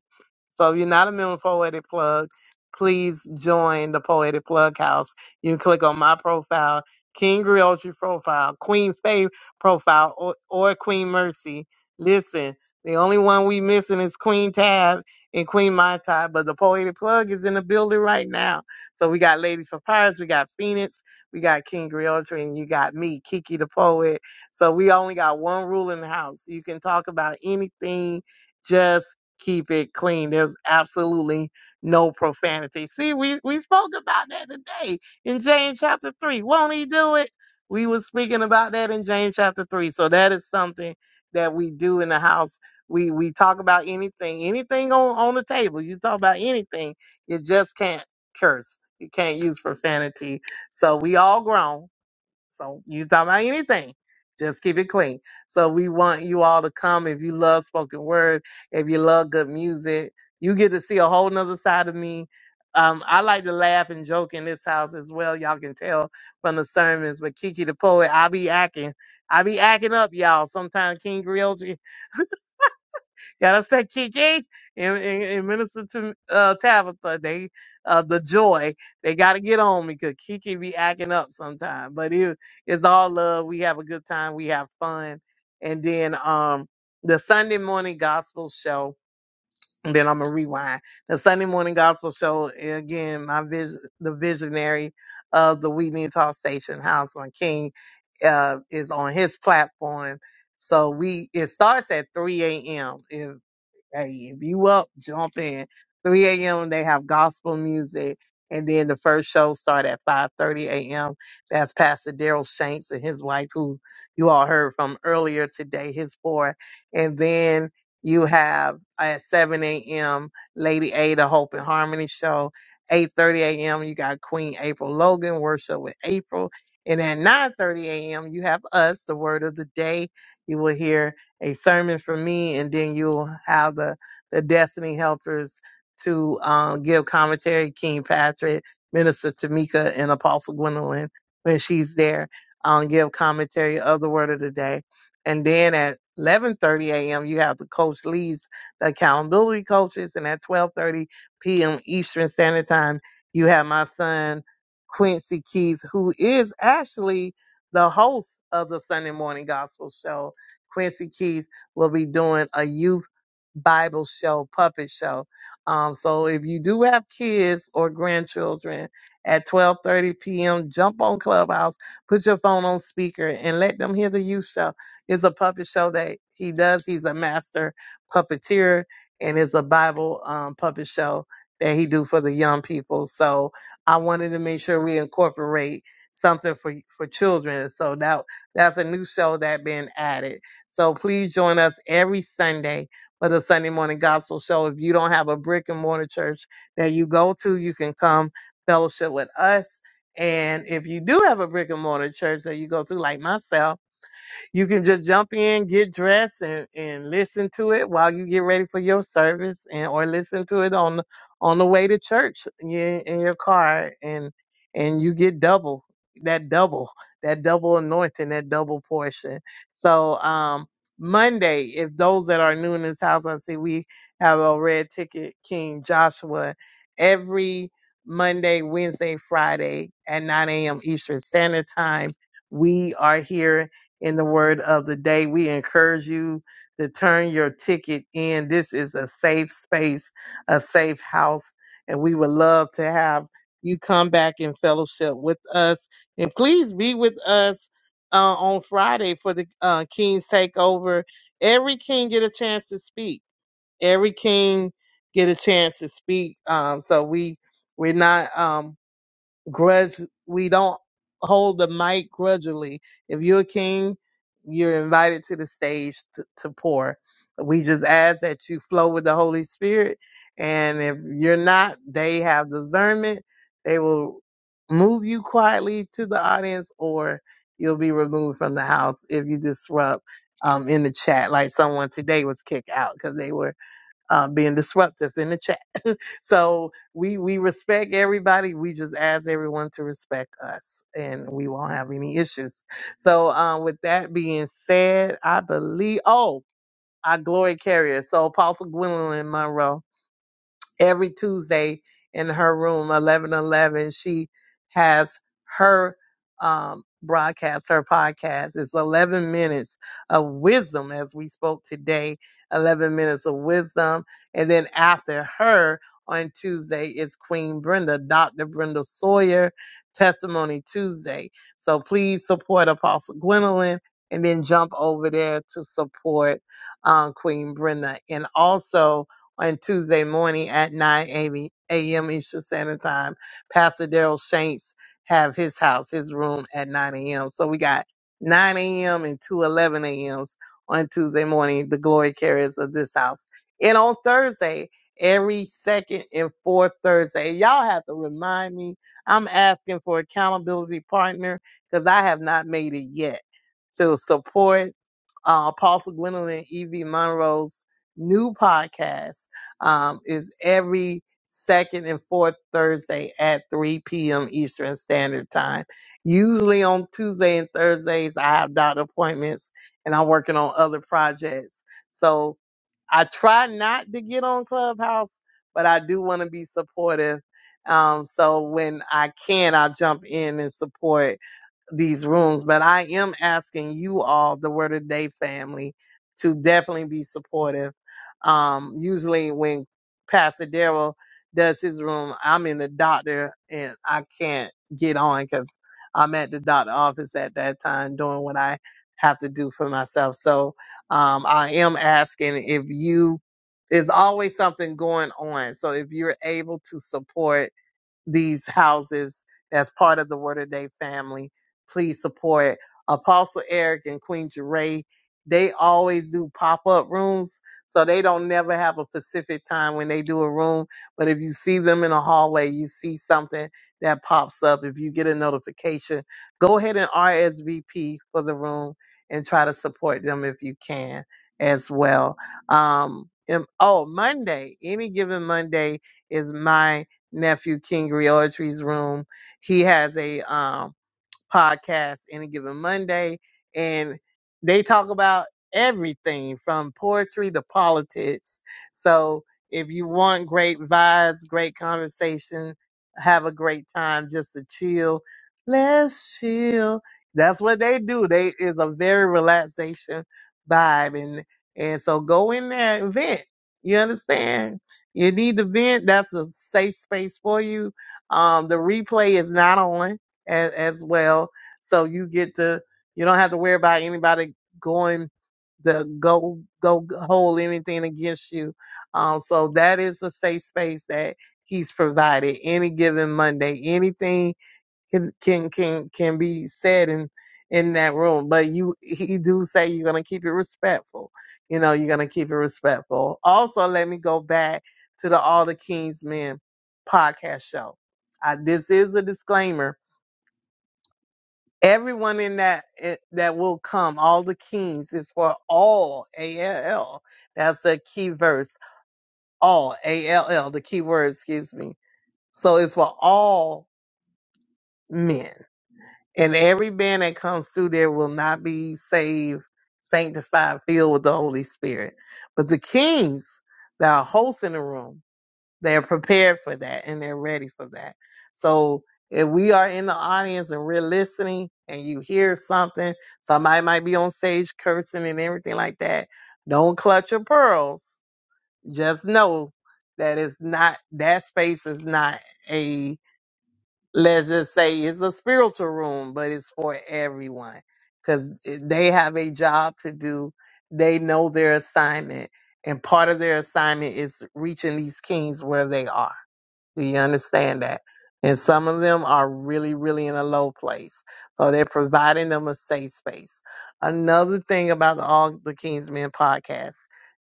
So if you're not a member of Poetic Plug, please join the Poetic Plug House. You can click on my profile, King Griotri profile, Queen Faith profile, or, or Queen Mercy. Listen, the only one we missing is Queen Tab in Queen Mai Tai, but the Poetic Plug is in the building right now. So we got Lady Papyrus, we got Phoenix, we got King Griotri, and you got me, Kiki the Poet. So we only got one rule in the house. You can talk about anything, just keep it clean. There's absolutely no profanity. See, we, we spoke about that today in James chapter 3. Won't he do it? We were speaking about that in James chapter 3. So that is something that we do in the house we we talk about anything, anything on on the table. You talk about anything. You just can't curse. You can't use profanity. So we all grown. So you talk about anything. Just keep it clean. So we want you all to come. If you love spoken word, if you love good music, you get to see a whole nother side of me. Um, I like to laugh and joke in this house as well. Y'all can tell from the sermons. But Kiki the poet, I be acting. I be acting up, y'all. Sometimes King Griot gotta say, Kiki and, and, and minister to uh, Tabitha. They uh, the joy they gotta get on me because Kiki be acting up sometimes. But it, it's all love. We have a good time. We have fun, and then um the Sunday morning gospel show. And then I'm gonna rewind the Sunday morning gospel show. and Again, my vision, the visionary of the We Need Talk Station House on King, uh, is on his platform. So we it starts at 3 a.m. Hey, if you up, jump in. 3 a.m. they have gospel music, and then the first show start at 5:30 a.m. That's Pastor Daryl Shanks and his wife, who you all heard from earlier today. His four, and then you have at 7 a.m. Lady A, the Hope and Harmony show. 8:30 a.m. You got Queen April Logan worship with April, and at 9:30 a.m. you have us, the Word of the Day. You will hear a sermon from me, and then you'll have the, the Destiny Helpers to um, give commentary, King Patrick, Minister Tamika, and Apostle Gwendolyn when she's there, um, give commentary of the Word of the Day. And then at 11:30 a.m. you have the Coach Lee's the accountability coaches, and at 12:30 p.m. Eastern Standard Time you have my son Quincy Keith, who is actually the host of the Sunday Morning Gospel Show Quincy Keith will be doing a youth Bible show, puppet show. Um, so if you do have kids or grandchildren at 12:30 p.m., jump on Clubhouse, put your phone on speaker, and let them hear the youth show. It's a puppet show that he does. He's a master puppeteer, and it's a Bible um, puppet show that he do for the young people. So I wanted to make sure we incorporate something for for children. So that that's a new show that been added. So please join us every Sunday for the Sunday morning gospel show. If you don't have a brick and mortar church that you go to, you can come fellowship with us. And if you do have a brick and mortar church that you go to, like myself, you can just jump in, get dressed, and, and listen to it while you get ready for your service, and or listen to it on the on the way to church in, in your car, and and you get double that double that double anointing, that double portion. So um, Monday, if those that are new in this house, I see we have a red ticket, King Joshua, every Monday, Wednesday, Friday at 9 a.m. Eastern Standard Time. We are here in the word of the day. We encourage you to turn your ticket in. This is a safe space, a safe house, and we would love to have you come back and fellowship with us. And please be with us uh, on Friday for the uh, King's Takeover. Every king get a chance to speak. Every king get a chance to speak. Um, so we we're not. um, grudge we don't hold the mic grudgingly if you're a king you're invited to the stage to, to pour we just ask that you flow with the holy spirit and if you're not they have discernment they will move you quietly to the audience or you'll be removed from the house if you disrupt um, in the chat like someone today was kicked out because they were uh, being disruptive in the chat so we we respect everybody. We just ask everyone to respect us, and we won't have any issues. So um, with that being said, I believe. Oh, our glory carrier. So Apostle Gwendolyn Monroe every Tuesday in her room, 1111. She has her um, broadcast, her podcast. It's 11 minutes of wisdom, as we spoke today, 11 minutes of wisdom. And then after her on Tuesday is Queen Brenda, Dr. Brenda Sawyer, Testimony Tuesday. So please support Apostle Gwendolyn. And then jump over there to support um, Queen Brenda. And also, on Tuesday morning at 9 a.m. Eastern Standard Time. Pastor Daryl Shanks have his house, his room at 9 a.m. So we got 9 a.m. and 2 11 a.m.s on Tuesday morning, the glory carriers of this house. And on Thursday, every second and fourth Thursday, y'all have to remind me. I'm asking for accountability partner because I have not made it yet to support uh, Apostle Gwendolyn E.V. Monroe's new podcast um, is every second and fourth Thursday at 3 p.m. Eastern Standard Time. Usually on Tuesday and Thursdays, I have doctor appointments and I'm working on other projects. So I try not to get on Clubhouse, but I do want to be supportive. Um, so when I can, I'll jump in and support these rooms, but I am asking you all, the Word of the Day family, to definitely be supportive. Um, usually when Pastor Daryl does his room, I'm in the doctor and I can't get on because I'm at the doctor office at that time doing what I have to do for myself. So um, I am asking if you, there's always something going on. So if you're able to support, these houses as part of the Word of Day family. Please support Apostle Eric and Queen Jeray. They always do pop up rooms, so they don't never have a specific time when they do a room. But if you see them in a hallway, you see something that pops up. If you get a notification, go ahead and RSVP for the room and try to support them if you can as well. Um, and- oh, Monday, any given Monday is my nephew King Griotri's room. He has a um podcast any given Monday, and they talk about everything from poetry to politics. So if you want great vibes, great conversation, have a great time, just to chill. Let's chill. That's what they do. They is a very relaxation vibe, and and so go in there and vent. You understand? You need to vent. That's a safe space for you. Um, the replay is not on as, as well. So you get to, you don't have to worry about anybody going to go, go hold anything against you. Um, so that is a safe space that he's provided any given Monday. Anything can, can, can, can be said in, in that room, but you, he do say you're going to keep it respectful. You know, you're going to keep it respectful. Also, let me go back to the All the King's Men podcast show. I, this is a disclaimer Everyone in that eh, that will come, all the kings is for all A L L. That's the key verse. All A L L, the key word, excuse me. So it's for all men. And every man that comes through there will not be saved, sanctified, filled with the Holy Spirit. But the kings, there are hosts in the room. They're prepared for that and they're ready for that. So if we are in the audience and we're listening and you hear something, somebody might be on stage cursing and everything like that. Don't clutch your pearls. Just know that it's not, that space is not a, let's just say it's a spiritual room, but it's for everyone because they have a job to do. They know their assignment and part of their assignment is reaching these kings where they are. Do you understand that? And some of them are really, really in a low place. So they're providing them a safe space. Another thing about the All the King's Men podcast,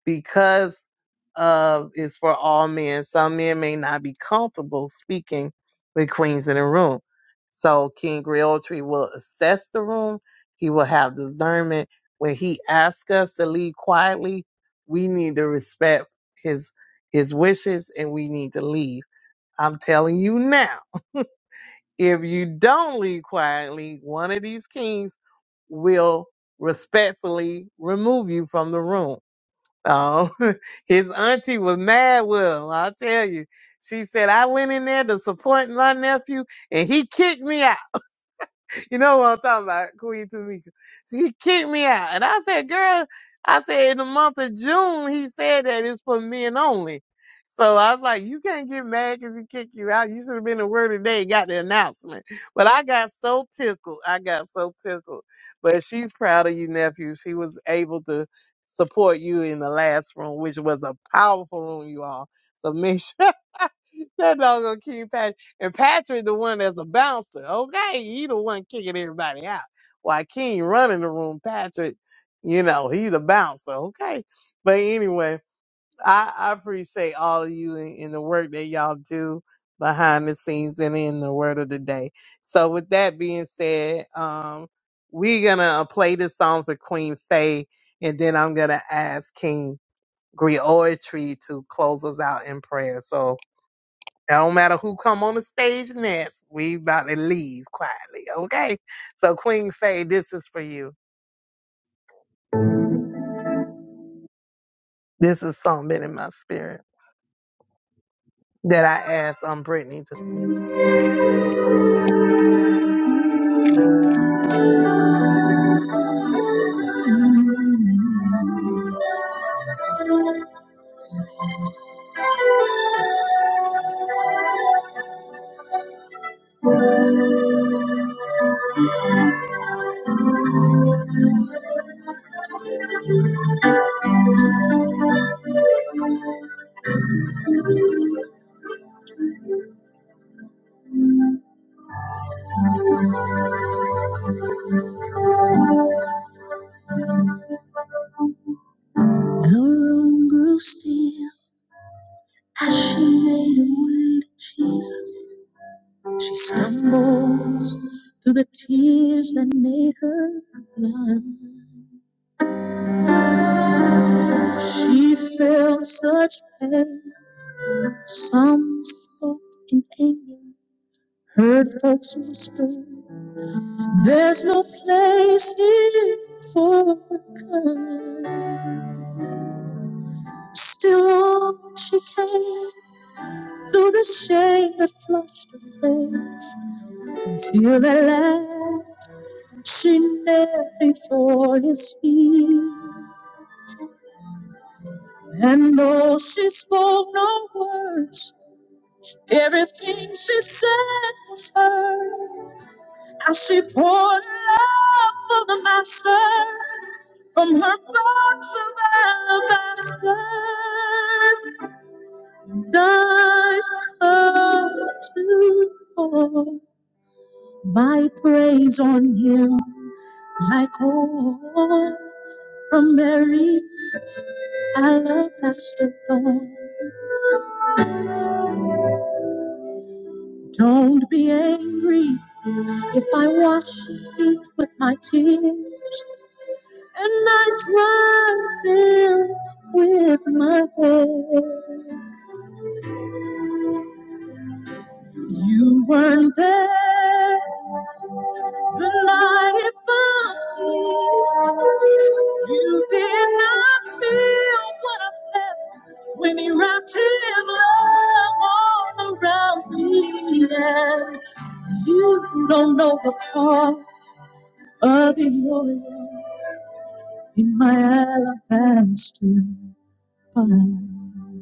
because of it's for all men, some men may not be comfortable speaking with queens in a room. So King Realtree will assess the room. He will have discernment. When he asks us to leave quietly, we need to respect his his wishes and we need to leave I'm telling you now, if you don't leave quietly, one of these kings will respectfully remove you from the room. Oh, (laughs) his auntie was mad with him. I'll tell you. She said, I went in there to support my nephew and he kicked me out. You know what I'm talking about, Queen Tamika. He kicked me out. And I said, girl, I said in the month of June, he said that it's for men only. So I was like, you can't get mad because he kicked you out. You should have been the word today and got the announcement. But I got so tickled. I got so tickled. But she's proud of you, nephew. She was able to support you in the last room, which was a powerful room, you all. So make sure (laughs) that dog gonna keep and Patrick, the one that's a bouncer. Okay, he the one kicking everybody out. While King running the room, Patrick, you know, he the bouncer. Okay. But anyway, I, I appreciate all of you and, and the work that y'all do behind the scenes and in the word of the day. So with that being said, um, we're gonna uh, play this song for Queen Faye, and then I'm gonna ask King Griotry to close us out in prayer. So it don't matter who come on the stage next. We about to leave quietly, okay? So Queen Faye, this is for you. This is something in my spirit that I asked um Brittany to sing. Our room grew still as she made her way to Jesus. She stumbles through the tears that made her blind. She felt such pain. Some spoke in anger. Heard folks whisper, there's no place here for kind." Still on she came, through the shame that flushed her face, until at last she knelt before his feet. And though she spoke no words, everything she said was heard. As she poured out for the master from her box of alabaster, dive cup to pour my praise on him like oil from Mary's alabaster bowl. Don't be angry if I wash his feet with my tears. and I drive in with my head. You weren't there the night it found me. You did not feel what I felt when he wrapped his love all around me. And you don't know the cost of the oil in my alabaster. Fire.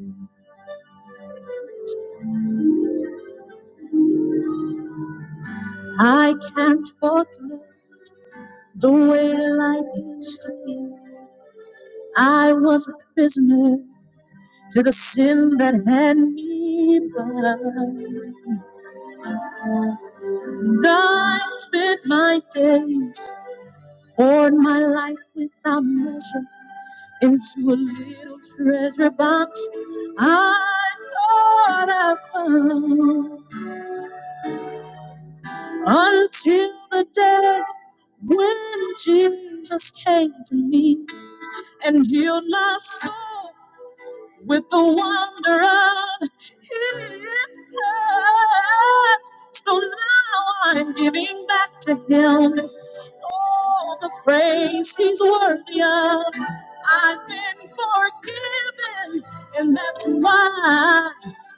I can't forget the way life used to be. I was a prisoner to the sin that had me bound. And I spent my days, poured my life without measure into a little treasure box. I thought I found until the day when Jesus came to me. and healed my soul with the wonder of his touch. So now I'm giving back to him all the praise he's worthy of. I've been forgiven, and that's why.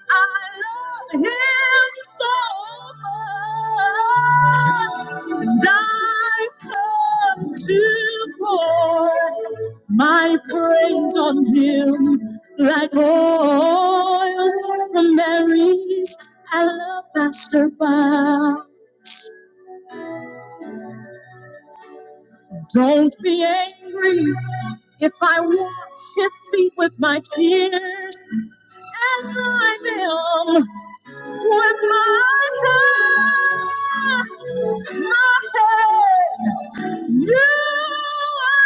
I love him so much, and I come to pour my praise on him like oil from Mary's alabaster bowl. Don't be angry if I wash his feet with my tears, and I am. with my time, my head. You are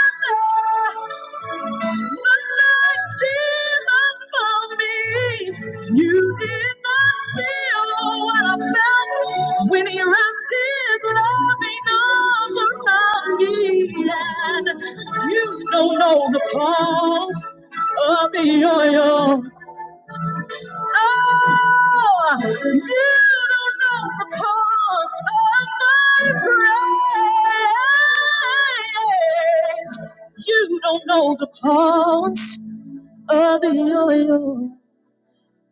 the Lord Jesus for me. You did not feel what I felt when He wrapped His loving arms around me, and you don't know the cost of the oil. Oh, you don't know the cost of my praise. You don't know the cost of the oil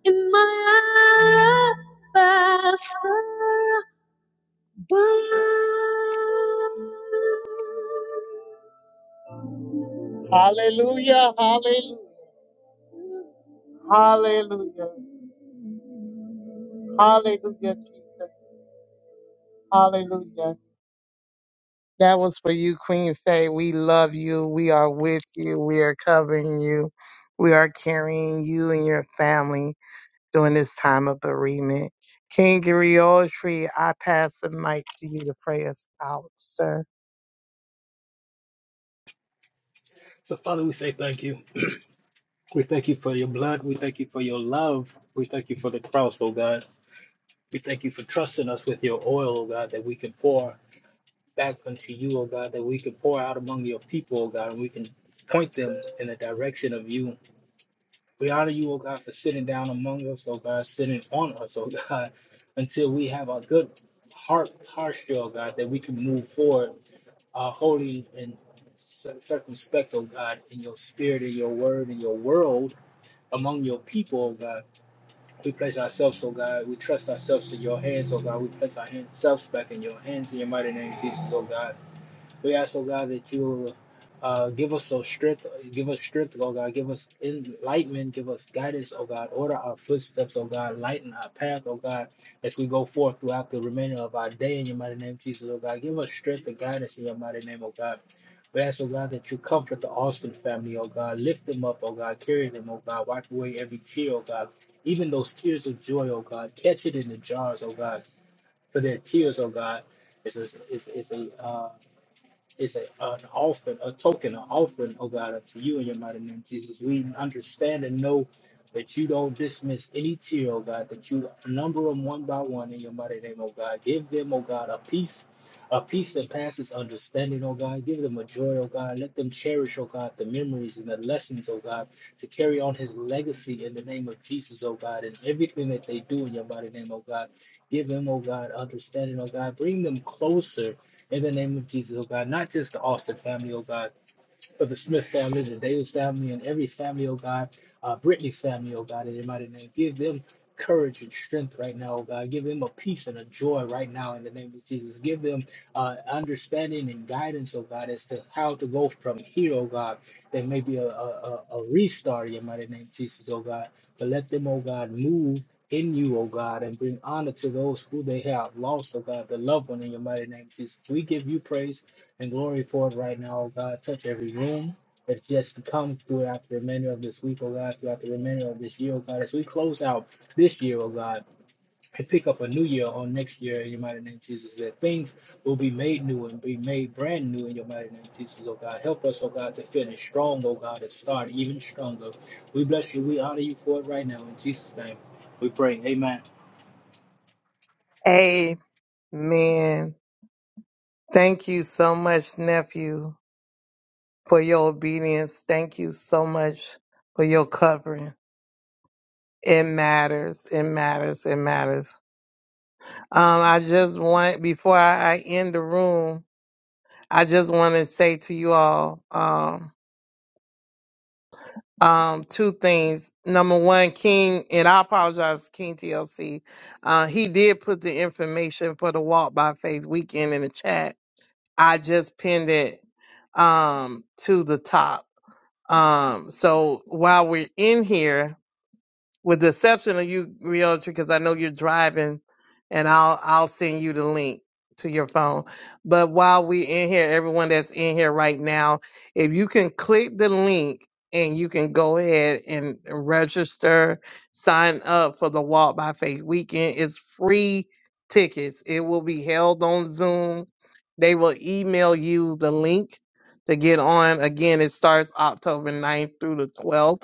in my alabaster box. Hallelujah, hallelujah. for you, Queen Faye. We love you. We are with you. We are covering you. We are carrying you and your family during this time of bereavement. King Griotri, I pass the mic to you to pray us out, sir.
So, Father, we say thank you. We thank you for your blood. We thank you for your love. We thank you for the cross, oh God. We thank you for trusting us with your oil, oh God, that we can pour. back unto you, O God, that we can pour out among your people, O God, and we can point them in the direction of you. We honor you, O God, for sitting down among us, O God, sitting on us, O (laughs) God, until we have a good heart posture, O God, that we can move forward uh, holy and cir- circumspect, O God, in your spirit, in your word, in your world, among your people, O God. We place ourselves, O God, we trust ourselves in your hands, O God. We place our hands, selves back in your hands in your mighty name, Jesus, O God. We ask, oh God, that you uh, give us those strength, give us strength, oh God, give us enlightenment, give us guidance, oh God, order our footsteps, oh God, lighten our path, oh God, as we go forth throughout the remainder of our day in your mighty name, Jesus, oh God, give us strength and guidance in your mighty name, oh God. We ask, oh God, that you comfort the Austin family, oh God, lift them up, oh God, carry them, oh God, wipe away every tear, oh God, even those tears of joy, oh God, catch it in the jars, oh God, for their tears, oh God. is a, is is a, uh, it's a, an offering, a token, an offering, oh God, unto you in your mighty name, Jesus. We understand and know that you don't dismiss any tear, oh God, that you number them one by one in your mighty name, oh God. Give them, oh God, a peace, a peace that passes understanding, oh God. Give them a joy, oh God. Let them cherish, oh God, the memories and the lessons, oh God, to carry on his legacy in the name of Jesus, oh God, and everything that they do in your mighty name, oh God. Give them, oh God, understanding, oh God. Bring them closer in the name of Jesus, oh God, not just the Austin family, oh God for the Smith family, the Davis family, and every family, oh God, uh, Brittany's family, oh God, in your mighty name. Give them courage and strength right now, oh God. Give them a peace and a joy right now in the name of Jesus. Give them uh, understanding and guidance, oh God, as to how to go from here, oh God. There may be a, a, a a restart in your mighty name, Jesus, oh God. But let them, oh God, move in you, oh God, and bring honor to those who they have lost, oh God, the loved one in your mighty name, Jesus. We give you praise and glory for it right now, oh God. Touch every room that's just come throughout the remainder of this week, oh God, throughout the remainder of this year, oh God. As we close out this year, oh God, and pick up a new year on next year in your mighty name, Jesus, that things will be made new and be made brand new in your mighty name, Jesus, oh God. Help us, oh God, to finish strong, oh God, and start even stronger. We bless you. We honor you for it right now. In Jesus' name, we pray. Amen.
Amen. Thank you so much, nephew, for your obedience. Thank you so much for your covering. It matters. It matters. It matters. Um, I just want before I, I end the room. I just want to say to you all um, um, two things. Number one, King, and I apologize, King TLC. Uh, he did put the information for the Walk by Faith weekend in the chat. I just pinned it um, to the top. Um, so while we're in here, with the exception of you, Realtor, because I know you're driving, and I'll I'll send you the link to your phone. But while we in here, everyone that's in here right now, if you can click the link and you can go ahead and register, sign up for the Walk by Faith weekend. It's free tickets. It will be held on Zoom. They will email you the link to get on. Again, it starts October ninth through the 12th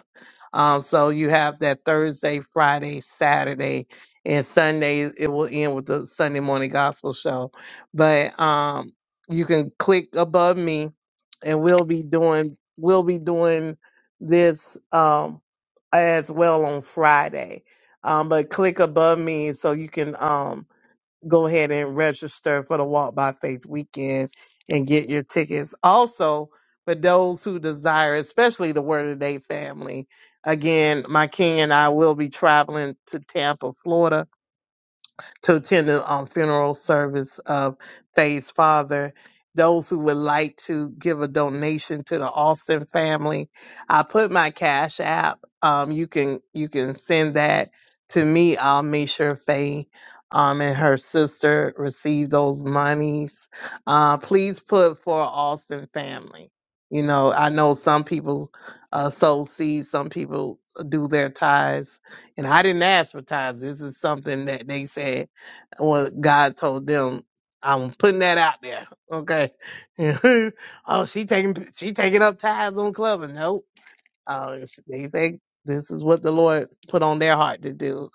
um, so you have that Thursday, Friday, Saturday, and Sunday. It will end with the Sunday morning gospel show. But um, you can click above me, and we'll be doing we'll be doing this um, as well on Friday. Um, but click above me so you can. um, go ahead and register for the Walk by Faith weekend and get your tickets. Also, for those who desire, especially the Word of the Day family, again, my king and I will be traveling to Tampa, Florida to attend the um, funeral service of Faye's father. Those who would like to give a donation to the Austin family, I put my cash app. Um, you can you can send that to me. I'll make sure Faye um, and her sister receive those monies. Uh, please put for Austin family. You know, I know some people uh, sow seeds, some people do their tithes, and I didn't ask for tithes. This is something that they said well, God told them, I'm putting that out there. Okay. (laughs) oh, she taking she taking up ties on clubbing. Nope. Uh, they think this is what the Lord put on their heart to do.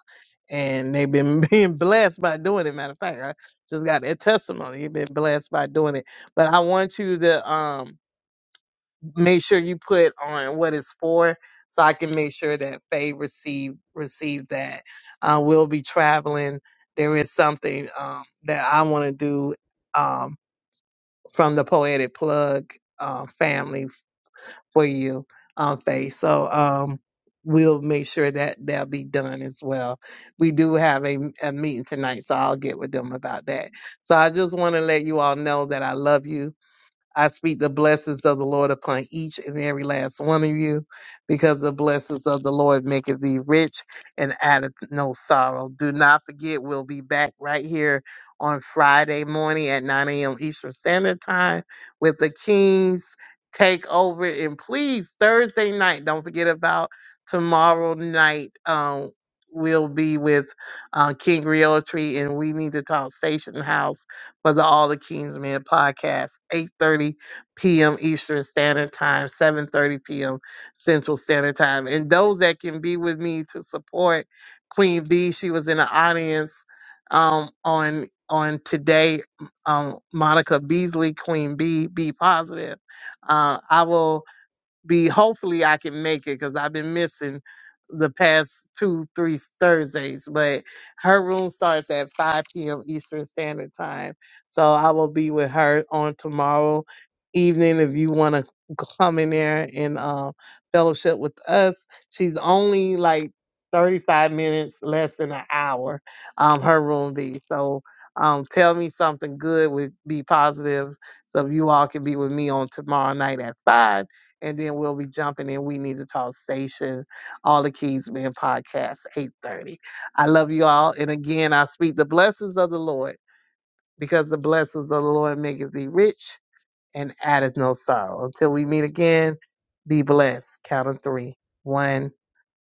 And they've been (laughs) being blessed by doing it. Matter of fact, I just got that testimony. You've been blessed by doing it. But I want you to um make sure you put on what it's for so I can make sure that Faye receive receive that. Uh, we'll be traveling. There is something um, that I want to do um, from the Poetic Plug uh, family for you, um, Faye. So um, we'll make sure that that'll be done as well. We do have a, a meeting tonight, so I'll get with them about that. So I just want to let you all know that I love you I speak the blessings of the Lord upon each and every last one of you, because the blessings of the Lord maketh thee rich and addeth no sorrow. Do not forget, we'll be back right here on Friday morning at 9 a.m. Eastern Standard Time with the Kings take over. And please, Thursday night, don't forget about tomorrow night. Um, we'll be with uh, King Realtree, and we need to talk Station House for the All the Kings Men podcast, 8.30 p.m. Eastern Standard Time, 7.30 p.m. Central Standard Time. And those that can be with me to support Queen B, she was in the audience um, on on today, um, Monica Beasley, Queen B, be positive. Uh, I will be hopefully I can make it because I've been missing the past two, three s- Thursdays. But her room starts at 5 p.m. Eastern Standard Time. So I will be with her on tomorrow evening if you want to come in there and uh, fellowship with us. She's only like 35 minutes, less than an hour, um, her room be. So um, tell me something good would be positive. So if you all can be with me on tomorrow night at 5 and then we'll be jumping in. We need to talk station, all the keys being podcast, 8:30. I love you all. And again, I speak the blessings of the Lord, because the blessings of the Lord maketh thee rich and addeth no sorrow. Until we meet again, be blessed. Count of three. One,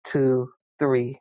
two, three.